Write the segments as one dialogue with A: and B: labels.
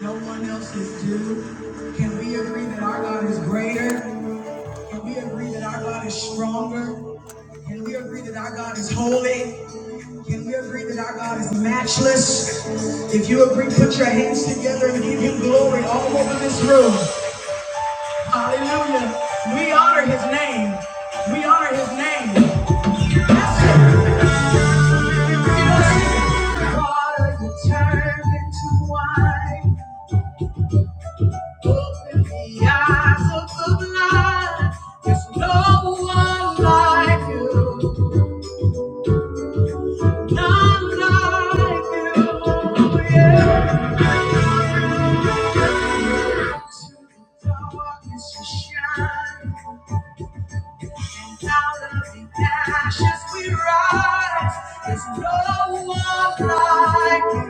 A: No one else is due. Can we agree that our God is greater? Can we agree that our God is stronger? Can we agree that our God is holy? Can we agree that our God is matchless? If you agree, put your hands together and give him glory all over this room. Hallelujah. We honor his name. We honor his name. Water you turned into wine. Open the eyes of the blind. There's no one like you, none like you. Into the Darkness you shine, out of the ashes we rise. There's no one like you,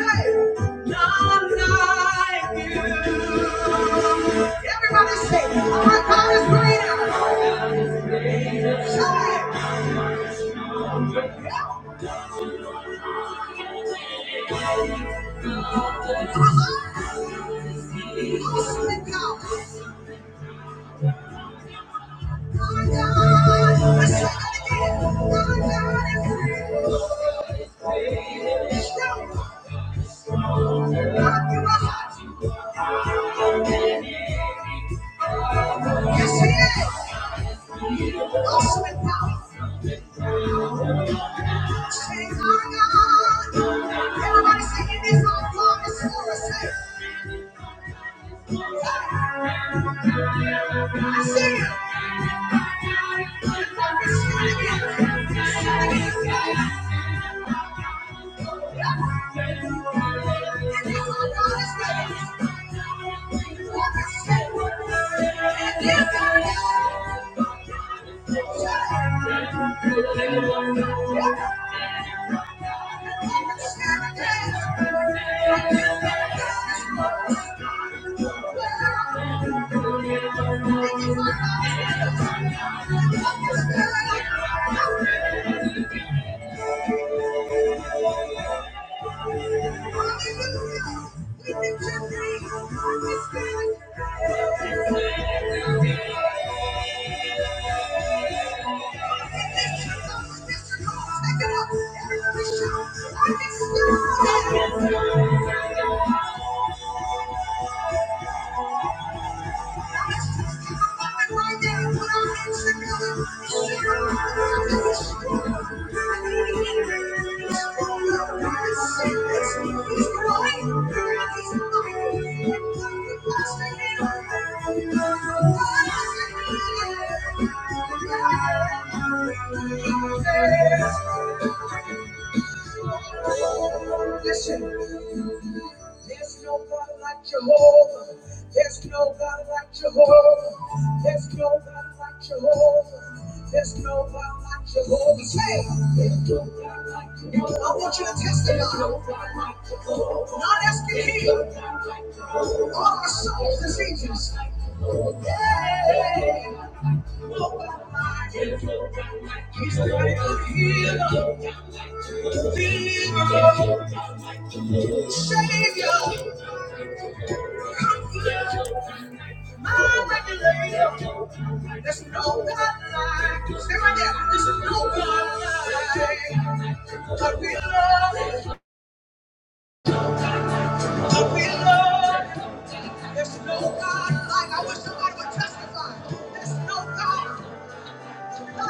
A: hey, none like you. Everybody say, our God is greater. Shout it, Yes, he is. Awesome in power. She's my God. Everybody singing this song, promise for us. I see you. Thank you. Thank you. Thank you. Thank you. Listen, there's no God like Jehovah. There's no God like Jehovah. There's no God like Jehovah. There's no God like Jehovah. Say, there's no God like Jehovah. I want you to testify. no like Not asking him. All our soul diseases. Yeah. He's the healer, deliverer, savior, my regulator. There's no God like. you. Stay right there. There's no God like. God we love. God we love. you. There's no God like. you. I wish somebody would testify. There's no God. Give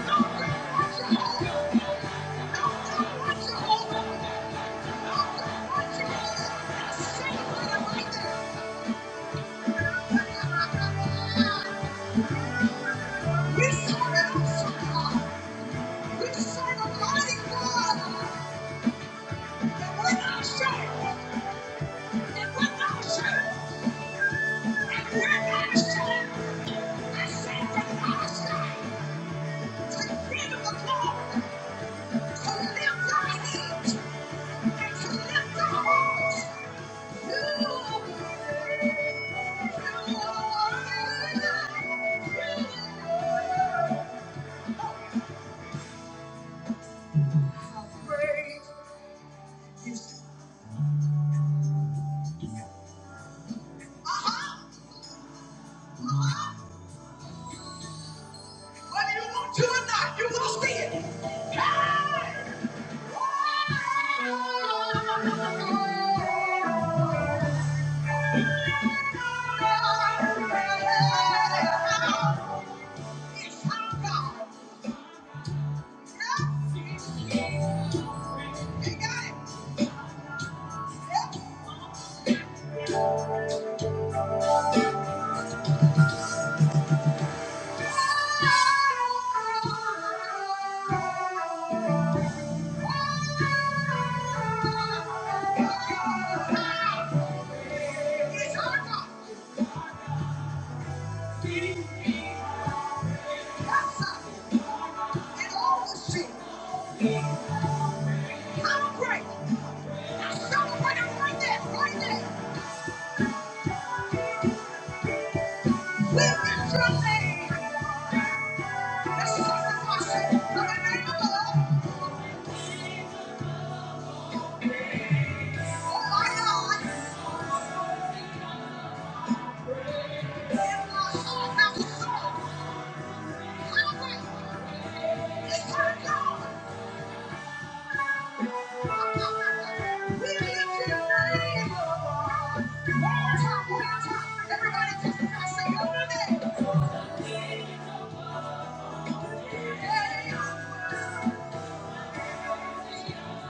A: Thank you. To lift our needs and to lift our hearts Yeah. Oh my God! Everybody just say,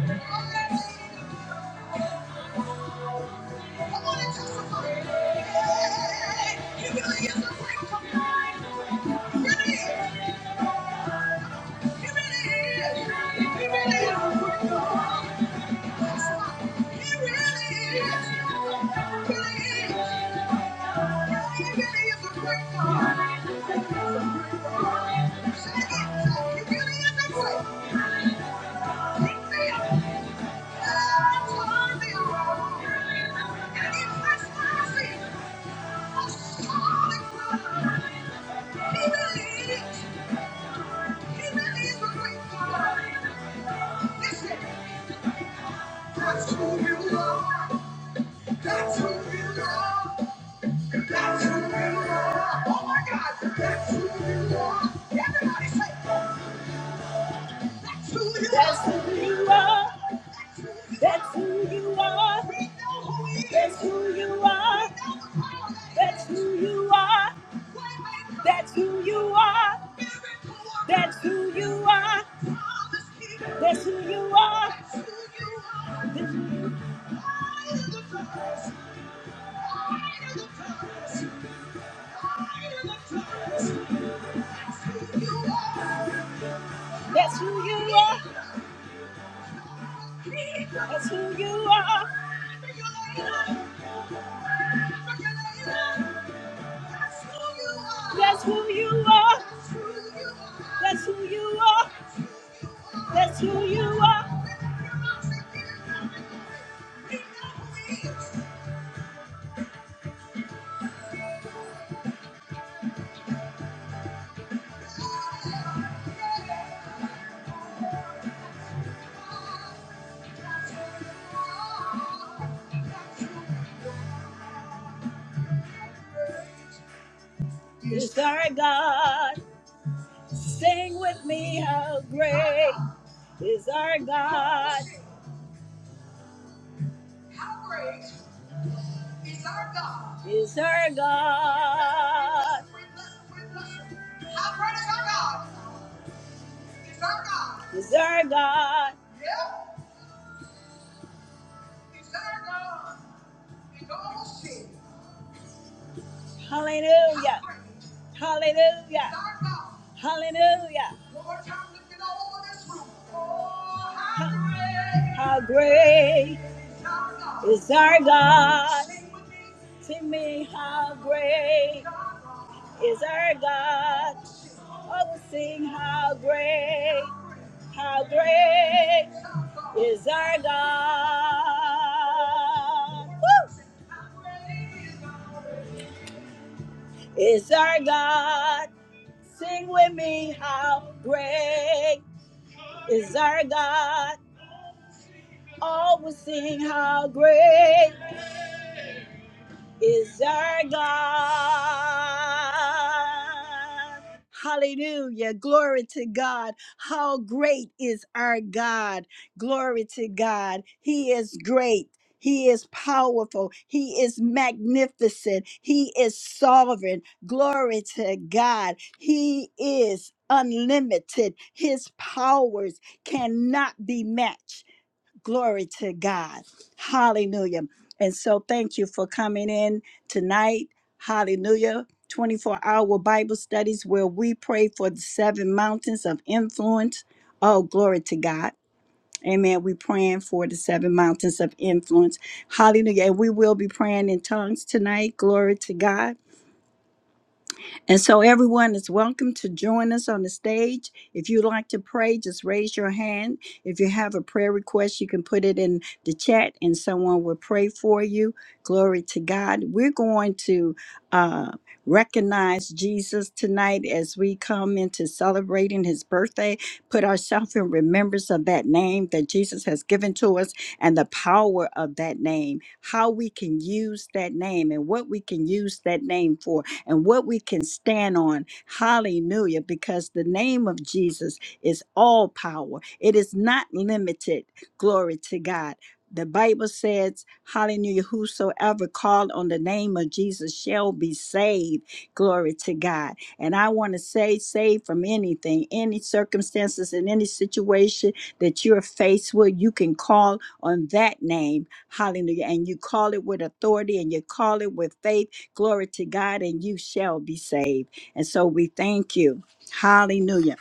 A: He really is a Thank you. That's who you are. That's who you are. That's who you are. Oh my God. That's who you are. Everybody say. That's who you That's are. Who you are. That's who you are. We know who he is. That's who you are. We know the power that he That's who is. you are. Waymaker. That's who you are. Miracle worker. That's who you are. Promise keeper. That's who you are. That's who you are. That's who you are. Light of the darkness. Light of the darkness. Light of the darkness. That's who you are. That's who you are. That's who you are. That's who you are. That's who you are. That's who you are. Yes, our God. Sing with me, how great is our God. How great is our God. Is our God. How great is our God. Is our God. Is our God. Yeah, is our God. Is all sin. Hallelujah. Hallelujah. Hallelujah. How great is our God? Sing me, how great is our God? Oh, sing how great, how great is our God. Woo! is our God. Sing with me how great is our God. Always sing how great. is our God. Hallelujah. Glory to God. How great is our God. Glory to God. He is great. He is powerful. He is magnificent. He is sovereign. Glory to God. He is unlimited. His powers cannot be matched. Glory to God. Hallelujah. And so thank you for coming in tonight. Hallelujah. 24 hour Bible studies where we pray for the seven mountains of influence. Oh, glory to God. Amen. We're praying for the seven mountains of influence. Hallelujah. And we will be praying in tongues tonight. Glory to God. And so everyone is welcome to join us on the stage. If you'd like to pray, just raise your hand. If you have a prayer request, you can put it in the chat and someone will pray for you. Glory to God. We're going to uh, recognize Jesus tonight as we come into celebrating his birthday. Put ourselves in remembrance of that name that Jesus has given to us and the power of that name, how we can use that name and what we can use that name for and what we can stand on. Hallelujah. Because the name of Jesus is all power, it is not limited. Glory to God. The Bible says, Hallelujah, whosoever call on the name of Jesus shall be saved. Glory to God. And I want to say, saved from anything, any circumstances, in any situation that you're faced with, you can call on that name. Hallelujah. And you call it with authority and you call it with faith Glory to God, and you shall be saved. And so we thank you. Hallelujah.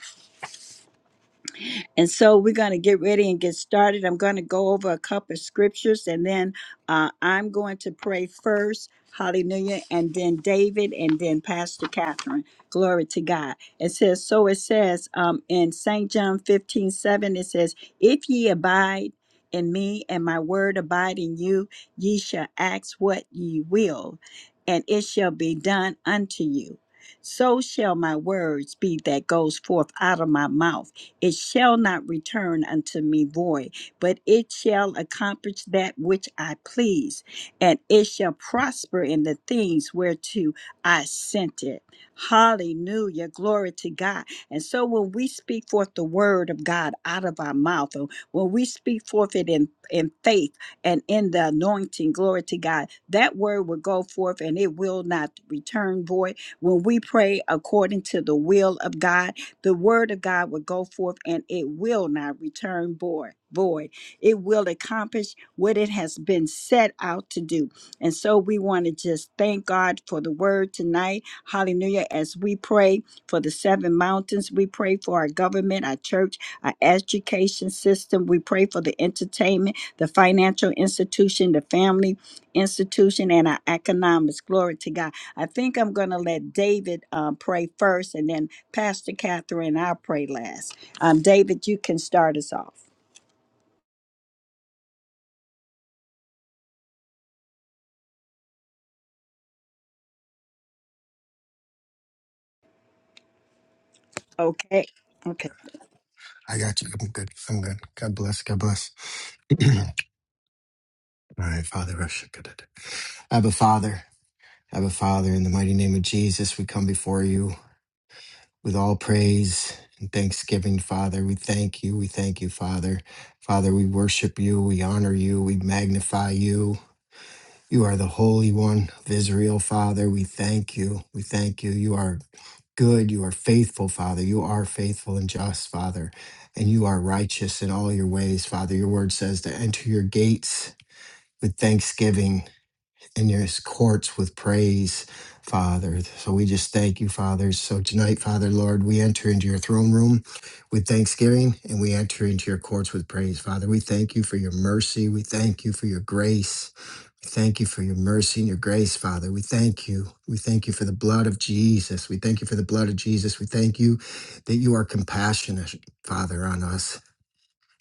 A: And so we're going to get ready and get started. I'm going to go over a couple of scriptures and then uh, I'm going to pray first. Hallelujah. And then David and then Pastor Catherine. Glory to God. It says, so it says um, in St. John 15 7. it says, If ye abide in me and my word abide in you, ye shall ask what ye will, and it shall be done unto you. So shall my words be that goes forth out of my mouth. It shall not return unto me void, but it shall accomplish that which I please, and it shall prosper in the things whereto I sent it. Hallelujah. Glory to God. And so when we speak forth the word of God out of our mouth, and when we speak forth it in, in faith and in the anointing, glory to God, that word will go forth and it will not return void. When we pray according to the will of God, the word of God will go forth and it will not return void. Void. It will accomplish what it has been set out to do. And so we want to just thank God for the word tonight. Hallelujah. As we pray for the seven mountains, we pray for our government, our church, our education system. We pray for the entertainment, the financial institution, the family institution, and our economics. Glory to God. I think I'm going to let David um, pray first, and then Pastor Catherine, I'll pray last. Um, David, you can start us off. Okay. Okay.
B: I got you. I'm good. I'm good. God bless. God bless. All right, Father Russia. Abba Father, Abba Father, in the mighty name of Jesus, we come before you with all praise and thanksgiving, Father. We thank you. We thank you, Father. Father, we worship you. We honor you. We magnify you. You are the Holy One of Israel, Father. We thank you. We thank you. You are good. You are faithful, Father. You are faithful and just, Father. And you are righteous in all your ways, Father. Your word says to enter your gates with thanksgiving and your courts with praise, Father. So we just thank you, Father. So tonight, Father, Lord, we enter into your throne room with thanksgiving and we enter into your courts with praise, Father. We thank you for your mercy. We thank you for your grace. Thank you for your mercy and your grace, Father. We thank you. We thank you for the blood of Jesus. We thank you for the blood of Jesus. We thank you that you are compassionate, Father, on us.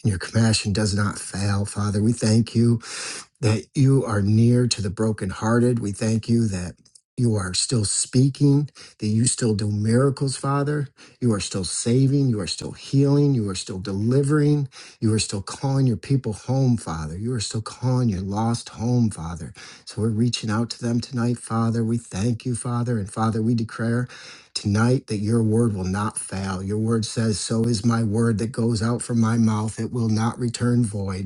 B: And your compassion does not fail, Father. We thank you that you are near to the brokenhearted. We thank you that you are still speaking, that you still do miracles, Father. You are still saving, you are still healing, you are still delivering, you are still calling your people home, Father. You are still calling your lost home, Father. So we're reaching out to them tonight, Father. We thank you, Father. And Father, we declare tonight that your word will not fail. Your word says, So is my word that goes out from my mouth, it will not return void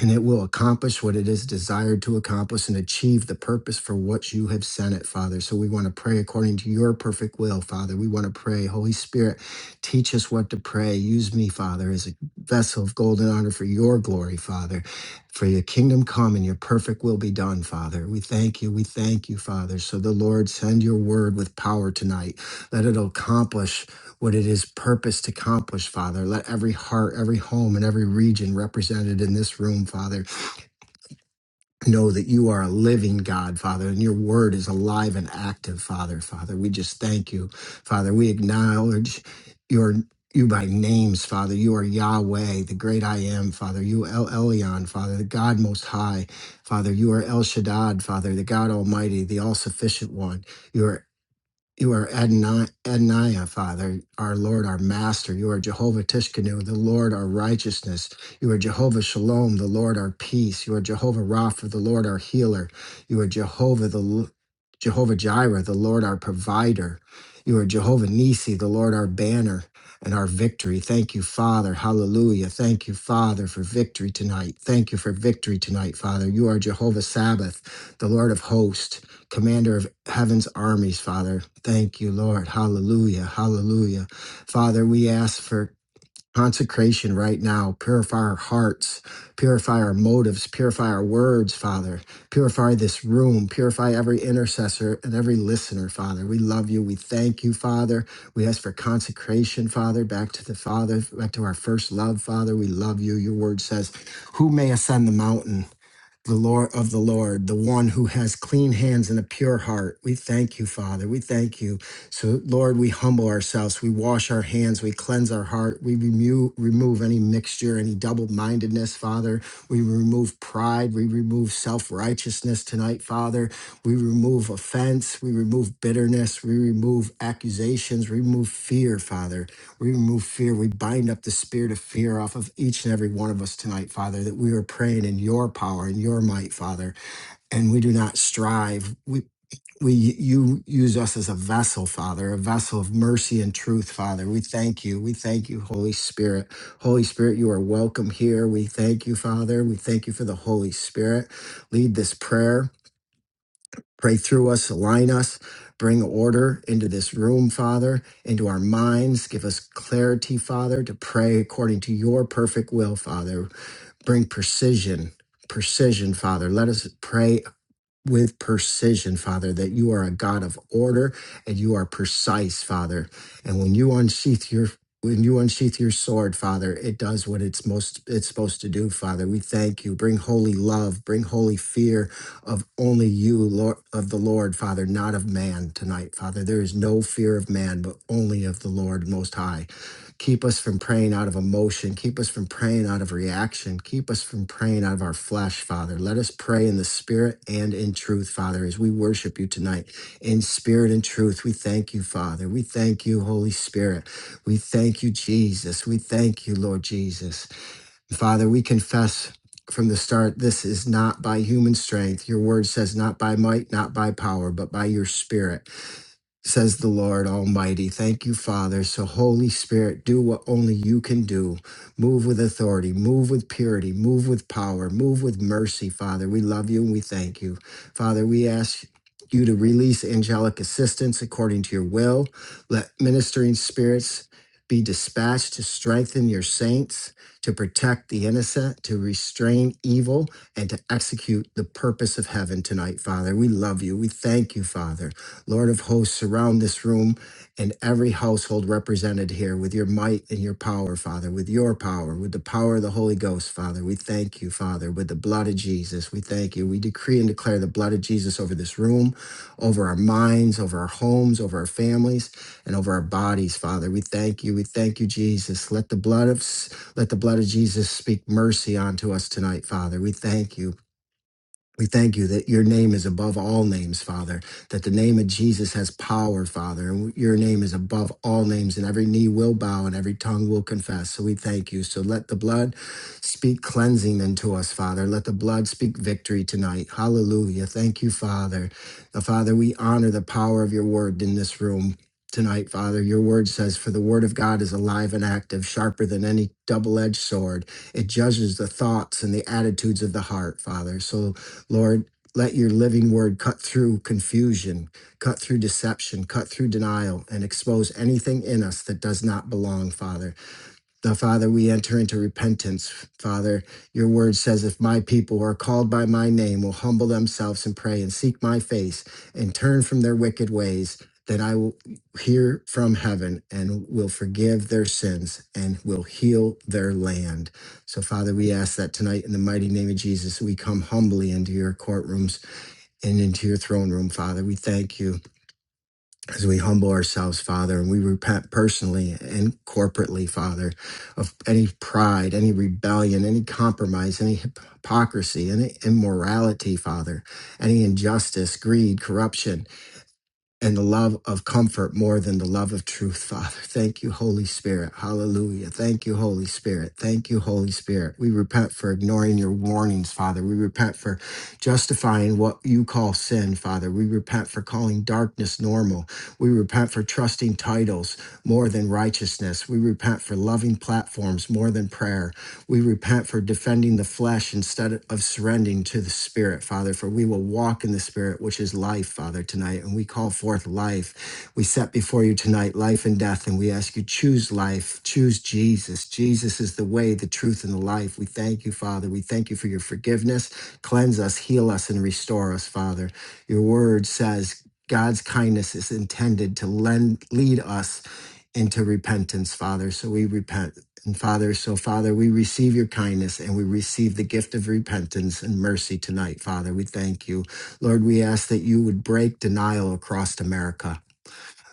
B: and it will accomplish what it is desired to accomplish and achieve the purpose for which you have sent it, Father. So we want to pray according to your perfect will, Father. We want to pray, Holy Spirit, teach us what to pray. Use me, Father, as a vessel of golden honor for your glory, Father. For your kingdom come and your perfect will be done, Father. We thank you. We thank you, Father. So the Lord send your word with power tonight. Let it accomplish what it is purpose to accomplish, Father. Let every heart, every home, and every region represented in this room, Father, know that you are a living God, Father, and your word is alive and active, Father. Father, we just thank you, Father. We acknowledge your you by names, Father. You are Yahweh, the great I am, Father. You El Elyon, Father, the God most high, Father. You are El Shaddad, Father, the God Almighty, the all sufficient one. You are. You are Adonai, Adonai, Father, our Lord, our Master. You are Jehovah Tishkenu, the Lord, our righteousness. You are Jehovah Shalom, the Lord, our peace. You are Jehovah Rapha, the Lord, our healer. You are Jehovah, the L- Jehovah Jireh, the Lord, our provider. You are Jehovah Nisi, the Lord, our banner and our victory. Thank you, Father. Hallelujah. Thank you, Father, for victory tonight. Thank you for victory tonight, Father. You are Jehovah Sabbath, the Lord of hosts. Commander of heaven's armies, Father. Thank you, Lord. Hallelujah. Hallelujah. Father, we ask for consecration right now. Purify our hearts, purify our motives, purify our words, Father. Purify this room, purify every intercessor and every listener, Father. We love you. We thank you, Father. We ask for consecration, Father, back to the Father, back to our first love, Father. We love you. Your word says, Who may ascend the mountain? the Lord of the Lord, the one who has clean hands and a pure heart. We thank you, Father. We thank you. So, Lord, we humble ourselves. We wash our hands. We cleanse our heart. We remove, remove any mixture, any double mindedness, Father. We remove pride. We remove self righteousness tonight, Father. We remove offense, we remove bitterness, we remove accusations, we remove fear, Father. We remove fear. We bind up the spirit of fear off of each and every one of us tonight, Father, that we are praying in your power and your might, Father. And we do not strive. We we you use us as a vessel father a vessel of mercy and truth father we thank you we thank you holy spirit holy spirit you are welcome here we thank you father we thank you for the holy spirit lead this prayer pray through us align us bring order into this room father into our minds give us clarity father to pray according to your perfect will father bring precision precision father let us pray with precision, Father, that you are a God of order and you are precise, Father. And when you unsheath your when you unsheath your sword, Father, it does what it's most it's supposed to do, Father. We thank you. Bring holy love, bring holy fear of only you, Lord of the Lord, Father, not of man tonight, Father. There is no fear of man, but only of the Lord most high. Keep us from praying out of emotion. Keep us from praying out of reaction. Keep us from praying out of our flesh, Father. Let us pray in the spirit and in truth, Father, as we worship you tonight. In spirit and truth, we thank you, Father. We thank you, Holy Spirit. We thank you, Jesus. We thank you, Lord Jesus. Father, we confess from the start this is not by human strength. Your word says, not by might, not by power, but by your spirit says the Lord Almighty. Thank you, Father. So, Holy Spirit, do what only you can do. Move with authority, move with purity, move with power, move with mercy, Father. We love you and we thank you. Father, we ask you to release angelic assistance according to your will. Let ministering spirits be dispatched to strengthen your saints, to protect the innocent, to restrain evil, and to execute the purpose of heaven tonight, Father. We love you. We thank you, Father. Lord of hosts, surround this room and every household represented here with your might and your power, Father, with your power, with the power of the Holy Ghost, Father. We thank you, Father, with the blood of Jesus. We thank you. We decree and declare the blood of Jesus over this room, over our minds, over our homes, over our families, and over our bodies, Father. We thank you. We thank you, Jesus. Let the blood of let the blood of Jesus speak mercy unto us tonight, Father. We thank you. We thank you that your name is above all names, Father, that the name of Jesus has power, Father, and your name is above all names, and every knee will bow and every tongue will confess. So we thank you. So let the blood speak cleansing unto us, Father. Let the blood speak victory tonight. Hallelujah. Thank you, Father. Now, Father, we honor the power of your word in this room. Tonight, Father, your word says, For the word of God is alive and active, sharper than any double edged sword. It judges the thoughts and the attitudes of the heart, Father. So Lord, let your living word cut through confusion, cut through deception, cut through denial, and expose anything in us that does not belong, Father. Now, Father, we enter into repentance. Father, your word says, if my people who are called by my name will humble themselves and pray and seek my face and turn from their wicked ways, then I will hear from heaven and will forgive their sins and will heal their land. So, Father, we ask that tonight in the mighty name of Jesus, we come humbly into your courtrooms and into your throne room, Father. We thank you as we humble ourselves, Father, and we repent personally and corporately, Father, of any pride, any rebellion, any compromise, any hypocrisy, any immorality, Father, any injustice, greed, corruption and the love of comfort more than the love of truth, Father. Thank you, Holy Spirit. Hallelujah. Thank you, Holy Spirit. Thank you, Holy Spirit. We repent for ignoring your warnings, Father. We repent for justifying what you call sin, Father. We repent for calling darkness normal. We repent for trusting titles more than righteousness. We repent for loving platforms more than prayer. We repent for defending the flesh instead of surrendering to the Spirit, Father, for we will walk in the Spirit, which is life, Father, tonight. And we call forth life. We set before you tonight life and death, and we ask you, choose life, choose Jesus. Jesus is the way, the truth, and the life. We thank you, Father. We thank you for your forgiveness. Cleanse us, heal us, and restore us, Father. Your word says, God's kindness is intended to lend, lead us into repentance, Father. So we repent and Father. So, Father, we receive your kindness and we receive the gift of repentance and mercy tonight, Father. We thank you. Lord, we ask that you would break denial across America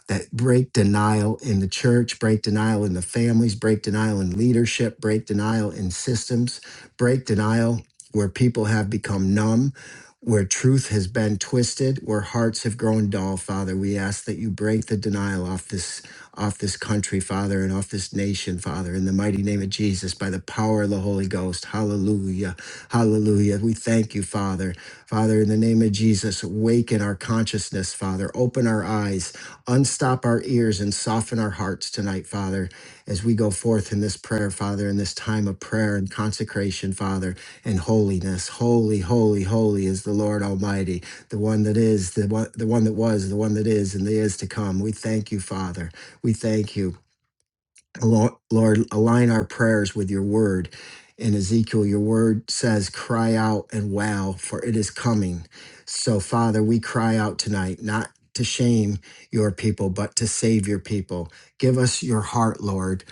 B: that break denial in the church, break denial in the families, break denial in leadership, break denial in systems, break denial where people have become numb, where truth has been twisted, where hearts have grown dull, Father. We ask that you break the denial off this off this country, Father, and off this nation, Father, in the mighty name of Jesus, by the power of the Holy Ghost. Hallelujah. Hallelujah. We thank you, Father. Father, in the name of Jesus, awaken our consciousness, Father. Open our eyes Unstop our ears and soften our hearts tonight, Father, as we go forth in this prayer, Father, in this time of prayer and consecration, Father, and holiness. Holy, holy, holy is the Lord Almighty, the one that is, the one, the one that was, the one that is, and the is to come. We thank you, Father. We thank you. Lo- Lord, align our prayers with your word. In Ezekiel, your word says, Cry out and wow, for it is coming. So, Father, we cry out tonight, not to shame your people, but to save your people. Give us your heart, Lord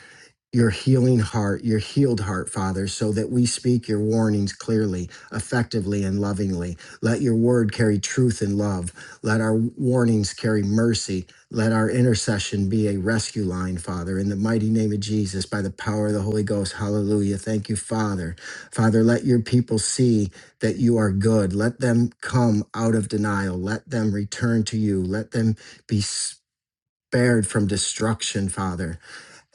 B: your healing heart, your healed heart, Father, so that we speak your warnings clearly, effectively, and lovingly. Let your word carry truth and love. Let our warnings carry mercy. Let our intercession be a rescue line, Father, in the mighty name of Jesus, by the power of the Holy Ghost. Hallelujah. Thank you, Father. Father, let your people see that you are good. Let them come out of denial. Let them return to you. Let them be spared from destruction, Father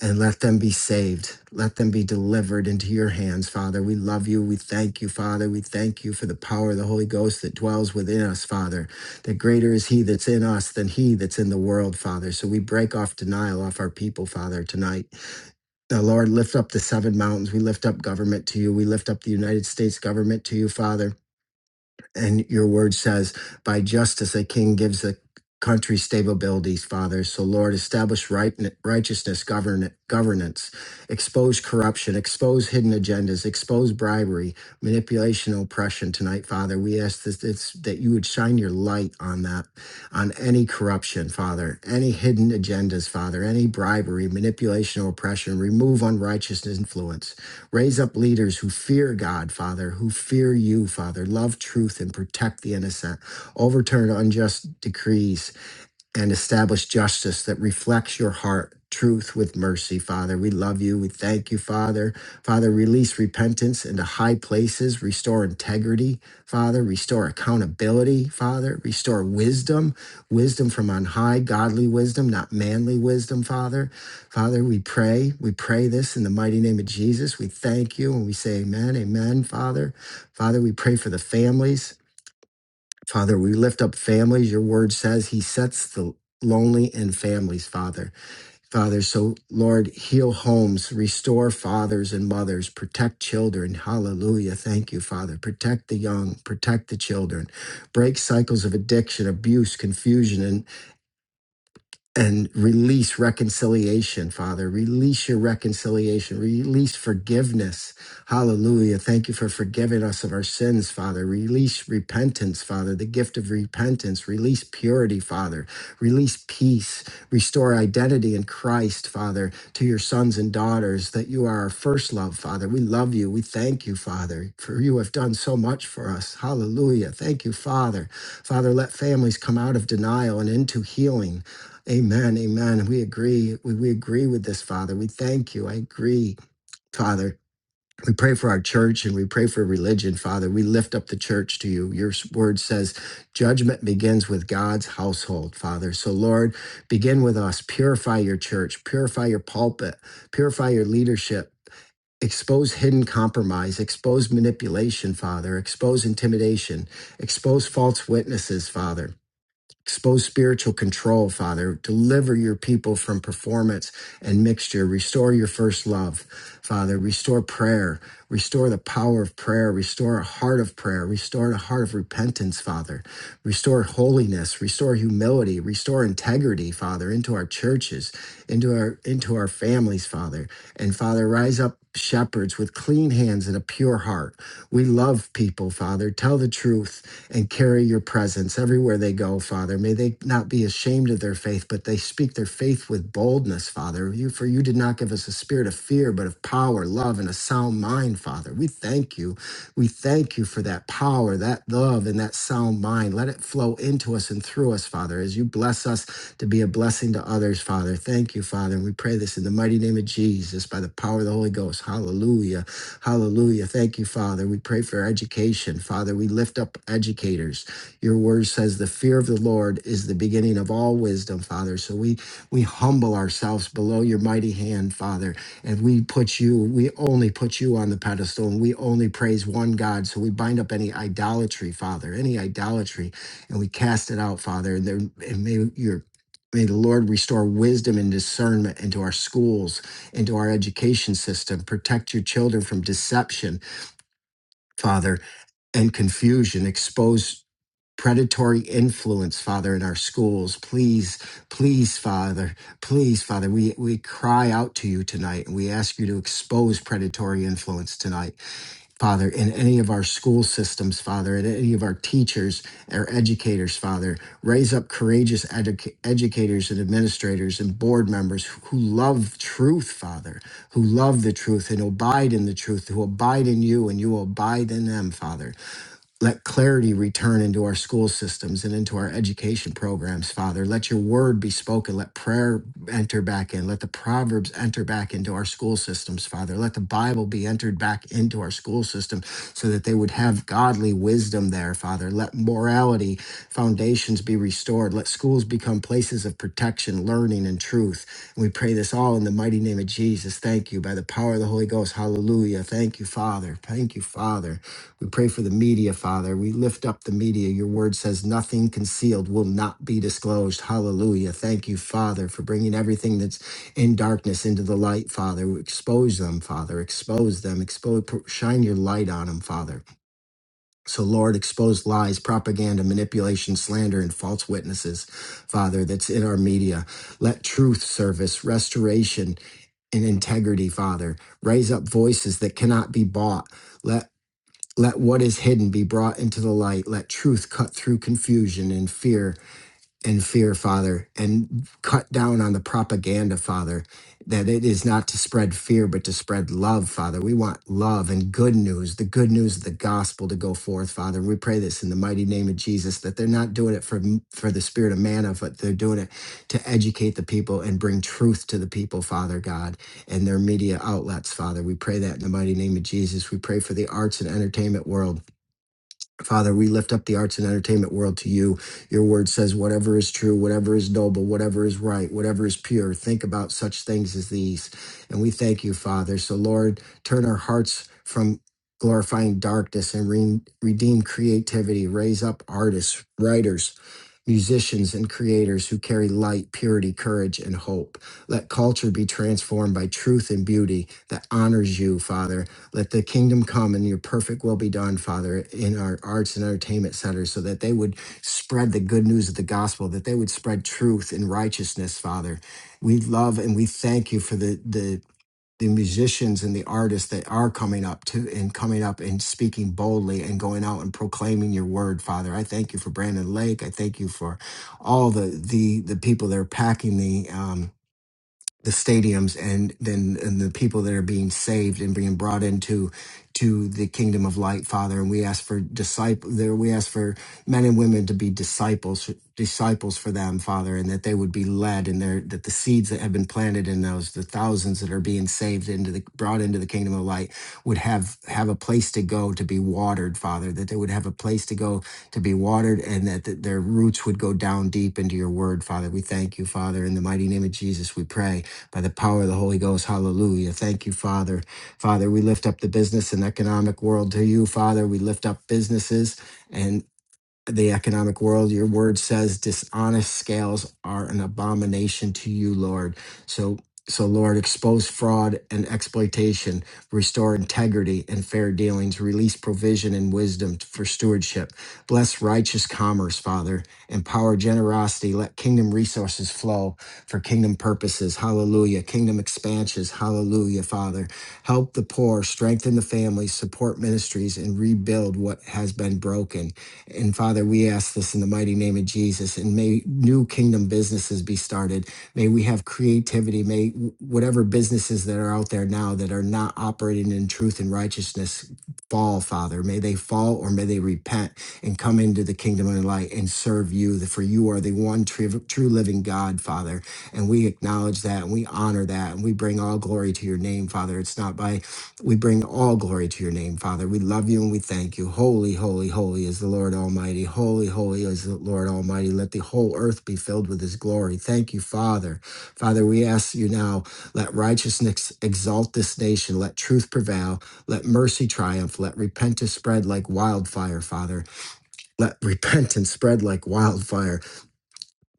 B: and let them be saved. Let them be delivered into your hands, Father. We love you. We thank you, Father. We thank you for the power of the Holy Ghost that dwells within us, Father. That greater is He that's in us than He that's in the world, Father. So we break off denial off our people, Father, tonight. Now, Lord, lift up the seven mountains. We lift up government to you. We lift up the United States government to you, Father. And your word says, by justice, a king gives a country stabilities, Father. So, Lord, establish right, righteousness govern, governance, expose corruption, expose hidden agendas, expose bribery, manipulation, oppression tonight, Father. We ask that, it's, that you would shine your light on that, on any corruption, Father, any hidden agendas, Father, any bribery, manipulation, oppression. Remove unrighteousness influence. Raise up leaders who fear God, Father, who fear you, Father, love truth and protect the innocent, overturn unjust decrees and establish justice that reflects your heart, truth with mercy, Father. We love you. We thank you, Father. Father, release repentance into high places, restore integrity, Father, restore accountability, Father, restore wisdom, wisdom from on high, godly wisdom, not manly wisdom, Father. Father, we pray, we pray this in the mighty name of Jesus. We thank you and we say amen, amen, Father. Father, we pray for the families. Father, we lift up families. Your word says he sets the lonely in families, Father. Father, so Lord, heal homes, restore fathers and mothers, protect children. Hallelujah. Thank you, Father. Protect the young, protect the children. Break cycles of addiction, abuse, confusion, and and release reconciliation, Father. Release your reconciliation. Release forgiveness. Hallelujah. Thank you for forgiving us of our sins, Father. Release repentance, Father, the gift of repentance. Release purity, Father. Release peace. Restore identity in Christ, Father, to your sons and daughters that you are our first love, Father. We love you. We thank you, Father, for you have done so much for us. Hallelujah. Thank you, Father. Father, let families come out of denial and into healing. Amen. Amen. We agree. We, we agree with this, Father. We thank you. I agree, Father. We pray for our church and we pray for religion, Father. We lift up the church to you. Your word says judgment begins with God's household, Father. So, Lord, begin with us. Purify your church, purify your pulpit, purify your leadership. Expose hidden compromise, expose manipulation, Father, expose intimidation, expose false witnesses, Father. Expose spiritual control, Father. Deliver your people from performance and mixture. Restore your first love, Father. Restore prayer. Restore the power of prayer. Restore a heart of prayer. Restore a heart of repentance, Father. Restore holiness, restore humility, restore integrity, Father, into our churches, into our into our families, Father. And Father, rise up shepherds with clean hands and a pure heart. We love people, Father. Tell the truth and carry your presence everywhere they go, Father. May they not be ashamed of their faith, but they speak their faith with boldness, Father. You for you did not give us a spirit of fear, but of power, love, and a sound mind mind, Father. We thank you. We thank you for that power, that love, and that sound mind. Let it flow into us and through us, Father, as you bless us to be a blessing to others, Father. Thank you, Father. And we pray this in the mighty name of Jesus by the power of the Holy Ghost. Hallelujah. Hallelujah. Thank you, Father. We pray for education, Father. We lift up educators. Your word says the fear of the Lord is the beginning of all wisdom, Father. So we we humble ourselves below your mighty hand, Father and we put you we only put you on the pedestal and we only praise one god so we bind up any idolatry father any idolatry and we cast it out father and, there, and may your may the lord restore wisdom and discernment into our schools into our education system protect your children from deception father and confusion expose predatory influence, Father, in our schools. Please, please, Father, please, Father, we, we cry out to you tonight and we ask you to expose predatory influence tonight, Father, in any of our school systems, Father, in any of our teachers, our educators, Father. Raise up courageous educa- educators and administrators and board members who love truth, Father, who love the truth and abide in the truth, who abide in you and you abide in them, Father. Let clarity return into our school systems and into our education programs, Father. Let your word be spoken. Let prayer enter back in. Let the Proverbs enter back into our school systems, Father. Let the Bible be entered back into our school system so that they would have godly wisdom there, Father. Let morality foundations be restored restored. Let schools become places of protection, learning, and truth. And we pray this all in the mighty name of Jesus. Thank you. By the power of the Holy Ghost. Hallelujah. Thank you, Father. Thank you, Father. We pray for the media, Father. We lift up the media. Your word says nothing concealed will not be disclosed. Hallelujah. Thank you, Father, for bringing everything that's in darkness into the light, Father. Expose them, Father. Expose them. Expose, shine your light on them, Father. So, Lord, expose lies, propaganda, manipulation, slander, and false witnesses, Father, that's in our media. Let truth service, restoration, and integrity, Father. Raise up voices that cannot be bought. Let let what is hidden be brought into the light. Let truth cut through confusion and fear and fear, Father, and cut down on the propaganda, Father, that it is not to spread fear, but to spread love, Father. We want love and good news, the good news of the gospel to go forth, Father. We pray this in the mighty name of Jesus, that they're not doing it for, for the spirit of manna, but they're doing it to educate the people and bring truth to the people, Father God, and their media outlets, Father. We pray that in the mighty name of Jesus. We pray for the arts and entertainment world Father, we lift up the arts and entertainment world to you. Your word says, whatever is true, whatever is noble, whatever is right, whatever is pure, think about such things as these. And we thank you, Father. So, Lord, turn our hearts from glorifying darkness and re- redeem creativity. Raise up artists, writers, musicians, and creators who carry light, purity, courage, and hope. Let culture be transformed by truth and beauty that honors you, Father. Let the kingdom come and your perfect will be done, Father, in our arts and entertainment centers, so that they would spread the good news of the gospel, that they would spread truth and righteousness, Father. We love and we thank you for the the the musicians and the artists that are coming up to and coming up and speaking boldly and going out and proclaiming your word, Father. I thank you for Brandon Lake. I thank you for all the the the people that are packing the um the stadiums and then and the people that are being saved and being brought into to the kingdom of light father and we ask for disciple there we ask for men and women to be disciples disciples for them father and that they would be led and their that the seeds that have been planted in those the thousands that are being saved into the brought into the kingdom of light would have have a place to go to be watered father that they would have a place to go to be watered and that th- their roots would go down deep into your word father we thank you father in the mighty name of jesus we pray by the power of the Holy Ghost. Hallelujah. Thank you, Father. Father, we lift up the business and economic world to you, Father. We lift up businesses the economic world. Your word says dishonest scales are an abomination to you, Lord. So so Lord, expose fraud and exploitation, restore integrity and fair dealings, release provision and wisdom for stewardship. Bless righteous commerce, Father, empower generosity, let kingdom resources flow for kingdom purposes. Hallelujah. Kingdom expansions. Hallelujah, Father. Help the poor, strengthen the families, support ministries and rebuild what has been broken. And Father, we ask this in the mighty name of Jesus. And may new kingdom businesses be started. May we have creativity. May whatever businesses that are out there now that are not operating in truth and righteousness fall, Father. May they fall or may they repent and come into the kingdom of light and serve you. For you are the one true, true living God, Father. And we acknowledge that and we honor that and we bring all glory to your name, Father. It's not by we bring all glory to your name, Father. We love you and we thank you. Holy, holy, holy is the Lord Almighty. Holy, holy is the Lord Almighty. Let the whole earth be filled with his glory. Thank you, Father. Father, we ask you now, let righteousness exalt this nation. Let truth prevail. Let mercy triumph. Let repentance spread like wildfire, Father. Let repentance spread like wildfire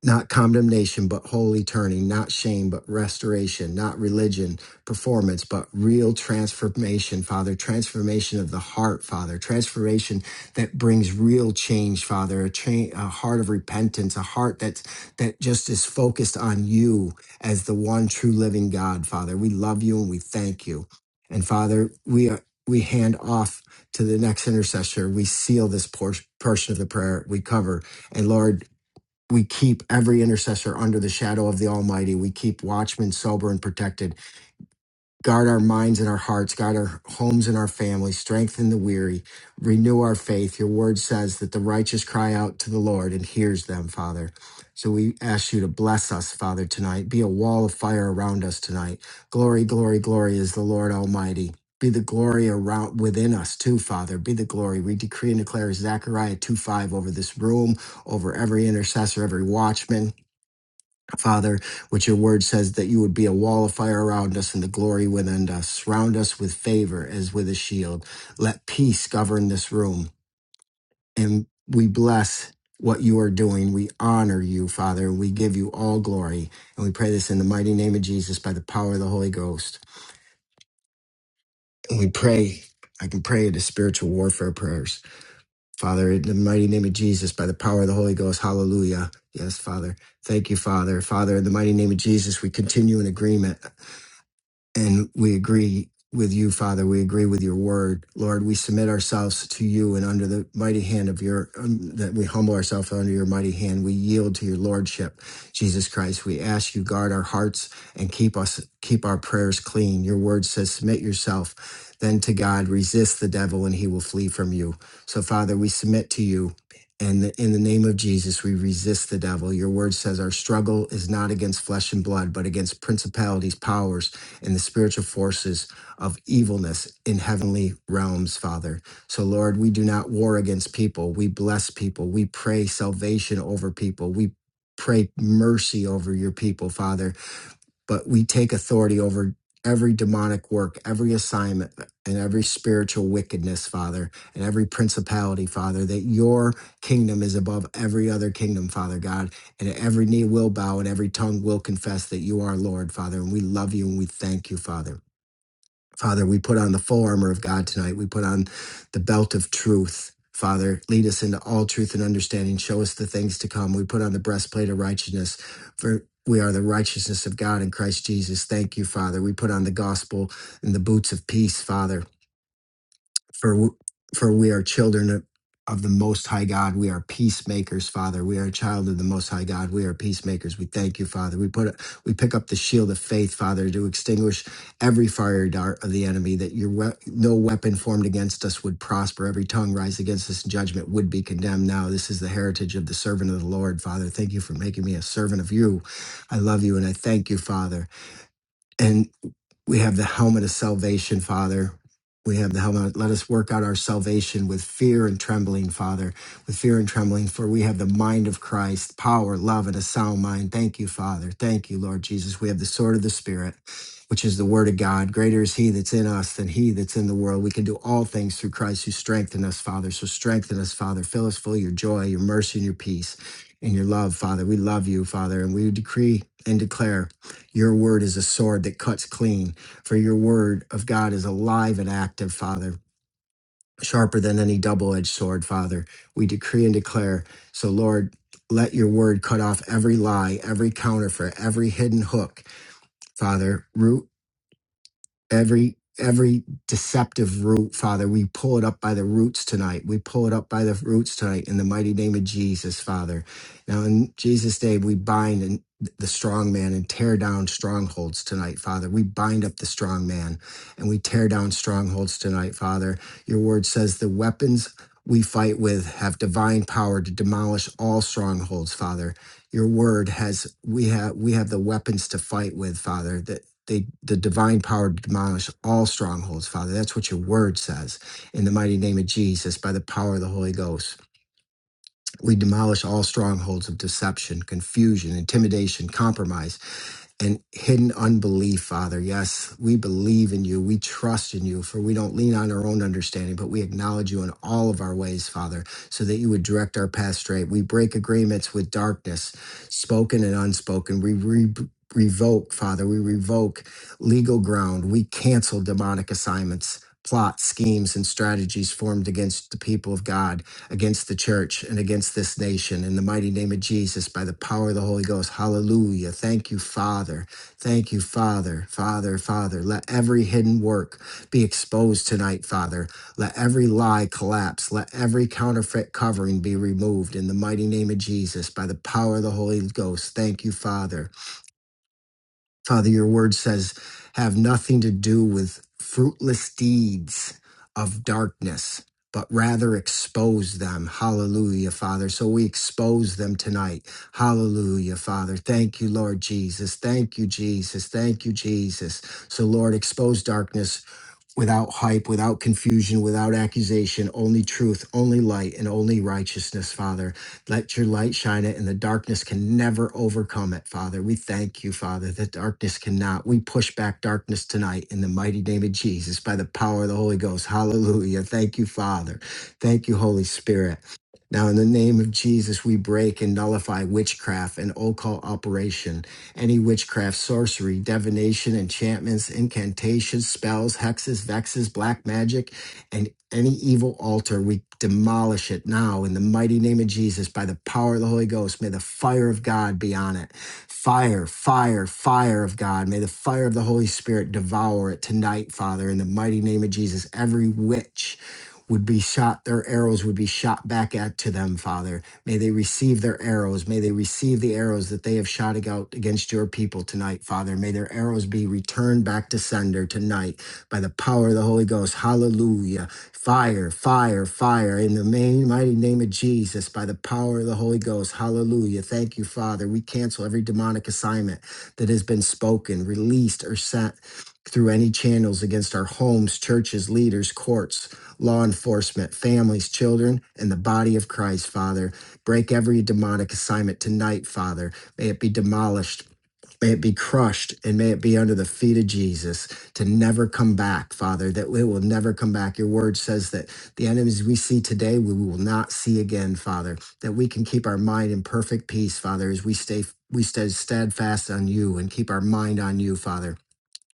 B: not condemnation, but holy turning, not shame, but restoration, not religion, performance, but real transformation, Father, transformation of the heart, Father, transformation that brings real change, Father, a, cha- a heart of repentance, a heart that's, that just is focused on you as the one true living God, Father. We love you and we thank you. And Father, we are, we hand off to the the next intercessor. We We seal this por- portion of the prayer. we cover and Lord we keep every intercessor under the shadow of the Almighty. We keep watchmen sober and protected. Guard our minds and our hearts, guard our homes and our families, strengthen the weary, renew our faith. Your word says that the righteous cry out to the Lord and hears them, Father. So we ask you to bless us, Father, tonight. Be a wall of fire around us tonight. Glory, glory, glory is the Lord Almighty. Be the glory around within us too, Father. Be the glory. We decree and declare Zechariah 2 5 over this room, over every intercessor, every watchman Father, which your word says that you would be a wall of fire around us and the glory within us. Surround us with favor as with a shield. Let peace govern this room. And we bless what you are doing. We honor you, Father. We give you all glory. And we pray this in the mighty name of Jesus by the power of the Holy Ghost. And we pray, I can pray the spiritual warfare prayers. Father, in the mighty name of Jesus, by the power of the Holy Ghost, hallelujah. Yes, Father. Thank you, Father. Father, in the mighty name of Jesus, we continue in agreement. And we agree with you, Father. We agree with your word. Lord, we submit ourselves to you and under the mighty hand of your, um, that we humble ourselves under your mighty hand. We yield to your lordship, Jesus Christ. We ask you, guard our hearts and keep us, keep our prayers clean. Your word says, submit yourself then to God, resist the devil, and he will flee from you. So, Father, we submit to you. And in the name of Jesus, we resist the devil. Your word says our struggle is not against flesh and blood, but against principalities, powers, and the spiritual forces of evilness in heavenly realms, Father. So, Lord, we do not war against people. We bless people. We pray salvation over people. We Pray mercy over your people, Father but we take authority over every demonic work, every assignment, and every spiritual wickedness, Father, and every principality, Father, that your kingdom is above every other kingdom, Father God, and every knee will bow and every tongue will confess that you are Lord, Father, and we love you and we thank you, Father. Father, we put on the full armor of God tonight. We put on the belt of truth. Father, lead us into all truth and understanding. Show us the things to come. We put on the breastplate of righteousness. For we are the righteousness of God in Christ Jesus. Thank you, Father. We put on the gospel and the boots of peace, Father for w- for we are children of of the most high god we are peacemakers father we are a child of the most high god we are peacemakers we thank you father we put a, we pick up the shield of faith father to extinguish every fire dart of the enemy that your we- no weapon formed against us would prosper every tongue rise against us in judgment would be condemned now this is the heritage of the servant of the lord father thank you for making me a servant of you i love you and i thank you father and we have the helmet of salvation, Father. We have the helmet. Let us work out our salvation with fear and trembling, Father, with fear and trembling, for we have the mind of Christ, power, love, and a sound mind. Thank you, Father. Thank you, Lord Jesus. We have the sword of the Spirit, which is the word of God. Greater is he that's in us than he that's in the world. We can do all things through Christ who strengthen us, Father. So strengthen us, Father. Fill us full of your joy, your mercy, and your peace, and your love, Father. We love you, Father, and we decree and declare your word is a sword that cuts clean, for your word of God is alive and active, Father, sharper than any double edged sword, Father. We decree and declare. So, Lord, let your word cut off every lie, every counterfeit, every hidden hook, Father. Root every every deceptive root father we pull it up by the roots tonight we pull it up by the roots tonight in the mighty name of jesus father now in jesus name we bind and the strong man and tear down strongholds tonight father we bind up the strong man and we tear down strongholds tonight father your word says the weapons we fight with have divine power to demolish all strongholds father your word has we have we have the weapons to fight with father they the divine power to demolish all strongholds, Father. That's what your word says. In the mighty name of Jesus, by the power of the Holy Ghost, we demolish all strongholds of deception, confusion, intimidation, compromise and hidden unbelief, Father. Yes, we believe in you. We trust in you, for we don't lean on our own understanding, but we acknowledge you in all of our ways, Father, so that you would direct our path straight. We break agreements with darkness, spoken and unspoken. We re- revoke, Father, we revoke legal ground. We cancel demonic assignments. Plots, schemes, and strategies formed against the people of God against the church and against this nation. In the mighty name of Jesus, by the power of the Holy Ghost, hallelujah. Thank you, Father. Thank you, Father, Father, Father. Let every hidden work be exposed tonight, Father. Let every lie collapse. Let every counterfeit covering be removed in the mighty name of Jesus by the power of the Holy Ghost. Thank you, Father. Father, your word says, have nothing to do with fruitless deeds of darkness, but rather expose them. Hallelujah, Father. So we expose them tonight. Hallelujah, Father. Thank you, Lord Jesus. Thank you, Jesus. Thank you, Jesus. So, Lord, expose darkness without hype, without confusion, without accusation, only truth, only light, and only righteousness, Father. Let your light shine it, and the darkness can never overcome it, Father. We thank you, Father, that darkness cannot. We push back darkness tonight in the mighty name of Jesus by the power of the Holy Ghost. Hallelujah. Thank you, Father. Thank you, Holy Spirit. Now, in the name of Jesus, we break and nullify witchcraft and occult operation any witchcraft, sorcery, divination, enchantments, incantations, spells, hexes, vexes, black magic, and any evil altar, we demolish it now in the mighty name of Jesus by the power of the Holy Ghost. May the fire of God be on it. Fire, fire, fire of God. May the fire of the Holy Spirit devour it tonight, Father, in the mighty name of Jesus. Every witch would be shot, their arrows would be shot back at to them, Father. May they receive their arrows. May they receive the arrows that they have shot out against your people tonight, Father. May their arrows be returned back to sender tonight by the power of the Holy Ghost. Hallelujah. Fire, fire, fire in the main, mighty name of Jesus by the power of the Holy Ghost. Hallelujah. Thank you, Father. We cancel every demonic assignment that has been spoken, released, or sent through any channels against our homes, churches, leaders, courts law enforcement, families, children, and the body of Christ, Father. Break every demonic assignment tonight, Father. May it be demolished. May it be crushed and may it be under the feet of Jesus to never come back, Father, that it will never come back. Your word says that the enemies we see today, we will not see again, Father, that we can keep our mind in perfect peace, Father, as we stay. We stay steadfast on you and keep our mind on you, Father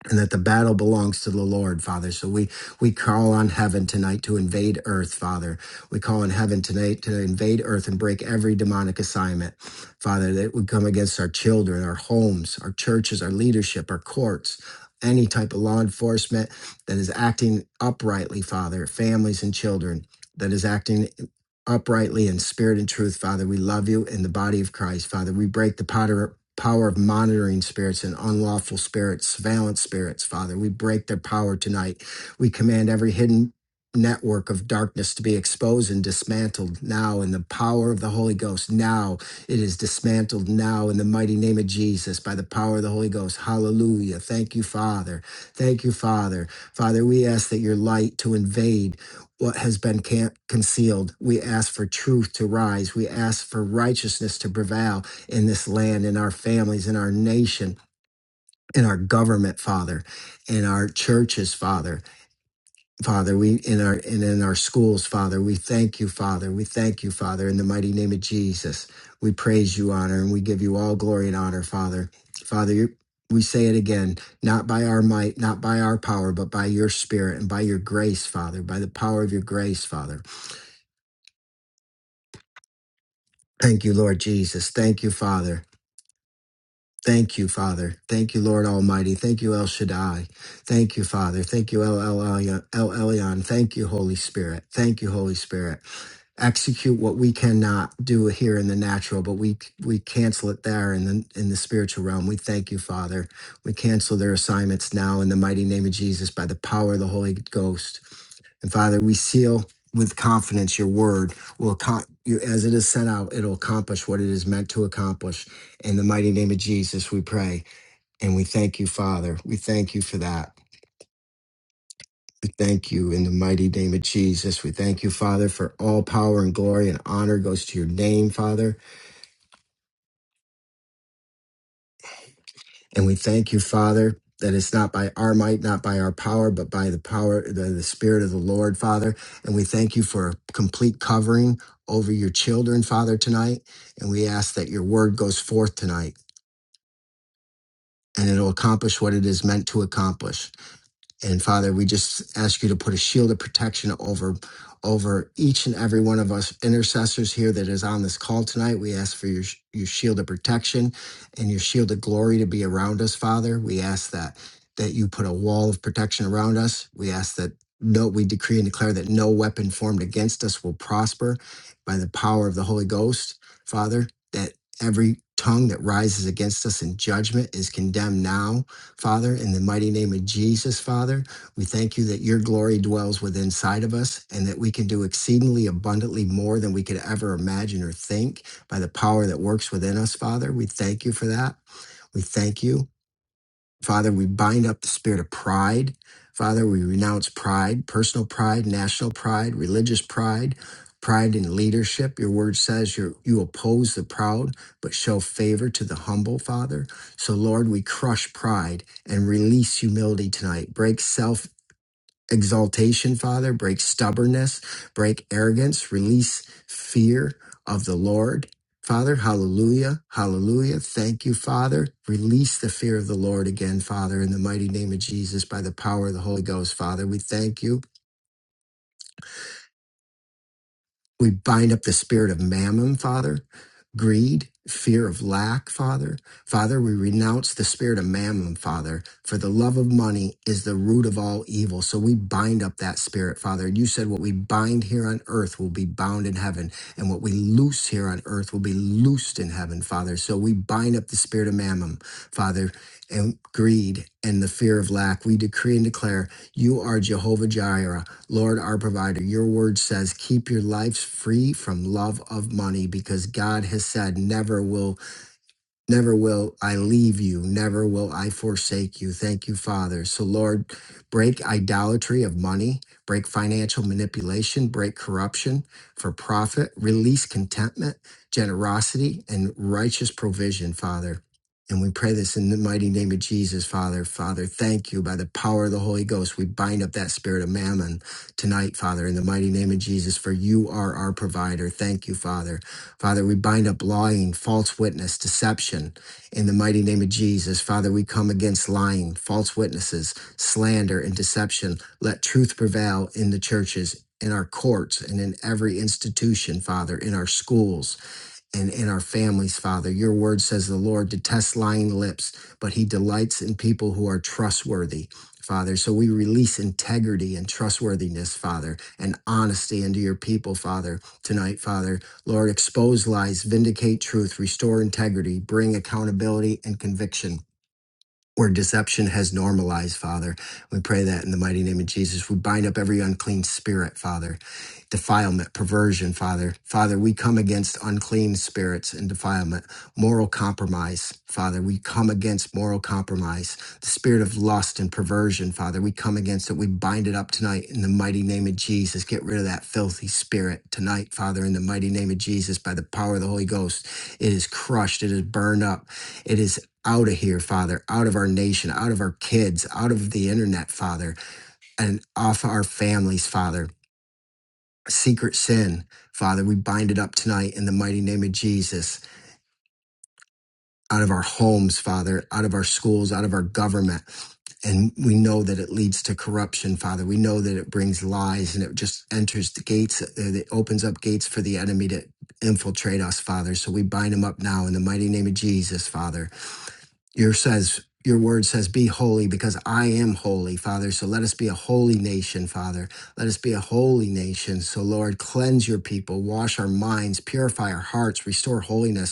B: and that the battle belongs to the Lord, Father. So we we call on heaven tonight to invade earth, Father. We call on heaven tonight to invade earth and break every demonic assignment, Father, that would come against our children, our homes, our churches, our leadership, our courts. Any type of law enforcement that is acting uprightly, Father, families and children, that is acting uprightly in spirit and truth, Father. We love you in the body of Christ, Father. We break the potter- power of monitoring spirits and unlawful spirits, surveillance spirits, Father. We break their power tonight. We command every hidden network of darkness to be exposed and dismantled now in the power of the Holy Ghost. Now it is dismantled now in the mighty name of Jesus by the power of the Holy Ghost. Hallelujah. Thank you, Father. Thank you, Father. Father, we ask that your light to invade what has been can- concealed. We ask for truth to rise. We ask for righteousness to prevail in this land, in our families, in our nation, in our government, Father, in our churches, Father, Father. We in our and in our schools, Father. We thank you, Father. We thank you, Father, in the mighty name of Jesus. We praise you, honor, and we give you all glory and honor, Father. Father, you we say it again, not by our might, not by our power, but by your spirit and by your grace, Father, by the power of your grace, Father. Thank you, Lord Jesus. Thank you, Father. Thank you, Father. Thank you, Lord Almighty. Thank you, El Shaddai. Thank you, Father. Thank you, El Elyon. El Elyon. Thank you, Holy Spirit. Thank you, Holy Spirit. Execute what we cannot do here in the natural, but we we cancel it there in the in the spiritual realm. We thank you, Father. We cancel their assignments now in the mighty name of Jesus by the power of the Holy Ghost. And Father, we seal with confidence your word will con- you, as it is sent out, it'll accomplish what it is meant to accomplish. In the mighty name of Jesus, we pray. And we thank you, Father. We thank you for that. We thank you in the mighty name of Jesus. We thank you, Father, for all power and glory and honor goes to your name, Father. And we thank you, Father, that it's not by our might, not by our power, but by the power, the, the Spirit of the Lord, Father. And we thank you for a complete covering over your children, Father, tonight. And we ask that your word goes forth tonight and it'll accomplish what it is meant to accomplish. And Father, we just ask you to put a shield of protection over over each and every one of us intercessors here that is on this call tonight. We ask for your sh- your shield of protection and your shield of glory to be around us, Father. We ask that that you put a wall of protection around us. We ask that no we decree and declare that no weapon formed against us will prosper by the power of the Holy Ghost, Father, that every tongue that rises against us in judgment is condemned now Father, in the mighty name of Jesus, Father, we thank you that your glory dwells within inside of us and that we can do exceedingly abundantly more than we could ever imagine or think by the power that works within us, Father. We thank you for that. We thank you. Father, we bind up the spirit of pride. Father, we renounce pride, personal pride, national pride, religious pride, pride in leadership. Your word says you you oppose the proud, but show favor to the humble, Father. So, Lord, we crush pride and release humility tonight. Break self exaltation, Father. Break stubbornness, break arrogance, release fear of the Lord. Father, hallelujah, hallelujah. Thank you, Father. Release the fear of the Lord again, Father, in the mighty name of Jesus by the power of the Holy Ghost, Father. We thank you. We bind up the spirit of mammon, Father, greed, fear of lack, Father. Father, we renounce the spirit of mammon, Father, for the love of money is the root of all evil. So we bind up that spirit, Father. You said what we bind here on earth will be bound in heaven, and what we loose here on earth will be loosed in heaven, Father. So we bind up the spirit of mammon, Father, and greed and the fear of lack. We decree and declare you are Jehovah Jireh. Lord, our provider, your word says, keep your lives free from love of money because God has said, never will Never will I leave you. Never will I forsake you. Thank you, Father. So, Lord, break idolatry of money, break financial manipulation, break corruption for profit, release contentment, generosity, and righteous provision, Father. And we pray this in the mighty name of Jesus, Father. Father, thank you. By the power of the Holy Ghost, we bind up that spirit of mammon tonight, Father, in the mighty name of Jesus, for you are our provider. Thank you, Father. Father, we bind up lying, false witness, deception in the mighty name of Jesus. Father, we come against lying, false witnesses, slander, and deception. Let truth prevail in the churches. In our courts and in every institution, Father, in our schools, and in our families, Father. Your word says the Lord detests lying lips, but he delights in people who are trustworthy. Father, so we release integrity and trustworthiness, Father, and honesty into your people, Father, tonight, Father. Lord, expose lies, vindicate truth, restore integrity, bring accountability and conviction where deception has normalized, Father. We pray that in the mighty name of Jesus. We bind up every unclean spirit, Father, defilement, perversion, Father. Father, we come against unclean spirits and defilement, moral compromise, Father. We come against moral compromise, the spirit of lust and perversion, Father. We come against it. We bind it up tonight in the mighty name of Jesus. Get rid of that filthy spirit tonight, Father, in the mighty name of Jesus, by the power of the Holy Ghost. It is crushed, it is burned up. It is out of here, Father, out of our nation, out of our kids, out of the internet, Father, and off our families, Father. Secret sin, Father, we bind it up tonight in the mighty name of Jesus, out of our homes, Father, out of our schools, out of our government. And we know that it leads to corruption, Father. We know that it brings lies and it just enters the gates, uh, it opens up gates for the enemy to infiltrate us, Father. So we bind him up now in the mighty name of Jesus, Father. your says your word says be holy because i am holy father so let us be a holy nation father let us be a holy nation so lord cleanse your people wash our minds purify our hearts restore holiness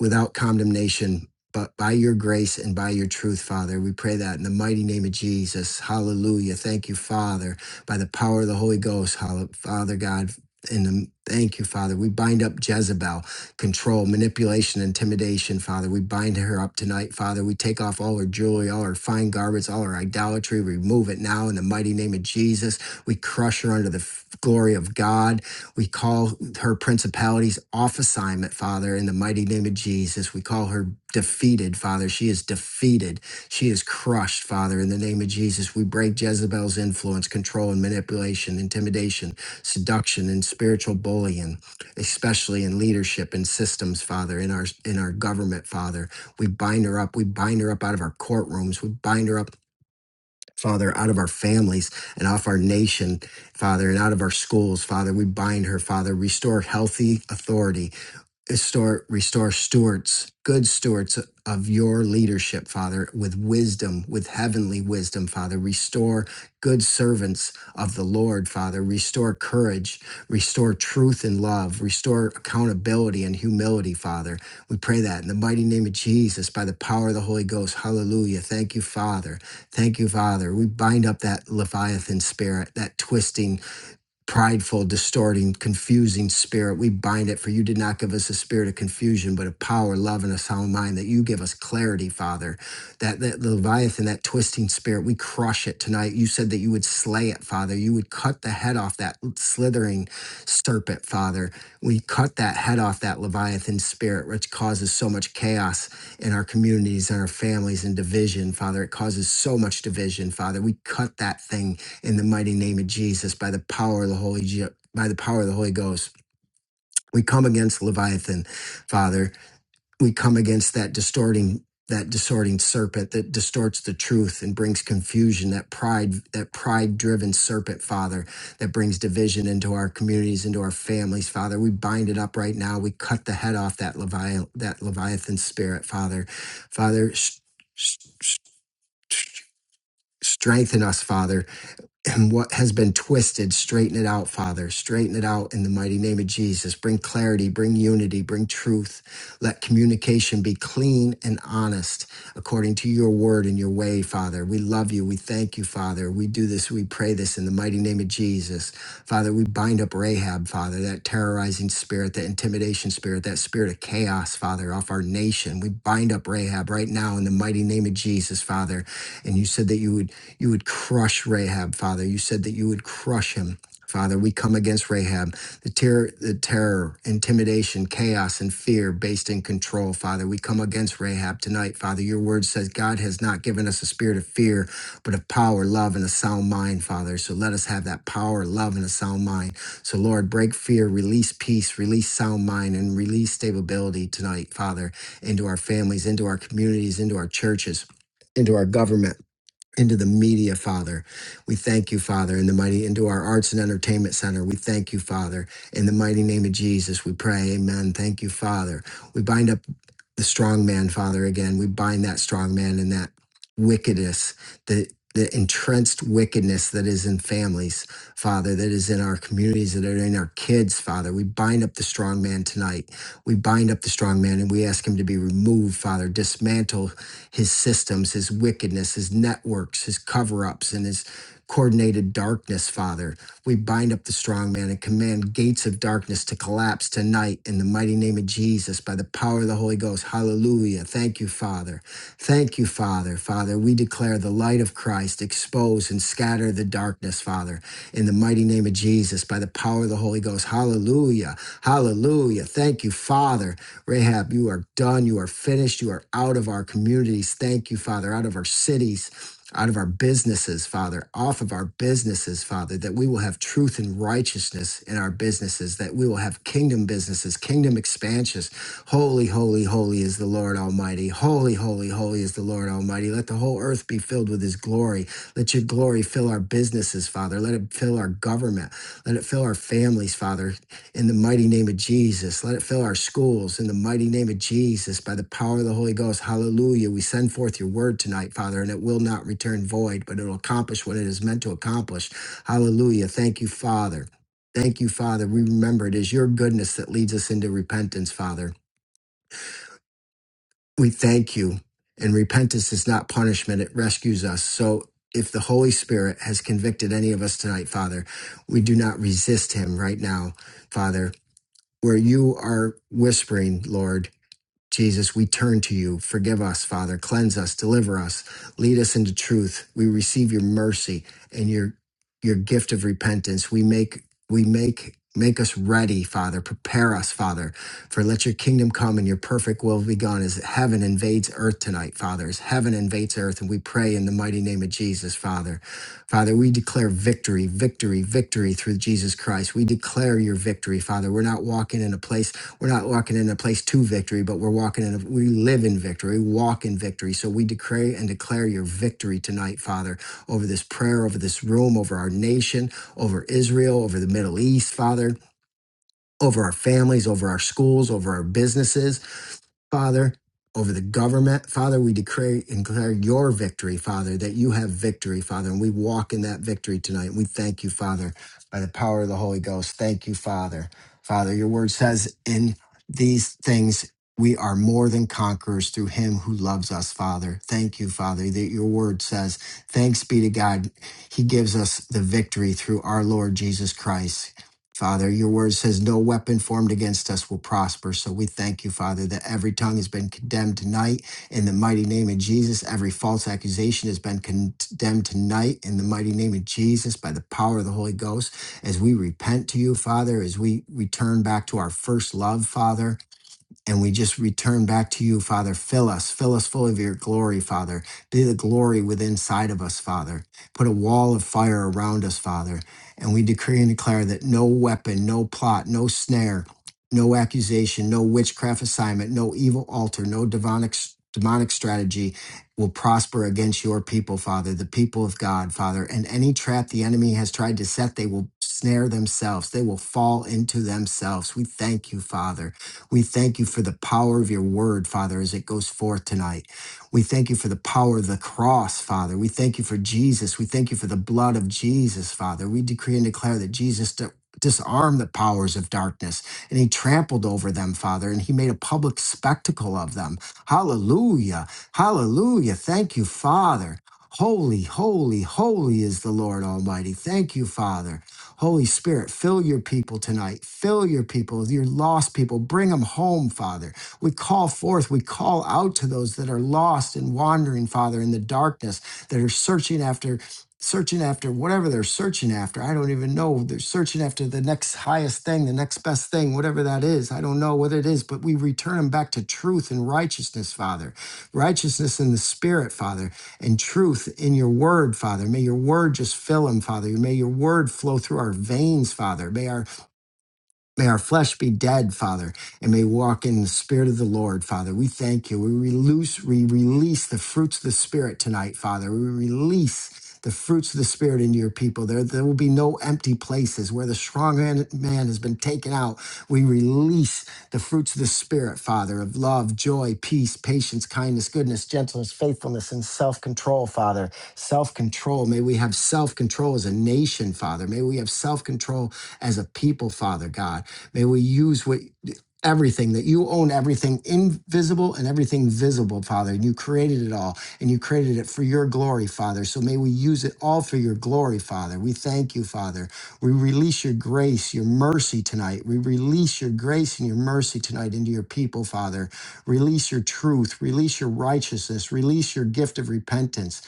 B: without condemnation, but by your grace and by your truth, Father. We pray that in the mighty name of Jesus. Hallelujah. Thank you, Father, by the power of the Holy Ghost. Hallelujah. Father God, in the thank you, Father. We bind up Jezebel, control, manipulation, intimidation, Father. We bind her up tonight, Father. We take off all her jewelry, all her fine garments, all her idolatry. Remove it now in the mighty name of Jesus. We crush her under the f- glory of God. We call her principalities off assignment, Father, in the mighty name of Jesus. We call her defeated, Father. She is defeated. She is crushed, Father, in the name of Jesus. We break Jezebel's influence, control, and manipulation, intimidation, seduction, and spiritual bullying, especially in leadership and systems, Father, in our in our government, Father. We bind her up. We bind her up out of our courtrooms. We bind her up Father, out of our families and off our nation, Father, and out of our schools, Father, we bind her, Father, restore healthy authority restore restore stewards good stewards of your leadership father with wisdom with heavenly wisdom father restore good servants of the lord father restore courage restore truth and love restore accountability and humility father we pray that in the mighty name of jesus by the power of the holy ghost hallelujah thank you father thank you father we bind up that leviathan spirit that twisting prideful, distorting, confusing spirit. We bind it, for you did not give us a spirit of confusion, but of power, love, and a sound mind, that you give us clarity, Father. That, that Leviathan, that twisting spirit, we crush it tonight. You said that you would slay it, Father. You would cut the head off that slithering serpent, Father. We cut that head off that Leviathan spirit, which causes so much chaos in our communities and our families and division, Father. It causes so much division, Father. We cut that thing in the mighty name of Jesus by the power of the Holy Ge- by the power of the Holy Ghost. We come against Leviathan, Father. We come against that distorting that distorting serpent that distorts the truth and brings confusion that pride that pride driven serpent father that brings division into our communities into our families father we bind it up right now we cut the head off that leviathan that leviathan spirit father father s- s- s- strengthen us father and what has been twisted, straighten it out, Father. Straighten it out in the mighty name of Jesus. Bring clarity, bring unity, bring truth. Let communication be clean and honest according to your word and your way, Father. We love you. We thank you, Father. We do this, we pray this in the mighty name of Jesus. Father, we bind up Rahab, Father, that terrorizing spirit, that intimidation spirit, that spirit of chaos, Father, off our nation. We bind up Rahab right now in the mighty name of Jesus, Father. And you said that you would you would crush Rahab, Father. You said that you would crush him. Father, we come against Rahab, the terror, the terror, intimidation, chaos, and fear based in control. Father, we come against Rahab tonight. Father, your word says God has not given us a spirit of fear, but of power, love, and a sound mind, Father. So let us have that power, love, and a sound mind. So, Lord, break fear, release peace, release sound mind, and release stability tonight, Father, into our families, into our communities, into our churches, into our government into the media, Father. We thank you, Father, in the mighty, into our arts and entertainment center. We thank you, Father, in the mighty name of Jesus. We pray, Amen. Thank you, Father. We bind up the strong man, Father, again. We bind that strong man and that wickedness, the the entrenched wickedness that is in families, Father, that is in our communities, that are in our kids, Father. We bind up the strong man tonight we bind up the strong man and we ask him to be removed, Father. Dismantle his systems, his wickedness, his networks, his cover ups, and his coordinated darkness, Father. We bind up the strong man and command gates of darkness to collapse tonight in the mighty name of Jesus by the power of the Holy Ghost. Hallelujah. Thank you, Father. Thank you, Father. Father, we declare the light of Christ expose and scatter the darkness, Father in the mighty name of Jesus by the power of the Holy Ghost. Hallelujah. Hallelujah. Thank you, Father. Rahab, you are done. You are finished. You are out of our communities. Thank you, Father, out of our cities. Out of our businesses, Father, off of our businesses, Father, that we will have truth and righteousness in our businesses, that we will have kingdom businesses, kingdom expansions. Holy, holy, holy is the Lord Almighty. Holy, holy, holy is the Lord Almighty. Let the whole earth be filled with his glory. Let your glory fill our businesses, Father. Let it fill our government. Let it fill our families, Father, in the mighty name of Jesus. Let it fill our schools in the mighty name of Jesus by the power of the Holy Ghost. Hallelujah. We send forth your word tonight, Father, and it will not return void, but it'll accomplish what it is meant to accomplish. Hallelujah. Thank you, Father. Thank you, Father. We remember it is your goodness that leads us into repentance, Father we thank you. And repentance is not punishment, it rescues us. So if the Holy Spirit has convicted any of us tonight, Father, we do not resist him right now, Father, where you are whispering, Lord. Jesus, we turn to you. Forgive us, Father. Cleanse us, deliver us, lead us into truth. We receive your mercy and your your gift of repentance. We make we make make us ready, Father. Prepare us, Father, for let your kingdom come and your perfect will be done as heaven invades earth tonight, Father. As heaven invades earth, and we pray in the mighty name of Jesus, Father. Father, we declare victory, victory, victory through Jesus Christ. We declare your victory, Father. We're not walking in a place we're not walking in a place to victory, but we're walking in, a, we live in victory, walk in victory. So we decree and declare your victory tonight, Father, over this prayer, over this room, over our nation, over Israel, over the Middle East, Father, over our families, over our schools, over our businesses. Father, over the government. Father, we declare, declare your victory, Father, that you have victory, Father, and we walk in that victory tonight. We thank you, Father, by the power of the Holy Ghost. Thank you, Father. Father, your word says in these things, we are more than conquerors through him who loves us, Father. Thank you, Father, that your word says, Thanks be to God. He gives us the victory through our Lord Jesus Christ. Father, your word says no weapon formed against us will prosper. So we thank you, Father, that every tongue has been condemned tonight in the mighty name of Jesus. Every false accusation has been condemned tonight in the mighty name of Jesus by the power of the Holy Ghost. As we repent to you, Father, as we return back to our first love, Father, and we just return back to you, Father. Fill us, fill us full of your glory, Father. Be the glory within side of us, Father. Put a wall of fire around us, Father. And we decree and declare that no weapon, no plot, no snare, no accusation, no witchcraft assignment, no evil altar, no demonic demonic strategy will prosper against your people, Father, the people of God, Father. And any trap the enemy has tried to set, they will snare themselves. They will fall into themselves. We thank you, Father. We thank you for the power of your word, Father, as it goes forth tonight. We thank you for the power of the cross, Father. We thank you for Jesus. We thank you for the blood of Jesus, Father. We decree and declare that Jesus di- disarmed the powers of darkness and he trampled over them, Father, and he made a public spectacle of them. Hallelujah. Hallelujah. Thank you, Father. Holy, holy, holy is the Lord Almighty. Thank you, Father. Holy Spirit, fill your people tonight. Fill your people, your lost people. Bring them home, Father. We call forth, we call out to those that are lost and wandering, Father, in the darkness, that are searching after. Searching after whatever they're searching after. I don't even know. They're searching after the next highest thing, the next best thing, whatever that is. I don't know what it is, but we return them back to truth and righteousness, Father righteousness in the spirit, Father and truth in your word, Father. May your word just fill him, Father. May your word flow through our veins, Father. May our may our flesh be dead, Father and may walk in the Spirit of the Lord, Father. We thank you. We release, we release the fruits of the Spirit tonight, Father. We release the fruits of the Spirit into your people. There, there will be no empty places where the strong man man has been taken out. We release the fruits of the Spirit, Father, of love, joy, peace, patience, kindness, goodness, gentleness, faithfulness, and self control, Father. Self control. May we have self control as a nation, Father. May we have self control as a people, Father God. May we use what everything, that you own everything invisible and everything visible, Father. And you created it all, and you created it for your glory, Father. So may we use it all for your glory, Father. We thank you, Father. We release your grace, your mercy tonight. We release your grace and your mercy tonight into your people, Father. Release your truth, release your righteousness, release your gift of repentance.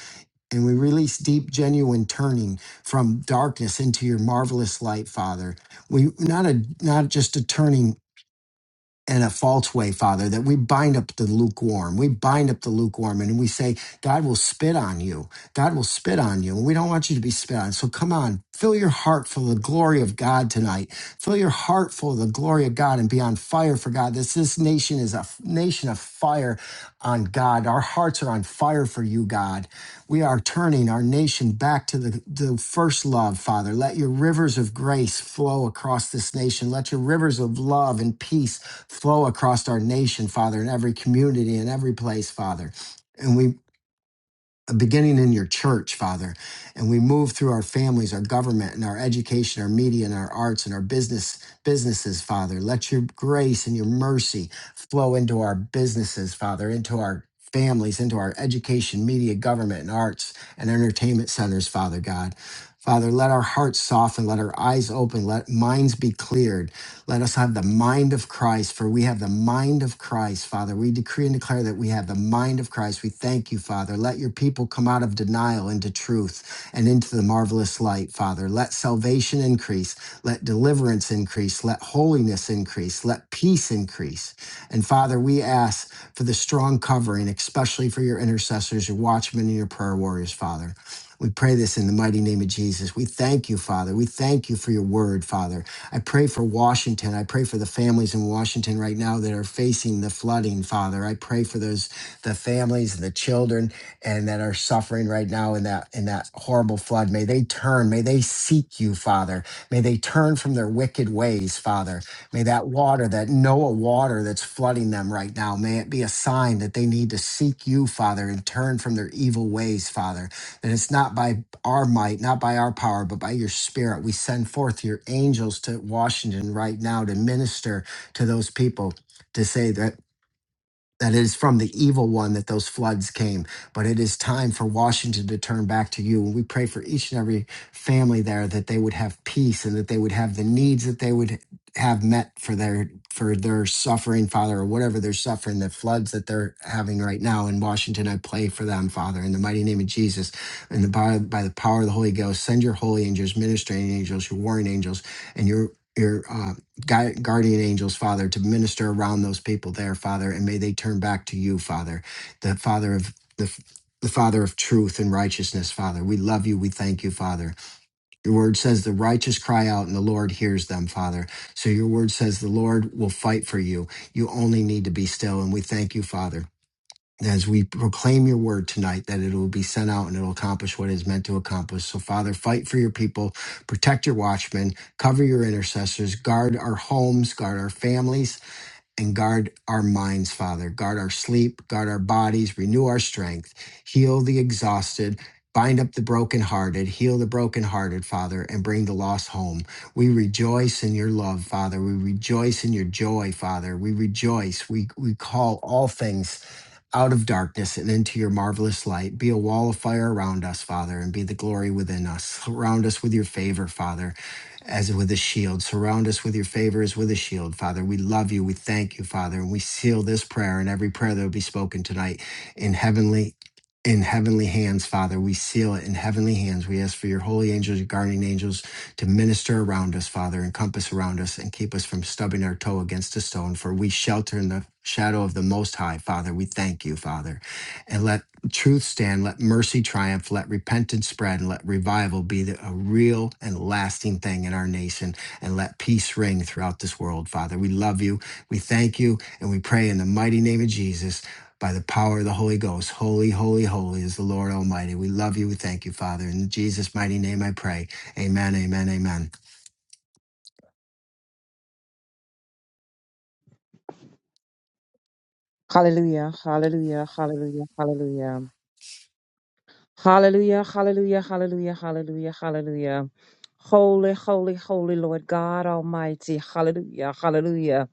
B: And we release deep, genuine turning from darkness into your marvelous light, Father. We not a not just a turning in a false way, Father, that we bind up the lukewarm. We bind up the lukewarm and we say, God will spit on you. God will spit on you. And we don't want you to be spit on. So come on, fill your heart full of the glory of God tonight. Fill your heart full of the glory of God and be on fire for God. This, this nation is a f- nation of fire on God. Our hearts are on fire for you, God. We are turning our nation back to the, the first love, Father. Let your rivers of grace flow across this nation. Let your rivers of love and peace flow across our nation, Father, in every community, in every place, Father. And we, beginning in your church, Father, and we move through our families, our government, and our education, our media, and our arts, and our business businesses, Father. Let your grace and your mercy flow into our businesses, Father, into our families, into our education, media, government, and arts and entertainment centers, Father God. Father, let our hearts soften, let our eyes open, let minds be cleared. Let us have the mind of Christ, for we have the mind of Christ, Father. We decree and declare that we have the mind of Christ. We thank you, Father. Let your people come out of denial into truth and into the marvelous light, Father. Let salvation increase, let deliverance increase, let holiness increase, let peace increase. And Father, we ask for the strong covering, especially for your intercessors, your watchmen, and your prayer warriors, Father. We pray this in the mighty name of Jesus. We thank you, Father. We thank you for your word, Father. I pray for Washington. I pray for the families in Washington right now that are facing the flooding, Father. I pray for those the families and the children and that are suffering right now in that in that horrible flood. May they turn. May they seek you, Father. May they turn from their wicked ways, Father. May that water, that Noah water that's flooding them right now, may it be a sign that they need to seek you, Father, and turn from their evil ways, Father. And it's not by our might, not by our power, but by your spirit. We send forth your angels to Washington right now to minister to those people to say that that it is from the evil one that those floods came. But it is time for Washington to turn back to you. And we pray for each and every family there that they would have peace and that they would have the needs that they would have met for their for their suffering, Father, or whatever they're suffering, the floods that they're having right now in Washington. I pray for them, Father, in the mighty name of Jesus, and the by, by the power of the Holy Ghost, send your holy angels, ministering angels, your warring angels, and your your uh, gui- guardian angels, Father, to minister around those people there, Father, and may they turn back to you, Father, the Father of the the Father of truth and righteousness, Father. We love you. We thank you, Father. Your word says the righteous cry out and the Lord hears them, Father. So your word says the Lord will fight for you. You only need to be still. And we thank you, Father as we proclaim your word tonight that it will be sent out and it will accomplish what it is meant to accomplish. So, Father, fight for your people, protect your watchmen, cover your intercessors, guard our homes, guard our families, and guard our minds, Father. Guard our sleep, guard our bodies, renew our strength, heal the exhausted, bind up the brokenhearted, heal the brokenhearted, Father, and bring the lost home. We rejoice in your love, Father. We rejoice in your joy, Father. We rejoice. We, we call all things out of darkness and into your marvelous light. Be a wall of fire around us, Father, and be the glory within us. Surround us with your favor, Father as with a shield. Surround us with your favor as with a shield, Father. We love you. We thank you, Father. And we seal this prayer and every prayer that will be spoken tonight in heavenly. In heavenly hands, Father, we seal it in heavenly hands. We ask for your holy angels, your guardian angels, to minister around us, Father, encompass around us, and keep us from stubbing our toe against a stone. For we shelter in the shadow of the Most High, Father. We thank you, Father. And let truth stand, let mercy triumph, let repentance spread, and let revival be the, a real and lasting thing in our nation, and let peace ring throughout this world, Father. We love you, we thank you, and we pray in the mighty name of Jesus by the power of the Holy Ghost. Holy, holy, holy is the Lord Almighty. We love you, we thank you, Father. In Jesus' mighty name I pray. Amen, amen, amen.
C: Hallelujah, hallelujah, hallelujah, hallelujah. Hallelujah, hallelujah, hallelujah, hallelujah, hallelujah. Holy, holy, holy Lord God Almighty. Hallelujah, hallelujah.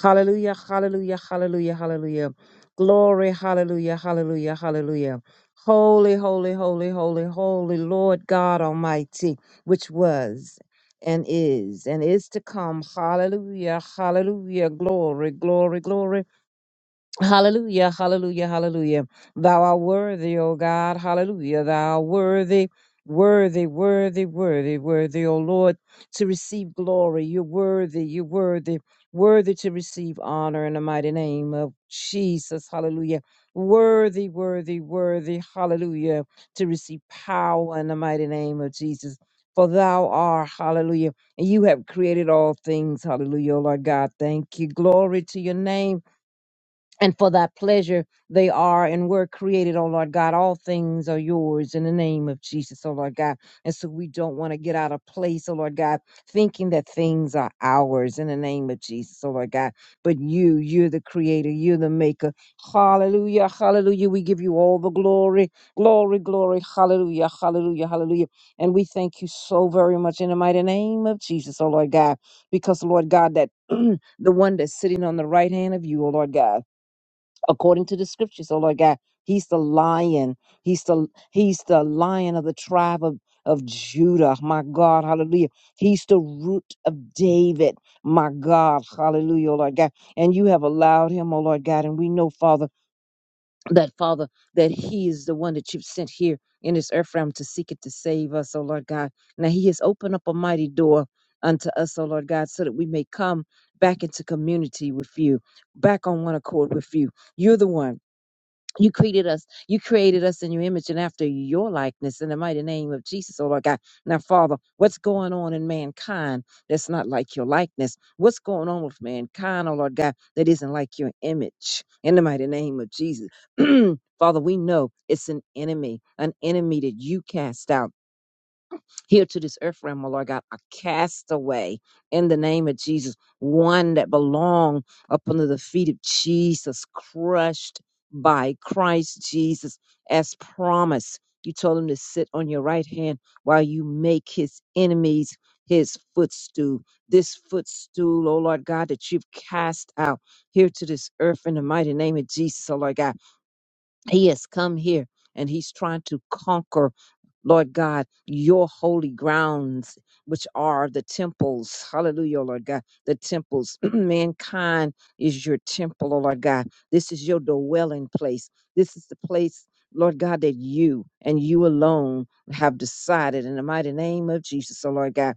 C: Hallelujah, hallelujah, hallelujah, hallelujah. Glory, hallelujah, hallelujah, hallelujah. Holy, holy, holy, holy, holy Lord God Almighty, which was and is and is to come. Hallelujah, hallelujah. Glory, glory, glory. Hallelujah, hallelujah, hallelujah. Thou art worthy, O God, hallelujah. Thou art worthy, worthy, worthy, worthy, worthy, O Lord, to receive glory. You're worthy, you're worthy, worthy to receive honor in the mighty name of Jesus, hallelujah. Worthy, worthy, worthy, hallelujah, to receive power in the mighty name of Jesus. For thou art, hallelujah, and you have created all things, hallelujah, O Lord God. Thank you. Glory to your name and for thy pleasure they are and were created, oh Lord God. All things are yours in the name of Jesus, oh Lord God. And so we don't want to get out of place, oh Lord God, thinking that things are ours in the name of Jesus, oh Lord God. But you, you're the creator, you're the maker. Hallelujah, hallelujah. We give you all the glory, glory, glory. Hallelujah, hallelujah, hallelujah. And we thank you so very much in the mighty name of Jesus, oh Lord God, because, Lord God, that the one that's sitting on the right hand of you, oh Lord God according to the scriptures. So Lord God, He's the lion. He's the He's the lion of the tribe of, of Judah. My God, hallelujah. He's the root of David. My God, hallelujah, oh Lord God. And you have allowed him, oh Lord God. And we know, Father, that Father, that He is the one that you've sent here in this earth realm to seek it to save us, oh Lord God. Now He has opened up a mighty door unto us, oh Lord God, so that we may come back into community with you, back on one accord with you. You're the one. You created us. You created us in your image and after your likeness in the mighty name of Jesus, oh Lord God. Now, Father, what's going on in mankind that's not like your likeness? What's going on with mankind, oh Lord God, that isn't like your image in the mighty name of Jesus? Father, we know it's an enemy, an enemy that you cast out here to this earth realm, oh Lord God, a castaway in the name of Jesus, one that belong up under the feet of Jesus, crushed by Christ Jesus as promised. You told him to sit on your right hand while you make his enemies his footstool. This footstool, oh Lord God, that you've cast out here to this earth in the mighty name of Jesus, oh Lord God. He has come here and he's trying to conquer, Lord God, your holy grounds, which are the temples. Hallelujah, oh Lord God. The temples. Mankind is your temple, oh Lord God. This is your dwelling place. This is the place. Lord God, that you and you alone have decided in the mighty name of Jesus, oh Lord God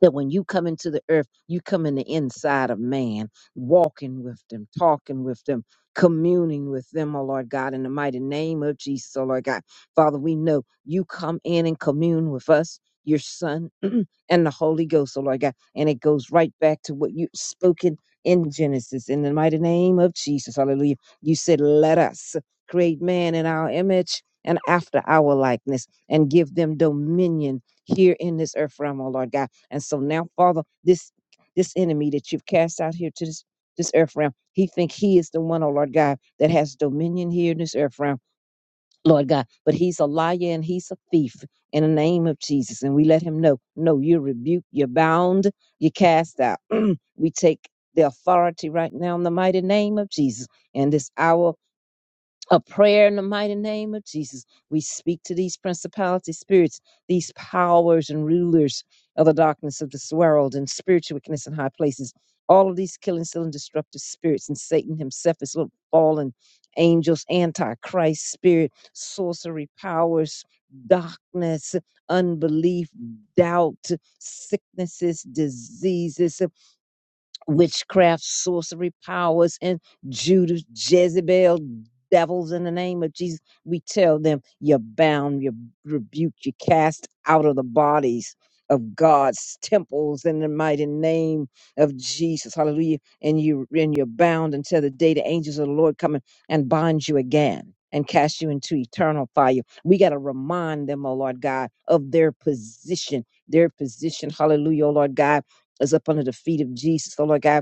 C: that when you come into the earth, you come in the inside of man, walking with them, talking with them, communing with them, oh Lord God, in the mighty name of Jesus, oh Lord God. Father, we know you come in and commune with us, your son and the Holy Ghost, oh Lord God. And it goes right back to what you spoken in Genesis, in the mighty name of Jesus, hallelujah. You said, Let us create man in our image and after our likeness and give them dominion here in this earth realm, oh Lord God and so now, Father, this this enemy that you've cast out here to this this earth realm, he think he is the one, oh Lord God, that has dominion here in this earth realm, Lord God. But he's a liar and he's a thief in the name of Jesus. And we let him know, no, you're rebuked, you're bound, you're cast out. we take the authority right now in the mighty name of Jesus. And this hour a prayer in the mighty name of Jesus. We speak to these principality spirits, these powers and rulers of the darkness of this world and spiritual wickedness in high places. All of these killing, stealing, destructive spirits, and Satan himself his little fallen angels, antichrist spirit, sorcery powers, darkness, unbelief, doubt, sicknesses, diseases witchcraft, sorcery powers, and Judas, Jezebel, devils in the name of Jesus. We tell them, you're bound, you're rebuked, you're cast out of the bodies of God's temples in the mighty name of Jesus. Hallelujah. And you and you're bound until the day the angels of the Lord come and and bind you again. And cast you into eternal fire. We got to remind them, oh Lord God, of their position, their position. Hallelujah, oh Lord God us up under the feet of Jesus, oh Lord God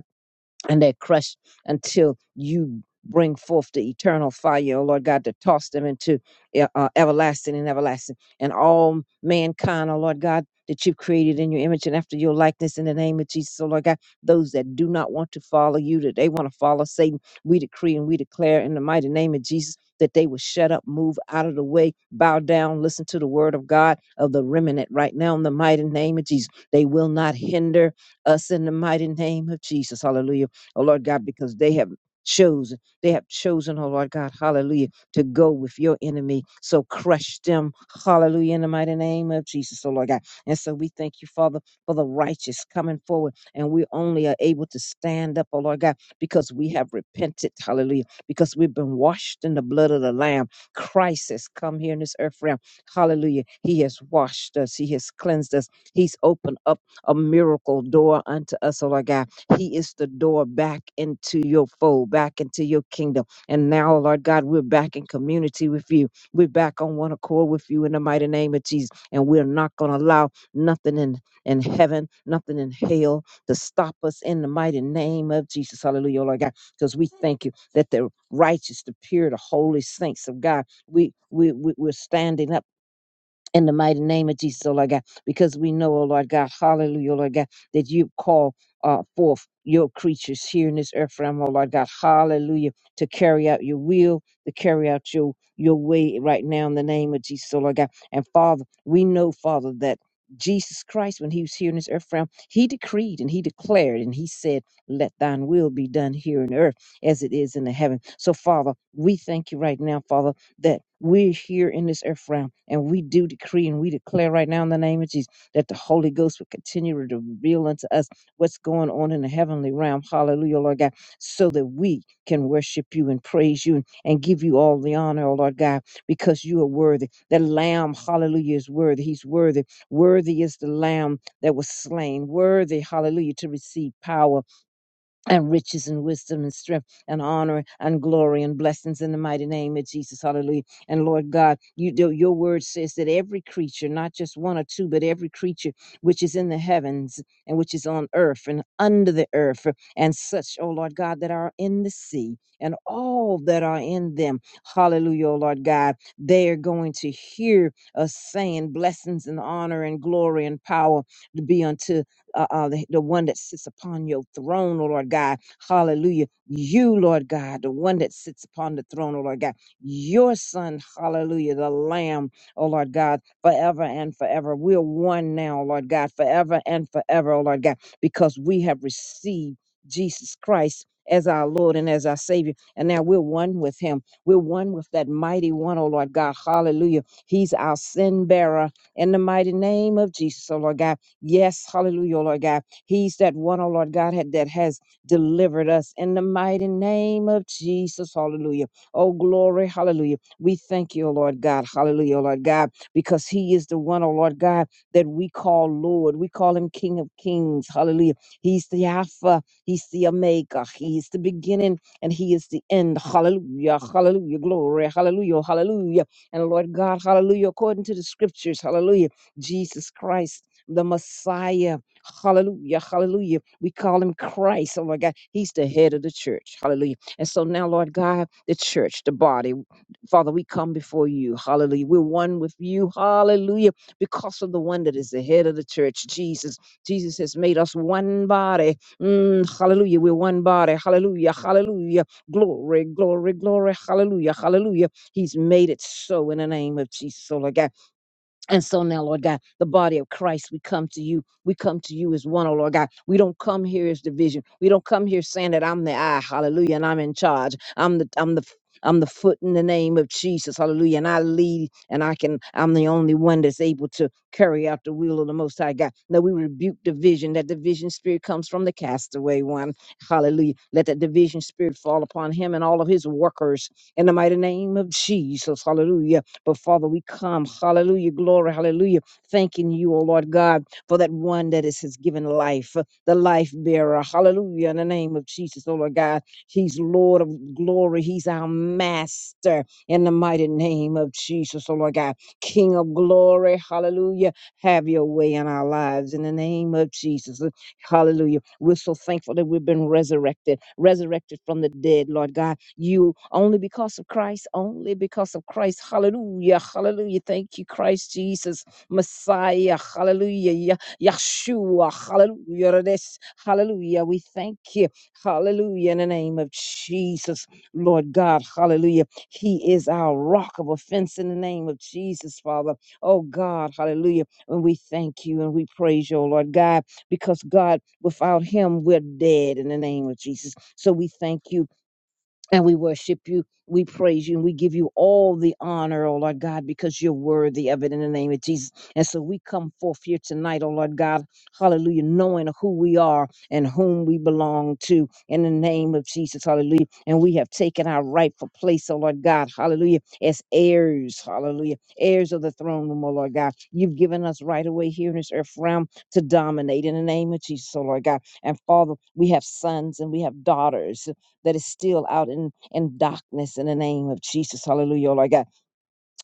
C: and they're crushed until you bring forth the eternal fire, oh Lord God, to toss them into e- uh, everlasting and everlasting. And all mankind, oh Lord God, that you've created in your image and after your likeness in the name of Jesus, oh Lord God, those that do not want to follow you, that they want to follow Satan, we decree and we declare in the mighty name of Jesus that they will shut up, move out of the way, bow down, listen to the word of God of the remnant right now in the mighty name of Jesus. They will not hinder us in the mighty name of Jesus. Hallelujah oh Lord God, because they have chosen, they have chosen, oh Lord God, hallelujah, to go with your enemy. So crush them, hallelujah, in the mighty name of Jesus, oh Lord God. And so we thank you, Father, for the righteous coming forward. And we only are able to stand up, oh Lord God, because we have repented, hallelujah, because we've been washed in the blood of the Lamb. Christ has come here in this earth realm, hallelujah. He has washed us, He has cleansed us, He's opened up a miracle door unto us, oh Lord God. He is the door back into your fold, back into your kingdom. And now, Lord God, we're back in community with you. We're back on one accord with you in the mighty name of Jesus. And we're not going to allow nothing in, in heaven, nothing in hell to stop us in the mighty name of Jesus. Hallelujah, Lord God. Because we thank you that the righteous, the pure, the holy saints of God, we, we, we we're standing up in the mighty name of Jesus, oh Lord God, because we know, oh Lord God, hallelujah, oh Lord God, that you call uh, forth your creatures here in this earth realm, oh Lord God, hallelujah, to carry out your will, to carry out your your way right now in the name of Jesus, oh Lord God. And Father, we know, Father, that Jesus Christ, when he was here in this earth realm, he decreed and he declared and he said, Let thine will be done here on earth as it is in the heaven. So, Father, we thank you right now, Father that we're here in this earth realm and we do decree and we declare right now in the name of Jesus that the Holy Ghost will continue to reveal unto us what's going on in the heavenly realm. Hallelujah, Lord God, so that we can worship you and praise you and, and give you all the honor, oh Lord God, because you are worthy. The Lamb, hallelujah, is worthy. He's worthy. Worthy is the Lamb that was slain. Worthy, hallelujah, to receive power and riches and wisdom and strength and honor and glory and blessings in the mighty name of Jesus. Hallelujah. And Lord God, you do, your word says that every creature, not just one or two, but every creature which is in the heavens and which is on earth and under the earth and such, oh Lord God, that are in the sea and all that are in them. Hallelujah, oh Lord God. They are going to hear us saying blessings and honor and glory and power to be unto uh, uh, the, the one that sits upon your throne, oh Lord God. Hallelujah. You, Lord God, the one that sits upon the throne, oh Lord God. Your son, hallelujah, the lamb, oh Lord God, forever and forever. We're one now, Lord God, forever and forever, oh Lord God, because we have received Jesus Christ as our Lord and as our Savior. And now we're one with him. We're one with that mighty one, oh Lord God. Hallelujah. He's our sin bearer in the mighty name of Jesus, oh Lord God. Yes, hallelujah, O Lord God. He's that one, oh Lord God, had, that has delivered us in the mighty name of Jesus. Hallelujah. Oh, glory, hallelujah. We thank you, O Lord God. Hallelujah, O Lord God, because he is the one, oh Lord God, that we call Lord. We call him King of Kings. Hallelujah. He's the Alpha. He's the Omega. He's the beginning and he is the end. Hallelujah. Hallelujah. Glory. Hallelujah. Hallelujah. And Lord God, hallelujah. According to the scriptures, hallelujah. Jesus Christ the Messiah. Hallelujah. Hallelujah. We call him Christ. Oh my God. He's the head of the church. Hallelujah. And so now, Lord God, the church, the body, Father, we come before you. Hallelujah. We're one with you. Hallelujah. Because of the one that is the head of the church, Jesus. Jesus has made us one body. Mm, hallelujah. We're one body. Hallelujah. Hallelujah. Glory, glory, glory. Hallelujah. Hallelujah. He's made it so in the name of Jesus. Oh, Lord God. And so now, Lord God, the body of Christ, we come to you. We come to you as one, oh Lord God. We don't come here as division. We don't come here saying that I'm the eye, hallelujah, and I'm in charge. I'm the I'm the i I'm the foot in the name of Jesus, hallelujah. And I lead and I can I'm the only one that's able to carry out the will of the most high God. Now we rebuke division. That division spirit comes from the castaway one. Hallelujah. Let that division spirit fall upon him and all of his workers in the mighty name of Jesus. Hallelujah. But Father, we come, hallelujah, glory, hallelujah, thanking you, O Lord God, for that one that is, has given life, uh, the life bearer, hallelujah, in the name of Jesus, O Lord God. He's Lord of glory, He's our master in the mighty name of Jesus, O Lord God. King of glory, hallelujah, have your way in our lives in the name of Jesus. Hallelujah. We're so thankful that we've been resurrected, resurrected from the dead, Lord God you only because of Christ, only because of Christ. Hallelujah. Hallelujah. Thank you, Christ Jesus, Messiah. Hallelujah. Ya- Yahshua. Hallelujah. This- Hallelujah. We thank you. Hallelujah. In the name of Jesus, Lord God. Hallelujah. He is our rock of offense in the name of Jesus, Father. Oh God, hallelujah. And we thank you and we praise you, oh Lord God, because God, without him, we're dead in the name of Jesus. So we thank you and we worship you, we praise you, and we give you all the honor, oh Lord God, because you're worthy of it in the name of Jesus. And so we come forth here tonight, oh Lord God, hallelujah, knowing who we are and whom we belong to in the name of Jesus, hallelujah. And we have taken our rightful place, oh Lord God, hallelujah, as heirs, hallelujah, heirs of the throne room, oh Lord God. You've given us right away here in this earth realm to dominate in the name of Jesus, oh Lord God. And Father, we have sons and we have daughters that is still out in, in darkness in the name of Jesus. Hallelujah, Lord God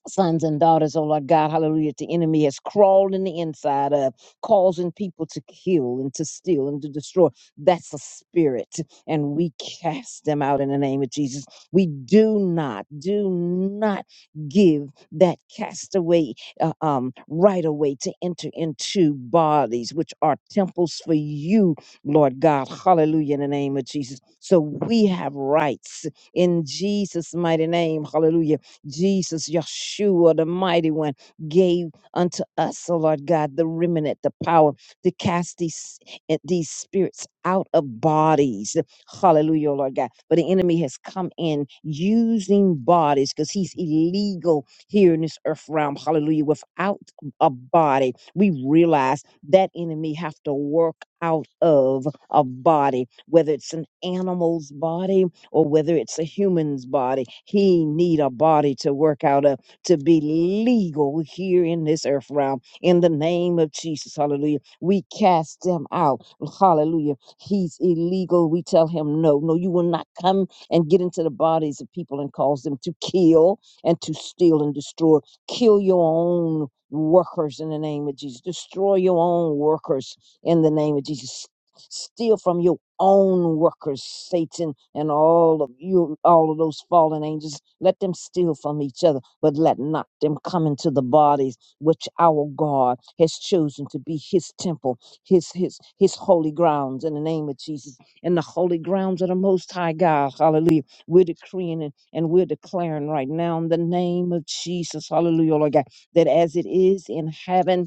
C: sons and daughters, oh Lord God, hallelujah, the enemy has crawled in the inside of, causing people to kill and to steal and to destroy. That's a spirit, and we cast them out in the name of Jesus. We do not, do not give that castaway uh, um, right away to enter into bodies, which are temples for you, Lord God, hallelujah, in the name of Jesus. So we have rights in Jesus' mighty name, hallelujah Jesus, Yeshua, the mighty one, gave unto us, oh Lord God, the remnant, the power to cast these, eh, these spirits out of bodies. Hallelujah, oh Lord God. But the enemy has come in using bodies because he's illegal here in this earth realm. Hallelujah. Without a body, we realize that enemy have to work out of a body, whether it's an animal's body, or whether it's a human's body. He need a body to work out of to be legal here in this earth realm. In the name of Jesus, hallelujah. We cast them out. Hallelujah. He's illegal. We tell him no. No, you will not come and get into the bodies of people and cause them to kill and to steal and destroy. Kill your own workers in the name of Jesus. Destroy your own workers in the name of Jesus. Steal from your own workers, Satan, and all of you, all of those fallen angels. Let them steal from each other, but let not them come into the bodies which our God has chosen to be His temple, His His His holy grounds. In the name of Jesus, in the holy grounds of the Most High God, Hallelujah. We're decreeing and, and we're declaring right now in the name of Jesus, Hallelujah, Lord God, that as it is in heaven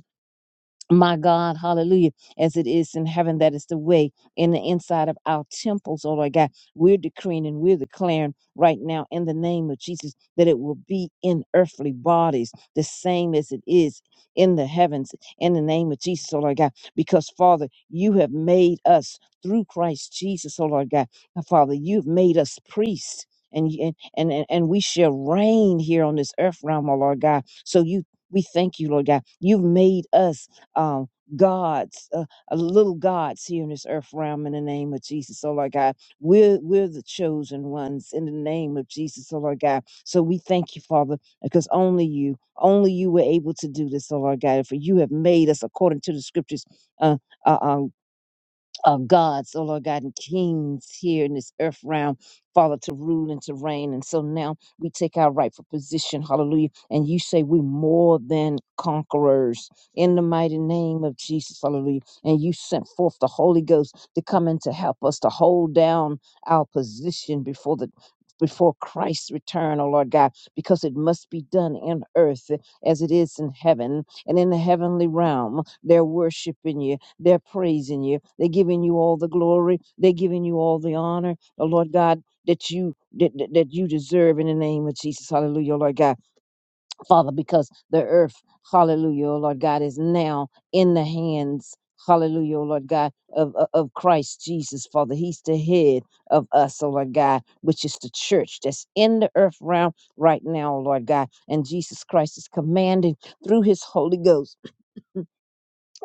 C: my God, hallelujah, as it is in heaven, that is the way in the inside of our temples, oh Lord God. We're decreeing and we're declaring right now in the name of Jesus that it will be in earthly bodies, the same as it is in the heavens, in the name of Jesus, oh Lord God. Because, Father, you have made us through Christ Jesus, oh Lord God. And Father, you've made us priests. And, you- and and and we shall reign here on this earth realm, oh Lord God. So you we thank you, Lord God. You've made us um, gods, uh, uh, little gods here in this earth realm in the name of Jesus, oh Lord God. We're, we're the chosen ones in the name of Jesus, oh Lord God. So we thank you, Father, because only you, only you were able to do this, oh Lord God. For you have made us according to the scriptures. Uh, uh, uh, uh, gods, oh Lord God, and kings here in this earth realm, Father, to rule and to reign. And so now we take our rightful position, hallelujah. And you say we're more than conquerors in the mighty name of Jesus, hallelujah. And you sent forth the Holy Ghost to come in to help us to hold down our position before the before Christ's return, oh Lord God, because it must be done in earth as it is in heaven and in the heavenly realm. They're worshiping you they're praising you. They're giving you all the glory. They're giving you all the honor. The Lord God that you that, that that you deserve in the name of Jesus. Hallelujah, oh Lord God. Father, because the earth, hallelujah, oh Lord God, is now in the hands, hallelujah, oh Lord God, of, of of Christ Jesus, Father. He's the head of us, oh Lord God, which is the church that's in the earth realm right now, oh Lord God. And Jesus Christ is commanding through his Holy Ghost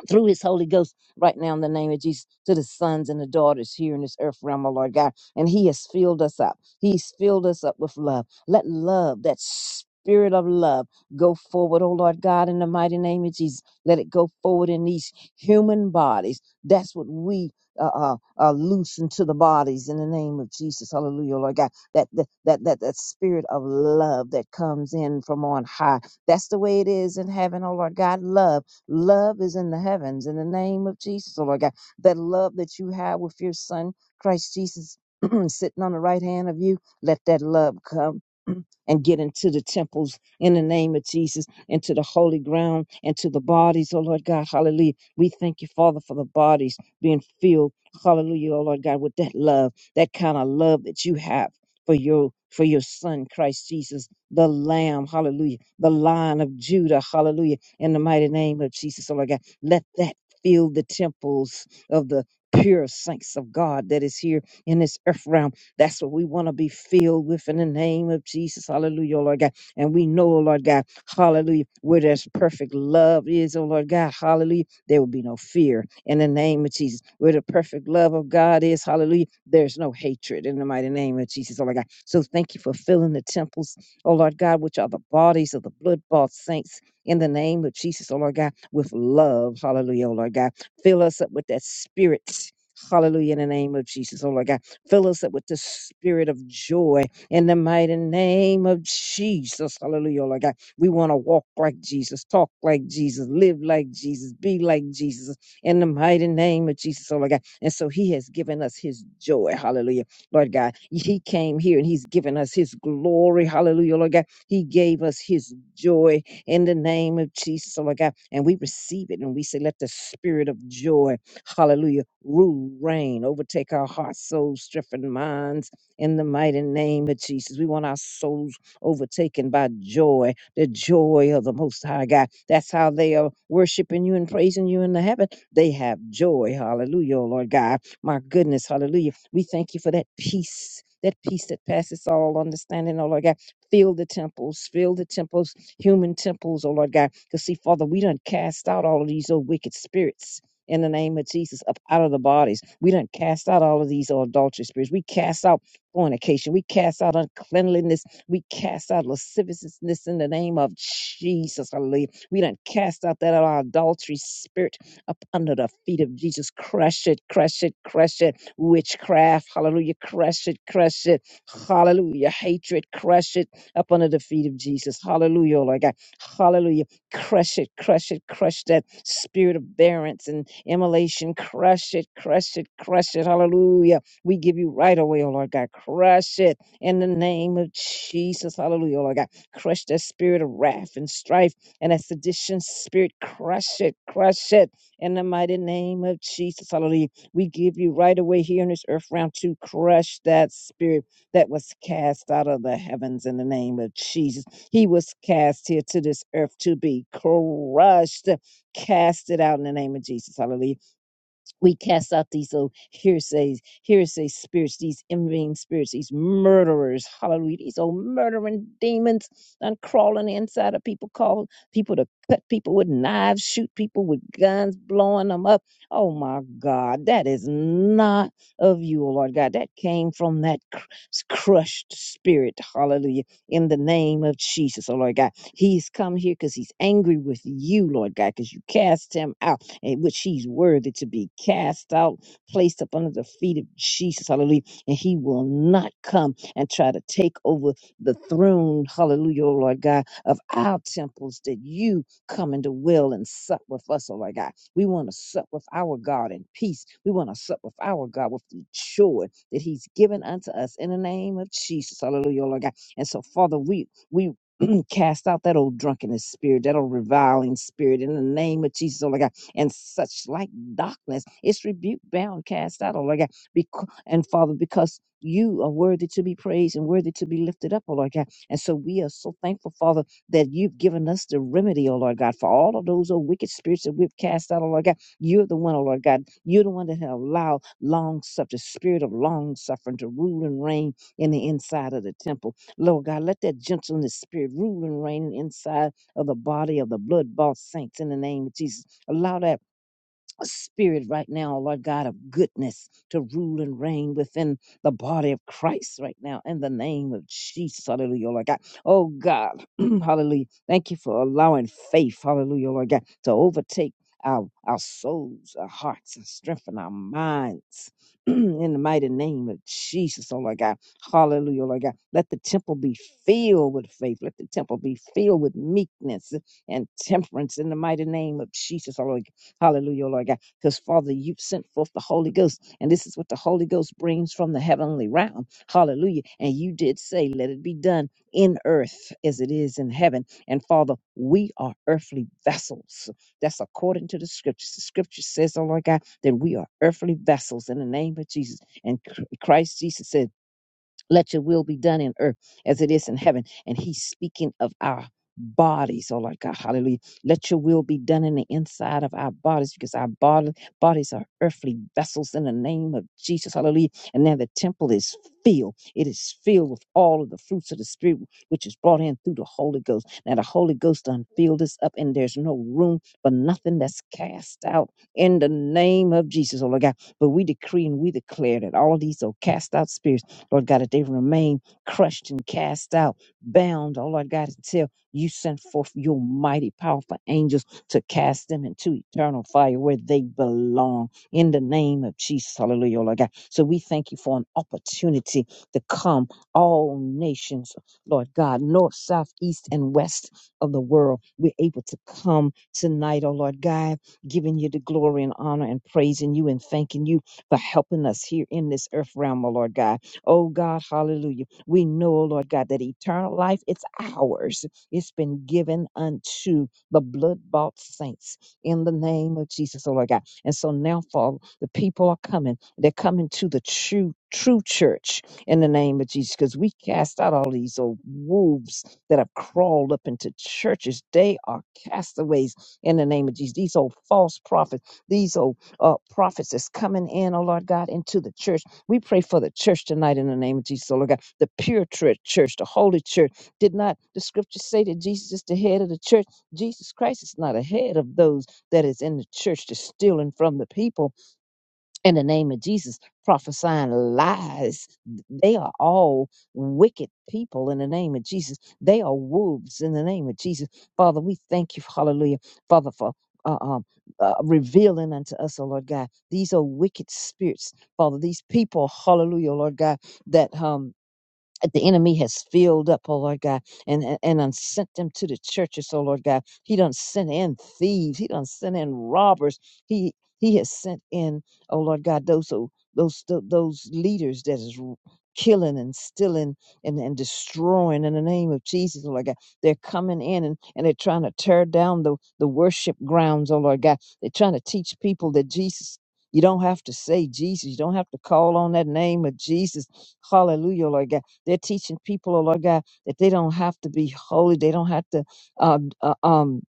C: through his Holy Ghost right now in the name of Jesus to the sons and the daughters here in this earth realm, oh Lord God. And he has filled us up. He's filled us up with love. Let love, that spirit of love, go forward, oh Lord God, in the mighty name of Jesus. Let it go forward in these human bodies. That's what we uh, uh, uh, loosen to the bodies in the name of Jesus. Hallelujah, oh Lord God. That, that, that, that, that spirit of love that comes in from on high. That's the way it is in heaven, oh Lord God. Love Love is in the heavens in the name of Jesus, oh Lord God. That love that you have with your son, Christ Jesus, sitting on the right hand of you, let that love come and get into the temples in the name of Jesus, into the holy ground, into the bodies, oh Lord God. Hallelujah. We thank you, Father, for the bodies being filled. Hallelujah, oh Lord God, with that love, that kind of love that you have for your for your son Christ Jesus, the Lamb, hallelujah, the Lion of Judah, hallelujah in the mighty name of Jesus, oh Lord God. Let that fill the temples of the pure saints of God that is here in this earth realm. That's what we want to be filled with in the name of Jesus. Hallelujah, oh Lord God. And we know, oh Lord God, hallelujah, where there's perfect love is, oh Lord God, hallelujah, there will be no fear in the name of Jesus. Where the perfect love of God is, hallelujah, there's no hatred in the mighty name of Jesus, oh Lord God. So thank you for filling the temples, oh Lord God, which are the bodies of the blood bought saints in the name of Jesus, oh Lord God, with love. Hallelujah, oh Lord God. Fill us up with that spirit. Hallelujah, in the name of Jesus, oh Lord God. Fill us up with the spirit of joy in the mighty name of Jesus. Hallelujah, oh Lord God. We want to walk like Jesus, talk like Jesus, live like Jesus, be like Jesus in the mighty name of Jesus, oh Lord God. And so he has given us his joy. Hallelujah, Lord God. He came here and he's given us his glory. Hallelujah, oh, Lord God. He gave us his joy in the name of Jesus, oh my God. And we receive it and we say, let the spirit of joy, hallelujah, rule, reign, overtake our hearts, souls, strength, and minds in the mighty name of Jesus. We want our souls overtaken by joy, the joy of the Most High God. That's how they are worshiping you and praising you in the heaven. They have joy, hallelujah, oh Lord God. My goodness, hallelujah. We thank you for that peace. That peace that passes all understanding, oh Lord God. Fill the temples, fill the temples human temples, oh Lord God. Because see, Father, we done cast out all of these old wicked spirits in the name of Jesus up out of the bodies. We done cast out all of these old adultery spirits. We cast out fornication. We cast out uncleanliness. We cast out lasciviousness in the name of Jesus. Hallelujah. We done cast out that our adultery spirit up under the feet of Jesus. Crush it, crush it, crush it. Witchcraft, hallelujah. Crush it, crush it. Hallelujah. Hatred, crush it up under the feet of Jesus. Hallelujah, oh Lord God. Hallelujah. Crush it, crush it, crush that spirit of barrenness and immolation. Crush it, crush it, crush it. Hallelujah. We give you right away, oh Lord God. Crush it in the name of Jesus. Hallelujah, oh Lord God. Crush that spirit of wrath and strife and that sedition spirit. Crush it, crush it in the mighty name of Jesus. Hallelujah. We give you right away here in this earth round to crush that spirit that was cast out of the heavens in the name of Jesus. He was cast here to this earth to be crushed, Cast it out in the name of Jesus. Hallelujah we cast out these little hearsays, hearsay spirits, these envying spirits, these murderers, hallelujah, these old murdering demons and crawling inside of people, call people to cut people with knives, shoot people with guns, blowing them up. Oh my God, that is not of you, oh Lord God. That came from that cr- crushed spirit, hallelujah, in the name of Jesus, oh Lord God. He's come here because he's angry with you, Lord God, because you cast him out in which he's worthy to be cast out, placed up under the feet of Jesus, hallelujah. And he will not come and try to take over the throne, hallelujah, oh Lord God, of our temples that you come and dwell and sup with us, oh Lord God. We want to sup with our God in peace. We want to sup with our God with the joy that he's given unto us in the name of Jesus, hallelujah, oh Lord God. And so, Father, we, we, cast out that old drunkenness spirit, that old reviling spirit in the name of Jesus. Oh, God and such like darkness. It's rebuked, bound, cast out, oh Lord God. Becau- and Father, because you are worthy to be praised and worthy to be lifted up, oh Lord God. And so we are so thankful, Father, that you've given us the remedy, oh Lord God, for all of those oh, wicked spirits that we've cast out, oh Lord God. You're the one, oh Lord God. You're the one that have allowed long suffering, spirit of long suffering to rule and reign in the inside of the temple. Lord God, let that gentleness spirit rule and reign inside of the body of the blood bought saints in the name of Jesus. Allow that spirit right now, Lord God, of goodness to rule and reign within the body of Christ right now in the name of Jesus. Hallelujah, Lord God. Oh God, hallelujah. Thank you for allowing faith, hallelujah, Lord God, to overtake our, our souls, our hearts, and strengthen our minds. In the mighty name of Jesus, oh Lord God. Hallelujah, Lord God. Let the temple be filled with faith. Let the temple be filled with meekness and temperance in the mighty name of Jesus, oh Lord Hallelujah, Lord God. Because, Father, you've sent forth the Holy Ghost, and this is what the Holy Ghost brings from the heavenly realm. Hallelujah. And you did say, Let it be done in earth as it is in heaven. And, Father, we are earthly vessels. That's according to the scriptures. The scripture says, Oh, Lord God, that we are earthly vessels in the name of Jesus. And Christ Jesus said, let your will be done in earth as it is in heaven. And he's speaking of our bodies. Oh, Lord God, hallelujah. Let your will be done in the inside of our bodies because our body, bodies are earthly vessels in the name of Jesus. Hallelujah. And now the temple is filled. It is filled with all of the fruits of the Spirit, which is brought in through the Holy Ghost. Now the Holy Ghost done filled us up, and there's no room for nothing that's cast out in the name of Jesus. Oh, Lord God. But we decree and we declare that all of these are cast out spirits Lord God, that they remain crushed and cast out, bound. Oh, Lord God, until you send forth your mighty, powerful angels to cast them into eternal fire where they belong in the name of Jesus. Hallelujah, oh, Lord God. So we thank you for an opportunity to come, all nations, Lord God, north, south, east, and west of the world. We're able to come tonight, oh Lord God, giving you the glory and honor and praising you and thanking you for helping us here in this earth realm, oh Lord God Oh God, hallelujah. We know, oh Lord God, that eternal life, it's ours. It's been given unto the blood bought saints in the name of Jesus, oh Lord God. And so now, Father, the people are coming. They're coming to the true, true church in the name of Jesus because we cast out all these old wolves that have crawled up into churches. They are castaways in the name of Jesus. These old false prophets, these old uh, prophets that's coming in, oh Lord God, into the church we pray for the church tonight in the name of Jesus, oh Lord God, the pure church, church, the holy church. Did not the scriptures say that Jesus is the head of the church? Jesus Christ is not ahead of those that is in the church, that's stealing from the people in the name of Jesus, prophesying lies. They are all wicked people in the name of Jesus. They are wolves in the name of Jesus. Father, we thank you, hallelujah, Father, for uh, um, uh, revealing unto us, oh Lord God, these are wicked spirits, Father. These people, hallelujah, Lord God, that um that the enemy has filled up, oh Lord God, and, and, and done sent them to the churches, oh Lord God. He done sent in thieves, he done sent in robbers. He he has sent in, oh Lord God, those who those tho- those leaders that is r- killing and stealing and, and destroying in the name of Jesus, oh Lord God. They're coming in and, and they're trying to tear down the, the worship grounds, oh Lord God. They're trying to teach people that Jesus you don't have to say Jesus. You don't have to call on that name of Jesus. Hallelujah, Lord God they're teaching people, oh Lord God, that they don't have to be holy. They don't have to uh, uh, um,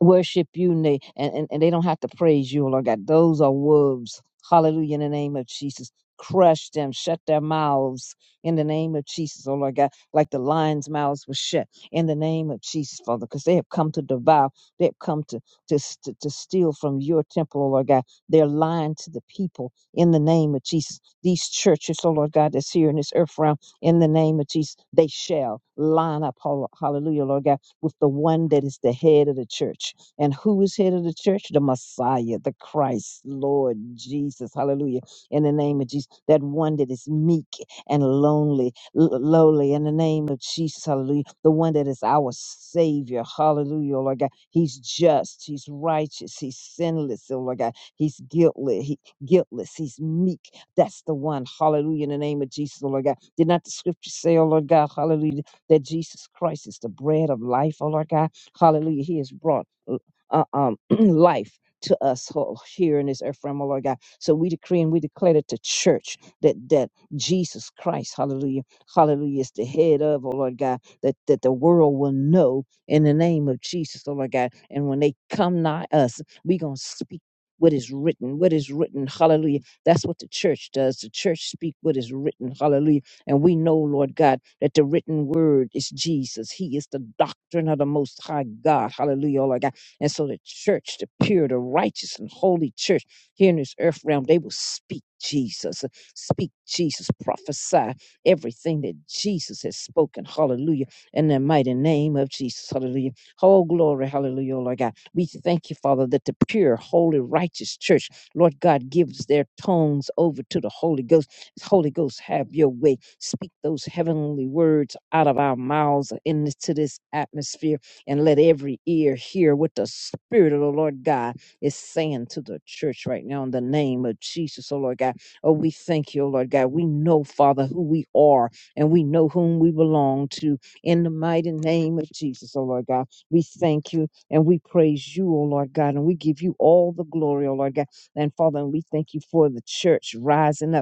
C: worship you and they, and, and, and they don't have to praise you, Lord God. Those are wolves. Hallelujah. In the name of Jesus. Crush them, shut their mouths in the name of Jesus, oh Lord God, like the lion's mouths were shut in the name of Jesus, Father, because they have come to devour, they have come to, to, s- to, to steal from your temple, oh Lord God. They're lying to the people in the name of Jesus. These churches, oh Lord God, that's here in this earth realm, in the name of Jesus, they shall line up, hall- hallelujah, Lord God with the one that is the head of the church. And who is head of the church? The Messiah, the Christ, Lord Jesus. Hallelujah. In the name of Jesus, that one that is meek and lonely, l- lowly. In the name of Jesus, hallelujah. The one that is our Savior. Hallelujah, oh Lord God. He's just, he's righteous, he's sinless, oh Lord God. He's guiltless, he, guiltless, he's meek. That's the one. Hallelujah. In the name of Jesus, oh Lord God. Did not the scripture say, oh Lord God, hallelujah? that Jesus Christ is the bread of life, oh Lord God. Hallelujah. He has brought uh, uh, um, life to us oh, here in this earth realm, oh Lord God. So we decree and we declare that the church, that that Jesus Christ, hallelujah, hallelujah, is the head of, oh Lord God, that, that the world will know in the name of Jesus, oh Lord God. And when they come nigh us, we going to speak. What is written, what is written, hallelujah. That's what the church does. The church speak what is written, hallelujah and we know, Lord God, that the written word is Jesus. He is the doctrine of the Most High God. Hallelujah, Lord God. And so the church, the pure, the righteous, and holy church here in this earth realm, they will speak Jesus, speak Jesus, prophesy everything that Jesus has spoken. Hallelujah. In the mighty name of Jesus. Hallelujah. Oh, glory. Hallelujah, Lord God. We thank you, Father, that the pure, holy, righteous church, Lord God, gives their tongues over to the Holy Ghost Holy Ghost, have your way. Speak those heavenly words out of our mouths into this atmosphere, and let every ear hear what the Spirit of the Lord God is saying to the church right now in the name of Jesus, oh Lord God. Oh, we thank you, oh Lord God. We know, Father, who we are, and we know whom we belong to in the mighty name of Jesus, oh Lord God. We thank you and we praise you, oh Lord God, and we give you all the glory, oh Lord God. And Father, we thank you for the church rising up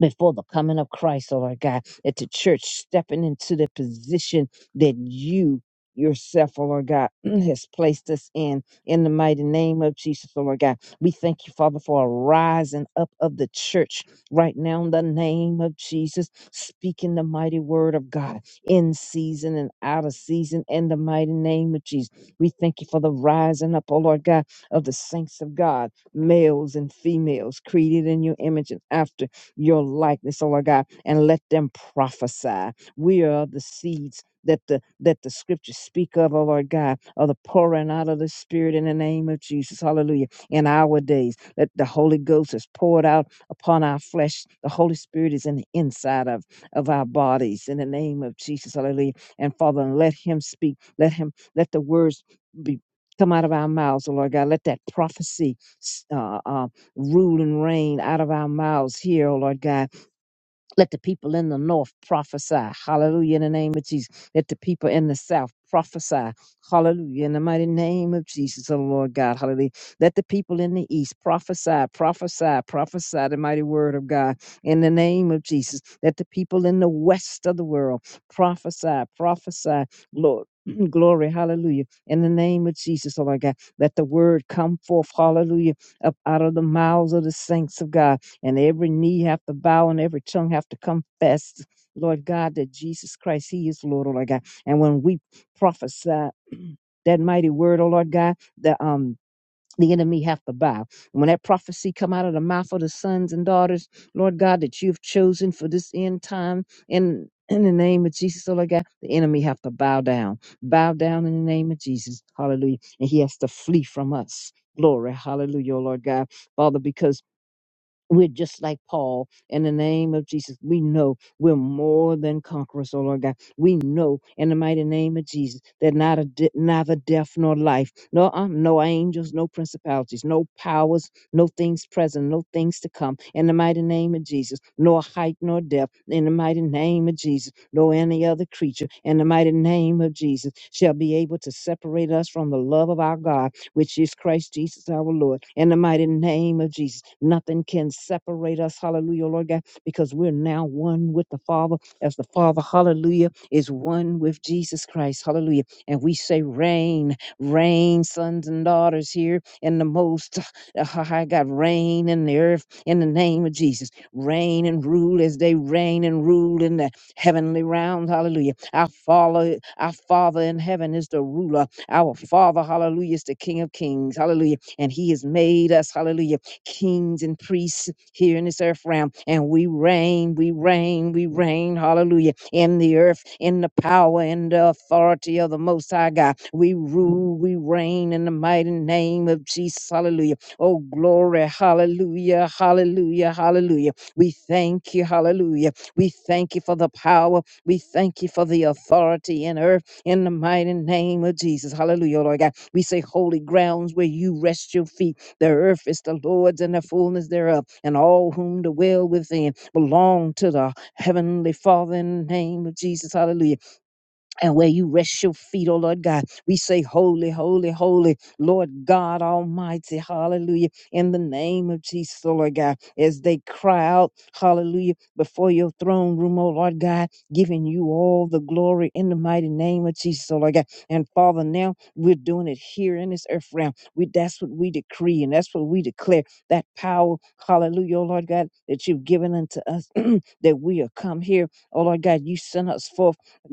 C: before the coming of Christ, oh Lord God, at the church stepping into the position that you yourself, oh Lord God, has placed us in. In the mighty name of Jesus, oh Lord God, we thank you, Father, for a rising up of the church right now in the name of Jesus, speaking the mighty word of God in season and out of season in the mighty name of Jesus. We thank you for the rising up, oh Lord God, of the saints of God, males and females created in your image and after your likeness, oh Lord God, and let them prophesy. We are the seeds that the that the scriptures speak of, oh Lord God, of the pouring out of the Spirit in the name of Jesus. Hallelujah. In our days, that the Holy Ghost is poured out upon our flesh. The Holy Spirit is in the inside of, of our bodies in the name of Jesus. Hallelujah. And Father, let him speak. Let him let the words be come out of our mouths, oh Lord God. Let that prophecy uh, uh, rule and reign out of our mouths here, O Lord God let the people in the north prophesy. Hallelujah. In the name of Jesus. Let the people in the south prophesy. Hallelujah. In the mighty name of Jesus, oh Lord God. Hallelujah. Let the people in the east prophesy, prophesy, prophesy the mighty word of God. In the name of Jesus. Let the people in the west of the world prophesy, prophesy. Lord. Glory, hallelujah. In the name of Jesus, oh my God, let the word come forth, hallelujah, up out of the mouths of the saints of God and every knee have to bow and every tongue have to confess, Lord God, that Jesus Christ, He is Lord, oh Lord God. And when we prophesy that mighty word, oh Lord God, the um the enemy have to bow. When that prophecy come out of the mouth of the sons and daughters, Lord God, that you've chosen for this end time in in the name of Jesus, oh Lord God, the enemy have to bow down. Bow down in the name of Jesus. Hallelujah. And he has to flee from us. Glory. Hallelujah, oh Lord God. Father, because we're just like Paul. In the name of Jesus, we know we're more than conquerors, oh Lord God. We know in the mighty name of Jesus that not a de- neither death nor life, no, uh, no angels, no principalities, no powers, no things present, no things to come. In the mighty name of Jesus, nor height nor depth. In the mighty name of Jesus, nor any other creature. In the mighty name of Jesus, shall be able to separate us from the love of our God which is Christ Jesus our Lord. In the mighty name of Jesus, nothing can separate us, hallelujah, Lord God, because we're now one with the Father, as the Father, hallelujah, is one with Jesus Christ, hallelujah. And we say, Reign, reign, sons and daughters here in the most uh, high God, reign in the earth in the name of Jesus. Reign and rule as they reign and rule in the heavenly realms, hallelujah. Our Father, our Father in heaven is the ruler our Father, hallelujah, is the King of Kings, hallelujah. And He has made us, hallelujah, kings and priests here in this earth realm. And we reign, we reign, we reign, hallelujah, in the earth, in the power and the authority of the Most High God. We rule, we reign in the mighty name of Jesus, hallelujah. Oh, glory, hallelujah, hallelujah, hallelujah. We thank you, hallelujah. We thank you for the power. We thank you for the authority in earth in the mighty name of Jesus. Hallelujah, Lord God. We say, Holy grounds where you rest your feet. The earth is the Lord's and the fullness thereof, and all whom dwell within belong to the Heavenly Father in the name of Jesus. Hallelujah and where you rest your feet, oh Lord God. We say, Holy, holy, holy, Lord God Almighty, hallelujah, in the name of Jesus, oh Lord God, as they cry out, hallelujah, before your throne room, oh Lord God, giving you all the glory in the mighty name of Jesus, oh Lord God. And Father, now we're doing it here in this earth realm. We, that's what we decree and that's what we declare that power, hallelujah, oh Lord God, that you've given unto us, that we are come here, oh Lord God, you sent us forth.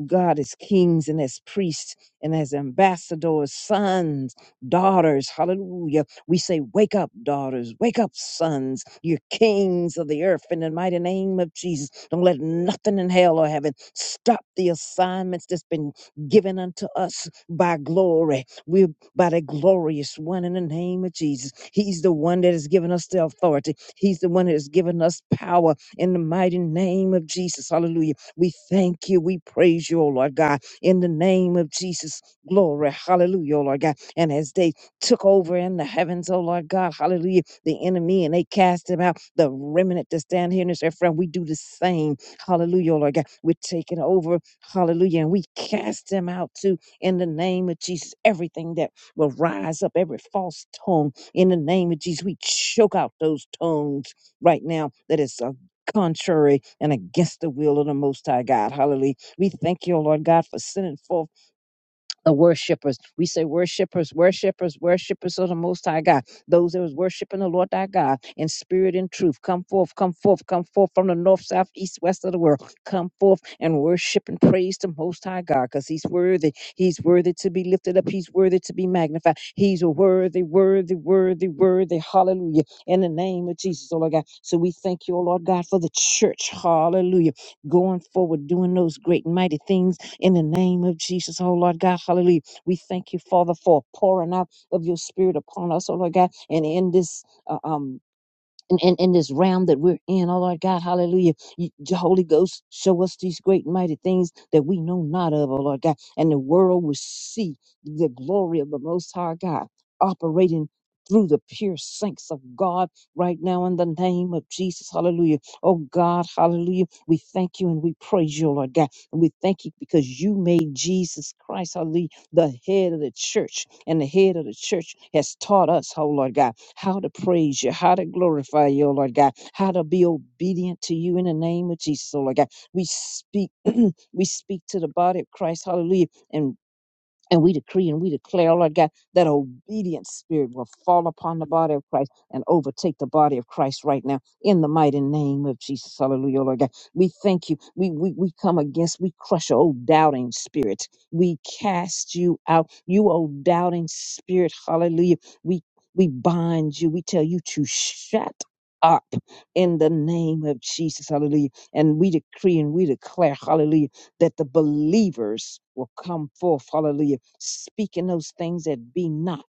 C: God as kings and as priests and as ambassadors, sons, daughters. Hallelujah. We say, Wake up, daughters. Wake up, sons. You're kings of the earth in the mighty name of Jesus. Don't let nothing in hell or heaven stop the assignments that's been given unto us by glory. We're by the glorious one in the name of Jesus. He's the one that has given us the authority, He's the one that has given us power in the mighty name of Jesus. Hallelujah. We thank you. We praise you, oh Lord God, in the name of Jesus. Glory. Hallelujah, oh Lord God. And as they took over in the heavens, oh Lord God, hallelujah, the enemy, and they cast him out, the remnant that stand here in this earth, friend, we do the same. Hallelujah, oh Lord God. We're taking over, hallelujah, and we cast them out too in the name of Jesus. Everything that will rise up, every false tongue in the name of Jesus, we choke out those tongues right now that is uh, contrary and against the will of the Most High God. Hallelujah. We thank you, Lord God, for sending forth the worshipers. We say worshipers, worshipers, worshipers of the Most High God. Those that was worshiping the Lord thy God in spirit and truth. Come forth, come forth, come forth from the north, south, east, west of the world. Come forth and worship and praise the Most High God because he's worthy. He's worthy to be lifted up. He's worthy to be magnified. He's worthy, worthy, worthy, worthy. Hallelujah. In the name of Jesus, oh Lord God. So we thank you, oh Lord God, for the church. Hallelujah. Going forward, doing those great and mighty things in the name of Jesus. Oh, Lord God, hallelujah. We thank you, Father, for pouring out of your spirit upon us, oh, Lord God, and in this uh, um, in, in, in this realm that we're in, oh Lord God, hallelujah. You, Je- Holy Ghost, show us these great and mighty things that we know not of, oh Lord God. And the world will see the glory of the Most High God operating through the pure saints of God right now in the name of Jesus. Hallelujah. Oh God, hallelujah. We thank you and we praise you, oh Lord God. And we thank you because you made Jesus Christ, hallelujah, the head of the church. And the head of the church has taught us, oh Lord God how to praise you, how to glorify you, oh Lord God, how to be obedient to you in the name of Jesus, oh Lord God. We speak, we speak to the body of Christ, hallelujah, And. And we decree and we declare, oh, Lord God, that obedient spirit will fall upon the body of Christ and overtake the body of Christ right now in the mighty name of Jesus. Hallelujah, oh, Lord God. We thank you. We, we, we come against, we crush, oh, doubting spirit. We cast you out. You, oh, doubting spirit. Hallelujah. We, we bind you. We tell you to shut up in the name of Jesus. Hallelujah. And we decree and we declare, hallelujah that the believers will come forth, hallelujah, speaking those things that be not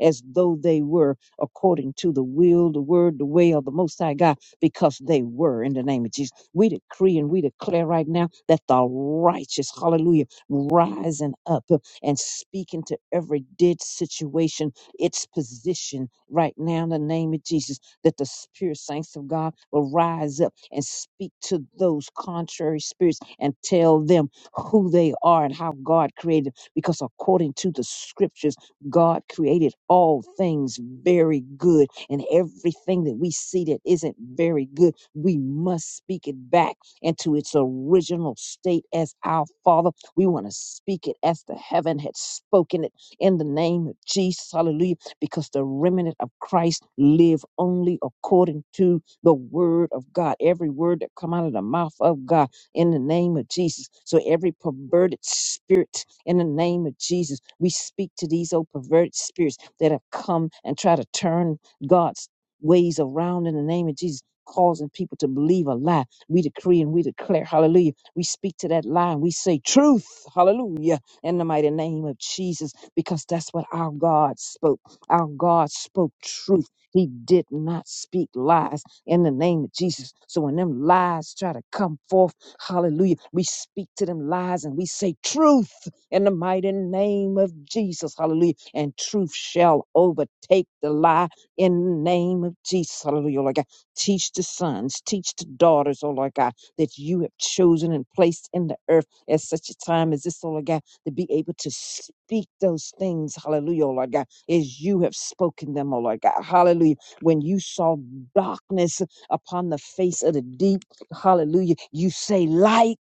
C: as though they were according to the will, the word, the way of the Most High God, because they were in the name of Jesus. We decree and we declare right now that the righteous, hallelujah, rising up uh, and speaking to every dead situation, its position right now in the name of Jesus, that the spirit saints of God will rise up and speak to those contrary spirits and tell them who they are and how God created them. Because according to the scriptures, God created all things very good. And everything that we see that isn't very good, we must speak it back into its original state as our Father. We want to speak it as the heaven had spoken it in the name of Jesus. Hallelujah. Because the remnant of Christ live only according to the word of God, every word that come out of the mouth of God in the name of Jesus. So every perverted spirit in the name of Jesus, we speak to these old perverted spirits that have come and try to turn God's ways around in the name of Jesus. Causing people to believe a lie. We decree and we declare, hallelujah. We speak to that lie and we say truth, hallelujah, in the mighty name of Jesus, because that's what our God spoke. Our God spoke truth. He did not speak lies in the name of Jesus. So when them lies try to come forth, hallelujah, we speak to them lies and we say truth in the mighty name of Jesus, hallelujah. And truth shall overtake the lie in the name of Jesus, hallelujah, Lord God. Teach the sons, teach the daughters, oh Lord God, that you have chosen and placed in the earth at such a time as this, oh Lord God, to be able to speak those things, hallelujah, oh Lord God, as you have spoken them, oh Lord God, hallelujah when you saw darkness upon the face of the deep. Hallelujah. You say light.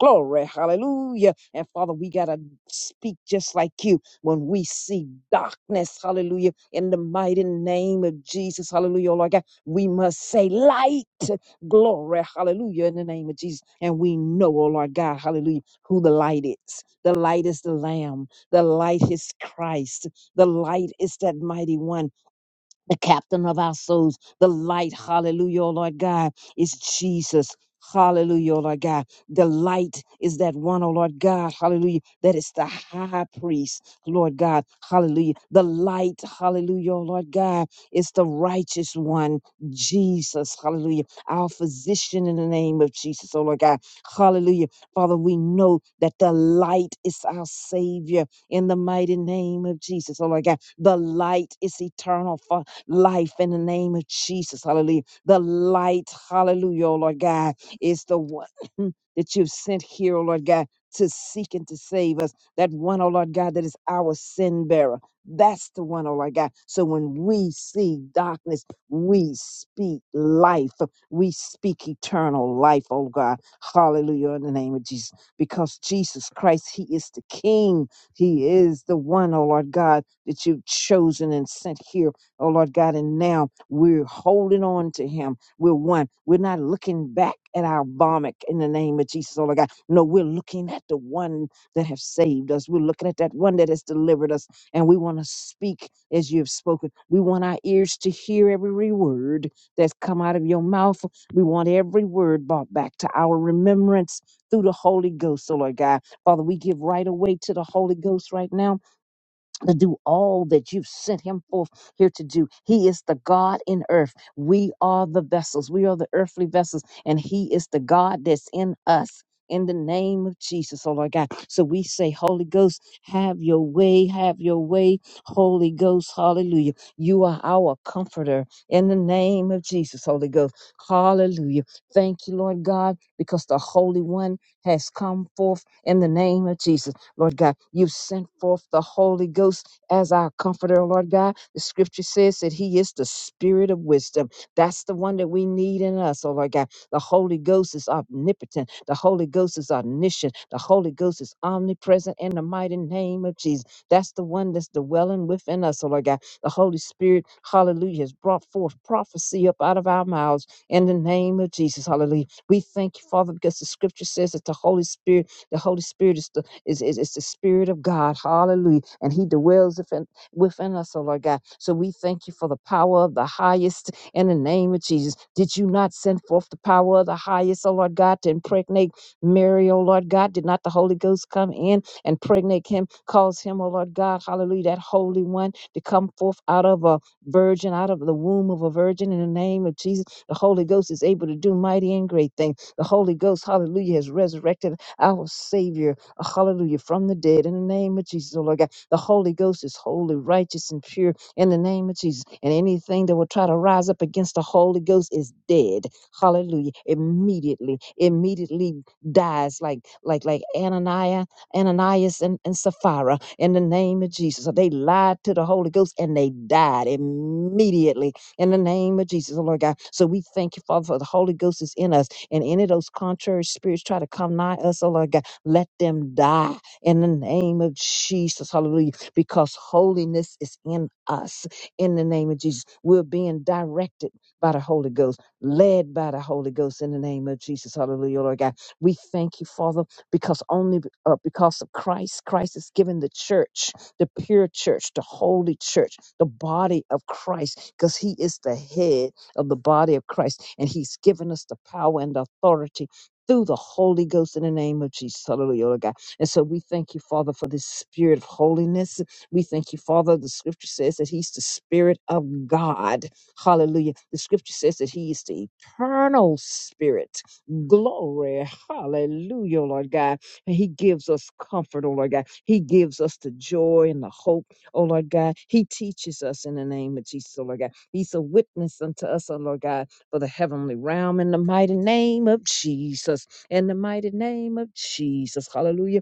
C: Glory, hallelujah. And Father, we got to speak just like you when we see darkness, hallelujah, in the mighty name of Jesus, hallelujah, oh Lord God. We must say light, glory, hallelujah, in the name of Jesus. And we know, oh Lord God, hallelujah, who the light is. The light is the Lamb, the light is Christ, the light is that mighty one the captain of our souls, the light, hallelujah, oh Lord God, is Jesus. Hallelujah, oh Lord God. The light is that one, oh Lord God, hallelujah, that is the high priest, Lord God, hallelujah. The light, hallelujah, oh Lord God, is the righteous one, Jesus, hallelujah. Our physician in the name of Jesus, oh Lord God, hallelujah. Father, we know that the light is our Savior in the mighty name of Jesus, oh Lord God. The light is eternal, Father life in the name of Jesus. Hallelujah. The light, hallelujah, oh Lord God, is the one that you've sent here, oh Lord God, to seek and to save us. That one, oh Lord God, that is our sin bearer. That's the one, oh Lord God. So when we see darkness, we speak life. We speak eternal life, oh God. Hallelujah, in the name of Jesus. Because Jesus Christ, He is the King. He is the one, oh Lord God, that you've chosen and sent here Oh Lord God, and now we're holding on to him. We're one. We're not looking back at our vomit in the name of Jesus, oh Lord God. No, we're looking at the one that have saved us. We're looking at that one that has delivered us. And we want to speak as you have spoken. We want our ears to hear every word that's come out of your mouth. We want every word brought back to our remembrance through the Holy Ghost, oh Lord God. Father, we give right away to the Holy Ghost right now to do all that you've sent him forth here to do. He is the God in earth. We are the vessels. We are the earthly vessels, and he is the God that's in us. In the name of Jesus, oh Lord God. So we say, Holy Ghost, have your way, have your way. Holy Ghost, hallelujah. You are our comforter in the name of Jesus, Holy Ghost. Hallelujah. Thank you, Lord God, because the Holy One has come forth in the name of Jesus. Lord God. You've sent forth the Holy Ghost as our comforter, Lord God. The scripture says that He is the spirit of wisdom. That's the one that we need in us, oh Lord God. The Holy Ghost is omnipotent. The Holy Ghost is omniscient. The Holy Ghost is omnipresent in the mighty name of Jesus. That's the one that's dwelling within us, oh Lord God. The Holy Spirit, hallelujah, has brought forth prophecy up out of our mouths in the name of Jesus, hallelujah. We thank you, Father, because the scripture says that the Holy Spirit, the Holy Spirit is the it's, it's, it's the Spirit of God. Hallelujah. And He dwells within, within us, oh Lord God. So we thank you for the power of the highest in the name of Jesus. Did you not send forth the power of the highest, oh Lord God, to impregnate Mary, oh Lord God? Did not the Holy Ghost come in and impregnate him, cause him, oh Lord God, hallelujah, that Holy One to come forth out of a virgin, out of the womb of a virgin in the name of Jesus? The Holy Ghost is able to do mighty and great things. The Holy Ghost, hallelujah, has resurrected our Savior uh, hallelujah, from the dead in the name of Jesus, oh Lord God. The Holy Ghost is holy, righteous, and pure in the name of Jesus. And anything that will try to rise up against the Holy Ghost is dead. Hallelujah. Immediately, immediately dies like like like Ananias, Ananias and, and Sapphira in the name of Jesus. So they lied to the Holy Ghost and they died immediately in the name of Jesus, oh Lord God. So we thank you, Father, for the Holy Ghost is in us. And any of those contrary spirits try to come nigh us, oh Lord God. Let them die in the name of Jesus. Hallelujah. Because holiness is in us. In the name of Jesus, we're being directed by the Holy Ghost, led by the Holy Ghost in the name of Jesus. Hallelujah, Lord God. We thank you, Father, because only b- uh, because of Christ, Christ has given the church, the pure church, the holy church, the body of Christ, because he is the head of the body of Christ, and he's given us the power and the authority through the Holy Ghost in the name of Jesus. Hallelujah, Lord God. And so we thank you, Father, for this spirit of holiness. We thank you, Father. The scripture says that He's the Spirit of God. Hallelujah. The scripture says that He is the eternal Spirit. Glory. Hallelujah, Lord God. And He gives us comfort, oh Lord God. He gives us the joy and the hope, oh Lord God. He teaches us in the name of Jesus, oh Lord God. He's a witness unto us, oh Lord God for the heavenly realm in the mighty name of Jesus. In the mighty name of Jesus. Hallelujah.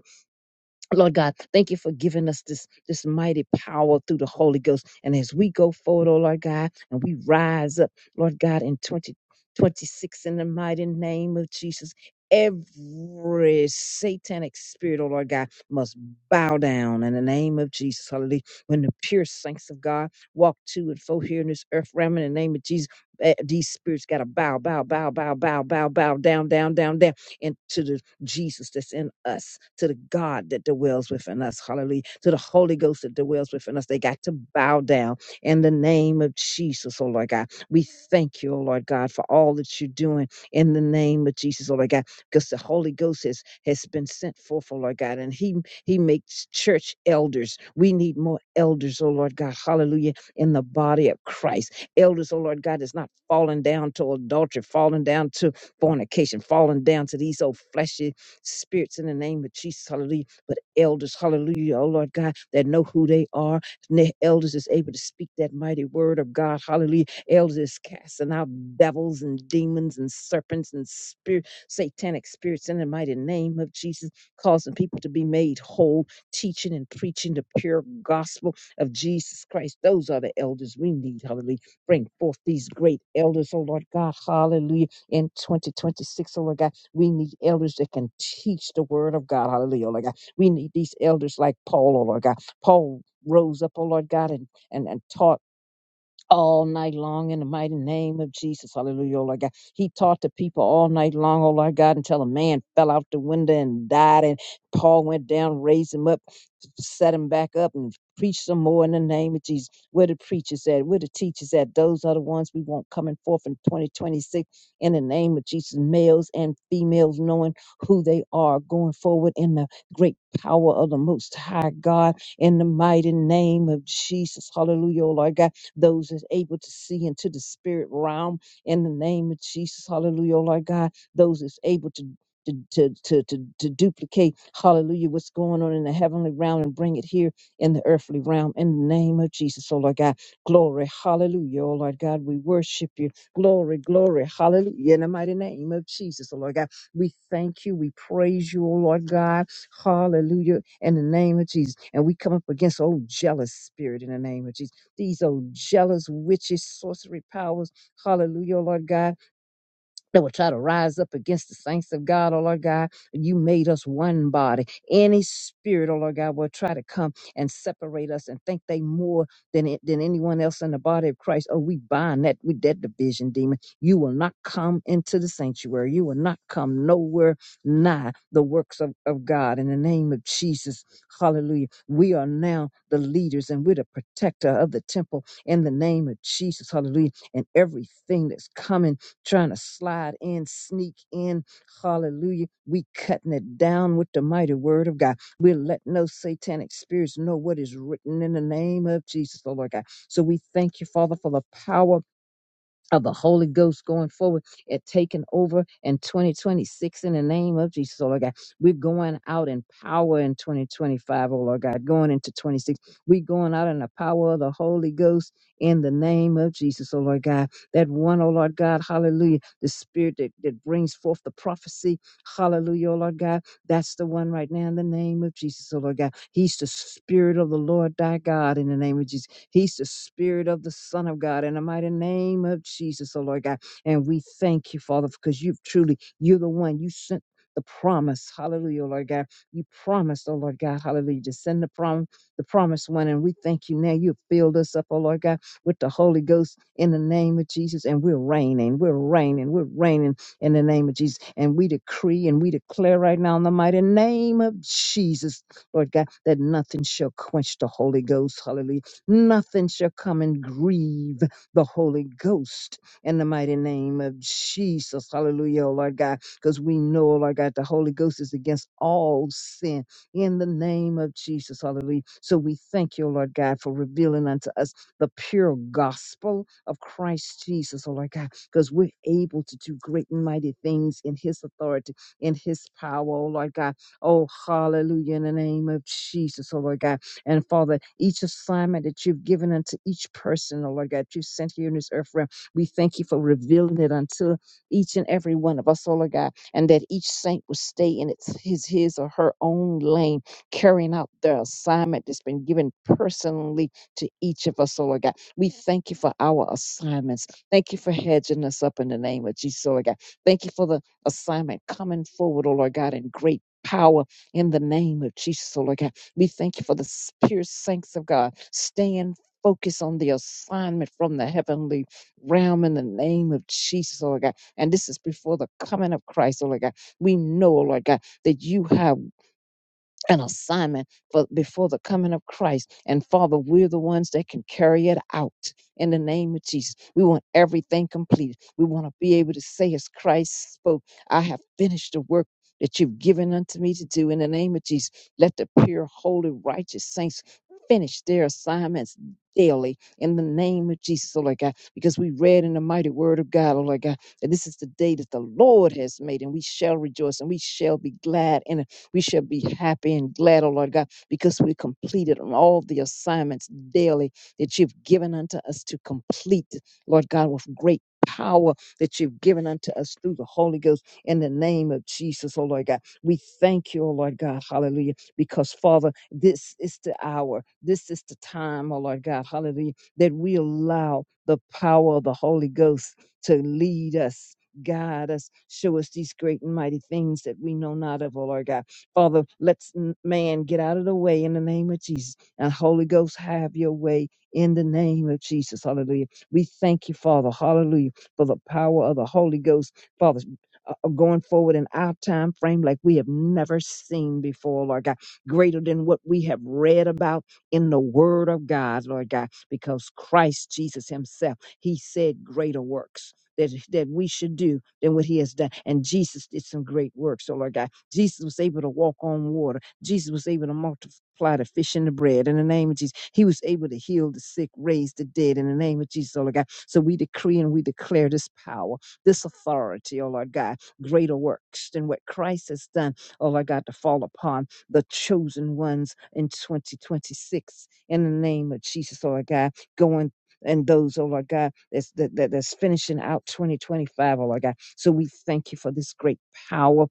C: Lord God, thank you for giving us this, this mighty power through the Holy Ghost. And as we go forward, oh Lord God, and we rise up, Lord God, in 2026 in the mighty name of Jesus, every satanic spirit, oh Lord God, must bow down in the name of Jesus. Hallelujah. When the pure saints of God walk to and fro here in this earth realm in the name of Jesus, eh, these spirits got to bow, bow, bow, bow, bow, bow, bow, down, down, down, down into the Jesus that's in us, to the God that dwells within us. Hallelujah. To the Holy Ghost that dwells within us. They got to bow down in the name of Jesus, oh Lord God. We thank you, oh Lord God, for all that you're doing in the name of Jesus, oh Lord God, because the Holy Ghost has, has been sent forth, oh Lord God, and He He makes church elders. We need more elders, oh Lord God, hallelujah, in the body of Christ. Elders, oh Lord God, is not falling down to adultery, falling down to fornication, falling down to these old fleshy spirits in the name of Jesus, hallelujah. But elders, hallelujah, oh Lord God, that know who they are. And the elders is able to speak that mighty word of God, hallelujah. Elders is casting out devils and demons and serpents and spirit, satanic spirits in the mighty name of Jesus, causing people to be made whole, teaching and preaching the pure gospel of Jesus Christ. Those are the elders we need, hallelujah. Bring forth these great elders, oh Lord God, hallelujah in 2026, oh Lord God. We need elders that can teach the word of God. Hallelujah, oh Lord God. We need these elders like Paul, oh Lord God. Paul rose up, oh Lord God, and, and, and taught all night long in the mighty name of Jesus. Hallelujah, oh Lord God. He taught the people all night long, oh Lord God, until a man fell out the window and died. And Paul went down, raised him up set him back up and preach some more in the name of Jesus. Where the preachers at? Where the teachers at? Those are the ones we want coming forth in 2026 in the name of Jesus. Males and females knowing who they are going forward in the great power of the Most High God in the mighty name of Jesus. Hallelujah, oh Lord God. Those that's able to see into the spirit realm in the name of Jesus. Hallelujah, oh Lord God. Those that's able to to, to, to, to, to duplicate, hallelujah, what's going on in the heavenly realm and bring it here in the earthly realm in the name of Jesus, oh Lord God. Glory, hallelujah, oh Lord God. We worship you. Glory, glory, hallelujah, in the mighty name of Jesus, oh Lord God. We thank you. We praise you, oh Lord God. Hallelujah, in the name of Jesus. And we come up against, oh, jealous spirit in the name of Jesus. These, old jealous witches, sorcery powers, hallelujah, oh Lord God that will try to rise up against the saints of God, oh Lord God. You made us one body. Any spirit, oh Lord God, will try to come and separate us and think they more than it- than anyone else in the body of Christ. Oh, we bind that with that division, demon. You will not come into the sanctuary. You will not come nowhere nigh the works of, of God. In the name of Jesus, hallelujah. We are now the leaders and we're the protector of the temple in the name of Jesus, hallelujah. And everything that's coming trying to slide in, sneak in. Hallelujah. We cutting it down with the mighty word of God. We're letting those satanic spirits know what is written in the name of Jesus, oh Lord God. So we thank you, Father, for the power of the Holy Ghost going forward and taking over in 2026 in the name of Jesus, oh Lord God. We're going out in power in 2025, O Lord God, going into 26. We're going out in the power of the Holy Ghost in the name of Jesus, oh Lord God. That one, oh Lord God, hallelujah, the spirit that, that brings forth the prophecy, hallelujah, oh Lord God. That's the one right now in the name of Jesus, oh Lord God. He's the Spirit of the Lord thy God in the name of Jesus. He's the Spirit of the Son of God in the mighty name of Jesus, oh Lord God. And we thank you, Father, because you've truly, you're the one you sent. The promise, hallelujah, oh Lord God. You promised, oh Lord God, hallelujah, to send the prom the promised one. And we thank you now. You've filled us up, oh Lord God, with the Holy Ghost in the name of Jesus. And we're reigning, we're reigning, we're reigning in the name of Jesus. And we decree and we declare right now in the mighty name of Jesus, Lord God, that nothing shall quench the Holy Ghost. Hallelujah. Nothing shall come and grieve the Holy Ghost in the mighty name of Jesus. Hallelujah, oh Lord God, because we know, oh Lord God, the Holy Ghost is against all sin in the name of Jesus. Hallelujah. So we thank you, oh Lord God, for revealing unto us the pure gospel of Christ Jesus, oh Lord God because we're able to do great and mighty things in His authority, in His power, oh Lord God. Oh, hallelujah, in the name of Jesus, oh Lord God. And Father, each assignment that you've given unto each person, oh Lord God, that you sent here in this earth realm, we thank you for revealing it unto each and every one of us, oh Lord God, and that each saint will stay in its, his, his or her own lane, carrying out their assignment that's been given personally to each of us, oh Lord God we thank you for our assignments. Thank you for hedging us up in the name of Jesus, oh Lord God. Thank you for the assignment coming forward, oh Lord God, in great power in the name of Jesus, oh Lord God. We thank you for the pure saints of God. Stand focused on the assignment from the heavenly realm in the name of Jesus, oh Lord God. And this is before the coming of Christ, oh Lord God. We know, oh Lord God, that you have an assignment for before the coming of Christ. And Father, we're the ones that can carry it out in the name of Jesus. We want everything completed. We want to be able to say, as Christ spoke, I have finished the work. That you've given unto me to do in the name of Jesus. Let the pure, holy, righteous saints finish their assignments daily in the name of Jesus, oh Lord God, because we read in the mighty word of God, oh Lord God, that this is the day that the Lord has made, and we shall rejoice and we shall be glad in it. We shall be happy and glad, O Lord God, because we completed on all the assignments daily that you've given unto us to complete, Lord God, with great power that you've given unto us through the Holy Ghost in the name of Jesus, oh Lord God. We thank you, oh Lord God, hallelujah, because Father, this is the hour, this is the time, oh Lord God, hallelujah, that we allow the power of the Holy Ghost to lead us. Guide us, show us these great and mighty things that we know not of, oh Lord God. Father, let's n- man get out of the way in the name of Jesus. And Holy Ghost, have your way in the name of Jesus. Hallelujah. We thank you, Father. Hallelujah. For the power of the Holy Ghost, Father. uh, uh, Going forward in our time frame like we have never seen before, Lord God, greater than what we have read about in the Word of God, Lord God, because Christ Jesus Himself, He said greater works that, that we should do than what He has done. And Jesus did some great works, so Lord God. Jesus was able to walk on water. Jesus was able to multiply the fish and the bread in the name of Jesus. He was able to heal the sick, raise the dead in the name of Jesus, oh Lord God. So we decree and we declare this power, this authority, oh Lord God, greater works than what Christ has done, oh Lord God, to fall upon the chosen ones in 2026 in the name of Jesus, oh Lord God, going and those, oh Lord God, that's that, that that's finishing out 2025, oh Lord God. So we thank you for this great power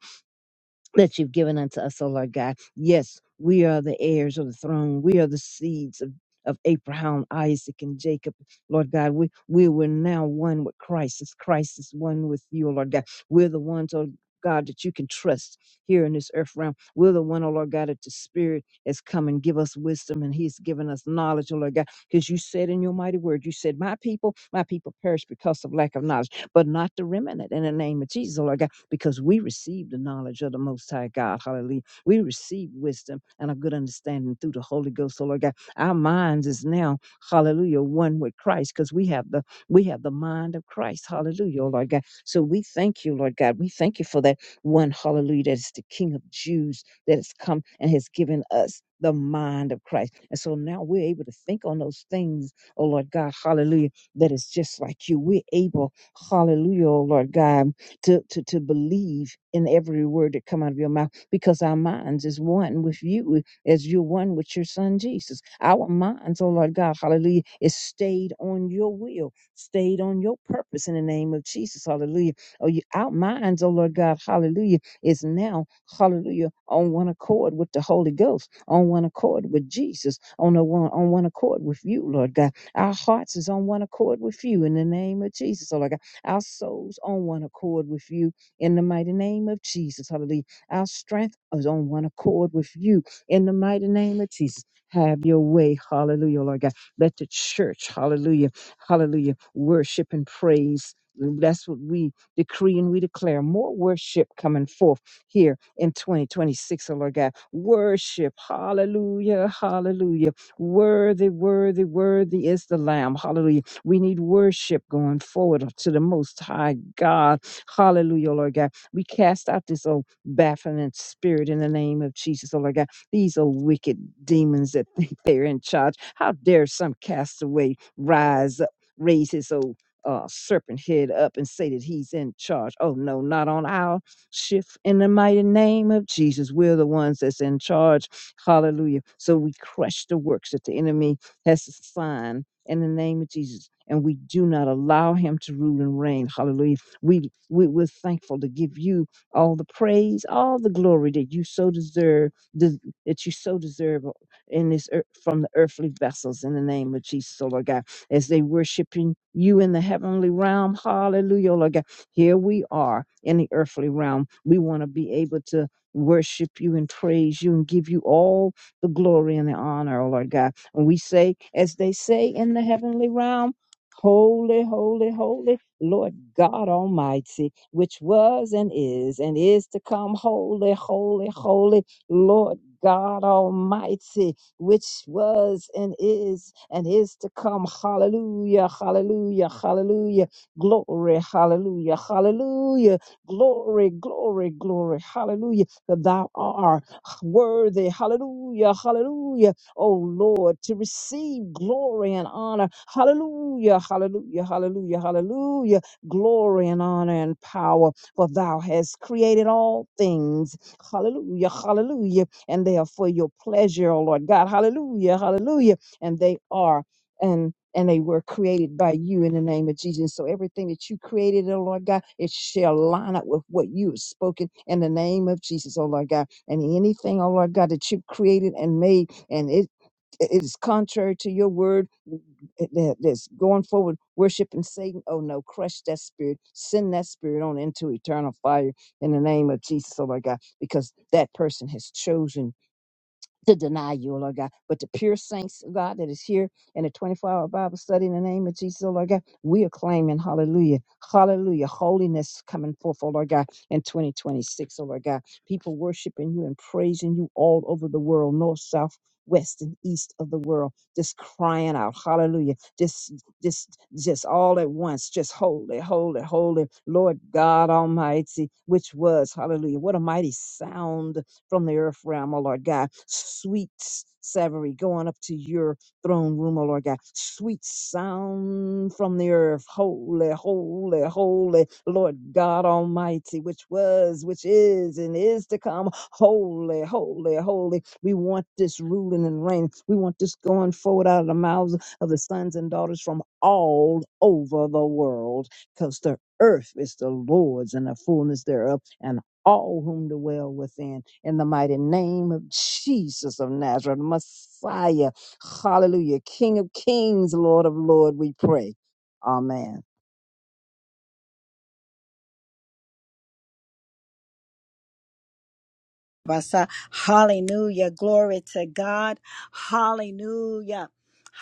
C: that you've given unto us, O Lord God. Yes, we are the heirs of the throne. We are the seeds of, of Abraham, Isaac, and Jacob. Lord God, we, we were now one with Christ. As Christ is one with you, O Lord God. We're the ones, O God, that you can trust here in this earth realm. We're the one, oh Lord God, that the Spirit has come and give us wisdom and He's given us knowledge, O Lord God, because you said in your mighty word, you said, My people, my people perish because of lack of knowledge, but not the remnant in the name of Jesus, O Lord God because we receive the knowledge of the Most High God. Hallelujah. We receive wisdom and a good understanding through the Holy Ghost, oh Lord God. Our minds is now, hallelujah, one with Christ because we have the we have the mind of Christ. Hallelujah, oh Lord God. So we thank you, Lord God. We thank you for that one, hallelujah, that is the King of Jews that has come and has given us the mind of Christ. And so now we're able to think on those things, oh Lord God, hallelujah, that is just like you. We're able, hallelujah, oh Lord God to, to, to believe in every word that come out of your mouth because our minds is one with you as you're one with your son Jesus. Our minds, oh Lord God, hallelujah, is stayed on your will, stayed on your purpose in the name of Jesus, hallelujah. Oh, you, our minds, oh Lord God, hallelujah, is now, hallelujah, on one accord with the Holy Ghost, on one accord with Jesus, on, a one, on one accord with you, Lord God. Our hearts is on one accord with you in the name of Jesus, oh Lord God our souls on one accord with you in the mighty name of Jesus. Hallelujah. Our strength is on one accord with you in the mighty name of Jesus. Have your way. Hallelujah, Lord God. Let the church, hallelujah, hallelujah, worship and praise. That's what we decree and we declare. More worship coming forth here in 2026, O Lord God. Worship. Hallelujah. Hallelujah. Worthy, worthy, worthy is the Lamb. Hallelujah we need worship going forward to the Most High God. Hallelujah, oh Lord God. We cast out this old baffling spirit in the name of Jesus, oh Lord God. These are wicked demons that think they're in charge. How dare some castaway rise up, raise his old uh, serpent head up and say that he's in charge. Oh no, not on our shift in the mighty name of Jesus. We're the ones that's in charge. Hallelujah. So we crush the works that the enemy has assigned in the name of Jesus. And we do not allow him to rule and reign. Hallelujah. We, we, we're thankful to give you all the praise, all the glory that you so deserve, des- that you so deserve in this earth, from the earthly vessels in the name of Jesus, oh Lord God, as they worshiping you in the heavenly realm. Hallelujah, oh Lord God. Here we are in the earthly realm. We want to be able to worship you and praise you and give you all the glory and the honor, oh Lord God and we say, as they say in the heavenly realm, Holy, holy, holy, Lord God Almighty, which was and is and is to come. Holy, holy, holy, Lord God Almighty, which was and is and is to come. Hallelujah, hallelujah, hallelujah. Glory, hallelujah, hallelujah. Glory, glory, glory, hallelujah. For thou art worthy. Hallelujah, hallelujah oh Lord, to receive glory and honor. Hallelujah, hallelujah, hallelujah, hallelujah. Glory and honor and power, for thou hast created all things. Hallelujah, hallelujah. And they are for your pleasure, oh Lord God. Hallelujah, hallelujah. And they are and and they were created by you in the name of Jesus. So everything that you created, oh Lord God, it shall line up with what you have spoken in the name of Jesus, oh Lord God. And anything, oh Lord God, that you've created and made, and it it is contrary to your word that- that's going forward worshiping Satan. Oh no, crush that spirit, send that spirit on into eternal fire in the name of Jesus, oh my God, because that person has chosen to deny you, O Lord God. But the pure saints, O God, that is here in the 24 hour Bible study in the name of Jesus, O Lord God, we are claiming, hallelujah, hallelujah, holiness coming forth, O Lord God, in 2026, O Lord God. People worshiping you and praising you all over the world, north, south, west and east of the world just crying out hallelujah just just just all at once just holy holy holy lord god almighty which was hallelujah what a mighty sound from the earth realm, O Lord God. Sweet savory going up to your throne room, O Lord God. Sweet sound from the earth. Holy, holy, holy, Lord God Almighty, which was, which is, and is to come. Holy, holy, holy. We want this ruling and reign. We want this going forward out of the mouths of the sons and daughters from all over the world because the earth is the Lord's and the fullness thereof, and all whom dwell within. In the mighty name of Jesus of Nazareth, Messiah, hallelujah, King of kings, Lord of Lords, we pray. Amen.
A: Basa. Hallelujah. Glory to God. Hallelujah.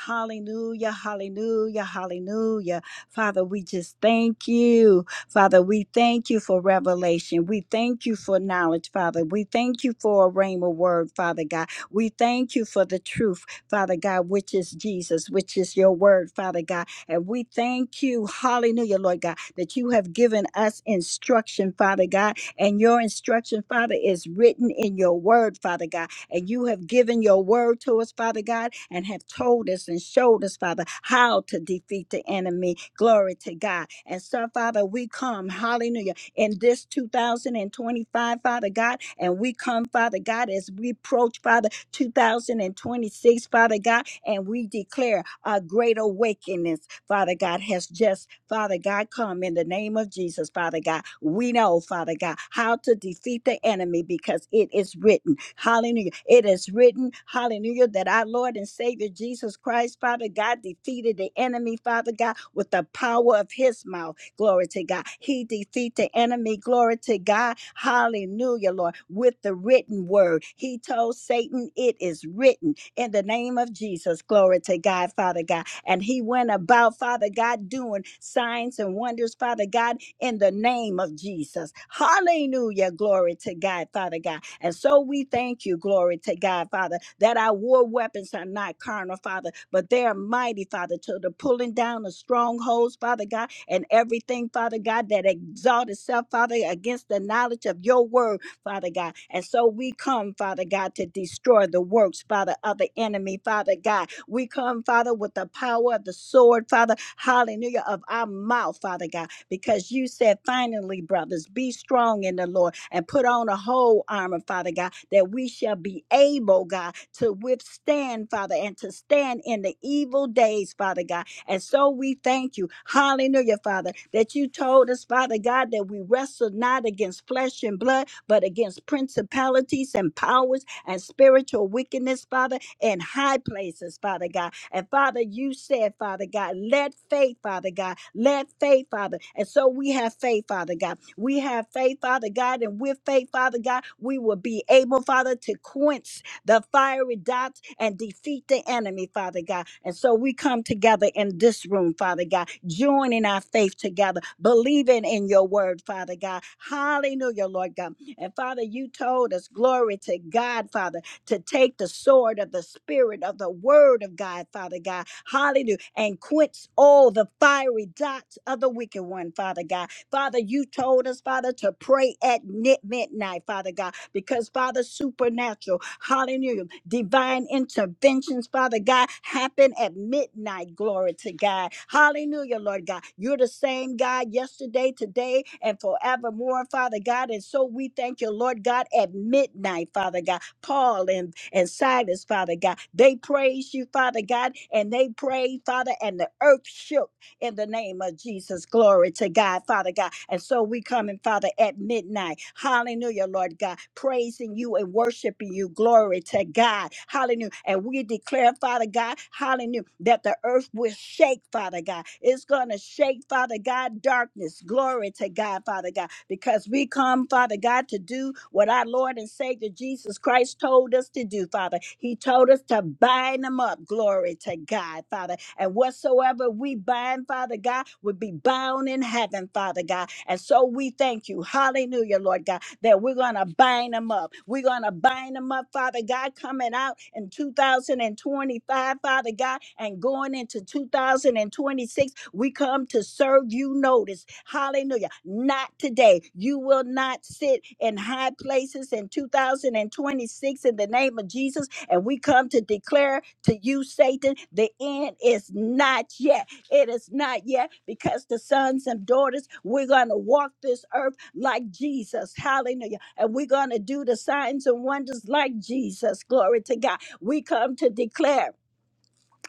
A: Hallelujah, hallelujah, hallelujah. Father, we just thank you. Father, we thank you for revelation. We thank you for knowledge, Father. We thank you for a rhema word, Father God. We thank you for the truth, Father God, which is Jesus, which is your word, Father God. And we thank you, hallelujah, Lord God, that you have given us instruction, Father God, and your instruction, Father, is written in your word, Father God. And you have given your word to us, Father God, and have told us and showed us, Father, how to defeat the enemy. Glory to God. And so, Father, we come, hallelujah, in this 2025, Father God, and we come, Father God, as we approach, Father, 2026, Father God, and we declare a great awakening Father God, has just, Father God, come in the name of Jesus, Father God. We know, Father God, how to defeat the enemy because it is written. Hallelujah. It is written, hallelujah, that our Lord and Savior Jesus Christ, Father God, defeated the enemy, Father God, with the power of his mouth. Glory to God. He defeat the enemy. Glory to God. Hallelujah, Lord. With the written word, he told Satan, It is written in the name of Jesus. Glory to God, Father God. And he went about, Father God, doing signs and wonders, Father God, in the name of Jesus. Hallelujah. Glory to God, Father God. And so we thank you, glory to God, Father, that our war weapons are not carnal, Father, but they are mighty, Father, to the pulling down of strongholds, Father God, and everything, Father God, that exalt itself, Father, against the knowledge of your word Father God. And so we come, Father God, to destroy the works, Father, of the enemy, Father God. We come, Father, with the power of the sword, Father, hallelujah, of our mouth, Father God, because you said, finally, brothers, be strong in the Lord and put on a whole armor, Father God, that we shall be able, God, to withstand, Father, and to stand in the evil days, Father God. And so we thank you, hallelujah, Father, that you told us, Father God, that we wrestle not against flesh and blood, but against principalities and powers and spiritual wickedness, Father, in high places, Father God. And Father, you said, Father God, let faith, Father God, let faith, Father. And so we have faith, Father God. We have faith, Father God, and with faith, Father God, we will be able, Father, to quench the fiery dots and defeat the enemy, Father God. And so we come together in this room, Father God, joining our faith together, believing in your word, Father God. Hallelujah, Lord God. And Father, you told us, glory to God, Father, to take the sword of the Spirit of the Word of God, Father God. Hallelujah. And quench all the fiery dots of the wicked one, Father God. Father, you told us, Father, to pray at ni- midnight, Father God, because, Father, supernatural, hallelujah, divine interventions, Father God, happen at midnight. Glory to God. Hallelujah, Lord God. You're the same God yesterday, today, and forevermore, Father God. And so we thank you, Lord God, at midnight, Father God. Paul and, and Silas, Father God, they praise you, Father God, and they prayed, Father, and the earth shook in the name of Jesus. Glory to God, Father God. And so we come in, Father, at midnight. Hallelujah, Lord God, praising you and worshiping you. Glory to God. Hallelujah. And we declare, Father God, hallelujah, that the earth will shake, Father God. It's going to shake, Father God, darkness. Glory Glory to God, Father God, because we come, Father God, to do what our Lord and Savior Jesus Christ told us to do, Father. He told us to bind them up. Glory to God, Father. And whatsoever we bind, Father God, would be bound in heaven, Father God. And so we thank you. Hallelujah, Lord God that we're going to bind them up. We're going to bind them up, Father God, coming out in 2025, Father God, and going into 2026. We come to serve you notice. Hallelujah. Not today. You will not sit in high places in 2026 in the name of Jesus. And we come to declare to you, Satan, the end is not yet it is not yet because the sons and daughters, we're going to walk this earth like Jesus. Hallelujah. And we're going to do the signs and wonders like Jesus. Glory to God. We come to declare,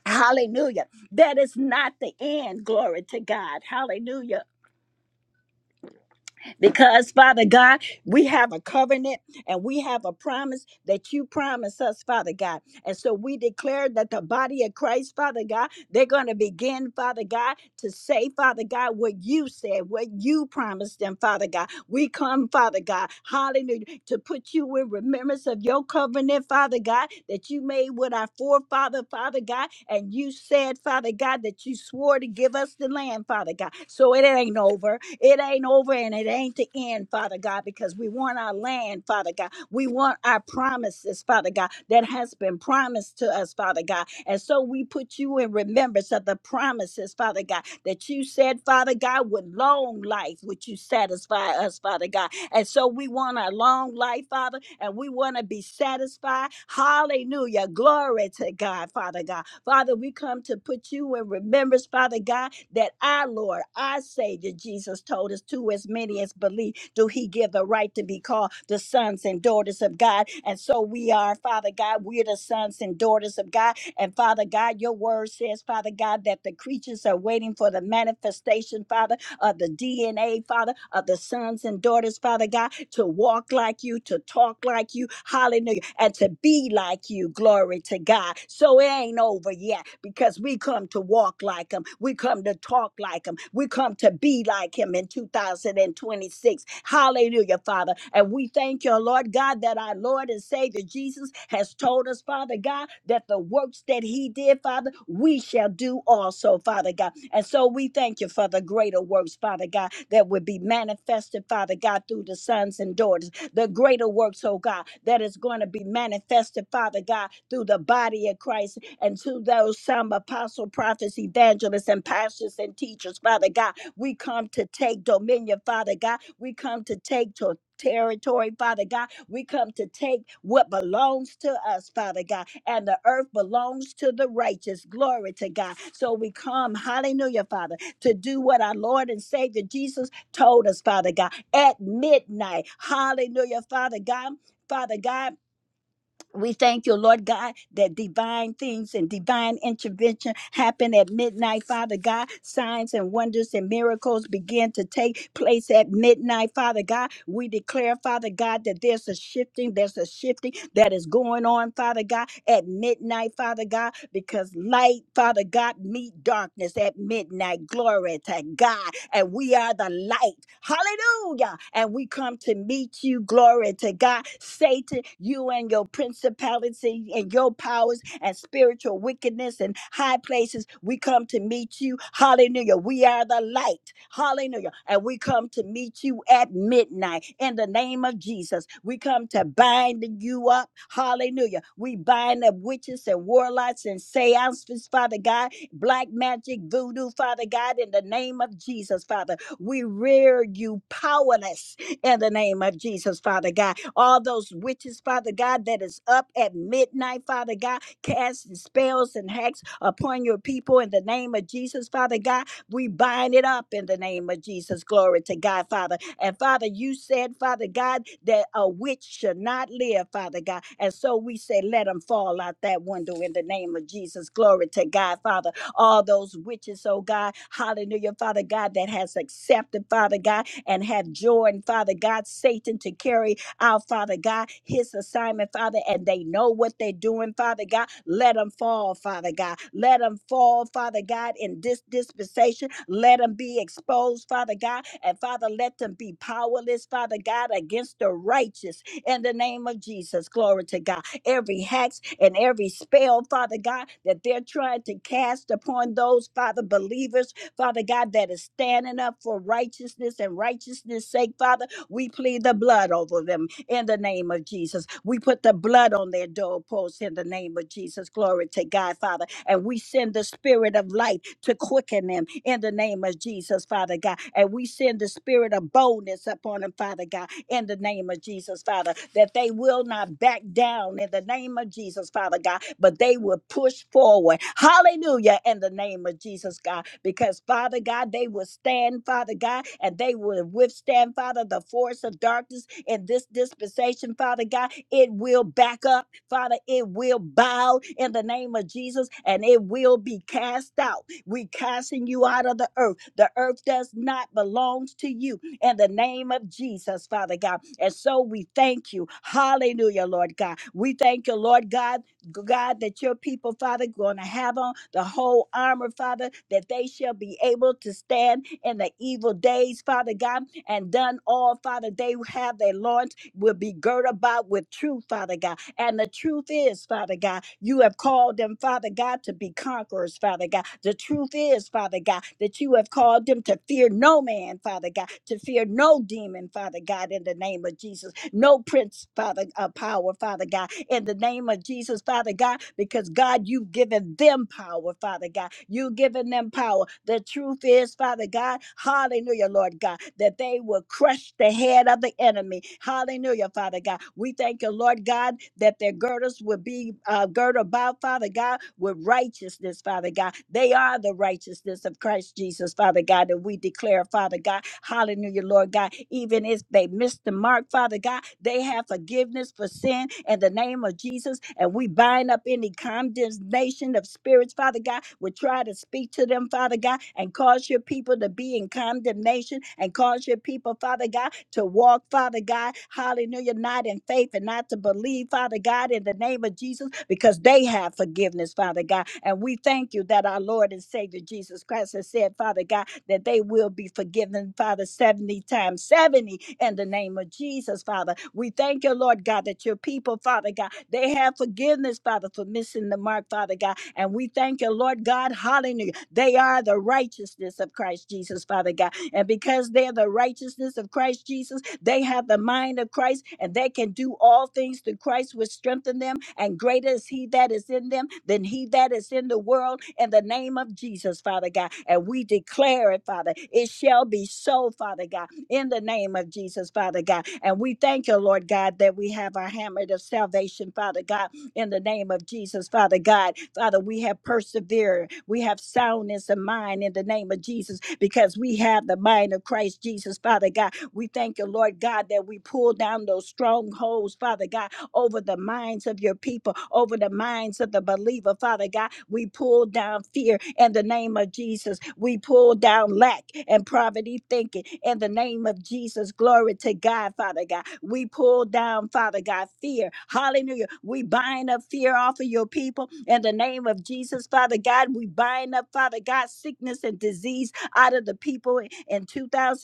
A: hallelujah, that is not the end. Glory to God. Hallelujah because Father God, we have a covenant and we have a promise that you promise us, Father God. And so we declare that the body of Christ, Father God, they're going to begin, Father God, to say, Father God, what you said, what you promised them, Father God. We come, Father God, hallelujah, to put you in remembrance of your covenant, Father God, that you made with our forefather, Father God, and you said, Father God, that you swore to give us the land, Father God. So it ain't over. It ain't over and it ain't the end, Father God, because we want our land, Father God. We want our promises, Father God, that has been promised to us, Father God. And so we put you in remembrance of the promises, Father God, that you said, Father God, with long life would you satisfy us, Father God. And so we want a long life, Father, and we want to be satisfied. Hallelujah. Glory to God, Father God. Father, we come to put you in remembrance, Father God, that our Lord, our Savior, Jesus told us, to as many as believe, do He give the right to be called the sons and daughters of God. And so we are, Father God, we're the sons and daughters of God. And Father God, your word says, Father God, that the creatures are waiting for the manifestation, Father of the DNA, Father, of the sons and daughters, Father God, to walk like you, to talk like you, hallelujah, and to be like you, glory to God. So it ain't over yet because we come to walk like him, we come to talk like him, we come to be like him in 2026. Hallelujah, Father. And we thank you, Lord God, that our Lord and Savior Jesus has told us, Father God, that the works that he did, Father, we shall do also, Father God. And so we thank you for the greater works, Father God, that would be manifested, Father God, through the sons and daughters the greater works, oh God, that is going to be manifested, Father God, through the body of Christ and to those some apostle, prophets, evangelists, and pastors and teachers, Father God. We come to take dominion, Father God. We come to take to territory, Father God. We come to take what belongs to us, Father God, and the earth belongs to the righteous. Glory to God. So we come, hallelujah, Father, to do what our Lord and Savior Jesus told us, Father God, at midnight. Hallelujah, Father God. Father God. We thank you, Lord God, that divine things and divine intervention happen at midnight, Father God. Signs and wonders and miracles begin to take place at midnight, Father God. We declare, Father God, that there's a shifting, there's a shifting that is going on, Father God, at midnight, Father God, because light, Father God, meet darkness at midnight. Glory to God. And we are the light. Hallelujah. And we come to meet you. Glory to God. Satan, you and your principality and your powers and spiritual wickedness and high places, we come to meet you. Hallelujah. We are the light. Hallelujah. And we come to meet you at midnight in the name of Jesus. We come to bind you up. Hallelujah. We bind up witches and warlocks and seances, Father God black magic, voodoo, Father God, in the name of Jesus, Father. We rear you powerless in the name of Jesus, Father God. All those witches, Father God, that is up at midnight, Father God, casting spells and hacks upon your people in the name of Jesus, Father God. We bind it up in the name of Jesus. Glory to God, Father. And Father, you said, Father God, that a witch should not live, Father God. And so we say, let them fall out that window in the name of Jesus. Glory to God, Father all those witches, oh God. Hallelujah, Father God, that has accepted, Father God, and have joined, Father God, Satan to carry out, Father God, his assignment, Father, and they know what they're doing, Father God. Let them fall, Father God. Let them fall, Father God, in this dispensation. Let them be exposed, Father God, and Father, let them be powerless, Father God, against the righteous in the name of Jesus. Glory to God. Every hex and every spell, Father God, that they're trying to cast upon those, Father, believers, Father God, that is standing up for righteousness and righteousness' sake, Father, we plead the blood over them in the name of Jesus. We put the blood on their doorposts in the name of Jesus. Glory to God, Father. And we send the spirit of light to quicken them in in the name of Jesus, Father God. And we send the spirit of boldness upon them, Father God, in the name of Jesus, Father, that they will not back down in the name of Jesus, Father God, but they will push forward. Hallelujah, in the name of Jesus, God, because Father God, they will stand, Father God, and they will withstand, Father, the force of darkness in this dispensation, Father God. It will back up, Father, it will bow in the name of Jesus, and it will be cast out we casting you out of the earth. The earth does not belong to you. In the name of Jesus, Father God. And so we thank you. Hallelujah, Lord God. We thank you, Lord God, God, that your people, Father, going to have on the whole armor, Father, that they shall be able to stand in the evil days, Father God, and done all, Father, they have their loins will be girt about with truth, Father God. And the truth is, Father God, you have called them, Father God, to be conquerors, Father God. The truth is, Father God, that you have called them to fear no man, Father God, to fear no demon, Father God, in the name of Jesus, no prince, Father, of power, Father God, in the name of Jesus, Father God, because God, you've given them power, Father God. You've given them power. The truth is, Father God, hallelujah, Lord God, that they will crush the head of the enemy. Hallelujah, Father God. We thank you, Lord God, that their girdles will be uh, girded about, Father God, with righteousness, Father God. They are the righteousness of Christ Jesus, Father God, and we declare, Father God, hallelujah, Lord God, even if they they missed the mark, Father God. They have forgiveness for sin in the name of Jesus. And we bind up any condemnation of spirits, Father God. We try to speak to them, Father God, and cause your people to be in condemnation and cause your people, Father God, to walk, Father God, hallelujah, not in faith and not to believe, Father God, in the name of Jesus, because they have forgiveness, Father God. And we thank you that our Lord and Savior Jesus Christ has said, Father God, that they will be forgiven, Father, 70 times 70 in the name of Jesus, Father. We thank you, Lord God, that your people, Father God, they have forgiveness, Father, for missing the mark, Father God. And we thank you, Lord God. Hallelujah. They are the righteousness of Christ Jesus, Father God. And because they're the righteousness of Christ Jesus, they have the mind of Christ and they can do all things through Christ, which strengthen them. And greater is He that is in them than He that is in the world in the name of Jesus, Father God. And we declare it, Father. It shall be so, Father God, in the name of Jesus, Father God. And we thank you, Lord God, that we have our hammer of salvation, Father God in the name of Jesus, Father God. Father, we have persevered. We have soundness of mind in the name of Jesus because we have the mind of Christ Jesus, Father God. We thank you, Lord God, that we pull down those strongholds, Father God, over the minds of your people, over the minds of the believer. Father God, we pull down fear in the name of Jesus. We pull down lack and poverty thinking in the name of Jesus. Glory to God, Father God. We pull down, Father God, fear. Hallelujah. We bind up fear off of your people in the name of Jesus, Father God. We bind up, Father God, sickness and disease out of the people in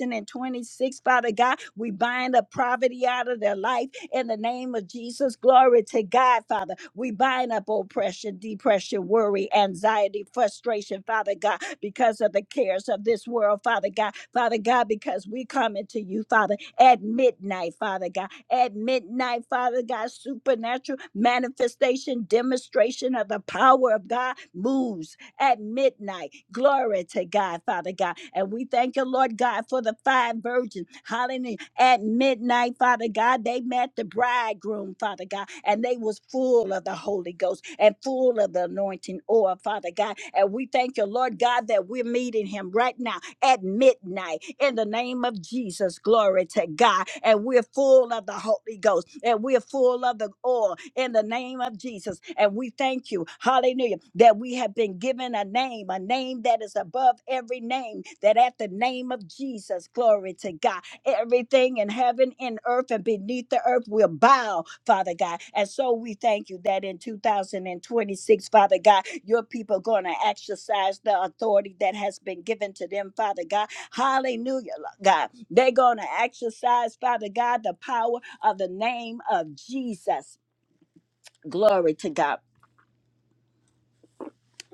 A: 2026, Father God. We bind up poverty out of their life in the name of Jesus. Glory to God, Father. We bind up oppression, depression, worry, anxiety, frustration, Father God, because of the cares of this world, Father God. Father God, because we come into you, Father, at midnight, Father God. At midnight, Father God, supernatural manifestation, demonstration of the power of God moves at midnight Glory to God, Father God. And we thank you, Lord God, for the five virgins. Hallelujah. At midnight, Father God, they met the bridegroom, Father God, and they was full of the Holy Ghost and full of the anointing oil, Father God. And we thank you, Lord God, that we're meeting him right now at midnight in the name of Jesus. Glory to God. And we're full of the Holy Ghost and we're full of the oil in the name of Jesus. And we thank you, hallelujah, that we have been given a name, a name that is above every name, that at the name of Jesus, glory to God, everything and in heaven and earth and beneath the earth will bow, Father God. And so we thank you that in 2026, Father God, your people are going to exercise the authority that has been given to them, Father God. Hallelujah, Lord God. They're going to exercise, Father God, the power of the name of Jesus. Glory to God.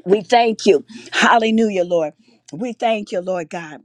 A: We thank you. Hallelujah, Lord. We thank you, Lord God.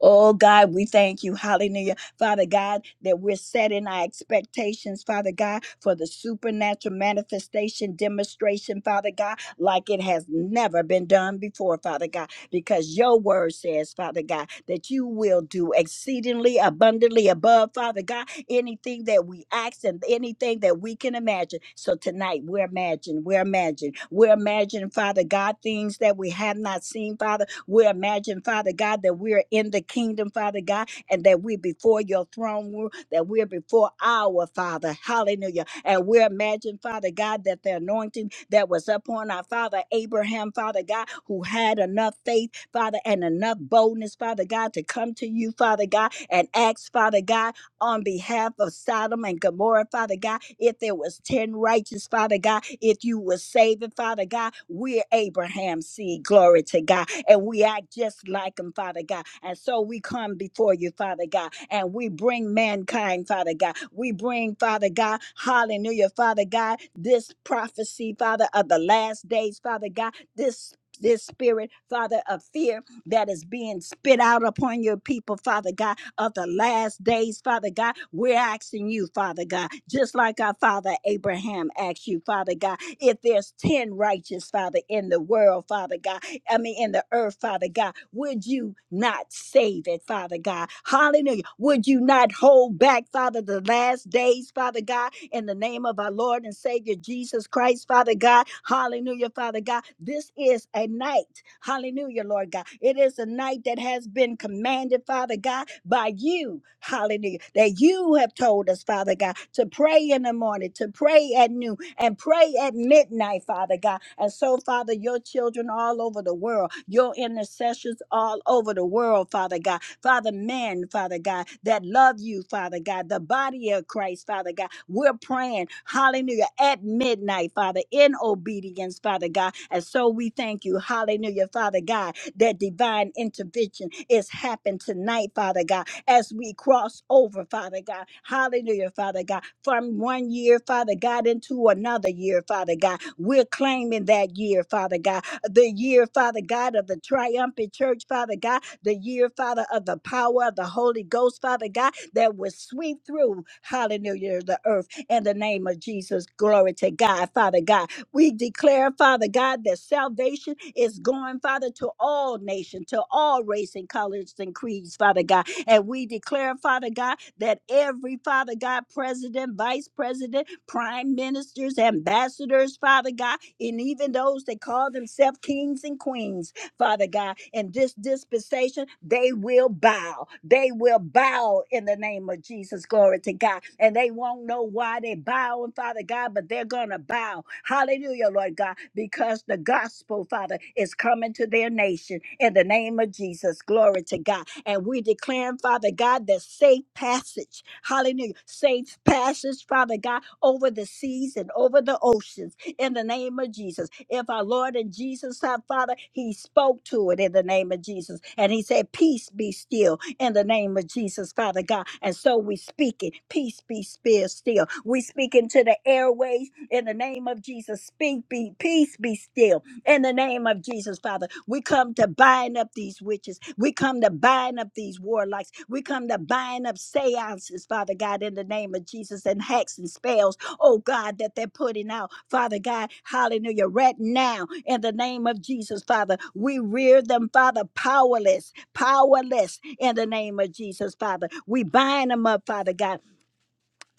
A: Oh God, we thank you. Hallelujah. Father God, that we're setting our expectations, Father God, for the supernatural manifestation demonstration, Father God, like it has never been done before, Father God, because your word says, Father God, that you will do exceedingly abundantly above, Father God, anything that we ask and anything that we can imagine. So tonight we're imagining, we're imagining, we're imagining, Father God, things that we have not seen, Father. We're imagining, Father God, that we're in the kingdom, Father God, and that we're before your throne room, that we're before our Father. Hallelujah. And we're imagining, Father God, that the anointing that was upon our Father Abraham, Father God, who had enough faith, Father, and enough boldness, Father God, to come to you, Father God, and ask, Father God, on behalf of Sodom and Gomorrah, Father God. If there was 10 righteous, Father God, if you were saving, Father God, we're Abraham's seed, glory to God. And we act just like him, Father God. And so we come before you, Father God, and we bring mankind, Father God. We bring, Father God, hallelujah, Father God, this prophecy, Father, of the last days, Father God, this this spirit, Father, of fear, that is being spit out upon your people, Father God, of the last days, Father God. We're asking you, Father God, just like our father Abraham asked you, Father God, if there's 10 righteous, Father, in the world, Father God, I mean, in the earth, Father God, would you not save it, Father God? Hallelujah. Would you not hold back, Father, the last days, Father God, in the name of our Lord and Savior Jesus Christ, Father God? Hallelujah, Father God. This is a night. Hallelujah, Lord God. It is a night that has been commanded, Father God, by you. Hallelujah. That you have told us, Father God, to pray in the morning, to pray at noon, and pray at midnight, Father God. And so, Father, your children all over the world, your intercessions all over the world, Father God. Father, man, Father God, that love you, Father God, the body of Christ, Father God. We're praying, hallelujah, at midnight, Father, in obedience, Father God. And so we thank you, hallelujah, Father God, that divine intervention is happening tonight, Father God, as we cross over, Father God. Hallelujah, Father God, from one year, Father God, into another year, Father God. We're claiming that year, Father God, the year, Father God, of the triumphant church, Father God the year, Father, of the power of the Holy Ghost, Father God, that will sweep through, hallelujah, the earth in the name of Jesus. Glory to God, Father God. We declare, Father God, that salvation is going, Father, to all nations, to all race and colors and creeds, Father God. And we declare, Father God, that every, Father God, president, vice president, prime ministers, ambassadors, Father God, and even those that call themselves kings and queens, Father God. In this dispensation, they will bow. They will bow in the name of Jesus. Glory to God. And they won't know why they bowing, Father God, but they're going to bow. Hallelujah, Lord God, because the gospel, Father, is coming to their nation in the name of Jesus. Glory to God. And we declare, Father God, the safe passage. Hallelujah. Safe passage, Father God, over the seas and over the oceans in the name of Jesus. If our Lord and Jesus, our Father, He spoke to it in the name of Jesus. And He said, Peace be still in the name of Jesus, Father God. And so we speak it. Peace be still still. We speak into the airways in the name of Jesus. Speak be peace be still in the name of Jesus, Father. We come to bind up these these witches. We come to bind up these warlocks. We come to bind up seances, Father God, in the name of Jesus, and hacks and spells, oh God, that they're putting out, Father God. Hallelujah. Right now, in the name of Jesus, Father, we rear them, Father, powerless, powerless, in the name of Jesus, Father. We bind them up, Father God.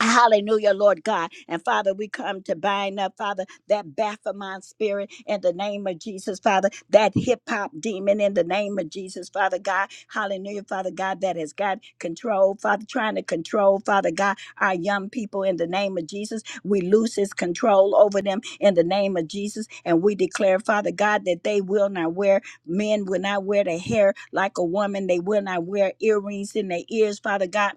A: Hallelujah, Lord God. And Father, we come to bind up, Father, that Baphomet spirit in the name of Jesus, Father, that hip hop demon in the name of Jesus, Father God. Hallelujah, Father God, that has got control, Father, trying to control, Father God, our young people in the name of Jesus. We lose his control over them in the name of Jesus. And we declare, Father God, that they will not wear, men will not wear their hair like a woman. They will not wear earrings in their ears, Father God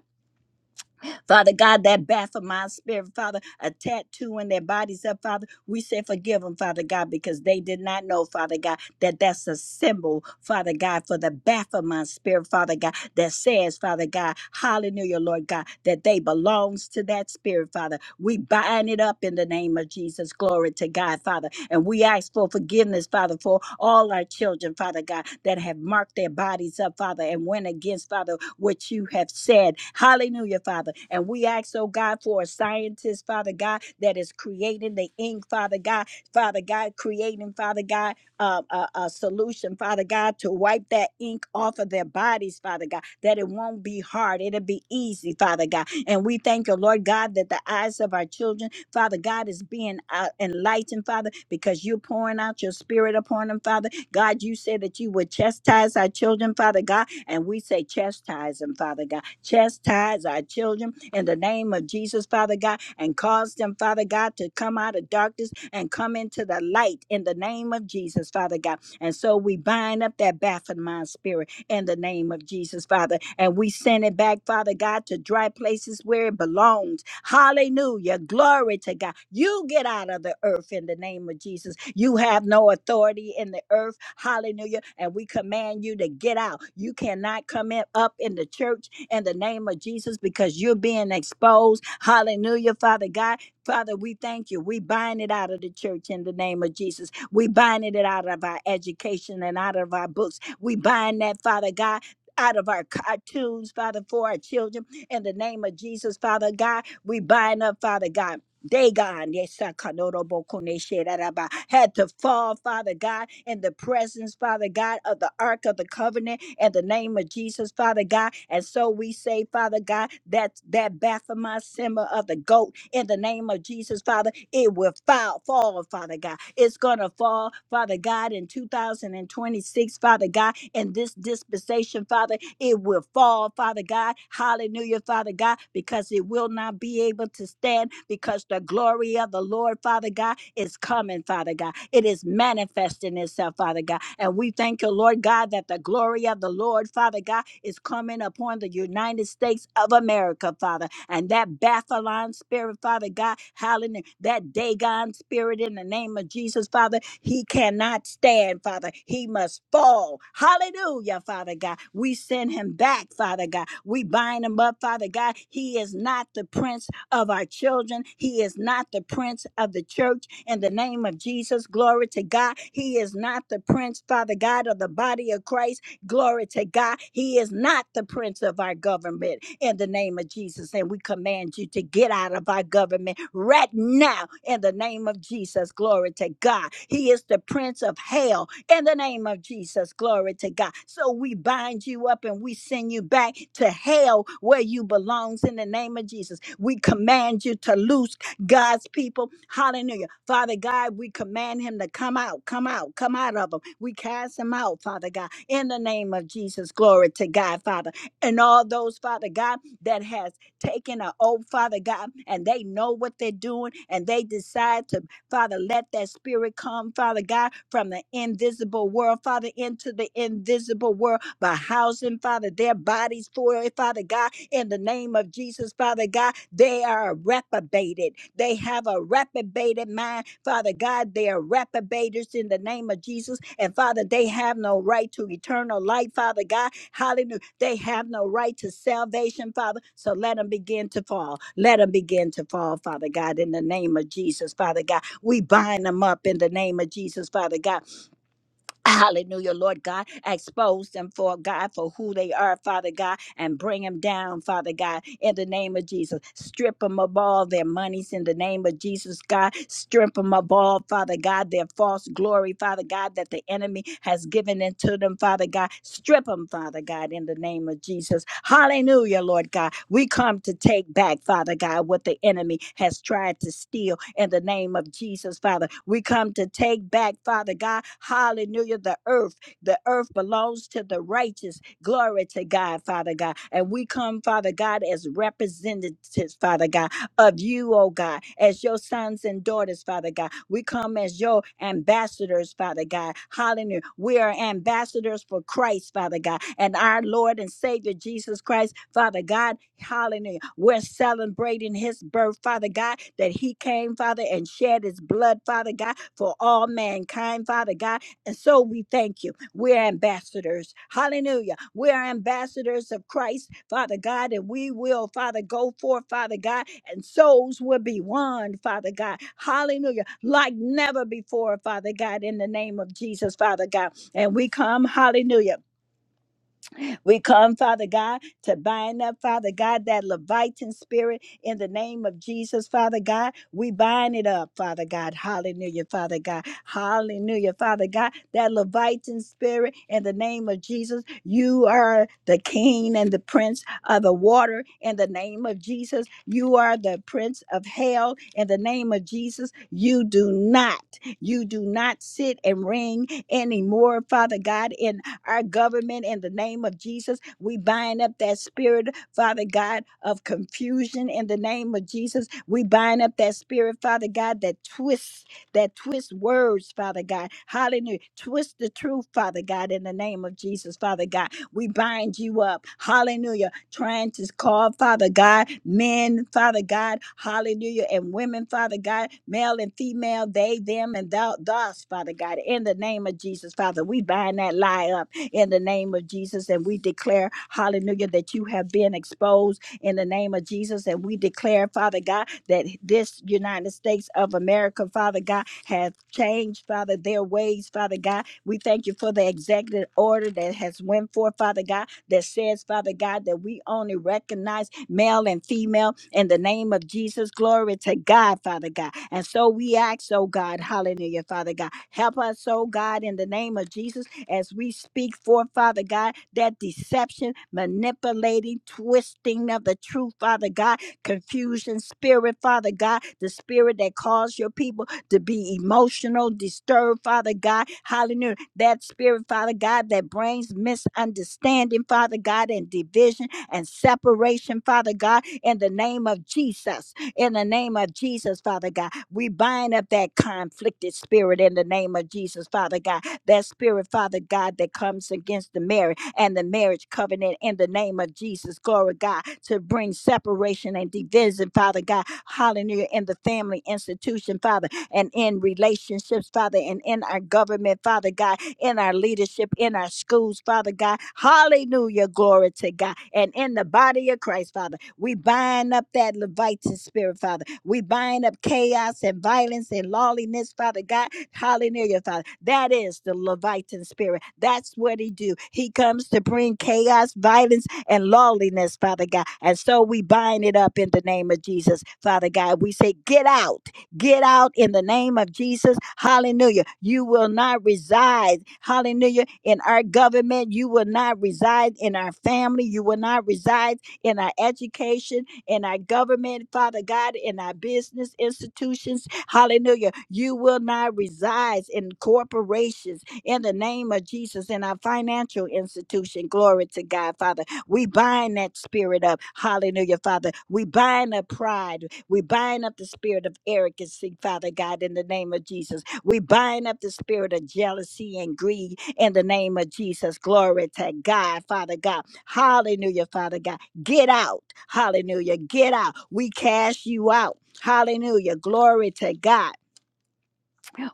A: Father God, that baffled my spirit, Father, a tattoo in their bodies up, Father. We say forgive them, Father God, because they did not know, Father God, that that's a symbol, Father God, for the baffled my spirit, Father God that says, Father God, hallelujah, Lord God, that they belongs to that spirit, Father. We bind it up in the name of Jesus. Glory to God, Father. And we ask for forgiveness, Father, for all our children, Father God, that have marked their bodies up, Father, and went against, Father, what you have said. Hallelujah, Father. And we ask, oh God, for a scientist, Father God, that is creating the ink, Father God, Father God, creating, Father God uh, a, a solution, Father God, to wipe that ink off of their bodies, Father God, that it won't be hard. It'll be easy, Father God. And we thank you, Lord God, that the eyes of our children Father God is being uh, enlightened, Father, because you're pouring out your spirit upon them, Father. God, you said that you would chastise our children, Father God, and we say chastise them, Father God. Chastise our children in the name of Jesus, Father God, and cause them, Father God, to come out of darkness and come into the light in the name of Jesus, Father God. And so we bind up that baffled mind spirit in the name of Jesus, Father, and we send it back, Father God, to dry places where it belongs Hallelujah. Glory to God. You get out of the earth in the name of Jesus. You have no authority in the earth. Hallelujah. And we command you to get out. You cannot come in, up in the church in the name of Jesus because you're being exposed. Hallelujah, Father God. Father, we thank you. We bind it out of the church in the name of Jesus. We bind it out of our education and out of our books. We bind that, Father God. Out of our cartoons, Father, for our children, in the name of Jesus, Father God. We bind up, Father God, Dagon, yesakanorobokone-sheraraba, had to fall, Father God, in the presence, Father God, of the Ark of the Covenant in the name of Jesus, Father God. And so we say, Father God, that that Baphomet symbol of the goat in the name of Jesus, Father, it will fall, fall, Father God. It's gonna fall, Father God, in 2026, Father God, in this dispensation, Father, it will fall, Father God. Hallelujah, Father God, because it will not be able to stand said, because the glory of the Lord, Father God, is coming, Father God. It is manifesting itself, Father God. And we thank you, Lord God, that the glory of the Lord, Father God, is coming upon the United States of America, Father. And that Bathalon spirit, Father God, hallelujah, that Dagon spirit in the name of Jesus, Father, he cannot stand, Father. He must fall. Hallelujah, Father God. We send him back, Father God. We bind him up, Father God. He is not the prince of our children. He is not the prince of the church. In the name of Jesus, glory to God. He is not the prince, Father God, of the body of Christ. Glory to God. He is not the prince of our government in the name of Jesus. And we command you to get out of our government right now in the name of Jesus. Glory to God. He is the prince of hell in the name of Jesus. Glory to God. So we bind you up and we send you back to hell where you belongs in the name of Jesus. We command you to loose God's people. Hallelujah. Father God, we command him to come out, come out, come out of him. We cast him out, Father God, in the name of Jesus. Glory to God, Father. And all those, Father God, that has taken an oath, Father God, and they know what they're doing and they decide to, Father, let that spirit come, Father God, from the invisible world, Father, into the invisible world by housing, Father, their bodies for it, Father God in the name of Jesus, Father God. They are reprobated. They have a reprobated mind, Father God. They are reprobators in the name of Jesus. And Father, they have no right to eternal life, Father God. Hallelujah. They have no right to salvation, Father. So let them begin to fall. Let them begin to fall, Father God, in the name of Jesus, Father God. We bind them up in the name of Jesus, Father God. Hallelujah, Lord God. Expose them for God for who they are, Father God, and bring them down, Father God, in the name of Jesus. Strip them of all their monies in the name of Jesus, God. Strip them of all, Father God, their false glory, Father God, that the enemy has given into them, Father God. Strip them, Father God, in the name of Jesus. Hallelujah, Lord God. We come to take back, Father God, what the enemy has tried to steal in the name of Jesus, Father. We come to take back, Father God. Hallelujah, the earth. The earth belongs to the righteous. Glory to God, Father God. And we come, Father God, as representatives, Father God of you, oh God, as your sons and daughters, Father God. We come as your ambassadors, Father God. Hallelujah. We are ambassadors for Christ, Father God, and our Lord and Savior Jesus Christ, Father God. Hallelujah. We're celebrating his birth, Father God, that he came, Father, and shed his blood, Father God, for all mankind, Father God. And so we thank you. We're ambassadors. Hallelujah. We're ambassadors of Christ, Father God, and we will, Father, go forth, Father God and souls will be won, Father God. Hallelujah. Like never before, Father God, in the name of Jesus, Father God. And we come, hallelujah. We come, Father God, to bind up, Father God, that Levitan spirit in the name of Jesus, Father God. We bind it up, Father God. Hallelujah, Father God. Hallelujah, Father God. That Levitan spirit in the name of Jesus. You are the king and the prince of the water in the name of Jesus. You are the prince of hell in the name of Jesus. You do not, you do not sit and ring anymore, Father God, in our government in the name of Jesus. We bind up that spirit, Father God, of confusion in the name of Jesus. We bind up that spirit, Father God, that twists, that twists words, Father God. Hallelujah. Twist the truth, Father God, in the name of Jesus, Father God. We bind you up. Hallelujah. Trying to call, Father God, men, Father God, hallelujah, and women, Father God, male and female, they, them, and thou, thus, Father God, in the name of Jesus, Father, we bind that lie up in the name of Jesus. And we declare, hallelujah, that you have been exposed in the name of Jesus. And we declare, Father God, that this United States of America, Father God, have changed, Father, their ways, Father God. We thank you for the executive order that has went forth, Father God, that says, Father God, that we only recognize male and female in the name of Jesus. Glory to God, Father God. And so we ask, oh God, hallelujah, Father God. Help us, oh God, in the name of Jesus as we speak for, Father God, that deception, manipulating, twisting of the truth, Father God, confusion spirit, Father God, the spirit that caused your people to be emotional, disturbed, Father God. Hallelujah. That spirit, Father God, that brings misunderstanding, Father God, and division and separation, Father God, in the name of Jesus. In the name of Jesus, Father God, we bind up that conflicted spirit in the name of Jesus, Father God that spirit, Father God, that comes against the marriage and the marriage covenant in the name of Jesus, glory God, to bring separation and division, Father Father. God, hallelujah in the family institution, Father, and in relationships, Father, and in our government, Father God, in our leadership, in our schools, Father God. Hallelujah. Glory to God. And in the body of Christ, Father, we bind up that Leviathan spirit, Father. We bind up chaos and violence and lawlessness, Father God. Hallelujah, Father. That is the Leviathan spirit. That's what he do. He comes to bring chaos, violence, and lawlessness, Father God. And so we bind it up in the name of Jesus, Father God. We say, get out. Get out in the name of Jesus. Hallelujah. You will not reside, hallelujah, in our government. You will not reside in our family. You will not reside in our education, in our government, Father God, in our business institutions. Hallelujah. You will not reside in corporations in the name of Jesus, in our financial institution. Glory to God, Father. We bind that spirit up. Hallelujah, Father. We bind up pride. We bind up the spirit of arrogancy, Father God, in the name of Jesus. We bind up the spirit of jealousy and greed in the name of Jesus. Glory to God, Father God. Hallelujah, Father God. Get out. Hallelujah. Get out. We cast you out. Hallelujah. Glory to God.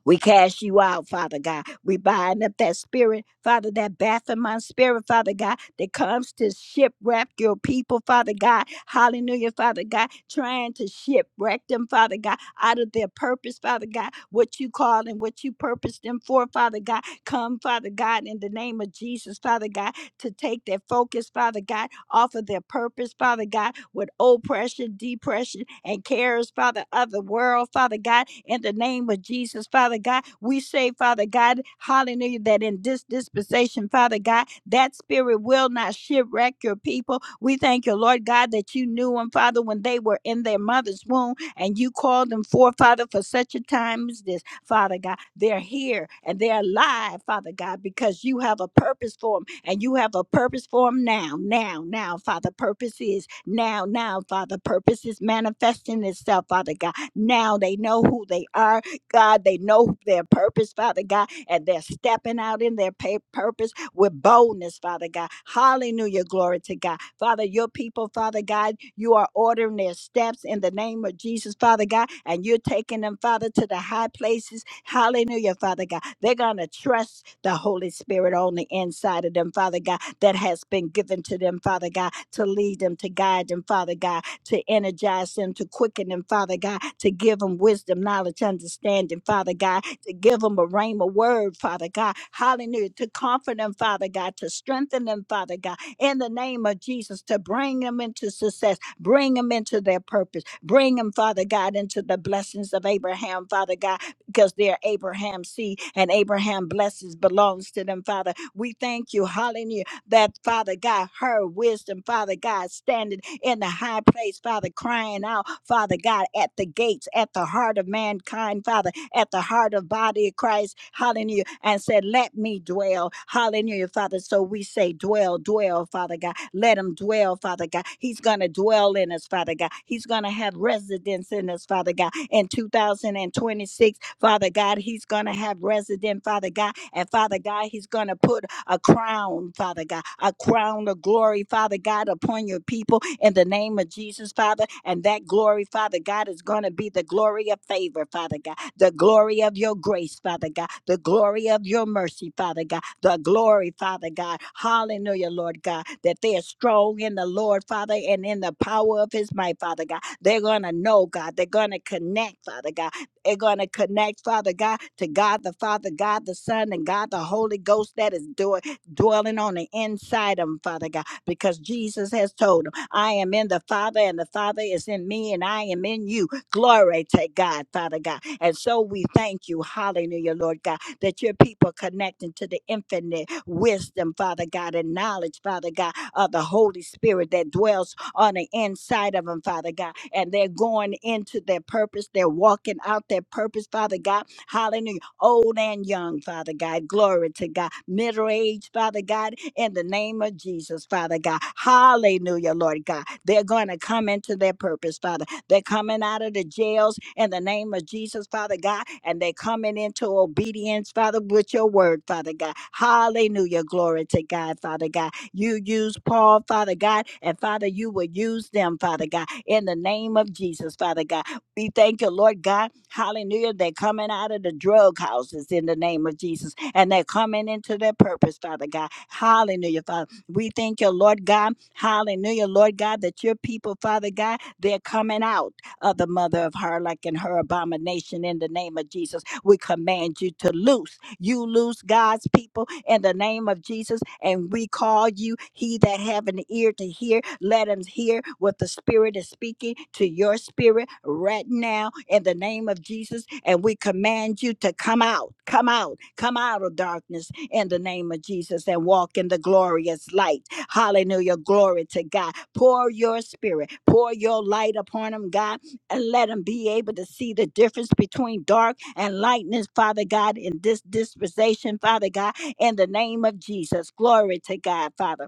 A: We cast you out, Father God. We bind up that spirit, Father, that baffling my spirit, Father God, that comes to shipwreck your people, Father God. Hallelujah, Father God, trying to shipwreck them, Father God, out of their purpose, Father God, what you called and what you purposed them for, Father God. Come, Father God, in the name of Jesus, Father God to take their focus, Father God, off of their purpose, Father God, with oppression, depression, and cares, Father, of the world, Father God, in the name of Jesus, Father God. We say, Father God, hallelujah, that in this dispensation, Father God, that spirit will not shipwreck your people. We thank you, Lord God, that you knew them, Father, when they were in their mother's womb and you called them forth, Father, for such a time as this, Father God. They're here and they're alive, Father God, because you have a purpose for them and you have a purpose for them now, now, now, Father. Purpose is now, now, Father. Purpose is manifesting itself, Father God. Now they know who they are, God. They know their purpose, Father God and they're stepping out in their pa- purpose with boldness, Father God. Hallelujah. Glory to God. Father, your people, Father God, you are ordering their steps in the name of Jesus, Father God, and you're taking them, Father, to the high places. Hallelujah, Father God. They're going to trust the Holy Spirit on the inside of them, Father God, that has been given to them, Father God, to lead them, to guide them, Father God to energize them, to quicken them, Father God, to give them wisdom, knowledge, understanding, Father God, to give them a rhema word, Father God. Hallelujah. To comfort them, Father God, to strengthen them, Father God, in the name of Jesus, to bring them into success, bring them into their purpose, bring them, Father God, into the blessings of Abraham, Father God, because they're Abraham's seed and Abraham blessings belongs to them, Father. We thank you, hallelujah that Father God, her wisdom, Father God, standing in the high place, Father, crying out, Father God, at the gates, at the heart of mankind, Father, at the heart of body of Christ, hallelujah, and said, Let me dwell, hallelujah, Father. So we say, Dwell, dwell, Father God. Let him dwell, Father God. He's going to dwell in us us, Father God. He's going to have residence in us, Father God. In 2026, Father God, He's going to have resident, Father God. And Father God, He's going to put a crown, Father God, a crown of glory, Father God, upon your people in the name of Jesus, Father. And that glory, Father God, is going to be the glory of favor, Father God the glory of your grace, Father God, the glory of your mercy, Father God, the glory, Father God. Hallelujah, Lord God, that they are strong in the Lord, Father, and in the power of his might, Father God. They're going to know, God. They're going to connect, Father God. They're going to connect, Father God, to God the Father, God the Son, and God the Holy Ghost that is do- dwelling on the inside of them, Father God, because Jesus has told them, I am in the Father, and the Father is in me, and I am in you. Glory to God, Father God. And so we thank you, hallelujah, Lord God, that your people connecting to the infinite wisdom, Father God, and knowledge, Father God, of the Holy Spirit that dwells on the inside of them, Father God. And they're going into their purpose. They're walking out their purpose, Father God. Hallelujah. Old and young, Father God. Glory to God. Middle age, Father God, in the name of Jesus, Father God. Hallelujah, Lord God. They're going to come into their purpose, Father. They're coming out of the jails in the name of Jesus, Father God, and they're coming into obedience, Father, with your word, Father God. Hallelujah. Glory to God, Father God. You use Paul, Father God, and Father, you will use them, Father God, in the name of Jesus, Father God. We thank you, Lord God. Hallelujah. They're coming out of the drug houses in the name of Jesus, and they're coming into their purpose, Father God. Hallelujah, Father. We thank you, Lord God. Hallelujah, Lord God, that your people, Father God, they're coming out of the mother of her, and her abomination, in the name of Jesus. We command you to loose. You loose God's people in the name of Jesus, and we call you, he that have an ear to hear, let him hear what the Spirit is speaking to your spirit right now in the name of Jesus. And we command you to come out, come out, come out of darkness in the name of Jesus and walk in the glorious light. Hallelujah. Glory to God. Pour your spirit, pour your light upon them, God and let them be able to see the difference between dark and lightness, Father God, in this dispensation, Father God, in the name of Jesus. Glory to God, Father.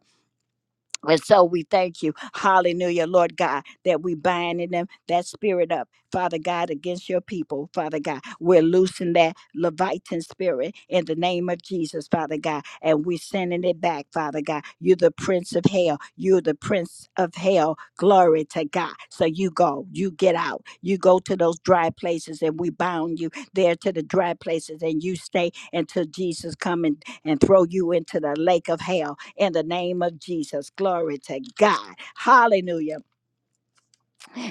A: And so we thank you, hallelujah, Lord God, that we bind in them that spirit up, Father God, against your people, Father God. We're loosing that Leviathan spirit in the name of Jesus, Father God, and we're sending it back, Father God. You're the prince of hell. You're the prince of hell. Glory to God. So you go, you get out, you go to those dry places, and we bound you there to the dry places, and you stay until Jesus come and, and throw you into the lake of hell in the name of Jesus. Glory to God. Hallelujah.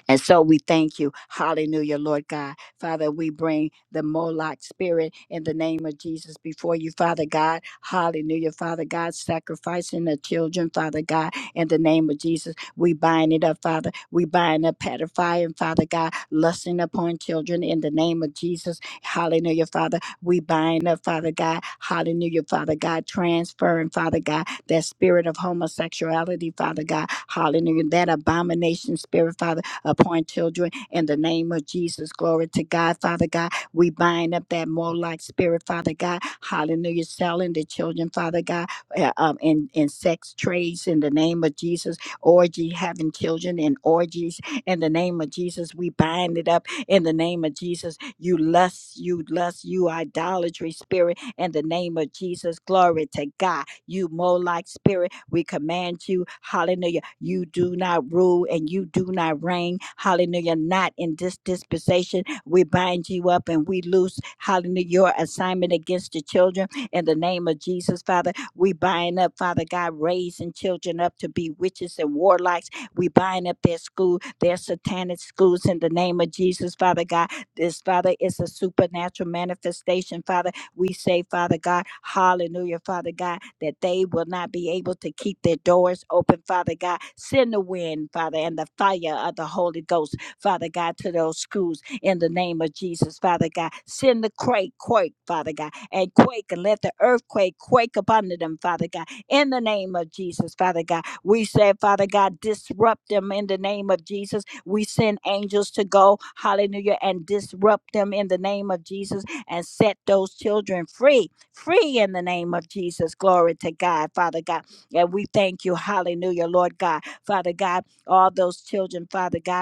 A: And so we thank you. Hallelujah, Lord God. Father, we bring the Moloch spirit in the name of Jesus before you, Father God. Hallelujah, Father God, sacrificing the children, Father God, in the name of Jesus. We bind it up, Father. We bind up pedophilia, Father God, lusting upon children in the name of Jesus. Hallelujah, Father. We bind up, Father God. Hallelujah, Father God, transferring, Father God, that spirit of homosexuality, Father God. Hallelujah, that abomination spirit, Father upon children in the name of Jesus. Glory to God, Father God. We bind up that Molech spirit, Father God. Hallelujah. Selling the children, Father God, uh, um, in, in sex trades in the name of Jesus. Orgy, having children in orgies in the name of Jesus. We bind it up in the name of Jesus. You lust, you lust, you idolatry spirit in the name of Jesus. Glory to God. You Molech spirit we command you, hallelujah. You do not rule and you do not reign, hallelujah. Not in this dispensation. We bind you up and we loose, hallelujah, your assignment against the children in the name of Jesus, Father. We bind up, Father God, raising children up to be witches and warlocks. We bind up their school, their satanic schools in the name of Jesus, Father God. This, Father, is a supernatural manifestation, Father we say, Father God, hallelujah, Father God, that they will not be able to keep their doors open, Father God. Send the wind, Father, and the fire of the Holy Ghost, Father God, to those schools in the name of Jesus, Father God. Send the quake, quake, Father God, and quake, and let the earthquake quake upon them, Father God, in the name of Jesus, Father God. We say, Father God, disrupt them in the name of Jesus. We send angels to go, hallelujah, and disrupt them in the name of Jesus and set those children free, free in the name of Jesus. Glory to God, Father God. And we thank you, hallelujah, Lord God, Father God, all those children, Father God.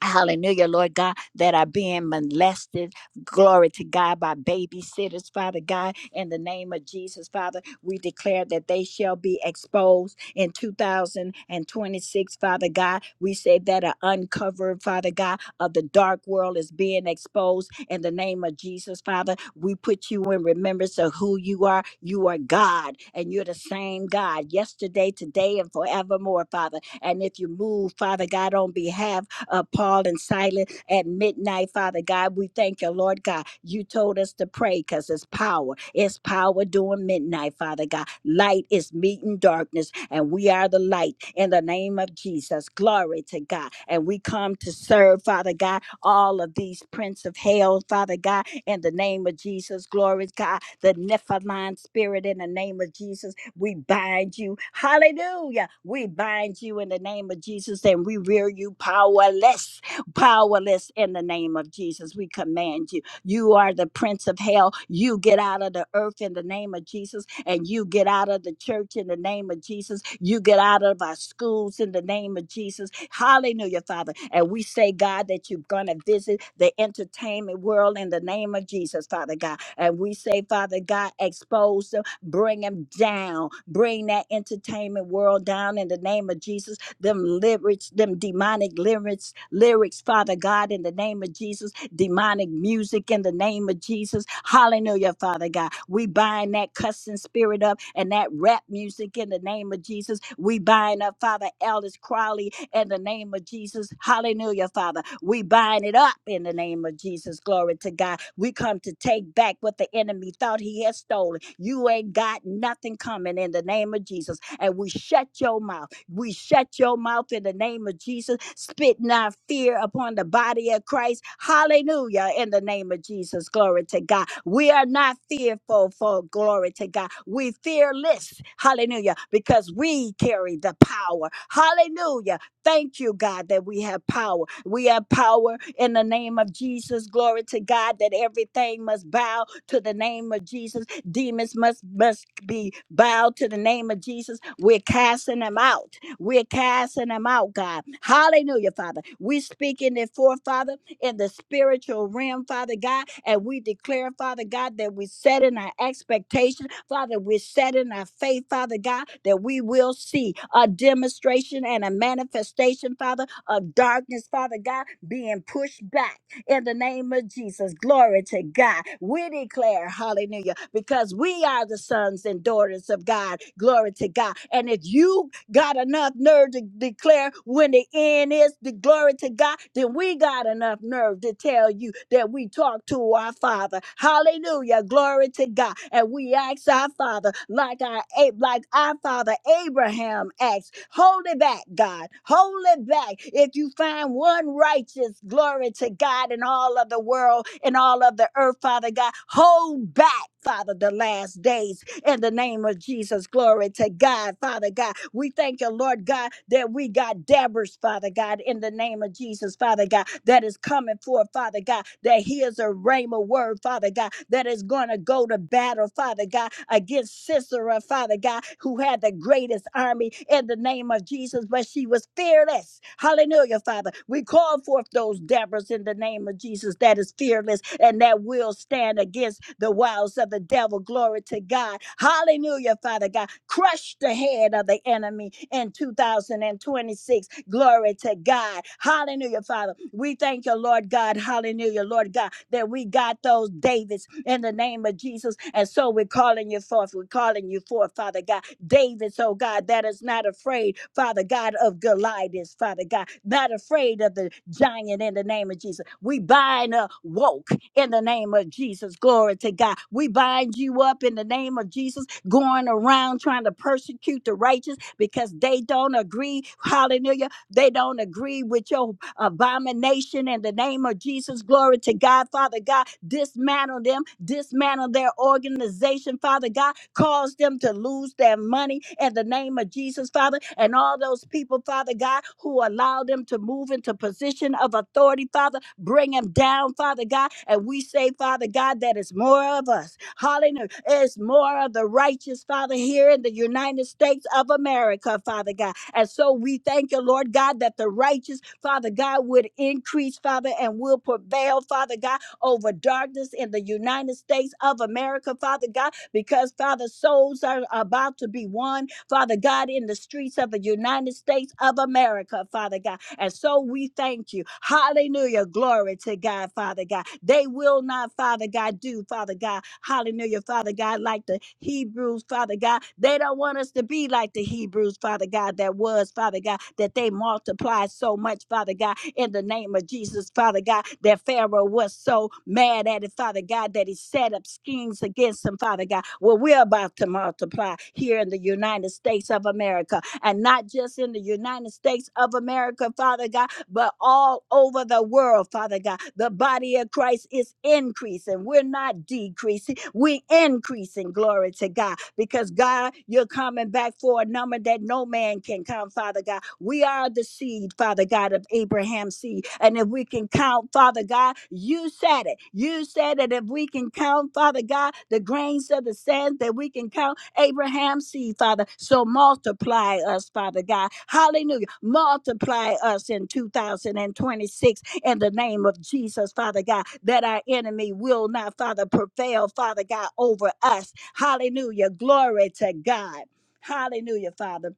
A: Hallelujah, Lord God, that are being molested. Glory to God by babysitters, Father God. In the name of Jesus, Father, we declare that they shall be exposed in 2026, Father God. We say that are uncovered, Father God, of the dark world is being exposed. In the name of Jesus, Father, we put you in remembrance of who you are. You are God, and you're the same God yesterday, today, and forevermore, Father. And if you move, Father God, on behalf uh, Paul and Silas at midnight, Father God. We thank you, Lord God. You told us to pray because it's power. It's power during midnight, Father God. Light is meeting darkness, and we are the light in the name of Jesus. Glory to God. And we come them to serve, Father God, all of these prince of hell, Father God, in the name of Jesus. Glory to God, the Nephilim spirit, in the name of Jesus, we bind you. Hallelujah. We bind you in the name of Jesus and we rear you powerless, powerless in the name of Jesus. We command you. You are the prince of hell. You get out of the earth in the name of Jesus, and you get out of the church in the name of Jesus. You get out of our schools in the name of Jesus. Hallelujah, Father. And we say, God, that you're going to visit the entertainment world in the name of Jesus, Father God. And we say, Father God, expose them, bring them down, bring that entertainment world down in the name of Jesus them lyrics, them demonic lyrics, lyrics, Father God, in the name of Jesus, demonic music in the name of Jesus. Hallelujah, Father God. We bind that cussing spirit up and that rap music in the name of Jesus. We bind up, Father, Ellis Crowley in the name of Jesus. Hallelujah, Father. We bind it up in the name of Jesus. Glory to God. We come to take back what the enemy thought he had stolen. You ain't got nothing coming in the name of Jesus. And we shut your mouth we shut your mouth in the name of Jesus, Spit not fear upon the body of Christ. Hallelujah. In the name of Jesus. Glory to God. We are not fearful for glory to God. We fearless. Hallelujah. Because we carry the power. Hallelujah. Thank you, God, that we have power. We have power in the name of Jesus. Glory to God that everything must bow to the name of Jesus. Demons must must be bowed to the name of Jesus. We're casting them out. We're casting them out, God. Hallelujah, Father. We are speaking it forth, Father, in the spiritual realm, Father God, and we declare, Father God, that we set in our expectation, Father, we're setting our faith, Father God, that we will see a demonstration and a manifestation, Father, of darkness, Father God, being pushed back in the name of Jesus. Glory to God. We declare, hallelujah, because we are the sons and daughters of God. Glory to God. And if you got enough nerve to declare when the end is the glory to God, then we got enough nerve to tell you that we talk to our Father. Hallelujah. Glory to God. And we ask our Father, like our A- like our Father Abraham asked, hold it back, God. Hold it back. If you find one righteous, glory to God in all of the world and all of the earth, Father God, hold back, Father, the last days in the name of Jesus. Glory to God, Father God. We thank you, Lord God, that we got dabbers, Father God, in the name of Jesus, Father God, that is coming forth, Father God, that he is a rhema word, Father God, that is going to go to battle, Father God, against Sisera, Father God, who had the greatest this army in the name of Jesus, but she was fearless. Hallelujah, Father. We call forth those Deborahs in the name of Jesus that is fearless and that will stand against the wiles of the devil. Glory to God. Hallelujah, Father God. Crush the head of the enemy in 2026. Glory to God. Hallelujah, Father. We thank you, Lord God. Hallelujah, Lord God, that we got those Davids in the name of Jesus. And so we're calling you forth. We're calling you forth, Father God. David's, oh God, that is not afraid, Father God, of Goliath, Father God, not afraid of the giant in the name of Jesus. We bind a woke in the name of Jesus. Glory to God. We bind you up in the name of Jesus, going around trying to persecute the righteous because they don't agree. Hallelujah they don't agree with your abomination in the name of Jesus. Glory to God, Father God. Dismantle them, dismantle their organization, Father God. Cause them to lose their money in the name of Jesus, Father. And all those people, Father God, who allow them to move into position of authority, Father, bring them down, Father God. And we say, Father God, that it's more of us. Hallelujah. It's more of the righteous, Father, here in the United States of America, Father God. And so we thank you, Lord God, that the righteous, Father God, would increase, Father, and will prevail, Father God, over darkness in the United States of America, Father God, because, Father, souls are about to be won Father God, in the streets of the United States of America, Father God. And so we thank you. Hallelujah. Glory to God, Father God. They will not, Father God, do, Father God. Hallelujah, Father God, like the Hebrews, Father God. They don't want us to be like the Hebrews, Father God, that was, Father. Father God, that they multiplied so much, Father God, in the name of Jesus, Father God, that Pharaoh was so mad at it, Father God, that he set up schemes against him, Father God. Well, we're about to multiply here in the United States of America, and not just in the United States of America, Father God but all over the world, Father God. The body of Christ is increasing. We're not decreasing, we increasing. Glory to God. Because God, you're coming back for a number that no man can come, Father God. We are the seed, Father God, of Abraham's seed prophecy. And if we can count, Father God, you said it. You said that if we can count, Father God, the grains of the sand, that we can count Abraham's seed, Father. So multiply us, Father God. Hallelujah. Multiply us in 2026 in the name of Jesus, Father God, that our enemy will not, Father, prevail, Father God, over us. Hallelujah. Glory to God. Hallelujah, Father.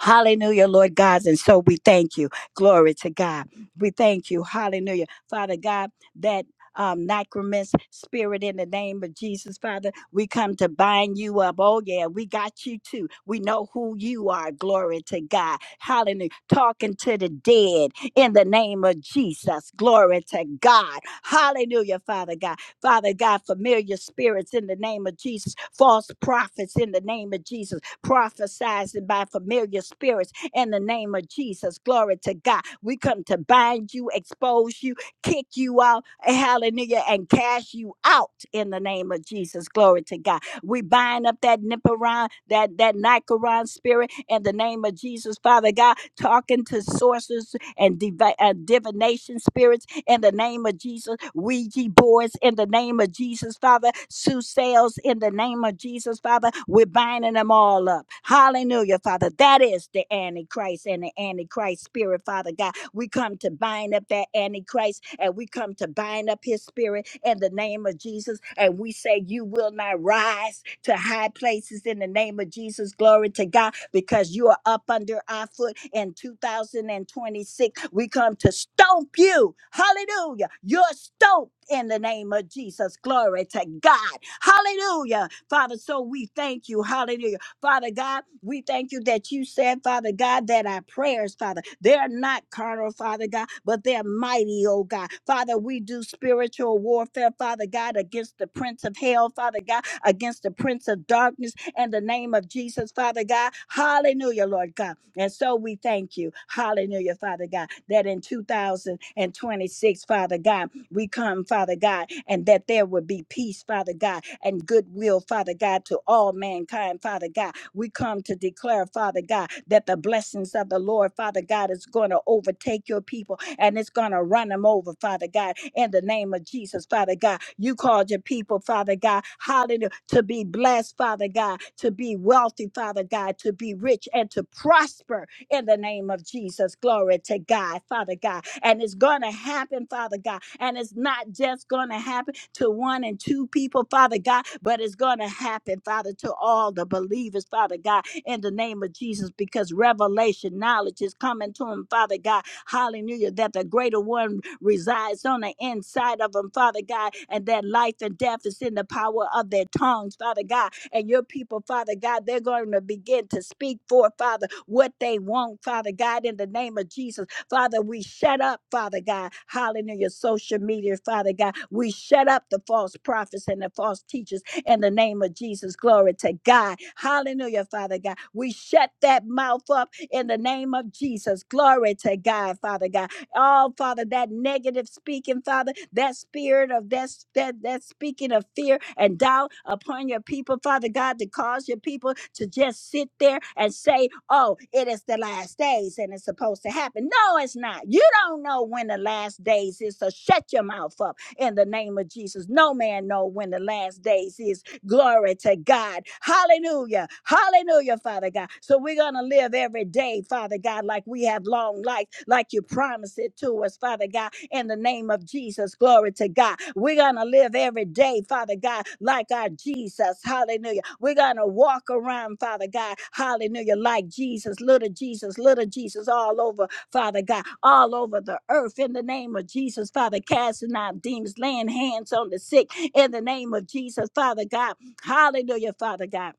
A: Hallelujah, Lord God. And so we thank you. Glory to God. We thank you. Hallelujah. Father God, that um, Nicromis spirit in the name of Jesus, Father. We come to bind you up. Oh, yeah, we got you too. We know who you are. Glory to God. Hallelujah. Talking to the dead in the name of Jesus. Glory to God. Hallelujah, Father God. Father God, familiar spirits in the name of Jesus, false prophets in the name of Jesus prophesied by familiar spirits in the name of Jesus. Glory to God. We come to bind you, expose you, kick you out, hallelujah, and cast you out in the name of Jesus. Glory to God. We bind up that Niparon, that, that Nicaron spirit in the name of Jesus, Father God, talking to sorcerers and divi- uh, divination spirits in the name of Jesus. Ouija boards in the name of Jesus, Father. Sue sales in the name of Jesus, Father. We're binding them all up. Hallelujah, Father. That is the Antichrist and the Antichrist spirit, Father God. We come to bind up that Antichrist and we come to bind up his spirit in the name of Jesus. And we say, You will not rise to high places in the name of Jesus. Glory to God, because you are up under our foot in 2026. We come to stomp you. Hallelujah. You're stomped in the name of Jesus. Glory to God. Hallelujah. Father, so we thank you. Hallelujah Father God, we thank you that you said, Father God, that our prayers, Father, they're not carnal, Father God, but they're mighty, oh God. Father, we do spiritual warfare, Father God, against the prince of hell, Father God, against the prince of darkness, in the name of Jesus, Father God. Hallelujah, Lord God. And so we thank you, hallelujah, Father God, that in 2026, Father God, we come, Father God, and that there would be peace, Father God, and goodwill, Father God, to all mankind, Father God. We come to declare, Father God, that the blessings of the Lord, Father God, is going to overtake your people and it's going to run them over, Father God, in the name of Jesus, Father God. You called your people, Father God, hallelujah, to be blessed, Father God, to be wealthy, Father God, to be rich and to prosper in the name of Jesus. Glory to God, Father God. And it's going to happen, Father God. And it's not just going to happen to one and two people, Father God, but it's going to happen, Father, to all the believers, Father God, in the name of Jesus, because revelation, knowledge is coming to them, Father God. Hallelujah. That the greater one resides on the inside of them, Father God, and that life and death is in the power of their tongues, Father God and your people, Father God, they're going to begin to speak for, Father, what they want, Father God, in the name of Jesus. Father, we shut up, Father God. Hallelujah. Social media, Father God. We shut up the false prophets and the false teachers in the name of Jesus. Glory to God. Hallelujah, Father God. We shut that mouth up in the name of Jesus. Glory to God, Father God. Oh, Father, that negative speaking, Father, that spirit of that, that, that speaking of fear and doubt upon your people, Father God, to cause your people to just sit there and say, oh, it is the last days and it's supposed to happen. No, it's not. You don't know when the last days is, so shut your mouth up in the name of Jesus. No man know when the last days is. Glory to God. Hallelujah. Hallelujah, Father God. So we're going to live every day, Father God, like we have long life, like you promised it to us, Father God, in the name of Jesus. Glory to God. We're going to live every day, Father God, like our Jesus. Hallelujah. We're going to walk around, Father God. Hallelujah. Like Jesus, little Jesus, little Jesus, all over, Father God, all over the earth in the name of Jesus, Father, casting out demons, laying hands on the sick in the name of Jesus, Father God Hallelujah, Father God.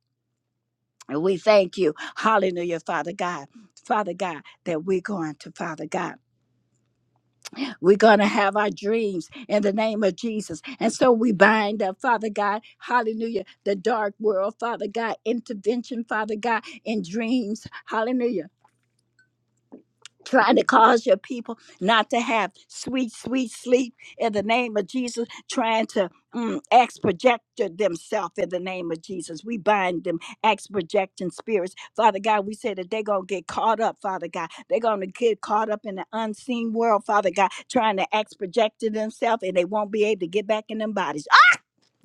A: And we thank you. Hallelujah, Father God. Father God, that we're going to, Father God. We're going to have our dreams in the name of Jesus. And so we bind up, Father God, hallelujah, the dark world, Father God, intervention, Father God, in dreams, hallelujah. trying to cause your people not to have sweet, sweet sleep in the name of Jesus, trying to mm, ex-project themselves in the name of Jesus. We bind them ex-projecting spirits. Father God, we say that they're going to get caught up, Father God. They're going to get caught up in the unseen world, Father God, trying to ex-project themselves and they won't be able to get back in them bodies.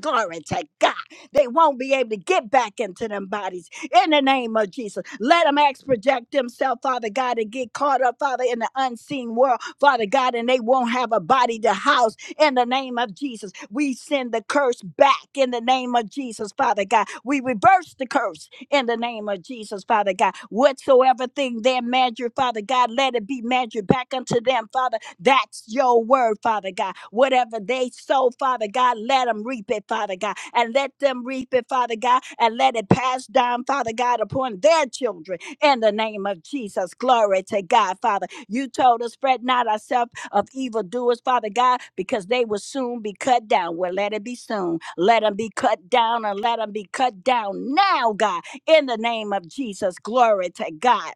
A: Glory to God. They won't be able to get back into them bodies in the name of Jesus. Let them ex project themselves, Father God, and get caught up, Father, in the unseen world, Father God, and they won't have a body to house in the name of Jesus. We send the curse back in the name of Jesus, Father God. We reverse the curse in the name of Jesus, Father God. Whatsoever thing they measure, Father God, let it be measured back unto them, Father that's your word, Father God. Whatever they sow, Father God, let them reap it, Father God. And let them reap it, Father God. And let it pass down, Father God, upon their children. In the name of Jesus. Glory to God, Father. You told us, fret not ourselves of evildoers, Father God, because they will soon be cut down. Well, let it be soon. Let them be cut down and let them be cut down now, God. In the name of Jesus. Glory to God.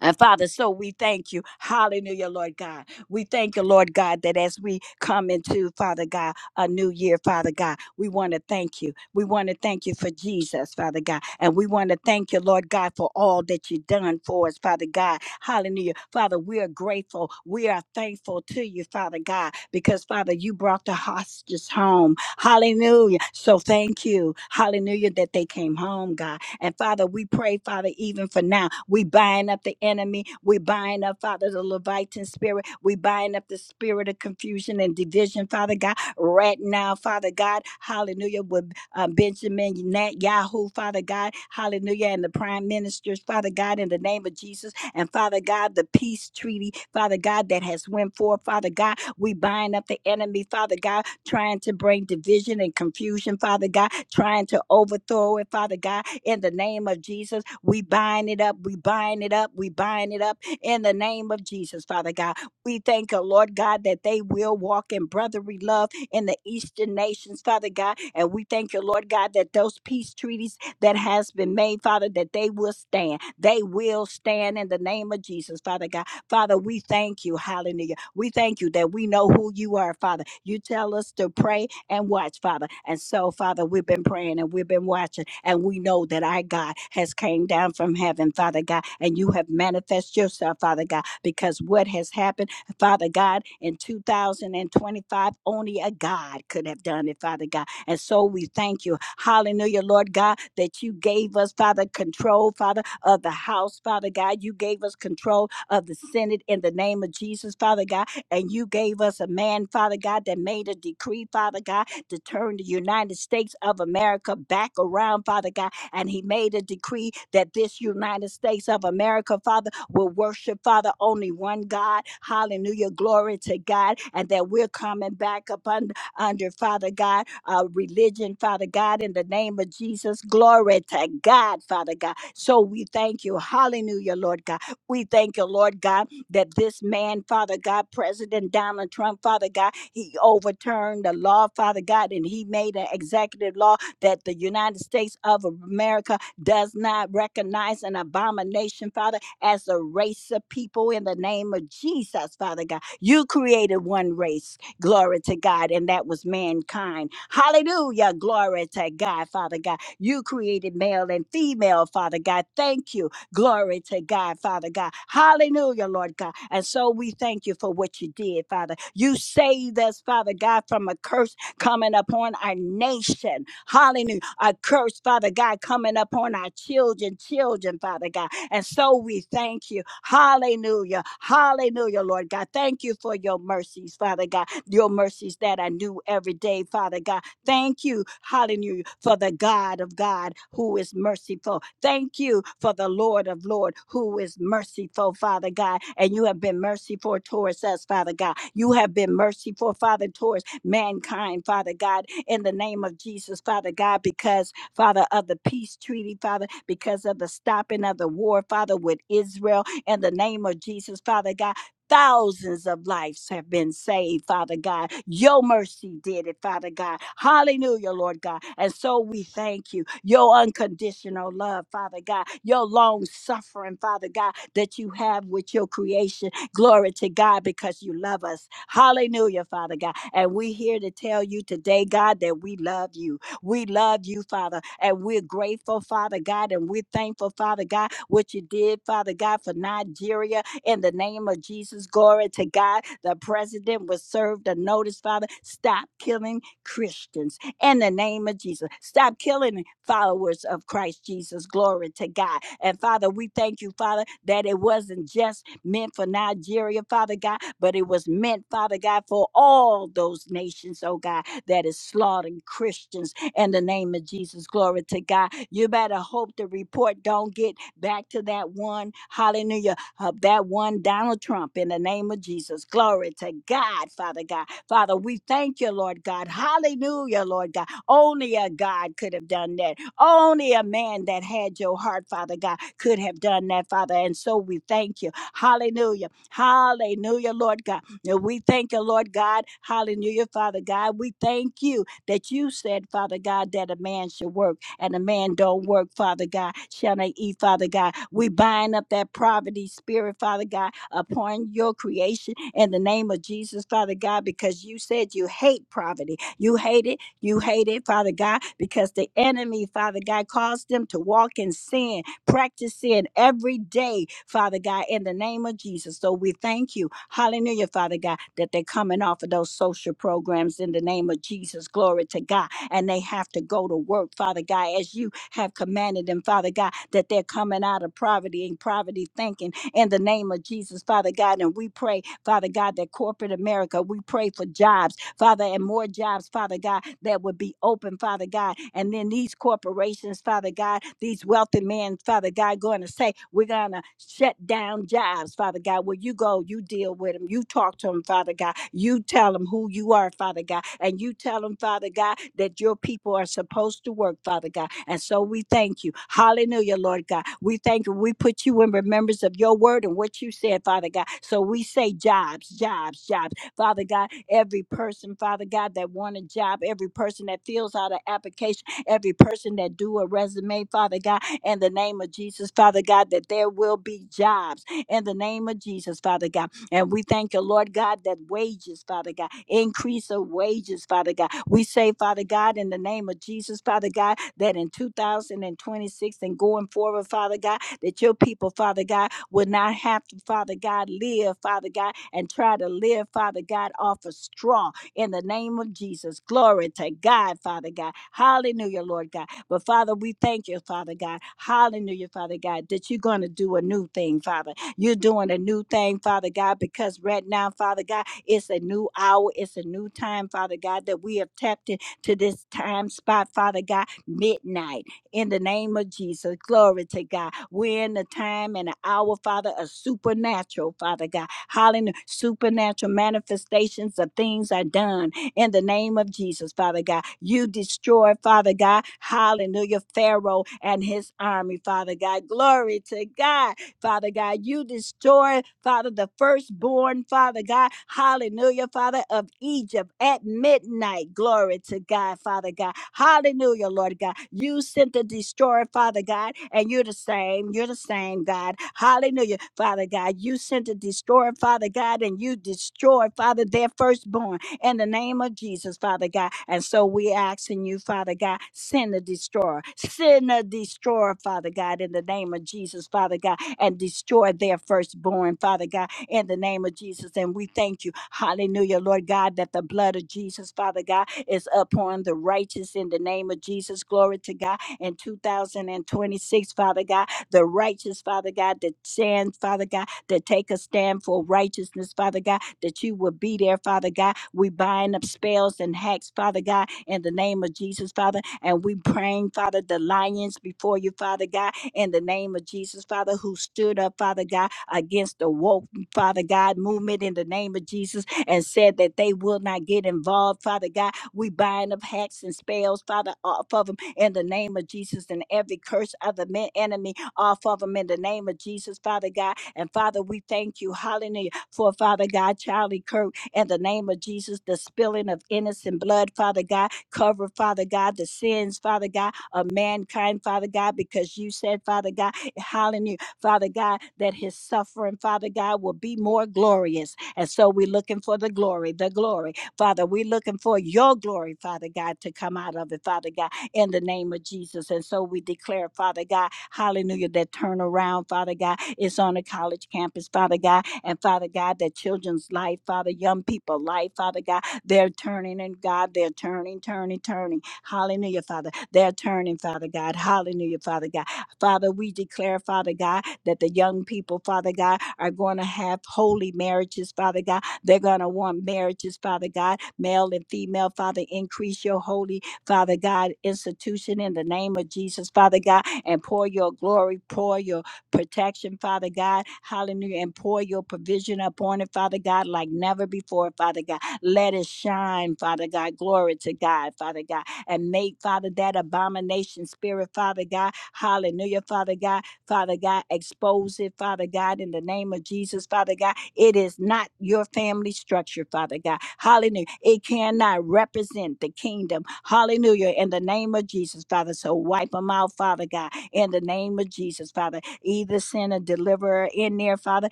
A: And Father, so we thank you. Hallelujah, Lord God. We thank you, Lord God, that as we come into, Father God, a new year, Father God, we want to thank you. We want to thank you for Jesus, Father God. And we want to thank you, Lord God, for all that you've done for us, Father God. Hallelujah. Father, we are grateful. We are thankful to you, Father God, because, Father, you brought the hostages home. Hallelujah. So thank you. Hallelujah that they came home, God. And Father, we pray, Father, even for now, we bind up the enemy. We bind up, Father, the Leviathan spirit. We bind up the spirit of confusion and division, Father God, right now, Father God. Hallelujah. With uh, Benjamin Nat Yahoo, Father God. Hallelujah. And the prime ministers, Father God, in the name of Jesus. And Father God, the peace treaty, Father God, that has went forth, Father God. We bind up the enemy, Father God trying to bring division and confusion, Father God, trying to overthrow it, Father God. In the name of Jesus, we bind it up, we bind it up, we bind it up in the name of Jesus, Father God. We thank you, Lord God, that they will walk in brotherly love in the eastern nations, Father God. And we thank you, Lord God, that those peace treaties that has been made, Father, that they will stand. They will stand in the name of Jesus, Father God Father, we thank you. Hallelujah. We thank you that we know who you are, Father. You tell us to pray and watch, Father. And so, Father, we've been praying and we've been watching, and we know that our God has came down from heaven, Father God, and you have manifest yourself, Father God, because what has happened, Father God, in 2025, only a God could have done it, Father God. And so we thank you. Hallelujah, Lord God, that you gave us, Father, control, Father, of the house, Father God. You gave us control of the Senate in the name of Jesus, Father God. And you gave us a man, Father God, that made a decree, Father God, to turn the United States of America back around, Father God. And he made a decree that this United States of America, Father, will worship, Father, only one God. Hallelujah. Glory to God. And that we're coming back up under Father God, uh, religion, Father God, in the name of Jesus. Glory to God, Father God. So we thank you. Hallelujah, Lord God. We thank you, Lord God, that this man, Father God, President Donald Trump, Father God, he overturned the law, Father God, and he made an executive law that the United States of America does not recognize an abomination, Father, as a race of people in the name of Jesus, Father God. You created one race. Glory to God. And that was mankind. Hallelujah. Glory to God, Father God. You created male and female, Father God. Thank you. Glory to God, Father God. Hallelujah, Lord God. And so we thank you for what you did, Father. You saved us, Father God, from a curse coming upon our nation. Hallelujah. A curse, Father God, coming upon our children, children, Father God. And so we thank you. Hallelujah. Hallelujah, Lord God. Thank you for your mercies, Father God. Your mercies that I knew every day, Father God. Thank you, hallelujah, for the God of God who is merciful. Thank you for the Lord of Lord who is merciful, Father God. And you have been merciful towards us, Father God. You have been merciful, Father, towards mankind, Father God, in the name of Jesus, Father God, because Father, of the peace treaty, Father, because of the stopping of the war, Father, with Israel. In the name of Jesus, Father God, Thousands of lives have been saved, Father God. Your mercy did it, Father God. Hallelujah, Lord God. And so we thank you. Your unconditional love, Father God. Your long suffering, Father God, that you have with your creation. Glory to God because you love us. Hallelujah, Father God. And we're here to tell you today, God, that we love you. We love you, Father, and we're grateful, Father God, and we're thankful, Father God, what you did, Father God, for Nigeria. In the name of Jesus, glory to God. The president was served a notice, Father. Stop killing Christians in the name of Jesus. Stop killing followers of Christ Jesus. Glory to God. And Father, we thank you, Father, that it wasn't just meant for Nigeria, Father God, but it was meant, Father God, for all those nations, oh God, that is slaughtering Christians in the name of Jesus. Glory to God. You better hope the report don't get back to that one. Hallelujah. uh, that one Donald Trump in the name of Jesus. Glory to God, Father God. Father, we thank you, Lord God. Hallelujah, Lord God. Only a God could have done that. Only a man that had your heart, Father God, could have done that, Father. And so we thank you. Hallelujah. Hallelujah, Lord God. And we thank you, Lord God. Hallelujah, Father God. We thank you that you said, Father God, that a man should work and a man don't work, Father God, shall they eat, Father God. We bind up that poverty spirit, Father God, upon your creation in the name of Jesus, Father God, because you said you hate poverty. You hate it. You hate it, Father God, because the enemy, Father God, caused them to walk in sin Practice sin every day, Father God, in the name of Jesus. So we thank you, hallelujah, Father God, that they're coming off of those social programs in the name of Jesus. Glory to God. And they have to go to work, Father God, as you have commanded them, Father God, that they're coming out of poverty and poverty thinking in the name of Jesus, Father God. And we pray, Father God, that corporate America, we pray for jobs. Father, and more jobs, Father God, that would be open, Father God. And then these corporations, Father God, these wealthy men, Father God, going to say, we're going to shut down jobs, Father God. Well, you go, you deal with them, you talk to them, Father God. You tell them who you are, Father God. And you tell them, Father God, that your people are supposed to work, Father God. And so we thank you. Hallelujah, Lord God. We thank you. We put you in remembrance of your word and what you said, Father God. So we say jobs, jobs, jobs. Father God, every person, Father God, that want a job, every person that fills out an application, every person that do a resume, Father God, in the name of Jesus, Father God, that there will be jobs in the name of Jesus, Father God. And we thank you, Lord God, that wages, Father God, increase of wages, Father God. We say, Father God, in the name of Jesus, Father God, that in 2026 and going forward, Father God, that your people, Father God, will not have to, Father God, live, Father God, and try to live, Father God, off a straw in the name of Jesus. Glory to God, Father God. Hallelujah, Lord God. But Father, we thank you, Father God. Hallelujah, Father God, that you're going to do a new thing, Father. You're doing a new thing, Father God, because right now, Father God, it's a new hour, it's a new time, Father God, that we have tapped into this time spot, Father God, midnight in the name of Jesus. Glory to God. We're in the time and the hour, Father, of supernatural, Father God. Hallelujah. Supernatural manifestations of things are done in the name of Jesus, Father God. You destroy, Father God. Hallelujah. Pharaoh and his army, Father God. Glory to God. Father God. You destroy, Father, the firstborn, Father God. Hallelujah, Father of Egypt at midnight. Glory to God, Father God. Hallelujah, Lord God. You sent the destroyer, Father God, and you're the same. You're the same, God. Hallelujah, Father God. You sent the destroyer, Father God, and you destroyed, Father, their firstborn in the name of Jesus, Father God. And so we asking you, Father God, send the destroyer, send the destroyer, Father God, in the name of Jesus, Father God and destroy their firstborn, Father God, in the name of Jesus. And we thank you, hallelujah, Lord God, that the blood of Jesus, Father God, is upon the righteous in the name of Jesus. Glory to God. In 2026, Father God, the righteous, Father God, that stand, Father God, to take a stand for righteousness, Father God, that you will be there, Father God. We bind up spells and hacks, Father God, in the name of Jesus, Father. And we praying, Father, the lions before you, Father God, in the name of Jesus, Father, who stood up, Father God, against the woke, Father God, movement in the name of Jesus and said that they will not get involved, Father God. We bind up hacks and spells, Father, off of them in the name of Jesus and every curse of the men, enemy off of them in the name of Jesus, Father God. And Father, we thank you, hallelujah, for Father God, Charlie Kirk, in the name of Jesus, the spilling of innocent blood, Father God, cover, Father God, the sins, Father God, of mankind, Father God, because you said, Father God, hallelujah, Father God, that his suffering, Father God, will be more glorious. And so we're looking for the glory, the glory. Father, we're looking for your glory, Father God, to come out of it, Father God, in the name of Jesus. And so we declare, Father God, hallelujah, that turnaround, Father God, is on a college campus, Father God. And Father God, that children's life, Father, young people life, Father God, they're turning and God, they're turning, turning, turning. Hallelujah, Father. They're turning, Father God. Hallelujah, Father God. Father, we declare, Father God, that the young people, Father God, are going to have holy marriages, Father God. They're going to want marriages, Father God, male and female, Father. Increase your holy, Father God, institution in the name of Jesus, Father God, and pour your glory, pour your protection, Father God. Hallelujah. And pour your provision upon it, Father God, like never before, Father God. Let it shine, Father God. Glory to God, Father God and made, Father, that abomination spirit, Father God. Hallelujah, Father God. Father God, expose it, Father God, in the name of Jesus, Father God. It is not your family structure, Father God. Hallelujah. It cannot represent the kingdom. Hallelujah, in the name of Jesus, Father. So wipe them out, Father God, in the name of Jesus, Father. Either send a deliverer in there, Father,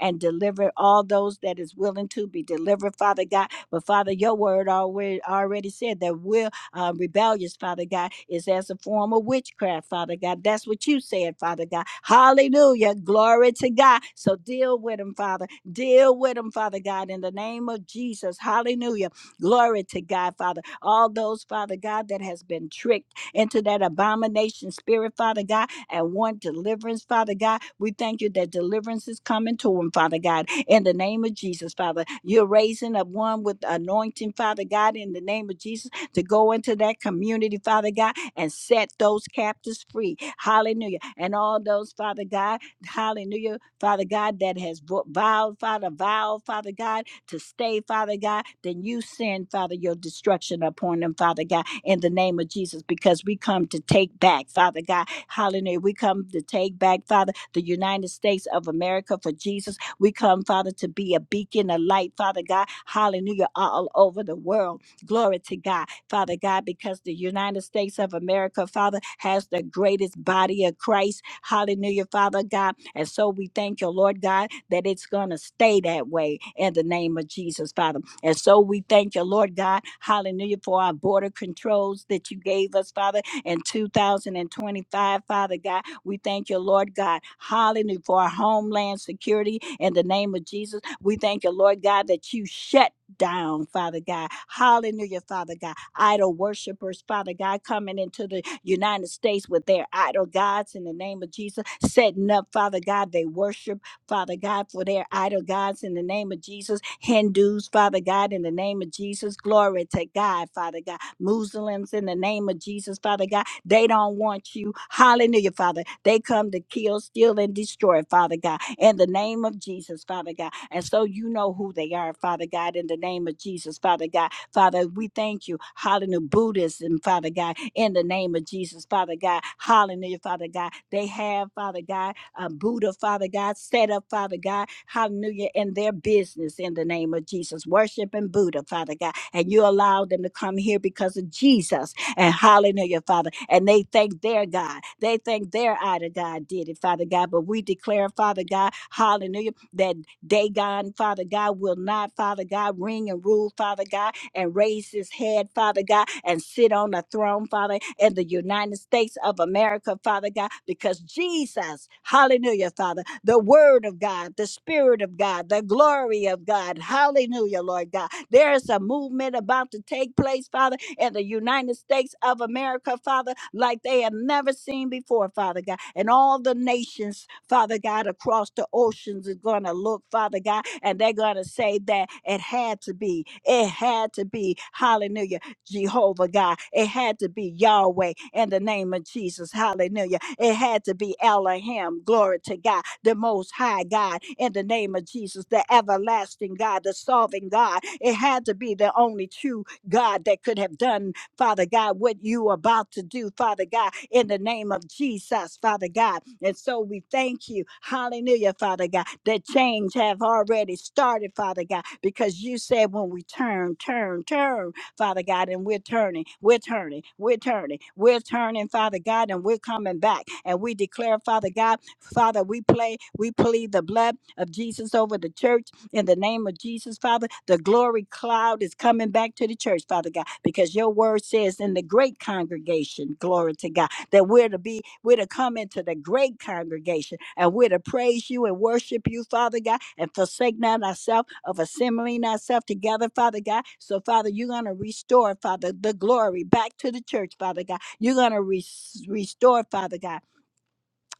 A: and deliver all those that is willing to be delivered, Father God. But Father, your word already already said that we will uh, rebellious, Father God, is as a form of witchcraft, Father God. That's what you said, Father God. Hallelujah. Glory to God. So deal with them, Father. Deal with them, Father God, in the name of Jesus. Hallelujah. Glory to God, Father. All those, Father God, that has been tricked into that abomination spirit, Father God, and want deliverance, Father God. We thank you that deliverance is coming to them, Father God, in the name of Jesus, Father. You're raising up one with anointing, Father God, in the name of Jesus to go into that community, Father God, and set those captives free. Hallelujah. And all those, Father God, hallelujah, Father God, that has vo- vowed, Father, vowed, Father God, to stay, Father God, then you send, Father, your destruction upon them, Father God, in the name of Jesus, because we come to take back, Father God, hallelujah. We come to take back, Father, the United States of America for Jesus. We come, Father, to be a beacon, a light, Father God, hallelujah, all over the world. Glory to God. Father God, because the United States of America, Father, has the greatest body of Christ. Hallelujah, Father God. And so we thank you, Lord God, that it's going to stay that way in the name of Jesus, Father. And so we thank you, Lord God, hallelujah, for our border controls that you gave us, Father, in 2025, Father God. We thank you, Lord God, hallelujah, for our homeland security in the name of Jesus. We thank you, Lord God, that you shut down, Father God. Hallelujah, Father God idol worshipers, Father God, coming into the United States with their idol gods in the name of Jesus, setting up, Father God, they worship, Father God, for their idol gods in the name of Jesus, Hindus, Father God, in the name of Jesus, glory to God, Father God, Muslims in the name of Jesus, Father God, they don't want you, hallelujah, Father, they come to kill, steal, and destroy, Father God, in the name of Jesus, Father God, and so you know who they are, Father God, in the name of Jesus, Father God, Father, we thank you. Hallelujah. Buddhism, Father God, in the name of Jesus, Father God. Hallelujah, Father God. They have, Father God, uh, Buddha, Father God, set up, Father God. Hallelujah, in their business in the name of Jesus. Worshiping Buddha, Father God. And you allow them to come here because of Jesus. And hallelujah, Father. And they thank their God. They think their idol God did it, Father God. But we declare, Father God, hallelujah, that Dagon, Father God, will not, Father God, ring and rule, Father God and raise his head, Father God, and sit on the throne, Father, in the United States of America, Father God, because Jesus, hallelujah, Father, the Word of God, the Spirit of God, the glory of God, hallelujah, Lord God. There is a movement about to take place, Father in the United States of America, Father, like they have never seen before, Father God. And all the nations, Father God, across the oceans is going to look, Father God, and they're going to say that it had to be, it had to be, hallelujah, Jehovah God. It had to be Yahweh in the name of Jesus, hallelujah. It had to be Elohim, glory to God, the most high God in the name of Jesus, the everlasting God, the solving God. It had to be the only true God, that could have done, Father God, what you are about to do, Father God, in the name of Jesus, Father God. And so we thank you, hallelujah, Father God, that change have already started, Father God, because you said when we turn, turn, turn, Father God, and we're turning, we're turning, we're turning, we're turning, Father God, and we're coming back. And we declare, Father God, Father, we play, we plead the blood of Jesus over the church in the name of Jesus, Father, the glory cloud is coming back to the church, Father God, because your word says in the great congregation, glory to God, that we're to be, we're to come into the great congregation and we're to praise you and worship you, Father God, and forsake not ourselves of assembling ourselves together, Father God. So, Father, you're going to restore, Father, the glory back to the church, Father God. You're going to re- restore, Father God.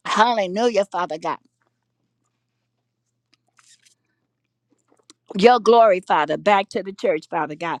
A: Hallelujah, Father God. Your glory, Father, back to the church, Father God.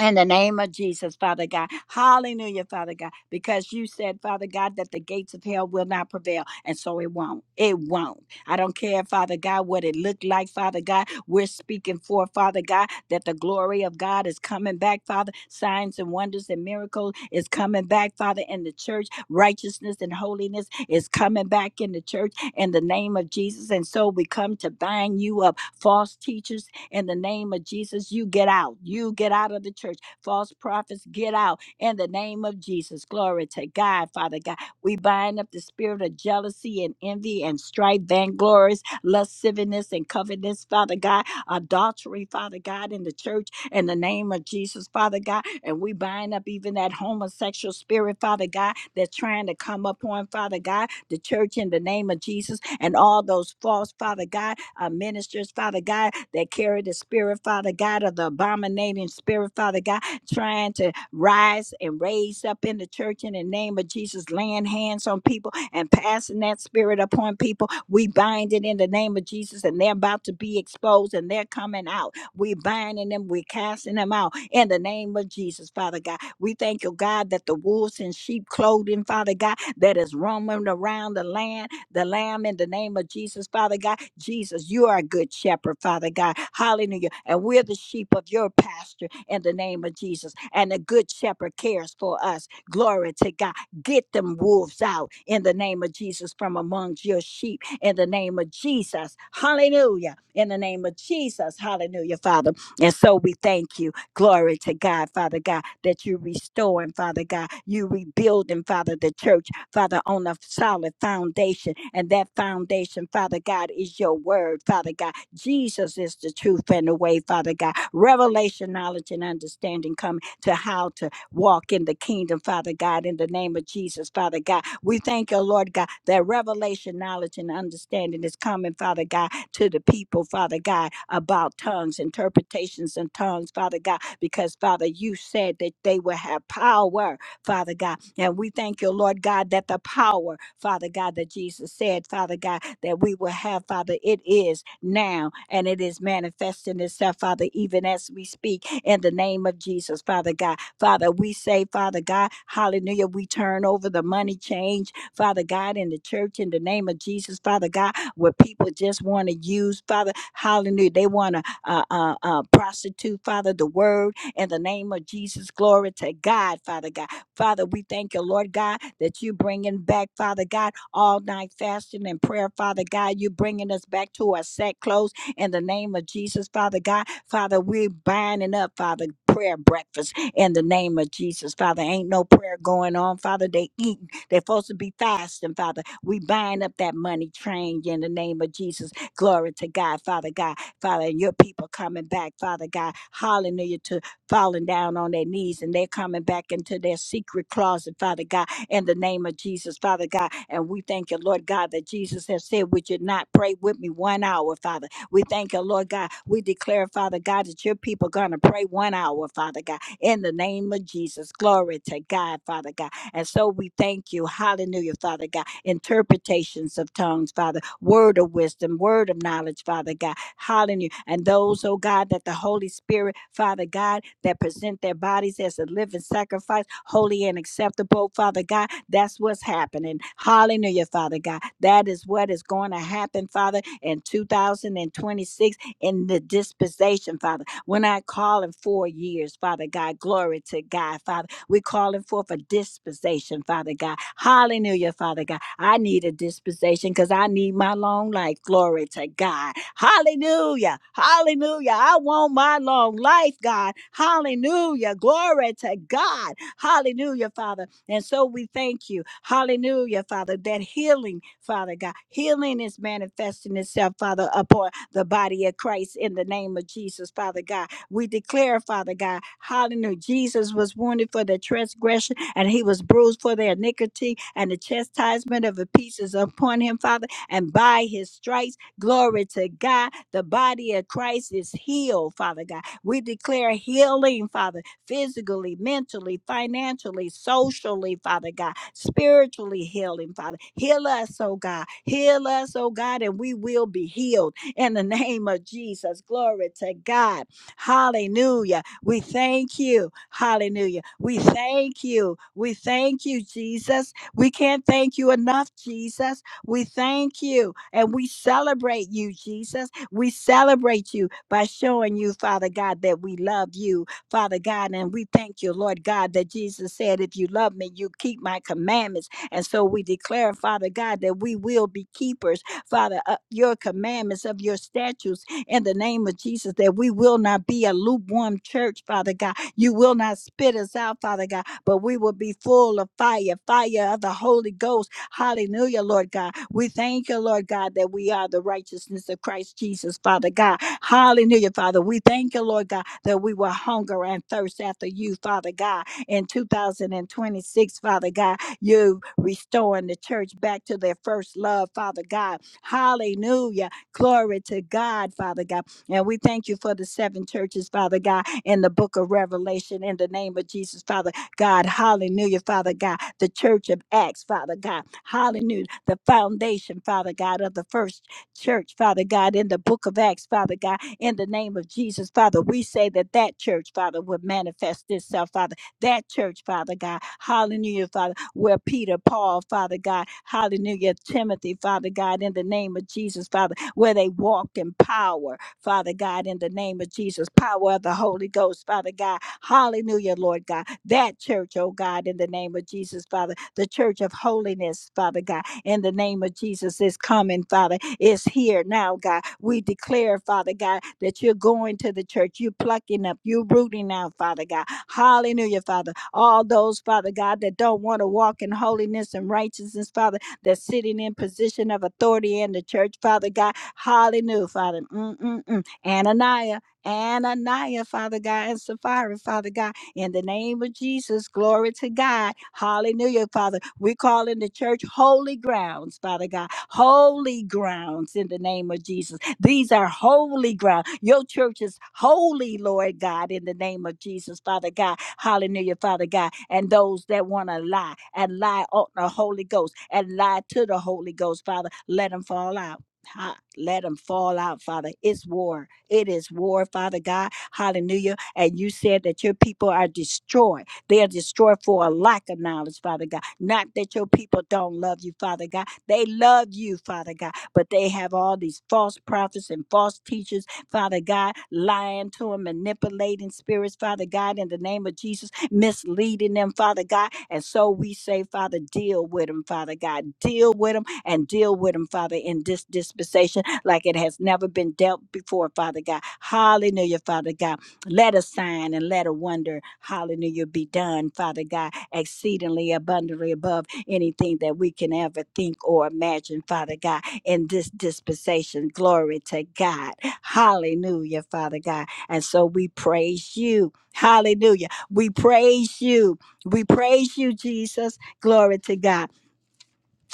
A: In the name of Jesus, Father God. Hallelujah, Father God. Because you said, Father God, that the gates of hell will not prevail. And so it won't. It won't. I don't care, Father God, what it looked like, Father God. We're speaking for, Father God, that the glory of God is coming back, Father. Signs and wonders and miracles is coming back, Father, in the church. Righteousness and holiness is coming back in the church in the name of Jesus. And so we come to bind you up, false teachers, in the name of Jesus. You get out. You get out of the church. False prophets, get out in the name of Jesus. Glory to God, Father God. We bind up the spirit of jealousy and envy and strife, vainglory lasciviousness and covetousness, Father God, adultery, Father God, in the church, in the name of Jesus, Father God. And we bind up even that homosexual spirit, Father God, that's trying to come upon, Father God, the church in the name of Jesus, and all those false, Father God, uh, ministers, Father God, that carry the spirit, Father God, of the abominating spirit, Father God, trying to rise and raise up in the church in the name of Jesus, laying hands on people and passing that spirit upon people. We bind it in the name of Jesus, and they're about to be exposed and they're coming out. We binding them, we casting them out in the name of Jesus, Father God. We thank you, God, that the wolves in sheep clothing, Father God, that is roaming around the land, the lamb in the name of Jesus, Father God. Jesus, you are a good shepherd, Father God. Hallelujah. And we're the sheep of your pasture in the name of Jesus. And the good shepherd cares for us. Glory to God. Get them wolves out in the name of Jesus from amongst your sheep in the name of Jesus. Hallelujah. In the name of Jesus. Hallelujah, Father. And so we thank you. Glory to God, Father God, that you restoring, Father God. You rebuilding, Father, the church, Father, on a solid foundation. And that foundation, Father God, is your word, Father God. Jesus is the truth and the way, Father God. Revelation, knowledge, and understanding come to how to walk in the kingdom, Father God, in the name of Jesus, Father God. We thank you, Lord God, that revelation, knowledge, and understanding is coming, Father God, to the people, Father God, about tongues, interpretations, and tongues, Father God, because, Father, you said that they will have power, Father God. And we thank you, Lord God, that the power, Father God, that Jesus said, Father God, that we will have, Father, it is now and it is manifesting itself, Father, even as we speak in the name of Jesus, Father God. Father, we say, Father God, hallelujah, we turn over the money change, Father God, in the church in the name of Jesus, Father God, where people just want to use, Father, hallelujah, they want to uh, uh, uh, prostitute, Father, the word in the name of Jesus. Glory to God, Father God. Father, we thank you, Lord God, that you bringing back, Father God, all night fasting and prayer, Father God. You bringing us back to our set clothes in the name of Jesus, Father God. Father, we're binding up, Father, prayer breakfast in the name of Jesus. Father, ain't no prayer going on. Father, they eating. They're supposed to be fasting, Father. We bind up that money train in the name of Jesus. Glory to God, Father God. Father, and your people coming back, Father God. Hallelujah to falling down on their knees and they're coming back into their secret closet, Father God, in the name of Jesus, Father God. And we thank you, Lord God, that Jesus has said, Would you not pray with me one hour, Father? We thank you, Lord God. We declare, Father God, that your people going to pray one hour, Father God in the name of Jesus. Glory to God, Father God. And so we thank you. Hallelujah, Father God. Interpretations of tongues, Father. Word of wisdom, word of knowledge, Father God. Hallelujah. And those, oh God, that the Holy Spirit, Father God, that present their bodies as a living sacrifice, holy and acceptable, Father God. That's what's happening. Hallelujah, Father God. That is what is going to happen, Father, in 2026 in the dispensation, Father. When I call in four years, Father God, glory to God, Father. We're calling forth a dispensation, Father God. Hallelujah, Father God. I need a dispensation because I need my long life. Glory to God. Hallelujah. Hallelujah. I want my long life, God. Hallelujah. Glory to God. Hallelujah, Father. And so we thank you. Hallelujah, Father, that healing, Father God, healing is manifesting itself, Father, upon the body of Christ in the name of Jesus, Father God. We declare, Father God, hallelujah, Jesus was wounded for the transgression and he was bruised for their iniquity, and the chastisement of the peace is upon him, Father, and by his stripes, glory to God, the body of Christ is healed, Father God. We declare healing, Father physically, mentally, financially, socially, Father God, spiritually healing, Father. Heal us, oh God. Heal us, oh God, and we will be healed in the name of Jesus. Glory to God. Hallelujah. We thank you. Hallelujah. We thank you. We thank you, Jesus. We can't thank you enough, Jesus. We thank you and we celebrate you, Jesus. We celebrate you by showing you, Father God, that we love you Father God. And we thank you, Lord God, that Jesus said, If you love me, you keep my commandments. And so we declare, Father God, that we will be keepers, Father, of your commandments, of your statutes in the name of Jesus, that we will not be a lukewarm church, Father God. You will not spit us out, Father God, but we will be full of fire, fire of the Holy Ghost Hallelujah, Lord God. We thank you, Lord God, that we are the righteousness of Christ Jesus, Father God. Hallelujah, Father. We thank you, Lord God, that we will hunger and thirst after you, Father God. In 2026, Father God, you restoring the church back to their first love, Father God. Hallelujah. Glory to God, Father God. And we thank you for the seven churches, Father God, in the book of Revelation in the name of Jesus, Father. God, hallelujah, Father God, the church of Acts, Father God, hallelujah, the foundation, Father God, of the first church, Father God, in the book of Acts, Father God, in the name of Jesus, Father, we say that that church, Father, would manifest itself, Father, that church, Father God, hallelujah, Father, where Peter, Paul, Father God, hallelujah, Timothy, Father God, in the name of Jesus, Father, where they walked in power, Father God, in the name of Jesus, power of the Holy Ghost, Father God. Hallelujah, Lord God. That church, oh God, in the name of Jesus, Father, the church of holiness, Father God, in the name of Jesus is coming, Father, is here now, God. We declare, Father God, that you're going to the church, you're plucking up, you're rooting out, Father God. Hallelujah, Father. All those, Father God, that don't want to walk in holiness and righteousness, Father, that's sitting in position of authority in the church, Father God, Hallelujah, Father. Mm-mm-mm. Ananiah, Ananiah, Father God, and Sapphira, Father God. In the name of Jesus, glory to God. Hallelujah, Father. We call in the church holy grounds, Father God. Holy grounds in the name of Jesus. These are holy ground. Your church is holy, Lord God, in the name of Jesus, Father God. Hallelujah, Father God. And those that want to lie and lie on the Holy Ghost and lie to the Holy Ghost, Father, let them fall out Ha- Let them fall out, Father. It's war. It is war, Father God. Hallelujah. And you said that your people are destroyed. They are destroyed for a lack of knowledge, Father God. Not that your people don't love you, Father God. They love you, Father God, but they have all these false prophets and false teachers, Father God, lying to them, manipulating spirits, Father God, in the name of Jesus, misleading them, Father God. And so we say, Father, deal with them, Father God. Deal with them and deal with them, Father, in this dispensation like it has never been dealt before, Father God. Hallelujah, Father God. Let a sign and let a wonder, hallelujah, be done, Father God, exceedingly abundantly above anything that we can ever think or imagine, Father God, in this dispensation. Glory to God. Hallelujah, Father God. And so we praise you. Hallelujah. We praise you. We praise you, Jesus. Glory to God.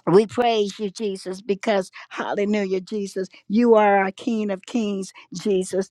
A: We praise you, Jesus, because hallelujah, Jesus, you are our King of Kings, Jesus.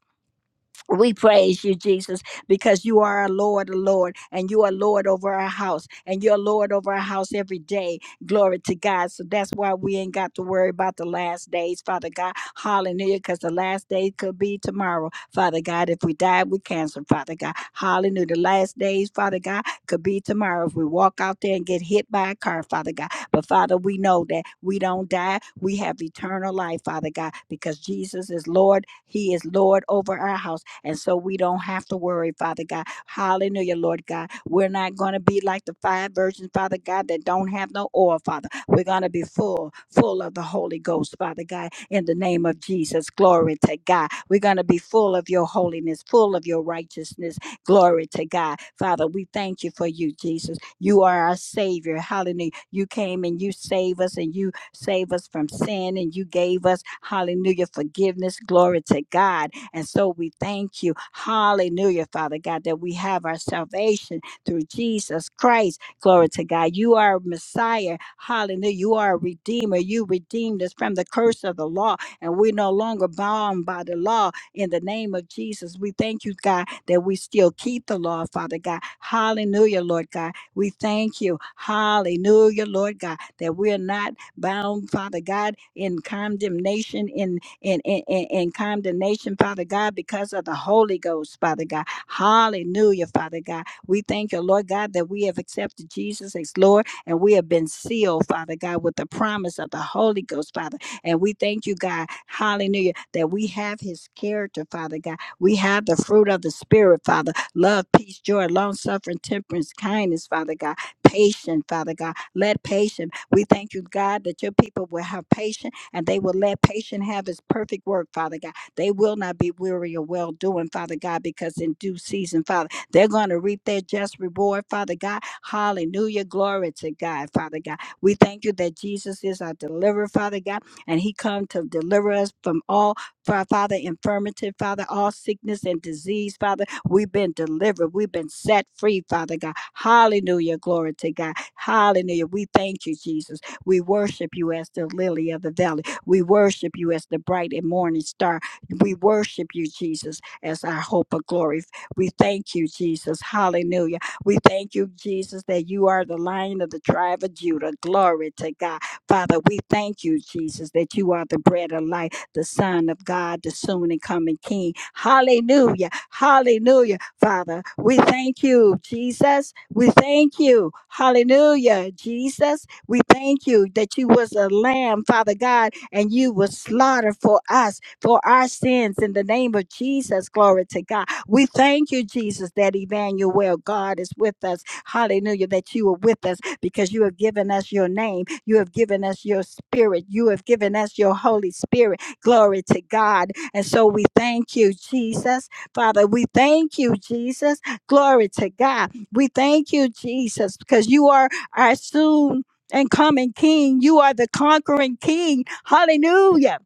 A: We praise you, Jesus, because you are our Lord, Lord, and you are Lord over our house, and you're Lord over our house every day. Glory to God. So that's why we ain't got to worry about the last days, Father God. Hallelujah, because the last day could be tomorrow, Father God. If we die with cancer, Father God. Hallelujah. The last days, Father God, could be tomorrow. If we walk out there and get hit by a car, Father God. But Father, we know that we don't die. We have eternal life, Father God, because Jesus is Lord. He is Lord over our house. And so we don't have to worry, Father God. Hallelujah, Lord God. We're not going to be like the five virgins, Father God, that don't have no oil, Father. We're going to be full, full of the Holy Ghost, Father God, in the name of Jesus. Glory to God. We're going to be full of your holiness, full of your righteousness Glory to God. Father, we thank you for you, Jesus. You are our Savior. Hallelujah. You came and you save us and you save us from sin and you gave us, hallelujah, forgiveness. Glory to God. And so we thank you. Hallelujah, Father God, that we have our salvation through Jesus Christ. Glory to God. You are Messiah. Hallelujah. You are a Redeemer. You redeemed us from the curse of the law, and we're no longer bound by the law in the name of Jesus. We thank you, God, that we still keep the law, Father God. Hallelujah, Lord God. We thank you. Hallelujah, Lord God, that we're not bound, Father God, in condemnation, in in, in, in, in condemnation, Father God, because of the Holy Ghost, Father God. Hallelujah, Father God. We thank you, Lord God, that we have accepted Jesus as Lord and we have been sealed, Father God, with the promise of the Holy Ghost, Father. And we thank you, God, hallelujah, that we have his character, Father God. We have the fruit of the Spirit, Father love, peace, joy, long suffering, temperance, kindness, Father God, patient, Father God. Let patient, we thank you, God, that your people will have patience and they will let patient have his perfect work, Father God. They will not be weary of well doing, Father God, because in due season, Father, they're going to reap their just reward, Father God. Hallelujah. Glory to God, Father God. We thank you that Jesus is our deliverer, Father God and he come to deliver us from all Fa- father infirmity father all sickness and disease father we've been delivered we've been set free father god hallelujah glory to god hallelujah we thank you jesus we worship you as the lily of the valley we worship you as the bright and morning star we worship you jesus as our hope of glory we thank you jesus hallelujah we thank you jesus that you are the lion of the tribe of judah glory to god Father, we thank you, Jesus, that you are the bread of life, the Son of God, the soon and coming King. Hallelujah. Hallelujah. Father, we thank you, Jesus. We thank you. Hallelujah, Jesus. We thank you that you was a lamb, Father God, and you was slaughtered for us, for our sins in the name of Jesus. Glory to God. We thank you, Jesus, that Emmanuel, God, is with us Hallelujah, that you are with us because you have given us your name. You have given us your spirit. You have given us your Holy Spirit. Glory to God. And so we thank you, Jesus. Father, we thank you, Jesus. Glory to God. We thank you, Jesus, because you are our soon and coming King. You are the conquering King. Hallelujah.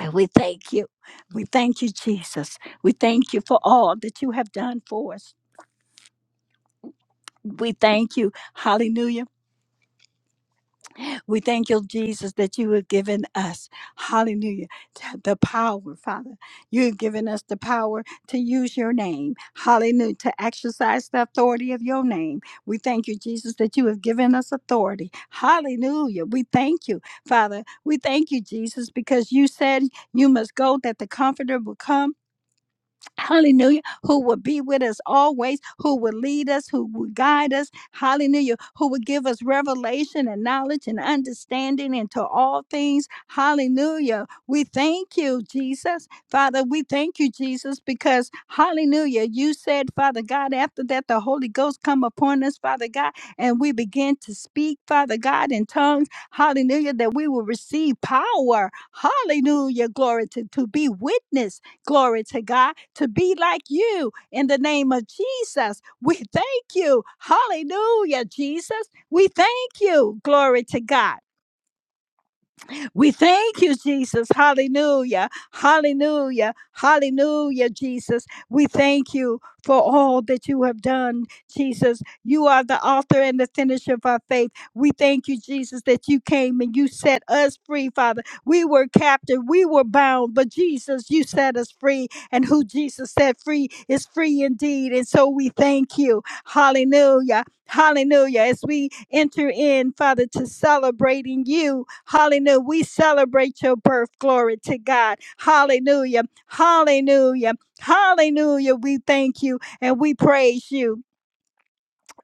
A: And we thank you. We thank you, Jesus. We thank you for all that you have done for us. We thank you. Hallelujah We thank you, Jesus, that you have given us, hallelujah, t- the power, Father. You have given us the power to use your name, hallelujah, to exercise the authority of your name. We thank you, Jesus, that you have given us authority, hallelujah. We thank you, Father. We thank you, Jesus, because you said you must go that the Comforter will come hallelujah, who will be with us always, who will lead us, who will guide us, hallelujah, who will give us revelation and knowledge and understanding into all things, hallelujah. We thank you, Jesus. Father, we thank you, Jesus, because, hallelujah, you said, Father God, after that, the Holy Ghost come upon us, Father God, and we begin to speak, Father God, in tongues, hallelujah, that we will receive power, hallelujah, glory to, to be witness Glory to God. To be like you in the name of Jesus. We thank you. Hallelujah, Jesus. We thank you. Glory to God. We thank you, Jesus. Hallelujah. Hallelujah. Hallelujah, Jesus. We thank you for all that you have done, Jesus. You are the author and the finisher of our faith. We thank you, Jesus, that you came and you set us free, Father. We were captive, we were bound, but Jesus, you set us free. And who Jesus set free is free indeed. And so we thank you. Hallelujah. Hallelujah. As we enter in, Father, to celebrating you, hallelujah. We celebrate your birth. Glory to God. Hallelujah. Hallelujah. Hallelujah. We thank you and we praise you.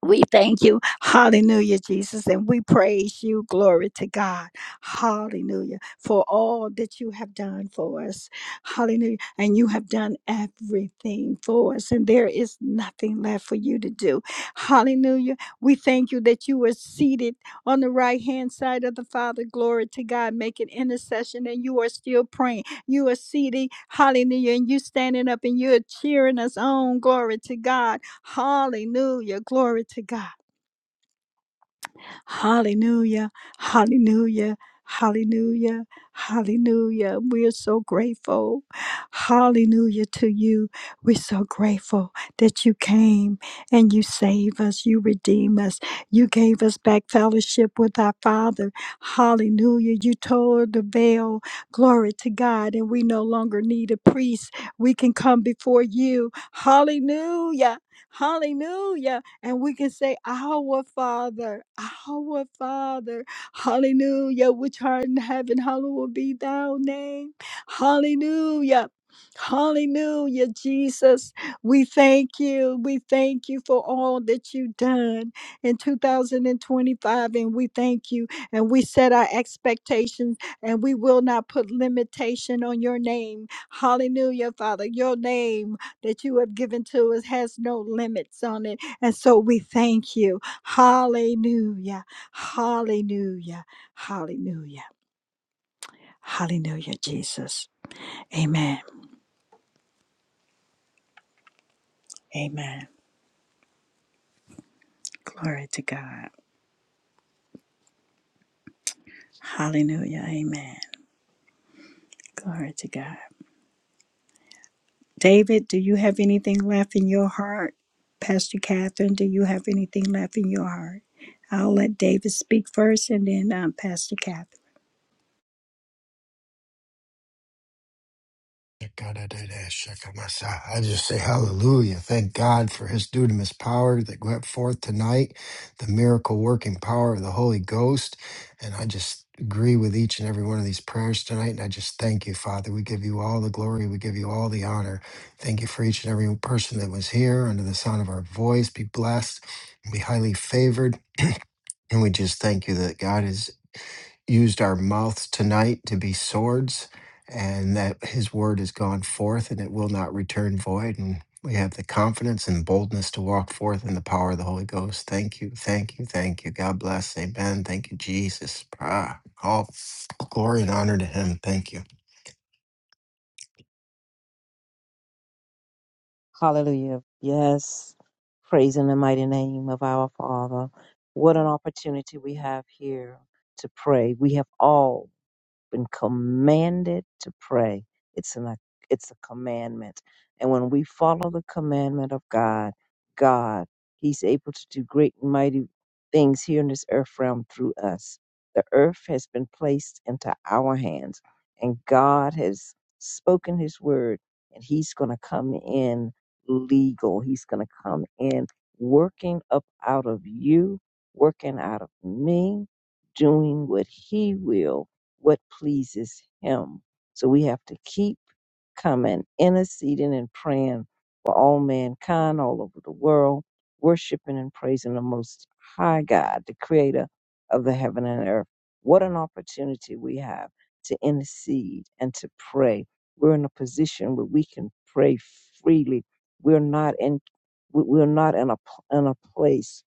A: We thank you. Hallelujah, Jesus. And we praise you. Glory to God. Hallelujah. For all that you have done for us. Hallelujah. And you have done everything for us. And there is nothing left for you to do. Hallelujah. We thank you that you were seated on the right hand side of the Father. Glory to God. Making intercession. And you are still praying. You are seated. Hallelujah. And you standing up and you're cheering us on. Glory to God Hallelujah. Glory to God. Hallelujah. Hallelujah. Hallelujah. Hallelujah. We are so grateful. Hallelujah to you. We're so grateful that you came and you save us. You redeem us. You gave us back fellowship with our Father. Hallelujah. You tore the veil. Glory to God. And we no longer need a priest. We can come before you. Hallelujah. Hallelujah and we can say, Our Father, our Father, hallelujah, which art in heaven, hallowed be thy name, hallelujah. Hallelujah, Jesus. We thank you. We thank you for all that you've done in 2025. And we thank you. And we set our expectations and we will not put limitation on your name. Hallelujah, Father. Your name that you have given to us has no limits on it and so we thank you. Hallelujah. Hallelujah. Hallelujah. Hallelujah, Jesus. Amen. Amen. Glory to God. Hallelujah. Amen. Glory to God. David, do you have anything left in your heart? Pastor Catherine, do you have anything left in your heart? I'll let David speak first and then um, Pastor Catherine.
B: Shakadadada-shakamasa. I just say hallelujah. Thank God for his dunamis power that went forth tonight, the miracle working power of the Holy Ghost. And I just agree with each and every one of these prayers tonight. And I just thank you, Father. We give you all the glory. We give you all the honor. Thank you for each and every person that was here under the sound of our voice. Be blessed, be highly favored. And we just thank you that God is used our mouths tonight to be swords, and that His word has gone forth and it will not return void. And we have the confidence and boldness to walk forth in the power of the Holy Ghost. Thank you, thank you, thank you. God bless. Amen. Thank you, Jesus. Ah, all glory and honor to Him. Thank you.
C: Hallelujah. Yes. Praise in the mighty name of our Father. What an opportunity we have here to pray. We have all. been commanded to pray. It's an it's a commandment. And when we follow the commandment of God, God, He's able to do great and mighty things here in this earth realm through us. The earth has been placed into our hands, and God has spoken His word, and He's going to come in legal. He's going to come in working up out of you, working out of me, doing what He will what pleases him. So we have to keep coming, interceding and praying for all mankind all over the world, worshiping and praising the most high God, the creator of the heaven and earth. What an opportunity we have to intercede and to pray. We're in a position where we can pray freely. We're not in we- we're not in a pl- in a place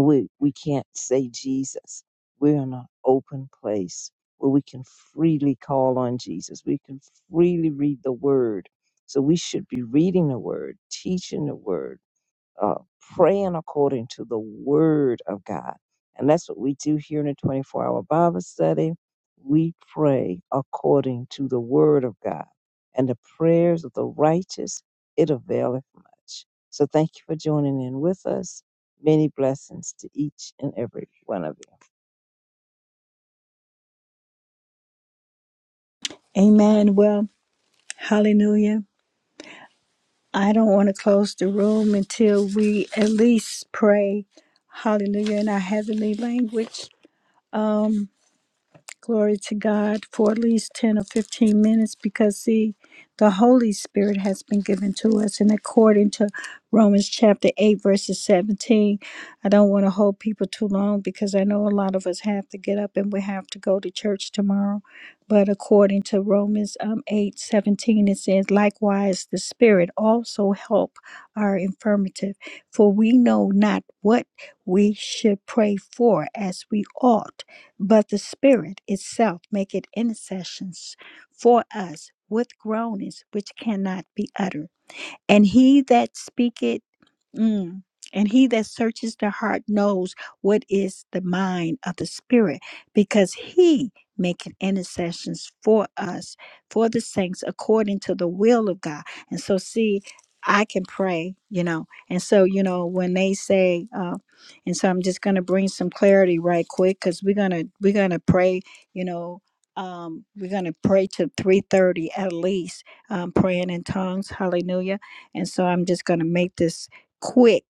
C: we we can't say Jesus. We're in an open place where we can freely call on Jesus. We can freely read the Word. So we should be reading the Word, teaching the Word uh, praying according to the word of God. And that's what we do here in the 24 hour Bible study. We pray according to the word of God. And the prayers of the righteous, it availeth much. So thank you for joining in with us. Many blessings to each and every one of you.
A: Amen. Well, hallelujah. I don't want to close the room until we at least pray hallelujah in our heavenly language. Um, Glory to God for at least 10 or 15 minutes because, see, the Holy Spirit has been given to us. And according to Romans chapter 8, verses 17, I don't want to hold people too long because I know a lot of us have to get up and we have to go to church tomorrow. But according to Romans um, 8 17, it says, Likewise, the Spirit also help our infirmity, for we know not what we should pray for as we ought but the Spirit itself maketh intercessions for us with groanings which cannot be uttered. And he that speaketh, mm, and he that searches the heart knows what is the mind of the Spirit, because he maketh intercessions for us, for the saints, according to the will of God. And so, see, I can pray, you know. And so, you know, when they say, uh, and so I'm just going to bring some clarity right quick because we're gonna we're gonna pray, you know. Um, we're gonna pray to 3:30 at least, um, praying in tongues. Hallelujah and so I'm just going to make this quick,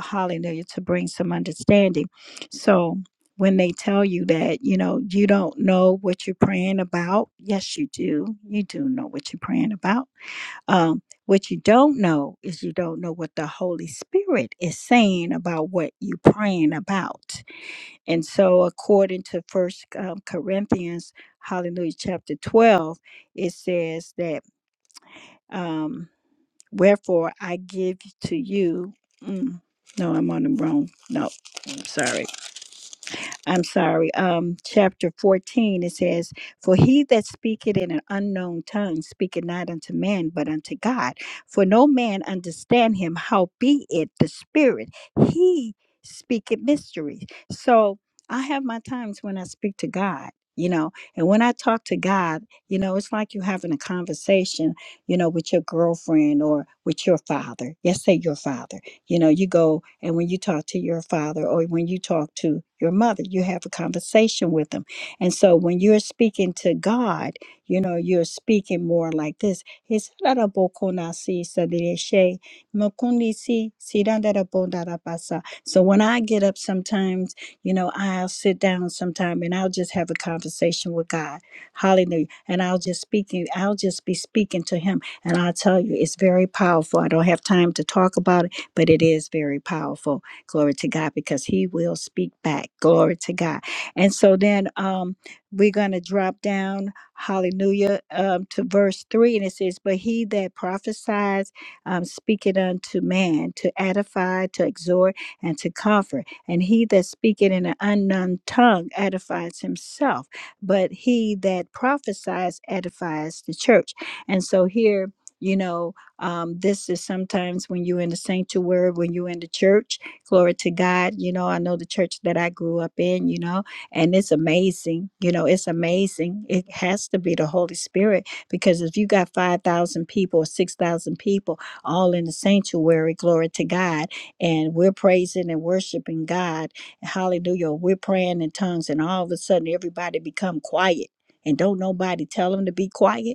A: hallelujah, to bring some understanding. So when they tell you that, you know, you don't know what you're praying about, yes, you do. You do know what you're praying about. Um, what you don't know is you don't know what the Holy Spirit is saying about what you're praying about. And so, according to First um, Corinthians, hallelujah, chapter 12, it says that. Um, Wherefore I give to you. Mm, no, I'm on the wrong. No, I'm sorry. I'm sorry, um, chapter 14, it says, For he that speaketh in an unknown tongue speaketh not unto man, but unto God. For no man understand him, how be it the Spirit, he speaketh mysteries. So I have my times when I speak to God. You know, and when I talk to God, you know, it's like you having a conversation, you know, with your girlfriend or with your father. Yes, say your father you know, you go and when you talk to your father or when you talk to your mother, you have a conversation with them. And so when you're speaking to God, you know, you're speaking more like this. It's So when I get up sometimes, you know, I'll sit down sometime and I'll just have a conversation with God. Hallelujah. And I'll just speaking, I'll just be speaking to him. And I'll tell you, it's very powerful. I don't have time to talk about it but it is very powerful. Glory to God, because He will speak back. Glory to God. And so then um, we're going to drop down, hallelujah, um, to verse 3, and it says, But he that prophesies um, speaketh unto man, to edify, to exhort, and to comfort. And he that speaketh in an unknown tongue edifies himself, but he that prophesies edifies the church. And so here, you know, um, this is sometimes when you're in the sanctuary, when you're in the church, glory to God. You know, I know the church that I grew up in, you know, and it's amazing. You know, it's amazing. It has to be the Holy Spirit because if you got 5,000 people or 6,000 people all in the sanctuary, glory to God, and we're praising and worshiping God, hallelujah, we're praying in tongues, and all of a sudden everybody become quiet and don't nobody tell them to be quiet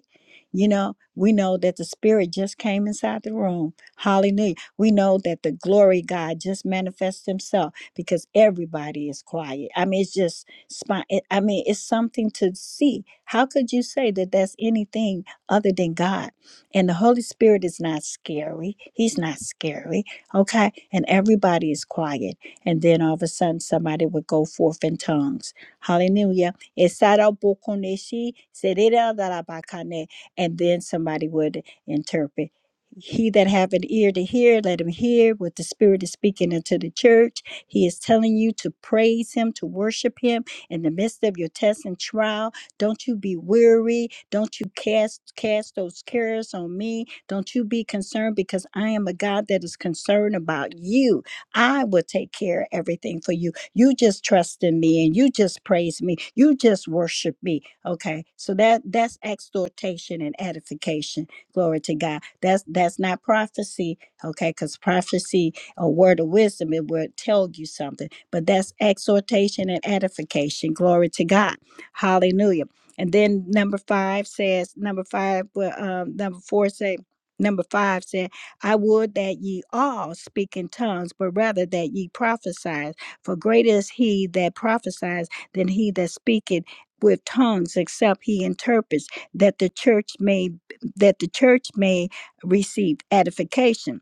A: you know, we know that the Spirit just came inside the room. Hallelujah. We know that the glory of God just manifests Himself because everybody is quiet. I mean, it's just, spon- it- I mean, it's something to see. How could you say that that's anything other than God? And the Holy Spirit is not scary. He's not scary. Okay. And everybody is quiet. And then all of a sudden, somebody would go forth in tongues. Hallelujah. Esara bokoneshi, serera darabakane and then somebody would interpret. He that have an ear to hear, let him hear what the Spirit is speaking into the church. He is telling you to praise Him, to worship Him in the midst of your test and trial. Don't you be weary. Don't you cast cast those cares on me. Don't you be concerned because I am a God that is concerned about you. I will take care of everything for you. You just trust in me and you just praise me. You just worship me. Okay, so that that's exhortation and edification. Glory to God. That's that's not prophecy. Okay, because prophecy, a word of wisdom, it would tell you something. But that's exhortation and edification. Glory to God. Hallelujah. And then number five says, number five, well, um, number four say, number five said, I would that ye all speak in tongues, but rather that ye prophesy. For greater is he that prophesies than he that speaketh with tongues except he interprets that the church may that the church may receive edification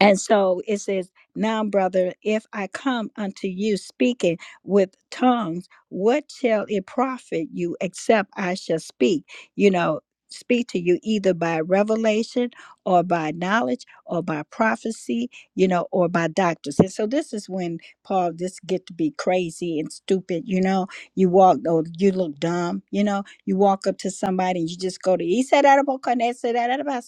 A: and so it says, Now, brother, if I come unto you speaking with tongues, what shall it profit you except I shall speak? You know, speak to you either by revelation or by knowledge or by prophecy, you know, or by doctors. And so this is when Paul, this get to be crazy and stupid, you know. You walk or you look dumb, you know, you walk up to somebody and you just go to he said "Edible, can I say that about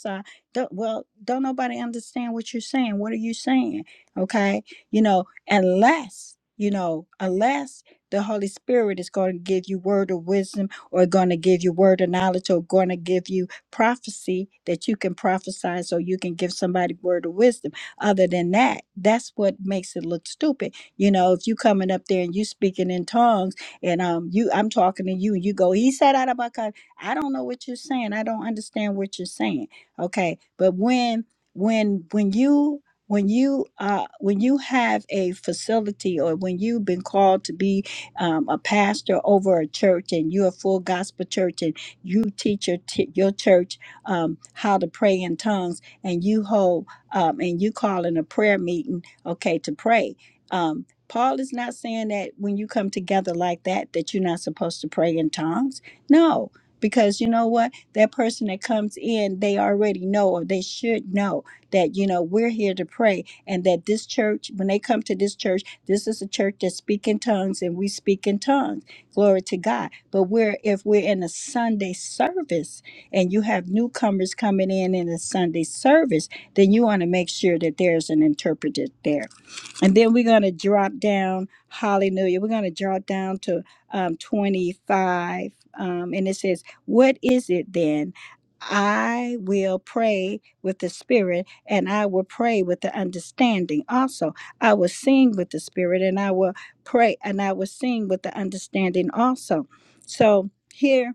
A: don't, well, don't nobody understand what you're saying. What are you saying? Okay. You know, unless, you know, unless the Holy Spirit is going to give you word of wisdom or going to give you word of knowledge or going to give you prophecy that you can prophesy so you can give somebody word of wisdom. Other than that, that's what makes it look stupid. You know, if you coming up there and you speaking in tongues and um you I'm talking to you and you go, he said out of my country." I don't know what you're saying. I don't understand what you're saying okay but when when when you when you uh when you have a facility or when you've been called to be um, a pastor over a church and you're a full gospel church and you teach your t- your church um, how to pray in tongues and you hold um, and you call in a prayer meeting okay to pray um, paul is not saying that when you come together like that that you're not supposed to pray in tongues no because you know what that person that comes in, they already know or they should know that, you know, we're here to pray and that this church, when they come to this church, this is a church that speak in tongues and we speak in tongues. Glory to God. But we're if we're in a Sunday service and you have newcomers coming in in a Sunday service, then you want to make sure that there's an interpreter there. And then we're going to drop down, hallelujah, we're going to drop down to um, 25. Um, and it says, what is it then? I will pray with the spirit and I will pray with the understanding. Also, I will sing with the spirit and I will pray and I will sing with the understanding also. So here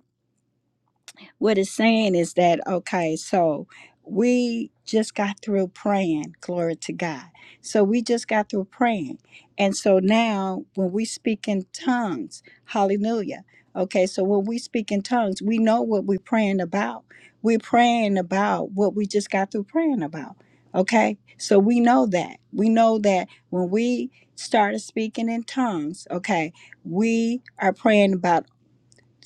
A: what it's saying is that okay so we just got through praying glory to god so we just got through praying and so now when we speak in tongues hallelujah okay so when we speak in tongues we know what we're praying about we're praying about what we just got through praying about okay so we know that we know that when we started speaking in tongues okay we are praying about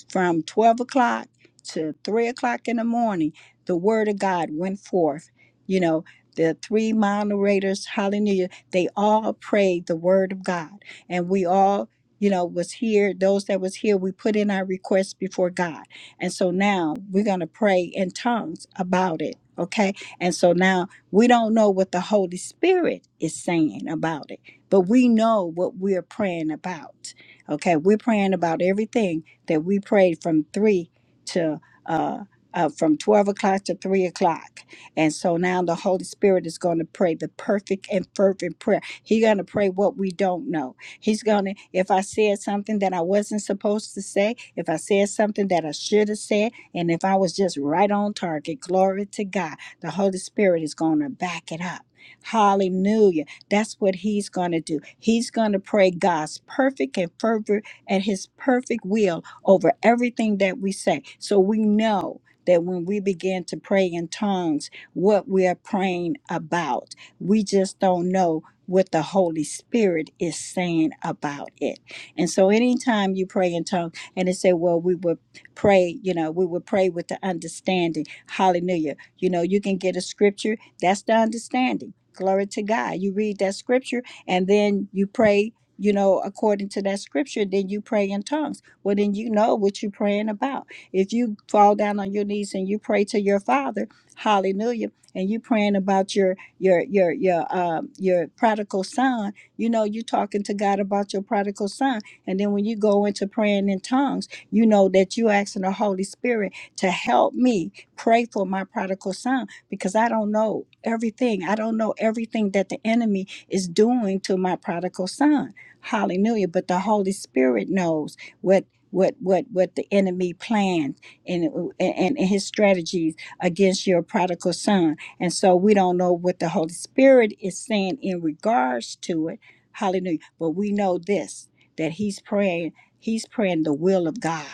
A: from 12 o'clock to 3 o'clock in the morning, the word of God went forth. You know, the three moderators, hallelujah, they all prayed the word of God. And we all, you know, was here, those that was here, we put in our requests before God. And so now we're going to pray in tongues about it. Okay. And so now we don't know what the Holy Spirit is saying about it, but we know what we're praying about. Okay. We're praying about everything that we prayed from three to uh, uh, from 12 o'clock to 3 o'clock. And so now the Holy Spirit is going to pray the perfect and fervent prayer. He's going to pray what we don't know. He's going to, if I said something that I wasn't supposed to say, if I said something that I should have said, and if I was just right on target, glory to God, the Holy Spirit is going to back it up. Hallelujah. That's what he's going to do. He's going to pray God's perfect and fervent and his perfect will over everything that we say. So we know that when we begin to pray in tongues, what we are praying about, we just don't know what the Holy Spirit is saying about it. And so anytime you pray in tongues, and they say, well, we would pray, you know, we would pray with the understanding. Hallelujah. You know, you can get a scripture, that's the understanding. Glory to God. You read that scripture and then you pray you know, according to that scripture, then you pray in tongues. Well, then you know what you're praying about. If you fall down on your knees and you pray to your Father, Hallelujah, and you praying about your your your your um your prodigal son, you know you're talking to God about your prodigal son. And then when you go into praying in tongues, you know that you asking the Holy Spirit to help me pray for my prodigal son because I don't know everything. I don't know everything that the enemy is doing to my prodigal son. Hallelujah. But the Holy Spirit knows what what what the enemy plans and uh, and, and his strategies against your prodigal son and so we don't know what the holy spirit is saying in regards to it hallelujah but we know this that he's praying he's praying the will of god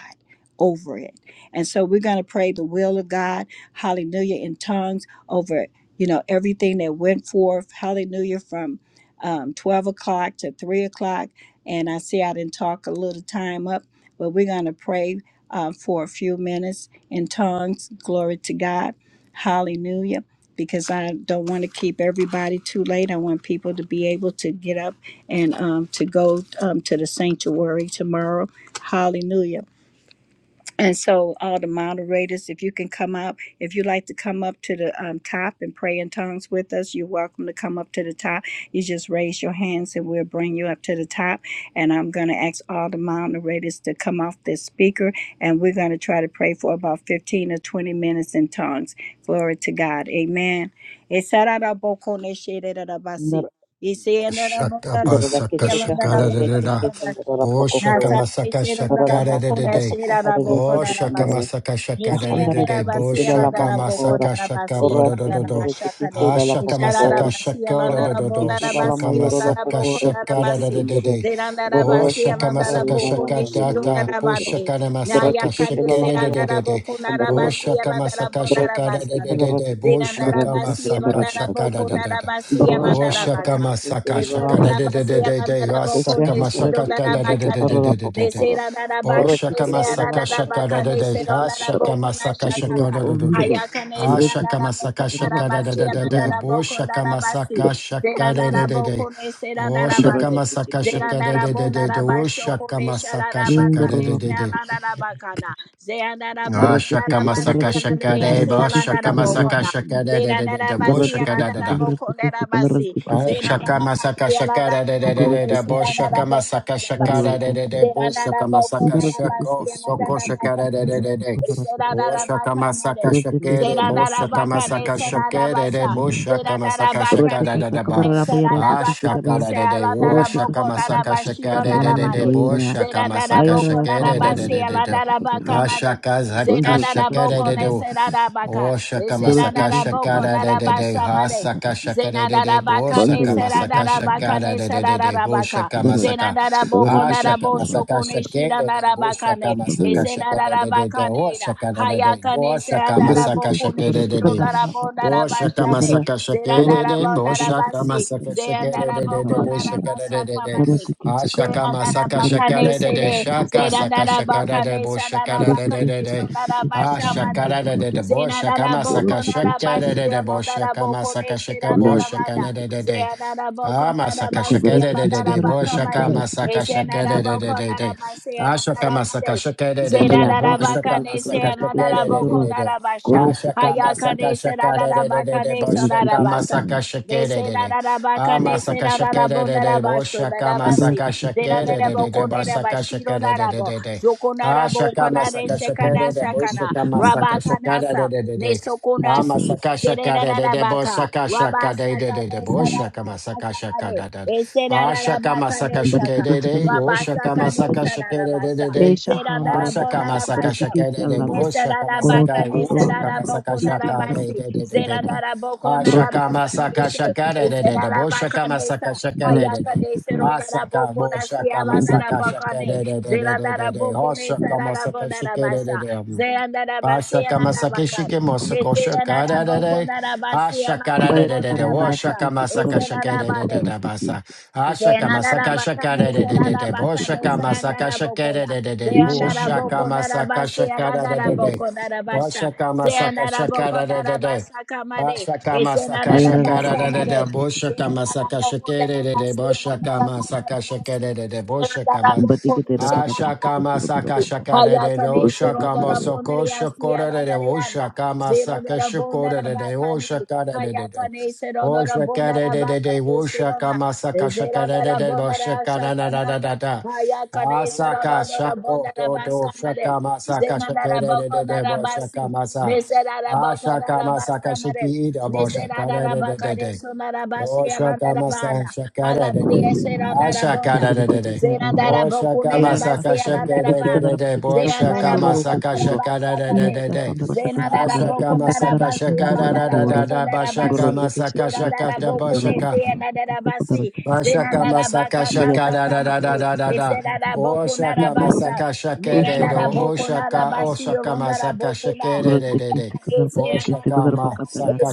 A: over it and so we're going to pray the will of god hallelujah in tongues over you know everything that went forth hallelujah from um, 12 o'clock to 3 o'clock and i see i didn't talk a little time up but we're going to pray uh, for a few minutes in tongues. Glory to God. Hallelujah. Because I don't want to keep everybody too late. I want people to be able to get up and um, to go um, to the sanctuary tomorrow. Hallelujah. And so, all the moderators, if you can come up, if you like to come up to the um, top and pray in tongues with us, you're welcome to come up to the top. You just raise your hands and we'll bring you up to the top. And I'm going to ask all the moderators to come off this speaker and we're going to try to pray for about 15 or 20 minutes in tongues. Glory to God. Amen.
C: Ndor- ndorora
B: Shakabasaka
C: kesheka
B: shakara
C: ndorora
B: da da da,
C: tekesheka ndorora
B: Oh,
C: pokokora.
A: Nasane
B: shakamasaka
C: Darara
A: Sherundara
B: shakara da
C: kahandara
A: Bokona
B: da
C: toko
A: Sherada
C: horere keke
A: Bokona
C: kandorore.
A: Basi.
C: Shahandara
B: shakamasakashakaradadada.
A: Neseanera
C: tiki
A: Basi
C: sila la
A: Alandara
C: moko kora.
A: Bokona Basi
C: Goro
A: Alandara
C: shihindara tiki
A: Bashakane.
B: Oh,
C: sila la poko
A: Isharada
C: kora.
B: shakamasaka
A: Basi
B: shakara
C: Goro
B: da
A: Alandara
B: da da
C: tiki
A: Bonara
C: sila la
A: Basi
B: Bo
C: mayororo
A: Rondara
B: shakamasaka
C: kokoro
A: Bokona
C: tiki
B: shakabada da, da
A: Basi.
B: da.
C: sikindere.
A: Zerandara
B: Ah,
C: Goro
A: basi,
C: shahandara
A: Alandara
B: shakamasaka
C: riga la
B: shakara
A: Bokone
B: da da da
C: mayororo
A: Shirundara
C: kokoro.
A: Bade.
C: Doro
B: Shakamasaka
C: tiki
A: Nayakane
C: sila la
B: shakara da, da da Shakamasakashakaradadada. Oh, shakamasakashakadata. Bo shakanamasaka shakara da, da
C: mayora
B: da
A: Serandara
B: da.
C: taka
A: Bokona
B: Oh,
C: sakandororo
A: basi
C: kokoro.
A: elandara
B: shakamasaka
C: Doro
B: shakara
C: tiki
B: da da da
C: sikandoro
B: da
C: tiki
B: Bo
C: sikandoro tiki
B: shakamasaka
C: sikandoro tiki
B: shakara
A: boko,
B: da.
C: sikandoro.
B: da da.
A: narabasi,
C: Doro
B: Oh,
A: elandara
C: shahandara
B: shaka
A: baka.
C: tiki
A: Zera
B: masaka
C: sila la
B: shaka da da
C: poko
B: da da
C: kora.
B: da
C: Keshahandara tiki sikandoro la poko
B: da.
C: kora.
B: Oh, shaka
C: Korotike tela la poko
B: masaka da da
C: kondoro
B: da da da da da da da da. Oh,
C: tike tike
B: shaka
C: kondoro.
B: masaka
C: Indoro la
B: shaka da da da.
C: kondoro.
B: Ah,
C: Indoro
B: shaka
C: tike tike
B: masaka
C: kondoro la
B: shaka da da
C: pasike
B: da da. Ah,
C: kondoro la poko kondoro.
B: shaka masaka shaka da da da da da. Oh,
C: Indoro
B: shaka
C: tike tike
B: masaka
C: kondoro
B: shaka da
C: tike
B: da
C: tike
B: da
C: kondoro
B: da.
C: la
B: Oh,
C: poko kondoro.
B: shaka masaka shaka
C: Indoro
B: da da
C: la
B: da da da.
C: poko sa kondoro tike tike.
B: Oh,
C: Indoro tike
B: shaka
C: tike kondoro
B: masaka
C: tike
B: shaka
C: tike
B: da da da da.
C: kondoro
B: Ah, shaka masaka shaka da.
C: tike
B: Oh,
C: tike
B: shaka
C: kondoro la
B: masaka
C: poko
B: shaka
C: kondoro.
B: da da
A: Zena
B: da
A: da
B: da
A: da
B: da.
A: ba
B: Oh,
C: Indoro
A: si
B: shaka
A: ala
C: tike
B: da
A: da
B: da
C: tike
A: da
B: da.
A: bo
C: kondoro
A: da
C: tike
A: da
C: tike
A: ba
C: kondoro
A: si.
C: tike tike
B: Ah,
A: Zena
C: kondoro
A: da
B: Shaka
C: la
A: da
C: poko.
A: ba
B: masaka
A: si ala
B: shaka
A: da
B: da
A: da
B: da
A: ba
B: da da
A: Zena
C: Indoro
B: da
C: tike
B: bo
A: da
C: tike
A: da da
B: shaka
C: kondoro tike
A: bo
B: masaka
A: da da ba
B: shaka
C: kondoro la
B: da
A: si.
B: da da
A: Zera
C: poko.
B: da bo shaka masaka
C: Indoro tike
B: shako
C: tike kondoro
B: soko
C: tike
B: shaka
C: tike
B: da da da da da
C: kondoro la poko.
B: bo shaka masaka
C: Bandoro
B: shaka da bo shaka masaka shaka da da bo shaka masaka shaka da da da ba ah shaka da da wo shaka masaka shaka da da da da bo shaka masaka shaka da da da da da ah shaka zaka shaka da da da O shakama saka shakara de de de ha saka shaka de
A: Zena
B: de de bo
A: Zenadadabaka ne
B: shakama
A: sera
B: saka
A: seradadabaka
B: shakara
A: ne
B: de de
A: sera
B: de de bo
A: seradadabaka.
B: shakama saka
A: Zenadadaboko
B: ha shakama
A: nadabosoko
B: saka
A: ne
B: shake de de de bo
A: shidanadabaka ne.
B: shakama saka shaka de de de de
A: Esenadadabaka
B: o
A: ne da.
B: shaka de de de
A: Hayaka
B: go
A: ne sera
B: shakama saka
A: seradadaboko
B: shake
A: ne
B: de de
A: shiro
B: de Boshaka
A: shirodadabonadabasha ne.
B: masaka
A: Zena
B: shakere de boshaka
A: Zenadadabonadabasi.
B: masaka shakere de de de
A: Zenadadaboko
B: boshaka de de de de
A: nadabasakama ne.
C: Thank
B: ashaka masaka
A: Zenadadabaka ne
B: shakere de de
A: sere.
B: shaka saka shakere
A: Zenadadabaka
B: de
A: ne sera,
B: boshaka de de
A: seradabaka
B: de de
A: ne
B: de
A: sonadabasha ma ne.
B: ashakere de de de boshaka masaka
A: Zenadaboko
B: shakere de
A: Nadabashio
B: de boshaka
A: Nadaboko
B: masaka shaka
A: Neshira
B: boshaka
A: Nadabana.
B: de de de de
A: Zenadaboko
B: Ah, masaka shaka
A: Nadabasio
B: de de de de bo shaka
A: Nadabakamade.
B: masaka shaka de de de
A: Ezenadaboko
B: de de.
A: Nadabasia
B: Ah, shaka masaka
A: Nadabade.
B: shaka de de de de bo
A: Zenadabaka
B: shaka masaka
A: Nesia
B: shaka de de de
A: Nadaboko
B: de de.
A: Nadabasha.
B: Ah, shaka
A: Hayaka
B: masaka
A: Nesa
B: shaka de de de de
A: Nadabaka
B: de bo
A: Nesa
B: shaka
A: Nadabasa.
B: masaka
A: They
B: shaka de
A: say
B: de
A: that
B: de. Ah,
A: Arabaka, they say
B: masaka
A: that
B: shaka de de de boy
A: Arabondarabasho,
B: shaka
A: Narabasi,
B: masaka shaka de de de
A: Zeranerabo,
B: de bo shaka
A: Konerabashiro,
B: shaka de de de
A: Narabo,
B: de de. Ah,
A: Zokonarabo,
B: shaka
A: Konare,
B: masaka shaka
A: Shekana,
B: de de boy
A: Sakana,
B: shaka masaka shaka de de
A: Rabakanasa,
B: de de de. Ama
A: Nesokonasi,
B: saka shaka de de de bo
A: Zererabaka,
B: saka shaka de de
A: Rabasaka,
B: de de bo
C: you.
B: shaka masaka shaka
A: Nesarabasakanare,
B: da da. Ah shaka
A: Eserarabaka,
B: masaka shaka
A: Nesaka,
B: de
C: Baratikisi
B: de o
C: kadaratikisi
B: shaka
A: Rabasaka,
B: masaka
C: kadaratakusu.
B: shaka de de de
A: Nesarabasa,
B: de.
C: Esha
B: Ah shaka
C: handorotokusu
B: masaka
A: Zeranarabondarabasha,
B: shaka
C: kadaratikisi
B: de de
C: alala.
B: bo shaka masaka
A: Nesadabaka,
B: o
C: Korotokusu
B: shaka masaka
A: Nesadaboko,
C: handorotikisi
B: shaka de
A: Narabasi,
B: de de de
C: kadaratikisi
B: de
C: kadara.
B: de.
A: Zeraboko,
B: Ah shaka
A: Narabasa
C: Dorotokusu
B: masaka
A: Nation,
B: shaka
C: kadaratikisi
B: de de de de bo
C: kadaratukusu.
B: shaka
A: Zerabaka Nesa,
B: masaka shaka de de
A: Hayaka
B: de.
C: Baratikisi
A: Nesero,
B: Ah
C: kadaratikisi
B: shaka
A: Naraboko,
B: bo shaka
A: Nasiala,
B: masaka
C: kadaratikisi
B: shaka
A: Narabakane,
B: de de de de de de de.
A: Zeraboko,
B: Oh shaka
A: Nesarabo,
B: masaka shaka de de
A: Narabasa,
B: de.
A: Zeandarabasi, and Arabaka.
B: Pashakamasakeshike mosakosha
C: kadaratikisi.
A: Nesedaboko,
B: kadadade.
A: Narabasi, and
C: Ambaye
A: Arabo,
B: Ashakadadadadada.
A: Narabasa,
C: takarandarakisi kadaratukusu
A: Eserabade,
B: Washakamasakashakadadadada basa.
C: kadaratikisi.
A: Zenadada bakane
C: Kusu
A: senada
B: Ashakamasakashakadadadadada.
C: kadaratikisi
A: bakane
C: kadaratukusu.
A: sandada bokona.
B: Boshakamasakashakadadadada.
C: Esha
A: Zeandada
C: handorotokusu.
A: bokona da basi alandada
B: Woshakamasakashakadadadada.
A: bokona da basha. Zeandada bokona da
B: Boshakamasakashakadadadada.
A: basa
B: Boshakamasakashakadadadada.
A: kamade. Esenada da
C: Ayarara
A: basa made.
C: kadaratikisi kadaratukusu.
A: Zeandada bokona da
B: Boshakamasakashakadadadada.
A: basi alandada bokona da basi.
B: Boshakamasakashakadadadada.
A: Zeandada
B: Boshakamasakashakadadadada.
C: Kumbati
A: bokone
C: te na paka
A: senada
C: tarati
A: da
C: ke se
B: Ashakama
C: gonda na
B: saka
A: bakane.
C: paka.
B: shakare de ro
A: Hayakane
C: Durati ke
A: shiro da
B: shakama
A: da
C: tarati Batikitera
B: soko
A: bonere
C: pakataratikisi
A: asi
B: shakora de
A: alandare
B: o
A: anda.
B: shakama
A: Zero da
B: saka
A: da bonda
B: shakora
A: da
B: de o
A: bakane.
B: shakara de de do.
A: Hayakane shiro
B: O
A: da da bonda
B: shakare
A: da
B: de de de
A: bakane
B: o
A: shirona.
B: shakama saka shakare de
A: Zerandara
B: de o
A: bondara
B: shakana na na na
A: shakanada.
B: na na.
A: Haya kadesa
B: Asaka
A: radadara
B: shako
A: bondara
B: to
A: basa
B: do
A: mare.
B: shakama saka
A: Zenandara
B: shakere de de de
A: bokonara
B: o
A: basi.
B: shakama sa.
A: Neserara bokonara
B: Ashakama saka
A: basa mare.
B: shiki ida o shakare
A: Neserara
B: de de de.
A: bakadeso narabasi
B: Oh
A: alandara
B: shakamasa
A: bana. Haladri
B: shakadadede.
C: ke
B: Ah
A: eserandara
C: Durutikisi kudurapoko.
A: bonda.
C: Tikitira
B: shakadadede.
C: patikitera hora.
A: Zerandara
B: Oh
A: bokunera
C: Ayarani
B: shakamasaka
A: basi
C: asita
A: alandara
C: mitikisi
A: bana.
B: shakadadede. Bo
C: kadarapatikisa
A: Zerandara
C: kondororo
B: shakamasaka
A: bokonara
C: kokoro.
A: basa Kade,
C: Isa
B: shakadadede.
C: ke
A: Zena
B: Ah
A: da da boko
C: kadaratikasa
A: da da
B: shakamasaka
A: basi,
C: kadaratikandororo
A: alanda da
C: kora.
A: boko
B: shakadadadada.
A: da
B: Ba
A: da basi.
C: Gorotikisi
B: shakamasaka
A: Zena da da
B: shakata
C: kadaratikisi
B: ba
A: boko ne
B: shaka.
C: kudarapoko.
A: se na da da
C: ke
A: basi.
C: kadaratikasa
A: Zena
B: Vashaka
C: kadara.
A: da da
B: masaka
A: baka na
B: shaka
A: sa
B: da da
C: Ambayatikisi
B: da da
A: kamade.
B: da da
C: kadaratikisi
B: da.
A: Ese da da
C: kudarapoko.
A: boko na
B: Oshaka,
A: da
C: Tikisi
A: basa.
B: masaka
A: Ne
C: Usho
B: shakere
A: na
B: do.
A: da boko na
C: hadaratikisi
A: da
B: Oshaka, oshaka,
A: basi,
C: kadaratikisi
A: alanda da
C: kadara.
B: masaka
A: boko na.
B: shakere de de de.
C: Gorotikisi
A: Ese da
B: Oshaka,
C: kadarapatikisi
A: da banda.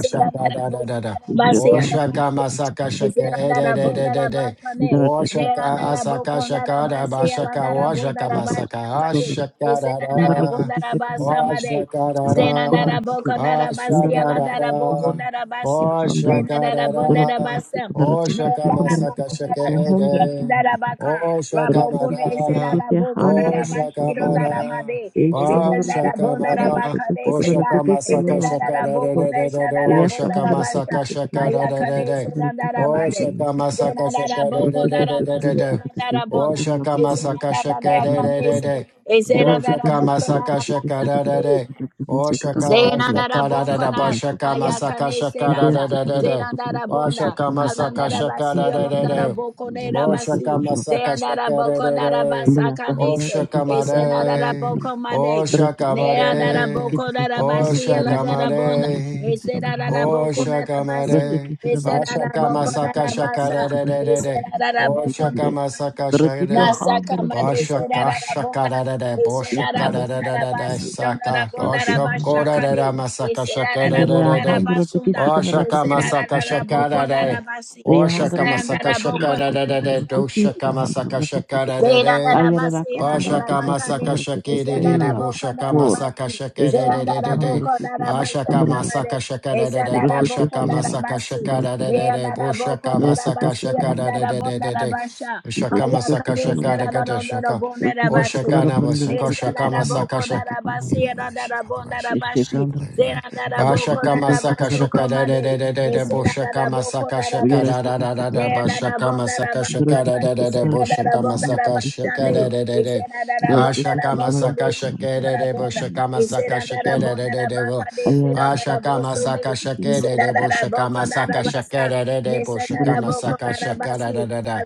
B: masaka
A: da
B: shaka
A: da
B: da da da
A: boko na
B: da.
A: da basi,
C: Ndaratekese
B: Oshaka,
A: alanda da boko.
B: masaka
A: Zera
B: shakere de
A: dara
B: de de de
A: bondara
B: de.
A: bakane,
B: O
A: zera
B: shaka
A: dara
B: asaka
A: bokondara
B: shaka da
A: basi,
B: bashaka,
A: alandara
B: oshaka, O shaka
A: bondara
B: masaka
A: bashakane,
B: ashaka da
A: zera dara
B: da.
A: bondara basamade,
B: Oshaka, da
A: zera
B: da.
A: dara
B: Ma
A: bokondara basi,
B: da
A: alandara
B: da.
A: bokondara basi,
B: Oshaka,
A: zera dara
B: da
A: bondara
B: da.
A: basam,
B: O
A: zera
B: shaka
A: dara
B: masaka shaka
A: bokondara basi,
B: ede.
A: alandara baka,
B: O shaka
A: rabokone,
C: Baratekisi
A: zera
B: mada.
A: dara
C: kubarateke
B: Bo
C: handro
A: bokondara
C: rasha
A: basi,
B: shaka
C: handro.
A: alandara
B: mada.
A: made,
C: Esha
B: Ba
A: zera dara
B: shaka
C: handrotekisi
A: bondara
B: mada.
A: bakane,
C: kubaratekisi
B: Bo
A: zera,
B: shaka
C: kubaratekisi
B: masaka
A: zera
C: lalapa
B: shaka
A: dara
B: da
C: kukubarba.
A: bokone, zera dara
B: O
C: Yasa
B: shaka
A: bondara
B: masaka
C: handrotekisi
A: basa.
B: shaka da
A: Ayakane
C: kubaratekisi
A: Serandara
C: kubaratekisi kubaratekisi
B: Bo
A: Mande.
B: shaka
C: kubaratekisi
B: masaka
A: Senadara
B: shaka da
A: Boko Nara Masia
C: kubaratekisi
B: Bo
A: Bona.
B: shaka
C: kubarapa
B: masaka
A: Esenadara
C: kubaratekisi
B: shaka da
C: kubarapa
A: Yakane
C: kubarapa.
A: Se.
B: Bo
A: Esenadara
B: shaka
C: Baratekisi
A: Boko
B: masaka
A: Nara
C: kubaratekisi
A: Masamode.
B: Bo
C: kubaratekisi
B: shaka
C: kubarapa kubaratekisi kubarapa
A: Zenandara
B: rashaka
C: kubarateke
B: da
C: se
B: da Bo
A: bonkana
B: shaka
C: kubarapa.
B: masaka
A: hayakane
B: shaka da
C: Ideia
A: seranda
C: se kubaratekisi
A: zenandara
C: kubaratekisi
A: bonda
B: Washaka masaka
A: halandara
B: shaka
A: basi
B: re
C: kubaratekisi
B: re re.
A: yolondara
B: da.
A: bokonera
C: kubaratekisi
B: Boshaka
A: basi
C: kubaratekisi
B: masaka
A: zenandara
B: shaka re. da
A: bokonara
B: da.
C: Bhayasa
A: basakane
C: handa
A: se
B: Boshaka
C: tikisi kamara
A: esenandara
C: tikisi
B: mare.
C: kamara
A: bokomade
C: dara
B: Boshaka
C: tikisi kamara
A: neandara
B: mare.
C: tikisi
A: bokonara
C: kisi kamara
A: basi
C: poro
B: Boshaka
A: yolandara
C: tikisi
A: bonda
C: kamara
B: mare.
C: tikisi kamara
A: esenandara
C: rabu kuko
A: bokonara
B: Boshaka
C: dara
A: basi
B: mare.
C: tikisi kamara
A: esenandara
B: Bashaka
C: tikisi kamara
B: masaka
A: bokonara
C: tikisi
B: shaka
A: basa
B: re
C: kisi
B: re
C: kamara
B: re
C: rabu
B: re.
C: kuko
B: da.
A: esenandara
C: tikisi
B: Boshaka
C: kamara
A: bokonara basi
B: masaka
C: dara
B: shaka
C: tika
B: da.
C: handa
A: Nasaka
C: dara
A: made
C: tikisi
B: Boshaka
A: serara
C: kamara
A: bonda.
B: shaka re re. da.
C: jaya
B: Boshaka
C: kamara
B: re re re re.
C: tikisi
A: rabasi
C: kamara
A: ronda
B: Saka.
A: rabonda
C: tikisi
B: Goshoko da re
C: handa
B: da.
A: rabashakade.
B: Masaka shaka
A: Eserara
B: re re re
A: rabonda
B: da.
C: Yarahandra teke
A: rabasunda.
C: sikandra
B: Oshaka
C: pakatara
A: Eserara
B: masaka
C: teke sikandra
B: shaka da
C: pakandra.
B: da.
A: rabasi.
B: Oshaka
C: Yahandra toko
A: Isaranda
B: masaka
C: sokundra
B: shaka
A: rabokonda
B: da
C: toko
B: da da da.
C: sokundra
A: rabasa
C: teke
A: Made,
B: Doshaka
C: sahandra
B: masaka
C: la
B: shaka da
C: pakoko.
B: da da.
C: Ayara raka handra
B: Bashaka
C: teke
A: Zeyandarabasayanadarabakane.
B: masaka
C: sikandra teke
B: shaka da da
C: sela
B: da.
C: la
B: Boshaka
C: pakokor.
B: masaka
A: Ezandarabokandarabasi.
B: shaka da da
C: Esheke
B: da da da.
C: sahandra teke
B: Ashaka
C: sikandra la
A: Zeyandarabokandarabashakamare.
B: masaka shaka da da da.
C: pakokor teke
B: Boshaka
C: sela la
B: masaka
A: Ezandarabokandarabasi.
B: shaka
C: pakokor
B: da da
C: teke
B: da da. Boshaka
C: sikandra teke
B: masaka
A: Beyandarabokandarabashi.
B: shaka
C: sikandra
B: da da da da
C: pakokor
B: da da.
A: Yalandarabondarabasha.
B: Shaka
C: teke
B: masaka
A: Hayakane.
C: sikandra
B: shaka da da
C: pakokor
B: da shaka.
C: teke
A: Zerararondorobondarabasi.
B: Boshaka
C: sikandra
B: na
C: pakokor
B: masaka
C: teke
B: shaka
C: sikandra
B: masaka
C: teke
B: shaka.
A: Besandarabokandarabashi.
B: New
C: sikandra.
B: revelation, Father God, shaka me
C: Esheke
A: Yalandarabondarabashi.
C: handra
B: around.
C: teke sikandra teke
B: Bashaka
C: teke
B: masaka
A: Zeyandarabokandarabashi.
C: sikandra
B: shaka da
C: pakokor
B: da
A: Komade.
B: da da
C: teke
B: da da
C: sikandra
B: boshaka masaka
C: Andra,
B: shaka
C: there are
B: da
A: Besandarabokandarabashi
B: da da da da
C: two
B: bashaka masaka
A: nesa
B: shaka da da
C: things
B: da da boshaka masaka shaka da da da da ashaka masaka shaka da da boshaka masaka shaka da da da da bo ashaka masaka shaka da da boshaka masaka shaka da da da boshaka masaka shaka da da da da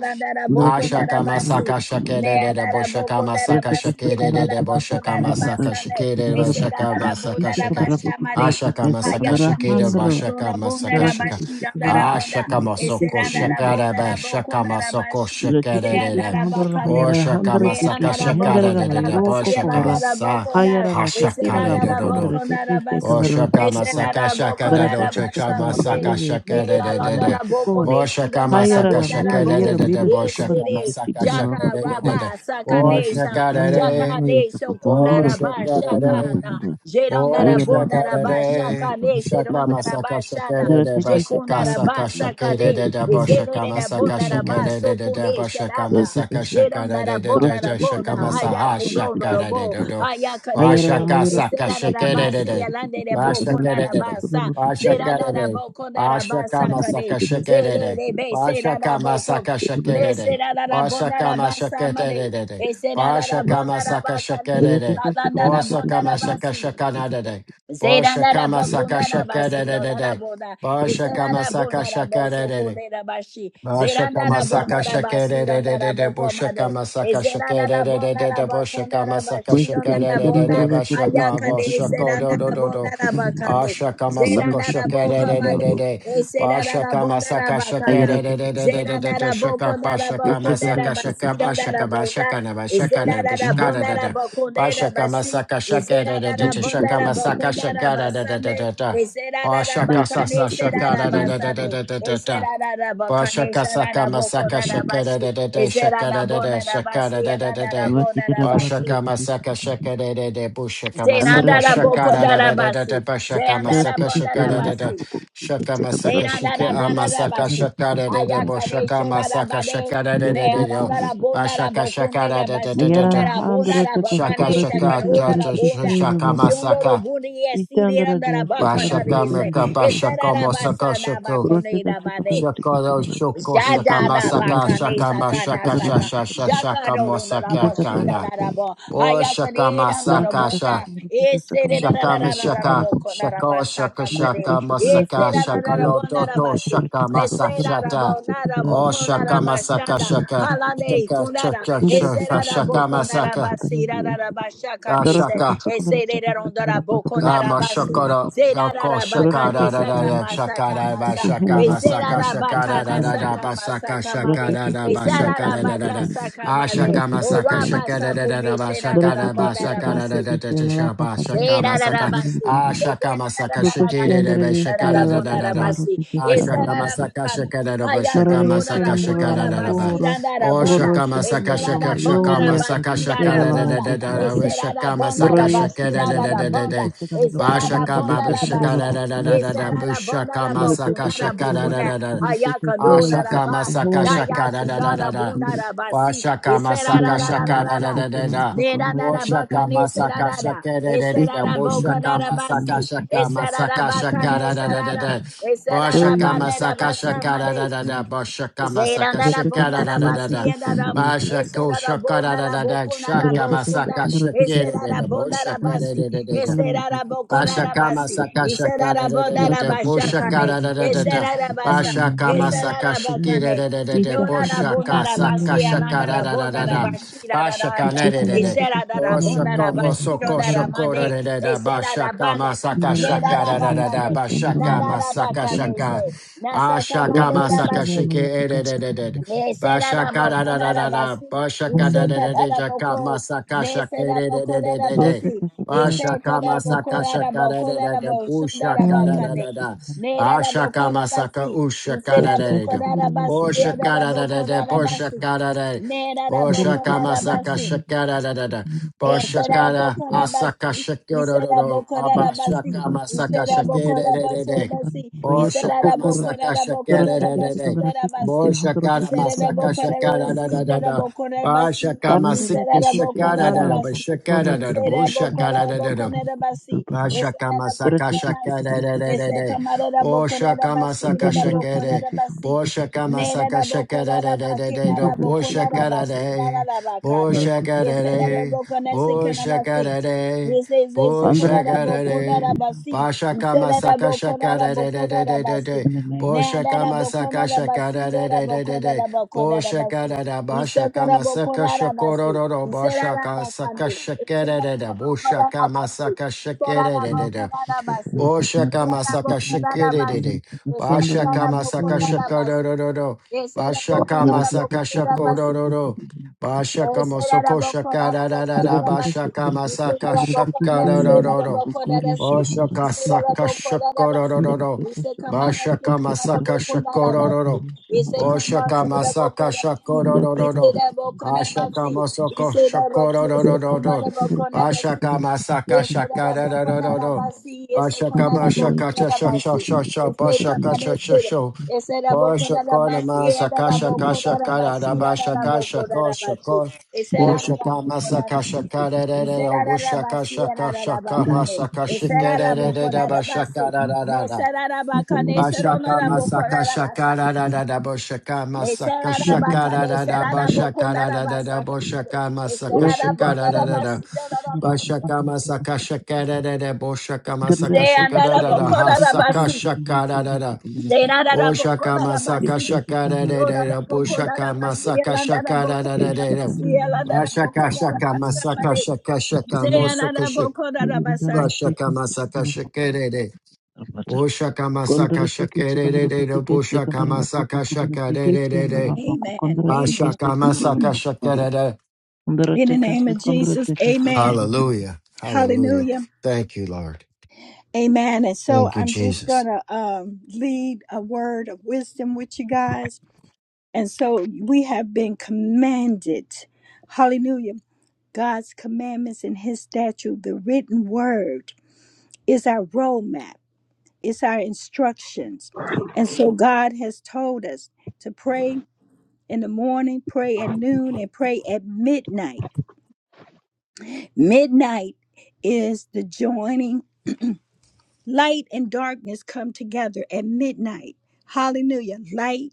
B: Ashaka masaka shakere de de boshaka masaka shakere de de boshaka masaka shakere de boshaka masaka shaka. Ashaka masaka
A: Hayakane
B: shakere
A: shanoro
B: bashaka
A: rabonda
B: masaka shaka.
A: rabashira
C: that
A: darabonda
B: Ashaka
C: are
B: masoko
A: Eserandara
B: shakere ba
A: bondara
B: shaka
C: possible.
A: bokundara
B: masoko
A: bashi.
B: shakere
C: Dratikis
B: de de.
A: Zeandara
C: Handaraba
A: bakane.
C: Yara
B: Boshaka masaka
C: Handaratikis
A: Meandara
B: shakere de
C: Hendaraba
B: de
A: bokundara
B: de
A: basi.
C: Yoroko
B: boshaka
C: Kora
A: Yandara
B: sa
A: bokundara.
C: Hayarara Castilla La
B: hashakare de
A: Eserandara
B: do
C: Pacondra
A: bokundara
C: Tikis
B: Oh
A: basi.
C: Secondara
B: shaka
C: Pacora
B: masaka
A: Eserandara
B: shaka da do
A: bokundara
C: Dratika
B: shaka
A: basa
C: Secondara
A: mode.
B: masaka
C: Yere
B: shaka da da da
C: Kisikandara
B: da.
A: Mealandara
C: Pacora
B: Oh
A: bokone
B: shaka
A: shirandara
B: masaka
C: Hayarara
A: bondara
B: shaka
C: Mira
B: da da
C: Yera
A: bo.
B: da da.
C: Vira
B: Oh
C: Secondara
B: shaka
C: Tikis
A: Esere.
B: masaka
C: Secondara
B: shaka
A: Jaka
B: da da da
C: Pacora
B: da.
A: raba
B: Oh
C: Andarateka
A: sakanesa.
B: shaka da da.
C: Sandara
A: Jaka ne
C: Yataka
B: Oh
C: Sandra
A: sokundara
B: shaka
C: Tokuso
B: da
C: Condra
B: da.
A: bashakana.
C: Pacandra
B: Oh
A: Jerandara
C: Ayara
B: shaka
A: bondara
B: da
C: Pacandra Tikis
B: da.
A: bashakane.
C: Secondara
B: Shaka
C: Tikoso
A: Serandara
B: masaka shaka
A: bashana.
B: da da ba
C: Dratikis
A: Jekunda
B: shaka
C: Secondara
A: raba
B: saka
C: Pacandra
B: shaka da
C: Tikis
A: sakade,
B: da da
C: Secondara
B: ba shaka
A: izerere
C: Pacandra
B: masaka
A: rabonda
C: Secondara
B: shaka
A: raba
B: da da da da
A: sokunde
B: ba shaka
A: sharanda,
B: masaka
C: Dratika
B: shaka da
A: jeronda
B: da da
A: rabonda
C: Ayerate
B: da
A: rabonda,
B: shaka masaha
A: ayakundono
B: shaka da da
A: robo,
B: da da. Oh
A: ayakadese,
B: shaka saka
A: esera
B: shaka da da
A: rabasi
B: da.
A: yalande rebo konda
B: Bashakarede,
A: rabasa, zerada
B: Bashakarede,
A: rabo konda rabasa
B: Ashakama
A: kade,
B: Sakashakarede,
A: zerere be sera
B: Bashakama
A: rabo kon,
B: Sakashakarede,
A: nesera rabonda
B: Bashakama
A: rabasa made,
B: Shakatarede,
A: esera
B: Bashakama
A: rabonda rabakane,
B: Sakashakarede,
A: alanda rabonda
B: Bosakama
A: rabasi,
B: Sakashakanade, Boshakama Sakashakarede,
A: Zerandarabakundarabasidodaraboda.
B: Boshakama Sakashakarede,
A: Ezerandarabondarabosokoderabashi.
B: Mashaka masaka shaka de de de de de boshaka
A: Zerandarabondarabasidodarabokomade.
B: masaka shaka de de de de de boshaka masaka shaka de de de
A: Ezerandarabondarabakundarabasidodaraboda.
B: de bashaka
A: Ayakade,
B: boshaka do do do do
A: ezerandarabondarabakade.
B: ashaka masaka shaka de de de
A: Zerandarabokomade.
B: de bashaka masaka shaka
A: Ezerandarabondarabakada.
B: de de
C: que
B: de
C: se
B: de de de de
C: contra.
B: shaka bashaka
C: Ishe contra
B: masaka
C: te que
B: shaka
C: se.
B: bashaka
A: Zerandarabokondarabakundarabasidodarabonda.
B: bashaka na bashaka
C: Andra
B: na bashaka da da da bashaka
A: Ezerandarabondarabakundabasi.
B: masaka shaka de
A: Ezera
B: de
A: da
B: de
A: da
B: de
A: bonda
B: shaka
A: da
B: masaka
A: bakunda da
B: shaka da da da da
A: basande.
B: da da
A: Ezera da da
B: ashaka
A: bakane
B: sasa
A: ezera
B: shaka
A: da
B: da da da da da
A: basande.
B: da da da
A: Ezera da da bakane
B: Bashaka
A: ezera
B: saka
A: da
B: masaka
A: bakunda da
B: shaka da
A: bashi.
B: da da da
A: Ezera
B: shaka
A: da
B: da da da
A: bonda da
B: shaka
A: basi
B: da da da da
A: ezera da bonda da bashi.
B: Bashaka masaka shaka da da da bushaka masaka
A: Zeranda da
B: shaka da
A: bakunda
B: da
A: da
B: da da da
A: basi.
B: bashaka
A: Zeranda da
B: masaka
A: bonda
B: shaka
A: da
B: da da
A: basi.
B: shaka masaka
A: Zera da da
B: shika ah,
A: ba da da ba
B: masaka
A: si.
B: shaka da da da
A: Ayaka ne sho da da
B: masaka
A: ba de.
B: shaka da da da
A: Ne
B: da
A: ananda da da bo da da
B: bashaka
A: bo ko
B: shaka
A: ne
B: da
A: da
B: da
A: ba
B: da da
A: si
B: da
A: ro da
B: da
A: da bo da da ba ka
B: shaka
A: ne sha ka
B: shaka
A: da da bo
B: shaka
A: ro ro
B: masaka
A: bo e si da da ba ka na
B: bashaka
A: re se.
B: meka
A: E se da
B: bashaka
A: da ba
B: masaka
A: da
B: shaka.
A: ba
C: Kuroteka
A: da ba
C: sekadara
A: de.
C: teke
B: Shakoro
C: sekadara
B: shoko shaka
C: teke
A: Jadada
C: sekadara
B: masaka
A: bakane
C: patara
B: shaka
C: teke
A: sakana
B: mashaka
C: sekadara
A: saka
B: shasha
C: patara teke
B: shaka
A: jakado ronda
B: mosaka
A: raba
C: sekadara
A: shida
B: kana.
A: da
C: sekadara
A: raba
B: O
C: teke
B: shaka
A: hayakane ranga
B: masaka sha
A: rabonga
C: sekadara teke
A: ese da
C: sekadara
A: da
B: shaka
A: da
C: pateke
A: da da da
C: sekadara
B: mashaka
A: raba kona
C: patara
A: raba
B: shaka shaka
A: saka
C: teke
A: mare
B: shaka
C: sekadara
A: ese
B: masaka
C: teke
A: da da da
B: shaka
C: sekadara
A: raba
B: loto
A: na
C: pateke
B: to
A: raba si
C: sekadara
B: shaka
C: teke
A: ese
C: sekadara
A: da
B: masashata.
A: raba na raba
B: O
C: teke
A: kona
B: shaka
C: sekadara teke sekadara
A: raba
C: teke
B: masaka
A: shanda
C: sekadara
B: shaka
C: teke sekadara
A: halane
B: shaka
A: kunara
B: shaka
C: indara teke
B: shaka
A: Eserada
C: sekadara
B: shaka
A: boko
C: teke teke
B: masaka.
C: sekadara
A: narabasi,
C: teke
A: rarabashaka
C: dara
A: nese.
C: teke sekadara teke
A: Eserera rondora
C: sekadara
A: boko
C: patara
B: Ama
C: teke sekadara
A: narabasi.
B: shakara
C: patara
B: shako
A: Zerara
C: dara teke
B: shakara
A: bakane
B: da da
C: sekadara
A: saka
B: da
A: masaka
B: shakara ba
A: masa.
B: shaka
C: patara
B: masaka
A: Eserara
C: teke
B: shakara da
A: bakana
C: sekadara
B: da da
C: patara
A: saka
B: ba saka
A: masaka made.
B: shakara
C: Rateke
B: da ba
C: sekandara
A: Esarara
B: shakara
C: teke
B: da da
A: baka
B: da
C: sekandara
A: saka
B: ah
A: made.
C: sekandara
B: shaka
C: teke
B: masaka
C: selala
A: Oraba
B: shakara da
C: pakandara.
B: da da
A: sakume
B: ba
A: serada
B: shakara
C: Rateke
B: ba
C: sekandara
B: shakara da
A: rabonarabasi.
B: da
C: teke
B: da
C: selala
B: shaka ba
C: pakandara
B: shaka
C: teke
B: masaka
C: sekandara
A: Zerarabasi.
B: ah
C: pakandara.
B: shaka masaka shakira da
C: Bukoshendara
A: Zerarabakane,
B: ba
C: de
B: shakara da
C: selala
B: da da da
C: pakandara
A: sararabondarabasi.
C: teke
B: ah shaka
C: sekandara
B: masaka
A: Esararabakana.
C: pakandara.
B: shakara da ba shaka
C: Norega
B: masaka
C: shendara
B: shakara da da
A: Hayakonorarabondarabasi,
B: ba
C: ramangora.
B: Oh
A: randarabonda.
B: shaka
C: Gorosha
B: masaka
C: handara
B: shaka shaka
C: ramayore ya
B: masaka
A: Esararabondarabasi,
B: shakara
C: selala
B: da da
A: rarabonda.
B: da
C: makokora.
B: da shaka masaka
C: Norega
A: Esararabondarabasi,
B: shakara da
C: sekandara
B: da
C: pakandara
B: da
A: rarabonda.
B: da
C: teke sekandara pakandara
B: Bashaka
C: teke
B: Maba
C: sekandara
B: Shaka
A: Esararabondarabasa.
B: da da da da
C: pakandara
B: da da Bushaka Masaka
C: Rateke
B: Shaka da
C: sekandara
B: da
A: Esararabondarabakundarabunkunda.
B: da da
C: pakandara teke selala
B: Ashaka
A: Hayakonoraraba.
B: Masaka
C: pakandara
B: Shaka
C: teke
B: da da da
C: sekandara
B: da da
C: pakandara.
A: Dayakundarabunndarabasi.
B: Bashaka Masaka
C: Baya
B: Shaka
C: handle
B: da
C: to
B: da
C: case
B: da
A: Esarararararara.
B: da
C: and
B: da
A: Nera
C: Pokondra
A: da
C: to
A: da
C: case
A: baka
B: Boshaka
C: in the
A: ne sera
B: Masaka
A: da
C: Pokon.
A: da,
B: Shaka da da da
A: esera
B: da
A: da
C: Isha
B: Boshaka
A: boka
C: handle
A: da
C: to
A: da
C: case in
B: Masaka
A: basi,
C: the
A: Nedanadabakanesidarada, esedarabokadadabasi,
B: Shaka
C: Pokondra to case
B: Masaka
C: a
B: Shaka da da da da
A: esadadabakanesidarada,
B: da
C: Oh, you
B: Boshaka
C: look a
B: Masaka
C: shop under
A: esadadabanedabasa
C: the
B: Shaka
C: case
B: da da da da
C: seven.
B: Boshaka
A: Zera
B: Masaka
A: na
C: The
A: ra bo
C: Taka
B: Shaka da
A: na
B: da
A: ra
B: da
C: secondary
A: ba
B: da
C: to
A: si
B: da
C: case
A: ya na
C: and the
A: ra m.
C: Lapu.
A: Ese
B: Bashako
A: ra ra
B: Shaka
A: bo
B: da
A: na
B: da
A: ra
B: da
A: bo
B: da
A: ko na
C: The
A: ra
B: Shaka
A: bo
C: Taka
A: su na.
B: Masaka
C: secondary to
B: Shaka
C: case
A: Ese
B: da
C: the
A: ra
B: da
A: ra
B: da
C: Kamala
A: bo na ra
B: Boshaka
A: ba
C: Pokondra
B: da
A: si.
C: to
B: da
C: case the
B: da da
A: Ese
C: Kamala
A: ra ra bo ko
C: Pokondra to
B: Bashakama
C: case
A: si.
C: the Kamala.
A: Ese ra
B: sakashaka da
A: ra
B: da da
C: The
A: na
B: da
A: ra
B: da
C: Taka
B: boshaka
C: secondary
A: ne.
B: da
C: to
B: da da
C: case
B: da
C: and
A: Ese
C: the Pokondra
B: da
A: ra ra ba sa.
C: to
A: Ese
B: Bashakama
A: ra ra ba ka
B: sakashiki da da
A: ne.
B: da da da
A: No
C: Isha
A: na ra
C: handle
A: bo
C: to
B: boshaka
A: na ra ba
C: and
A: si ya na
B: sakashaka
A: na
B: da
A: ra
B: da da
C: the
A: na
B: da
C: Lapu.
B: da Bashaka
C: Thank
B: na da da da
A: Ese ra ra na ra
B: Oshaka
A: ba shi
B: mosoko shoko da
A: ne.
B: da da da
A: Ese ra ra
B: Bashakama
A: ne. Ne ra
B: sakashaka
A: ra
B: da da
A: ba
B: da da
A: Na ra
B: Bashakama
A: ra se.
B: sakashaka
A: Na sa ka
B: Ashakama
A: si.
B: sakashiki da da da da da
A: Ne será da serada
B: Bashaka da da da da
A: bokonada
B: da
A: basi.
B: Bashaka da
A: Ise
B: da da
A: kada
B: da
A: da
B: Shaka
A: boko. Ne
B: masakashaka
A: será serada
B: da da da
A: bokonada
B: da da
A: basi. Ise
B: Ashaka
A: kakada
B: masaka
A: bokonada
B: shaka da da da
A: bokonada
B: da
A: bosundada
B: bushaka da da
A: bakande.
B: da da
A: Ne da dada
B: Ashaka
A: bokona
B: masaka
A: basi.
B: ushaka
A: Ise
B: da da
A: dada
B: da da
A: bokonada basi. E da
B: Boshaka
A: dada
B: da da
C: you.
B: da da
A: bokonada basi.
B: Boshaka
A: Ne da dada bokonada
B: masaka
A: basi.
B: shaka da da da da
A: Ise
B: Boshaka
A: dada
B: da
A: bokonada
B: asaka
A: basi.
B: shaka
A: Ise
B: da da
A: dada
B: da
A: bokonada basi.
B: Abashaka
A: Ise
B: masaka
A: dada
B: shaka da
A: bokonada
B: da da da
A: basi. Ise
B: Boshaka
A: dada
B: masaka
A: bokonada
B: shaka da
A: bokonada
B: da da
C: Dorotekesi
B: da
A: bosundada
C: kandarotekesi
A: basi. He
B: Boshaka
A: said
C: handorotekasa
A: that
B: masaka
A: about
B: shaka
A: Canada
C: handorotekesi
B: da
A: see
B: da da
A: that
B: da
C: kandarote.
A: about Canada
B: Ba
A: see.
B: shaka
A: He said that
B: masika
A: about
C: Yandarotekesi
B: shaka da
A: Canada
B: da da ba
C: lalaba
A: see.
B: shaka da
A: He
B: da da
A: said
B: bo
C: kukorotekesi
A: that about
B: shaka da
A: Canada
B: da da
C: kandarotekesi
A: about Canada
C: kandarotekesi
A: see.
B: ba
C: kandarwa.
A: He said
B: shaka
A: that about
B: masaka
C: Dorotekesi
A: Canada
B: shaka
A: see.
B: da da da
A: He
B: da
C: kandarotekesi
A: said
B: da
A: come out
C: kandarwa.
A: of
B: o
A: about Canada
B: shaka
A: see
B: masaka
A: that about
B: shaka da
C: Yandarotekesi
A: Canada see.
B: bo
C: kandarotekesi
B: shaka
A: Ne da
C: kandarwa.
B: masaka
A: da boko
B: shaka da
A: da da
B: da da
A: ba
B: da
A: ke
B: da
A: na
B: da
A: da
B: bo
A: boko
C: Yandarotekesi
A: na da
B: shaka
A: ba
B: da
C: kandarotekesi
B: da
A: that about
B: bo
A: Canada
C: dorotekesi
B: shaka da
A: see that da Canada see that about Canada. He said that
B: da
A: about
C: kandarotekesi.
A: Canada see
B: bo
A: Canada
B: shaka
A: see.
B: da da
A: He says, "He
B: bo
A: said, Konada
B: shaka
A: bo
B: da
C: Yandarotekesi
B: da
A: konada basi."
B: ba
C: kandarotekesi
A: He
B: shaka
C: kandarwa.
B: masaka shaka da da da da da da
A: basi."
B: da
C: In the name
B: bo
C: of
A: Now,
B: shaka
A: dada
C: Jesus.
A: bo
B: masaka
A: konada
B: shaka
A: basi,
B: da da
A: dada bo
B: da da da
A: konada bo
B: Boshaka
A: basi.
B: da da
A: He said,
B: bashaka
A: "Konada bo
B: masaka
A: konada basi."
B: shakororo
A: He said, "Dada
B: bashaka
A: ba
B: saka
A: kande." He said,
B: shakere da da
A: "Dada bo konada
B: boshaka
A: basi." He
B: masaka
A: said,
B: shakere
A: "Dada
B: da
C: Yandarotekesi
A: bo
B: da da
A: konada basi."
C: kandarotekesi
B: boshaka masaka shakere da da
C: kandarwa. Yandarotekesi kandarotekesi
A: He said,
B: bashaka
A: "Dada bo
B: masaka
C: kandarwa.
A: konada basi."
B: shakororo
A: He said, "Dada bo konada basi." He said, "Dada bo
B: bashaka
C: Gracias.
A: konada bo
B: masaka
A: basi."
B: shakororo
A: You
B: bashaka
A: say that
B: masoko
A: about
B: shakara da da da
A: Kodadabasi.
B: bashaka
A: You say
B: masaka
A: that about Kama, you say that
B: shakaroro
A: about Kodadasi. You
B: Oshaka
A: say that
B: saka
A: about Kodadabasi.
B: shakororo.
A: You say Kamala, say
B: Mashaka
A: Kamala
B: masaka
A: Bokonadabasi.
B: shakororo.
A: You say Kama,
B: Oshaka
A: say that about
B: masaka
A: Kodadasi. You say
B: shakororo.
A: that about
B: Ashaka
A: Konabasi. You
B: masoko
A: say
B: shakororo.
A: that about Kama,
B: Ashaka masaka
A: Yes, Arara Bokonara
B: shakaroro.
A: Basi, yes,
B: Ashaka
A: Okonara
B: mashaka
A: Bokonara Basi. We
B: shashashashasha.
A: say
B: Bashaka
A: Kamada Sida.
B: shashasho.
A: Yes, Arara Bokonara
B: Boshakona
A: Basi, Arara
B: sakasha kasha
A: Bokonara
B: kara
A: Basi,
B: rabasha
A: Arara
B: kasha
A: Bokonara
B: kosha
A: Basi.
B: ko
A: Yes,
C: Thank
A: Arara
B: Boshaka
A: Bokonara
B: masakasha
A: Basi.
B: kara
A: We say
B: rere
A: Arara
B: obushaka
A: Basi,
B: shaka
A: Arara
B: shaka
A: Bakane.
B: masaka
A: Yes,
B: shikere
A: Arara
B: rere
A: Bokonara Basi.
B: rabashaka
A: Yes,
B: rara
A: Arara Bakane, Sarona
B: Bashaka masaka shakara rara boshaka masaka shakara rara boshaka rara boshaka masaka shakara
A: Bokonara
B: rara
A: Basa.
B: Bashaka masaka shakara rere boshaka masaka shakara rara ha saka
A: Zeandaraboko-darabasi.
B: shakara Rada Oshaka masaka
A: Zeandaraboko-darabasi.
B: shaka da da da da bo
A: Yoraraboko-darabasi.
B: masaka shaka da da da da da
A: Elandaraboko-darabasi.
B: Ah, shaka masaka
A: Elandaraboko-darabasamade.
B: shaka shaka mosaka shaka
A: Zeandaraboko-darabasai.
B: Ba, masaka shaka da da
C: you.
B: Oh masaka shaka
C: Kondratikese
B: da da da da bo
C: kondratikese kondrapoko
B: masaka shaka da da
C: kondratikese
B: da da
C: lalapoko
A: Amen.
B: Ba,
A: Amen.
C: kondratikese
B: masaka
C: kondrapoko
B: shaka
C: kondra
B: da da
A: In the name
C: kondratikese
A: of Jesus.
C: kondratikese
A: Amen.
C: kondrapoko
B: Hallelujah Hallelujah
A: Hallelujah.
B: Thank you Lord
A: Amen. And so
B: Thank you
A: I'm just
B: Jesus
A: gonna um lead a word of wisdom with you guys. And so we have been commanded. Hallelujah God's commandments and his statute, the written word, is our roadmap, it's our instructions. And so God has told us to pray in the morning, pray at noon, and pray at midnight. Midnight is the joining. Light and darkness come together at midnight. Hallelujah. Light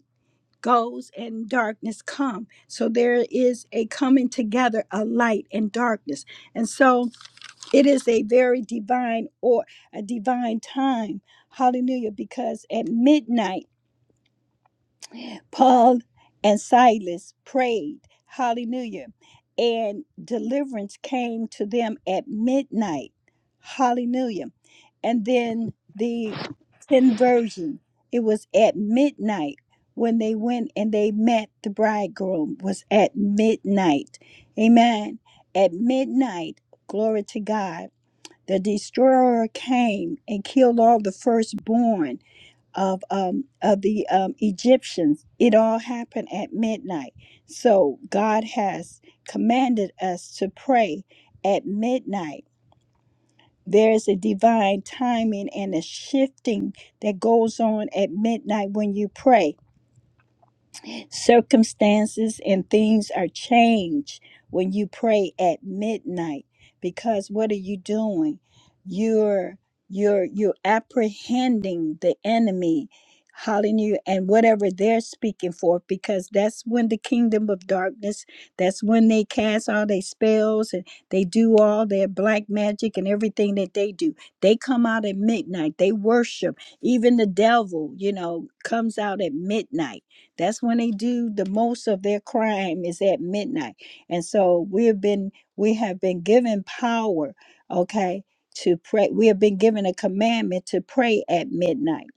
A: goes and darkness come. So there is a coming together of light and darkness. And so It is a very divine or a divine time. Hallelujah. Because at midnight, Paul and Silas prayed. Hallelujah. And deliverance came to them at midnight. Hallelujah. And then the conversion, it was at midnight when they went and they met the bridegroom was at midnight. Amen. At midnight, glory to God the destroyer came and killed all the firstborn of um, of the um, Egyptians. It all happened at midnight. So God has commanded us to pray at midnight. There is a divine timing and a shifting that goes on at midnight when you pray Circumstances and things are changed when you pray at midnight because what are you doing? You're you're you're apprehending the enemy. Hallelujah. And whatever they're speaking for, because that's when the kingdom of darkness, that's when they cast all their spells and they do all their black magic and everything that they do. They come out at midnight. They worship. Even the devil, you know, comes out at midnight that's when they do the most of their crime is at midnight. And so we have been we have been given power, okay, to pray. We have been given a commandment to pray at midnight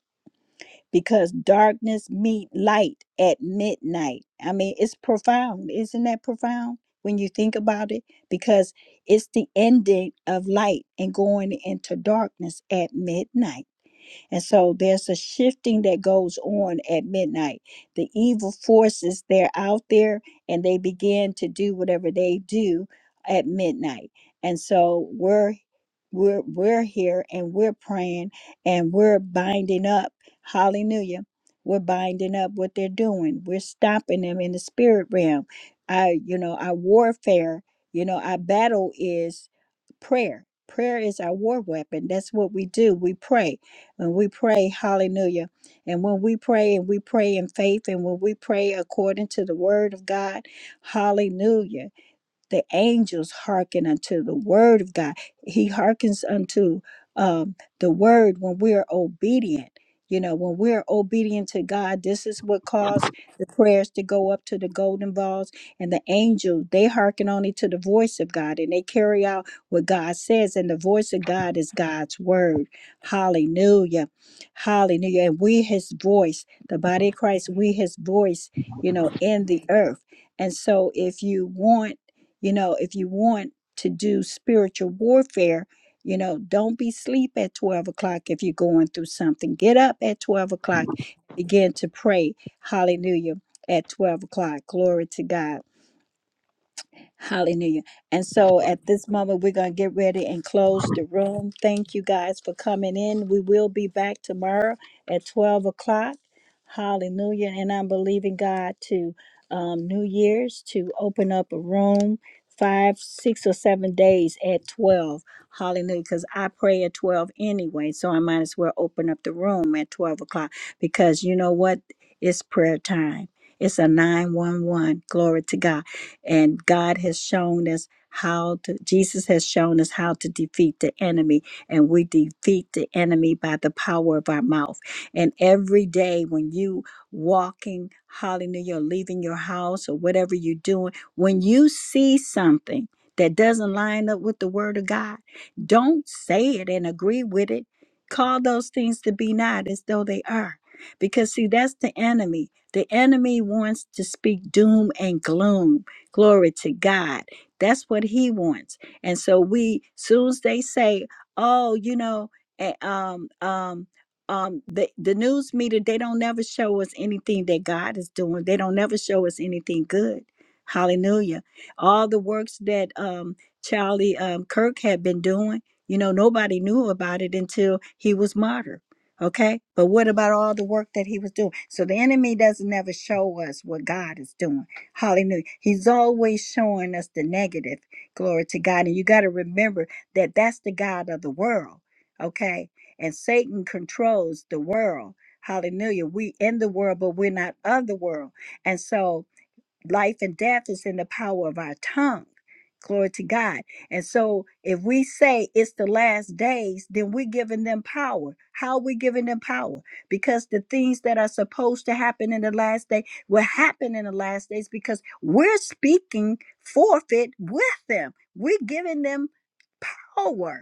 A: because darkness meet light at midnight. I mean, it's profound. Isn't that profound when you think about it? Because it's the ending of light and going into darkness at midnight. And so there's a shifting that goes on at midnight. The evil forces, they're out there and they begin to do whatever they do at midnight. And so we're we're we're here and we're praying and we're binding up hallelujah we're binding up what they're doing we're stopping them in the spirit realm i you know our warfare you know our battle is prayer prayer is our war weapon that's what we do we pray when we pray hallelujah and when we pray and we pray in faith and when we pray according to the word of god hallelujah the angels hearken unto the word of God. He hearkens unto um, the word when we're obedient. You know, when we're obedient to God, this is what caused the prayers to go up to the golden balls and the angels. They hearken only to the voice of God and they carry out what God says. And the voice of God is God's word. Hallelujah. Hallelujah. And we, his voice, the body of Christ, we, his voice, you know, in the earth. And so if you want, you know, if you want to do spiritual warfare, you know, don't be sleep at 12 o'clock if you're going through something. Get up at 12 o'clock, begin to pray. Hallelujah. At 12 o'clock. Glory to God. Hallelujah. And so at this moment, we're going to get ready and close the room. Thank you guys for coming in. We will be back tomorrow at 12 o'clock. Hallelujah. And I'm believing God to um, New Year's to open up a room five, six, or seven days at 12. Hallelujah. Because I pray at 12 anyway. So I might as well open up the room at 12 o'clock because you know what? It's prayer time. It's a 911. Glory to God. And God has shown us how to, Jesus has shown us how to defeat the enemy. And we defeat the enemy by the power of our mouth. And every day when you walking, hallelujah, or leaving your house or whatever you're doing, when you see something that doesn't line up with the word of God, don't say it and agree with it. Call those things to be not as though they are. Because, see, that's the enemy. The enemy wants to speak doom and gloom Glory to God. That's what he wants. And so we, soon as they say, oh, you know, eh, um, um, um, the, the news media, they don't never show us anything that God is doing. They don't never show us anything good. Hallelujah. All the works that um, Charlie um, Kirk had been doing, you know, nobody knew about it until he was martyred. Okay. But what about all the work that he was doing? So the enemy doesn't never show us what God is doing. Hallelujah. He's always showing us the negative. Glory to God. And you got to remember that that's the God of the world. Okay. And Satan controls the world. Hallelujah. We in the world, but we're not of the world. And so, life and death is in the power of our tongue. Glory to God. And so if we say it's the last days, then we're giving them power. How are we giving them power? Because the things that are supposed to happen in the last day will happen in the last days because we're speaking forfeit with them. We're giving them power.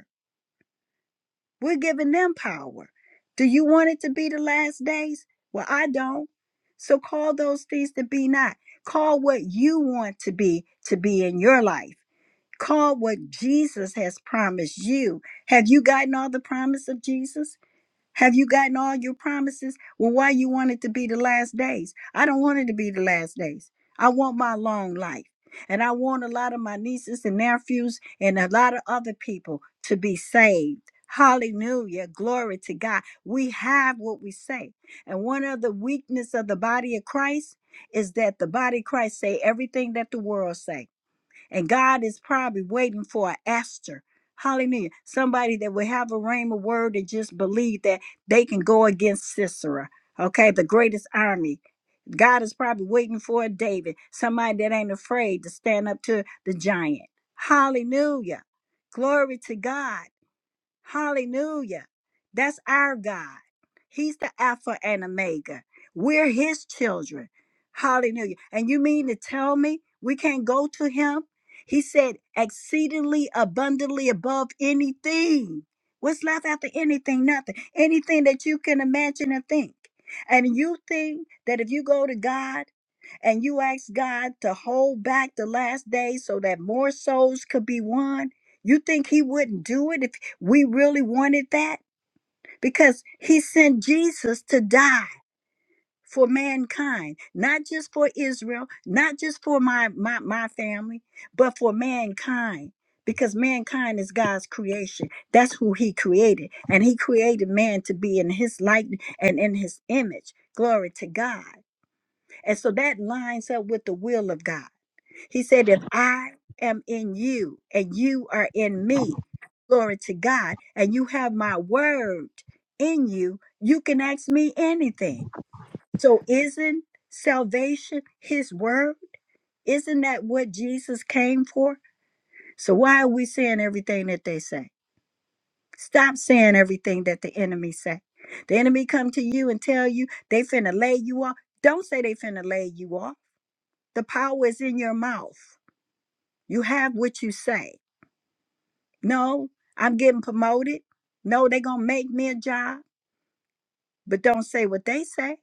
A: We're giving them power. Do you want it to be the last days? Well, I don't. So call those things to be not. Call what you want to be to be in your life. Call what Jesus has promised you. Have you gotten all the promise of Jesus? Have you gotten all your promises? Well, why you want it to be the last days? I don't want it to be the last days. I want my long life. And I want a lot of my nieces and nephews and a lot of other people to be saved. Hallelujah. Glory to God. We have what we say. And one of the weakness of the body of Christ is that the body of Christ say everything that the world say. And God is probably waiting for an Esther. Hallelujah. Somebody that will have a rhema word and just believe that they can go against Sisera. Okay, the greatest army. God is probably waiting for a David, somebody that ain't afraid to stand up to the giant. Hallelujah. Glory to God. Hallelujah. That's our God. He's the Alpha and Omega. We're His children. Hallelujah. And you mean to tell me we can't go to Him? He said, exceedingly abundantly above anything. What's left after anything? Nothing. Anything that you can imagine and think. And you think that if you go to God and you ask God to hold back the last day so that more souls could be won, you think He wouldn't do it if we really wanted that because he sent Jesus to die for mankind, not just for Israel, not just for my, my, my family, but for mankind. Because mankind is God's creation. That's who he created. And he created man to be in his likeness and in his image. Glory to God. And so that lines up with the will of God. He said, If I am in you and you are in me, glory to God, and you have my word in you, you can ask me anything. So, isn't salvation his word? Isn't that what Jesus came for? So, why are we saying everything that they say? Stop saying everything that the enemy say. The enemy come to you and tell you they finna lay you off. Don't say they finna lay you off. The power is in your mouth. You have what you say. No, I'm getting promoted. No, they going to make me a job, but don't say what they say.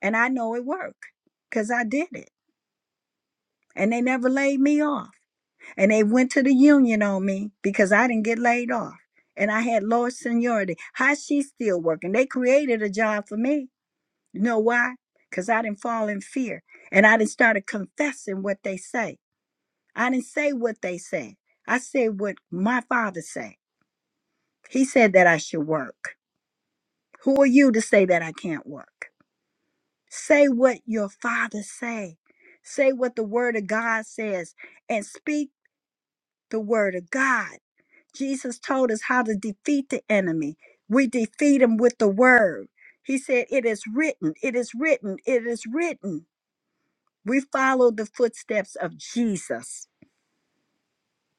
A: And I know it worked because I did it. And they never laid me off. And they went to the union on me because I didn't get laid off. And I had lower seniority. How she still working? They created a job for me. You know why? Because I didn't fall in fear. And I didn't start confessing what they say. I didn't say what they said. I said what my father said. He said that I should work. Who are you to say that I can't work? Say what your father say. Say what the word of God says and speak the word of God. Jesus told us how to defeat the enemy. We defeat him with the word. He said, It is written, it is written, it is written. We follow the footsteps of Jesus.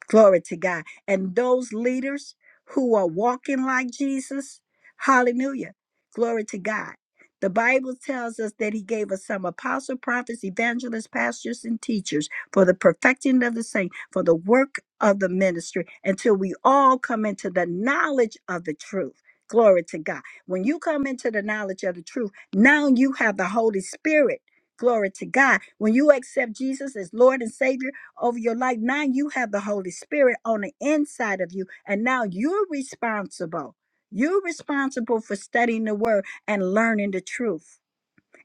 A: Glory to God. And those leaders who are walking like Jesus, hallelujah. Glory to God. The Bible tells us that he gave us some apostle, prophets, evangelists, pastors, and teachers for the perfecting of the saint, for the work of the ministry, until we all come into the knowledge of the truth. Glory to God. When you come into the knowledge of the truth, now you have the Holy Spirit. Glory to God. When you accept Jesus as Lord and Savior, over your life. Now you have the Holy Spirit on the inside of you, and now you're responsible. You're responsible for studying the Word and learning the truth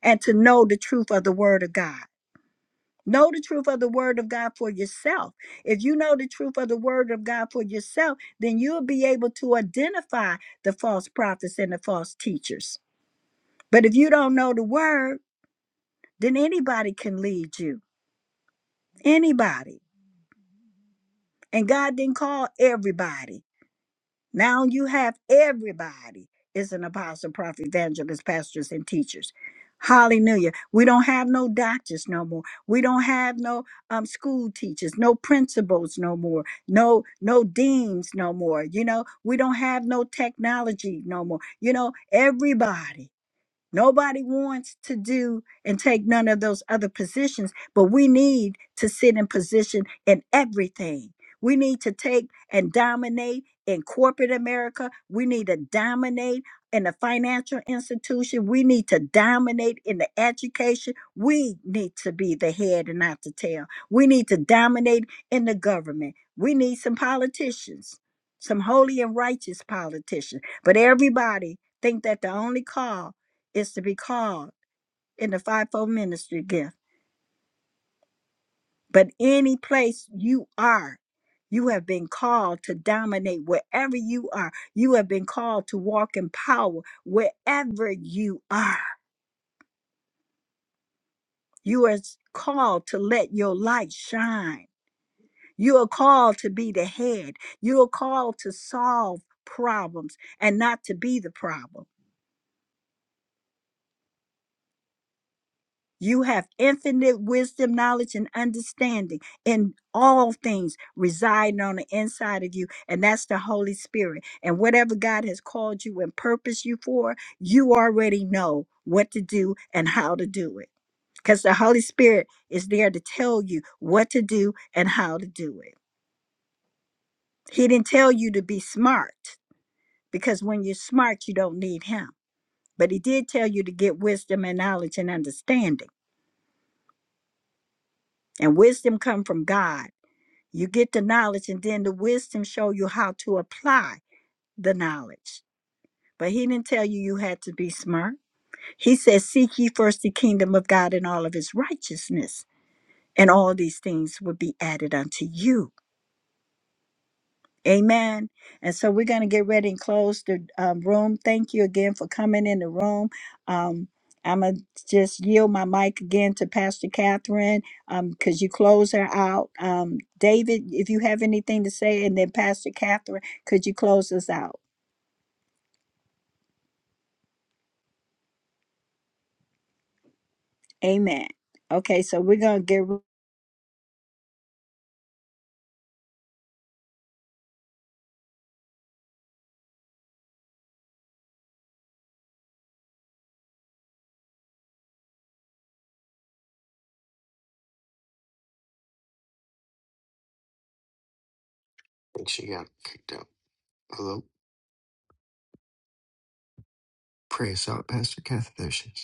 A: and to know the truth of the Word of God. Know the truth of the Word of God for yourself. If you know the truth of the Word of God for yourself, then you'll be able to identify the false prophets and the false teachers. But if you don't know the Word, then anybody can lead you. Anybody. And God didn't call everybody. Now you have everybody is an apostle, prophet, evangelist, pastors, and teachers. Hallelujah. We don't have no doctors no more. We don't have no um, school teachers, no principals no more, no no deans no more. You know, we don't have no technology no more. You know, everybody Nobody wants to do and take none of those other positions, but we need to sit in position in everything. We need to take and dominate in corporate America. We need to dominate in the financial institution. We need to dominate in the education. We need to be the head and not the tail. We need to dominate in the government. We need some politicians, some holy and righteous politicians. But everybody think that the only call is to be called in the fivefold ministry gift. But any place you are, you have been called to dominate wherever you are. You have been called to walk in power wherever you are. You are called to let your light shine. You are called to be the head. You are called to solve problems and not to be the problem. You have infinite wisdom, knowledge, and understanding in all things residing on the inside of you. And that's the Holy Spirit. And whatever God has called you and purposed you for, you already know what to do and how to do it. Because the Holy Spirit is there to tell you what to do and how to do it. He didn't tell you to be smart, because when you're smart, you don't need Him. But He did tell you to get wisdom and knowledge and understanding. And wisdom come from God You get the knowledge, and then the wisdom show you how to apply the knowledge. But he didn't tell you you had to be smart. He said, "Seek ye first the kingdom of God and all of His righteousness, and all these things will be added unto you." Amen. And so we're going to get ready and close the um, room. Thank you again for coming in the room. Um, I'm going to just yield my mic again to Pastor Catherine because you close her out. Um, David, if you have anything to say, and then Pastor Catherine, could you close us out? Amen. Okay, so we're going to get
B: I think she got kicked out Hello pray us out Pastor Catherine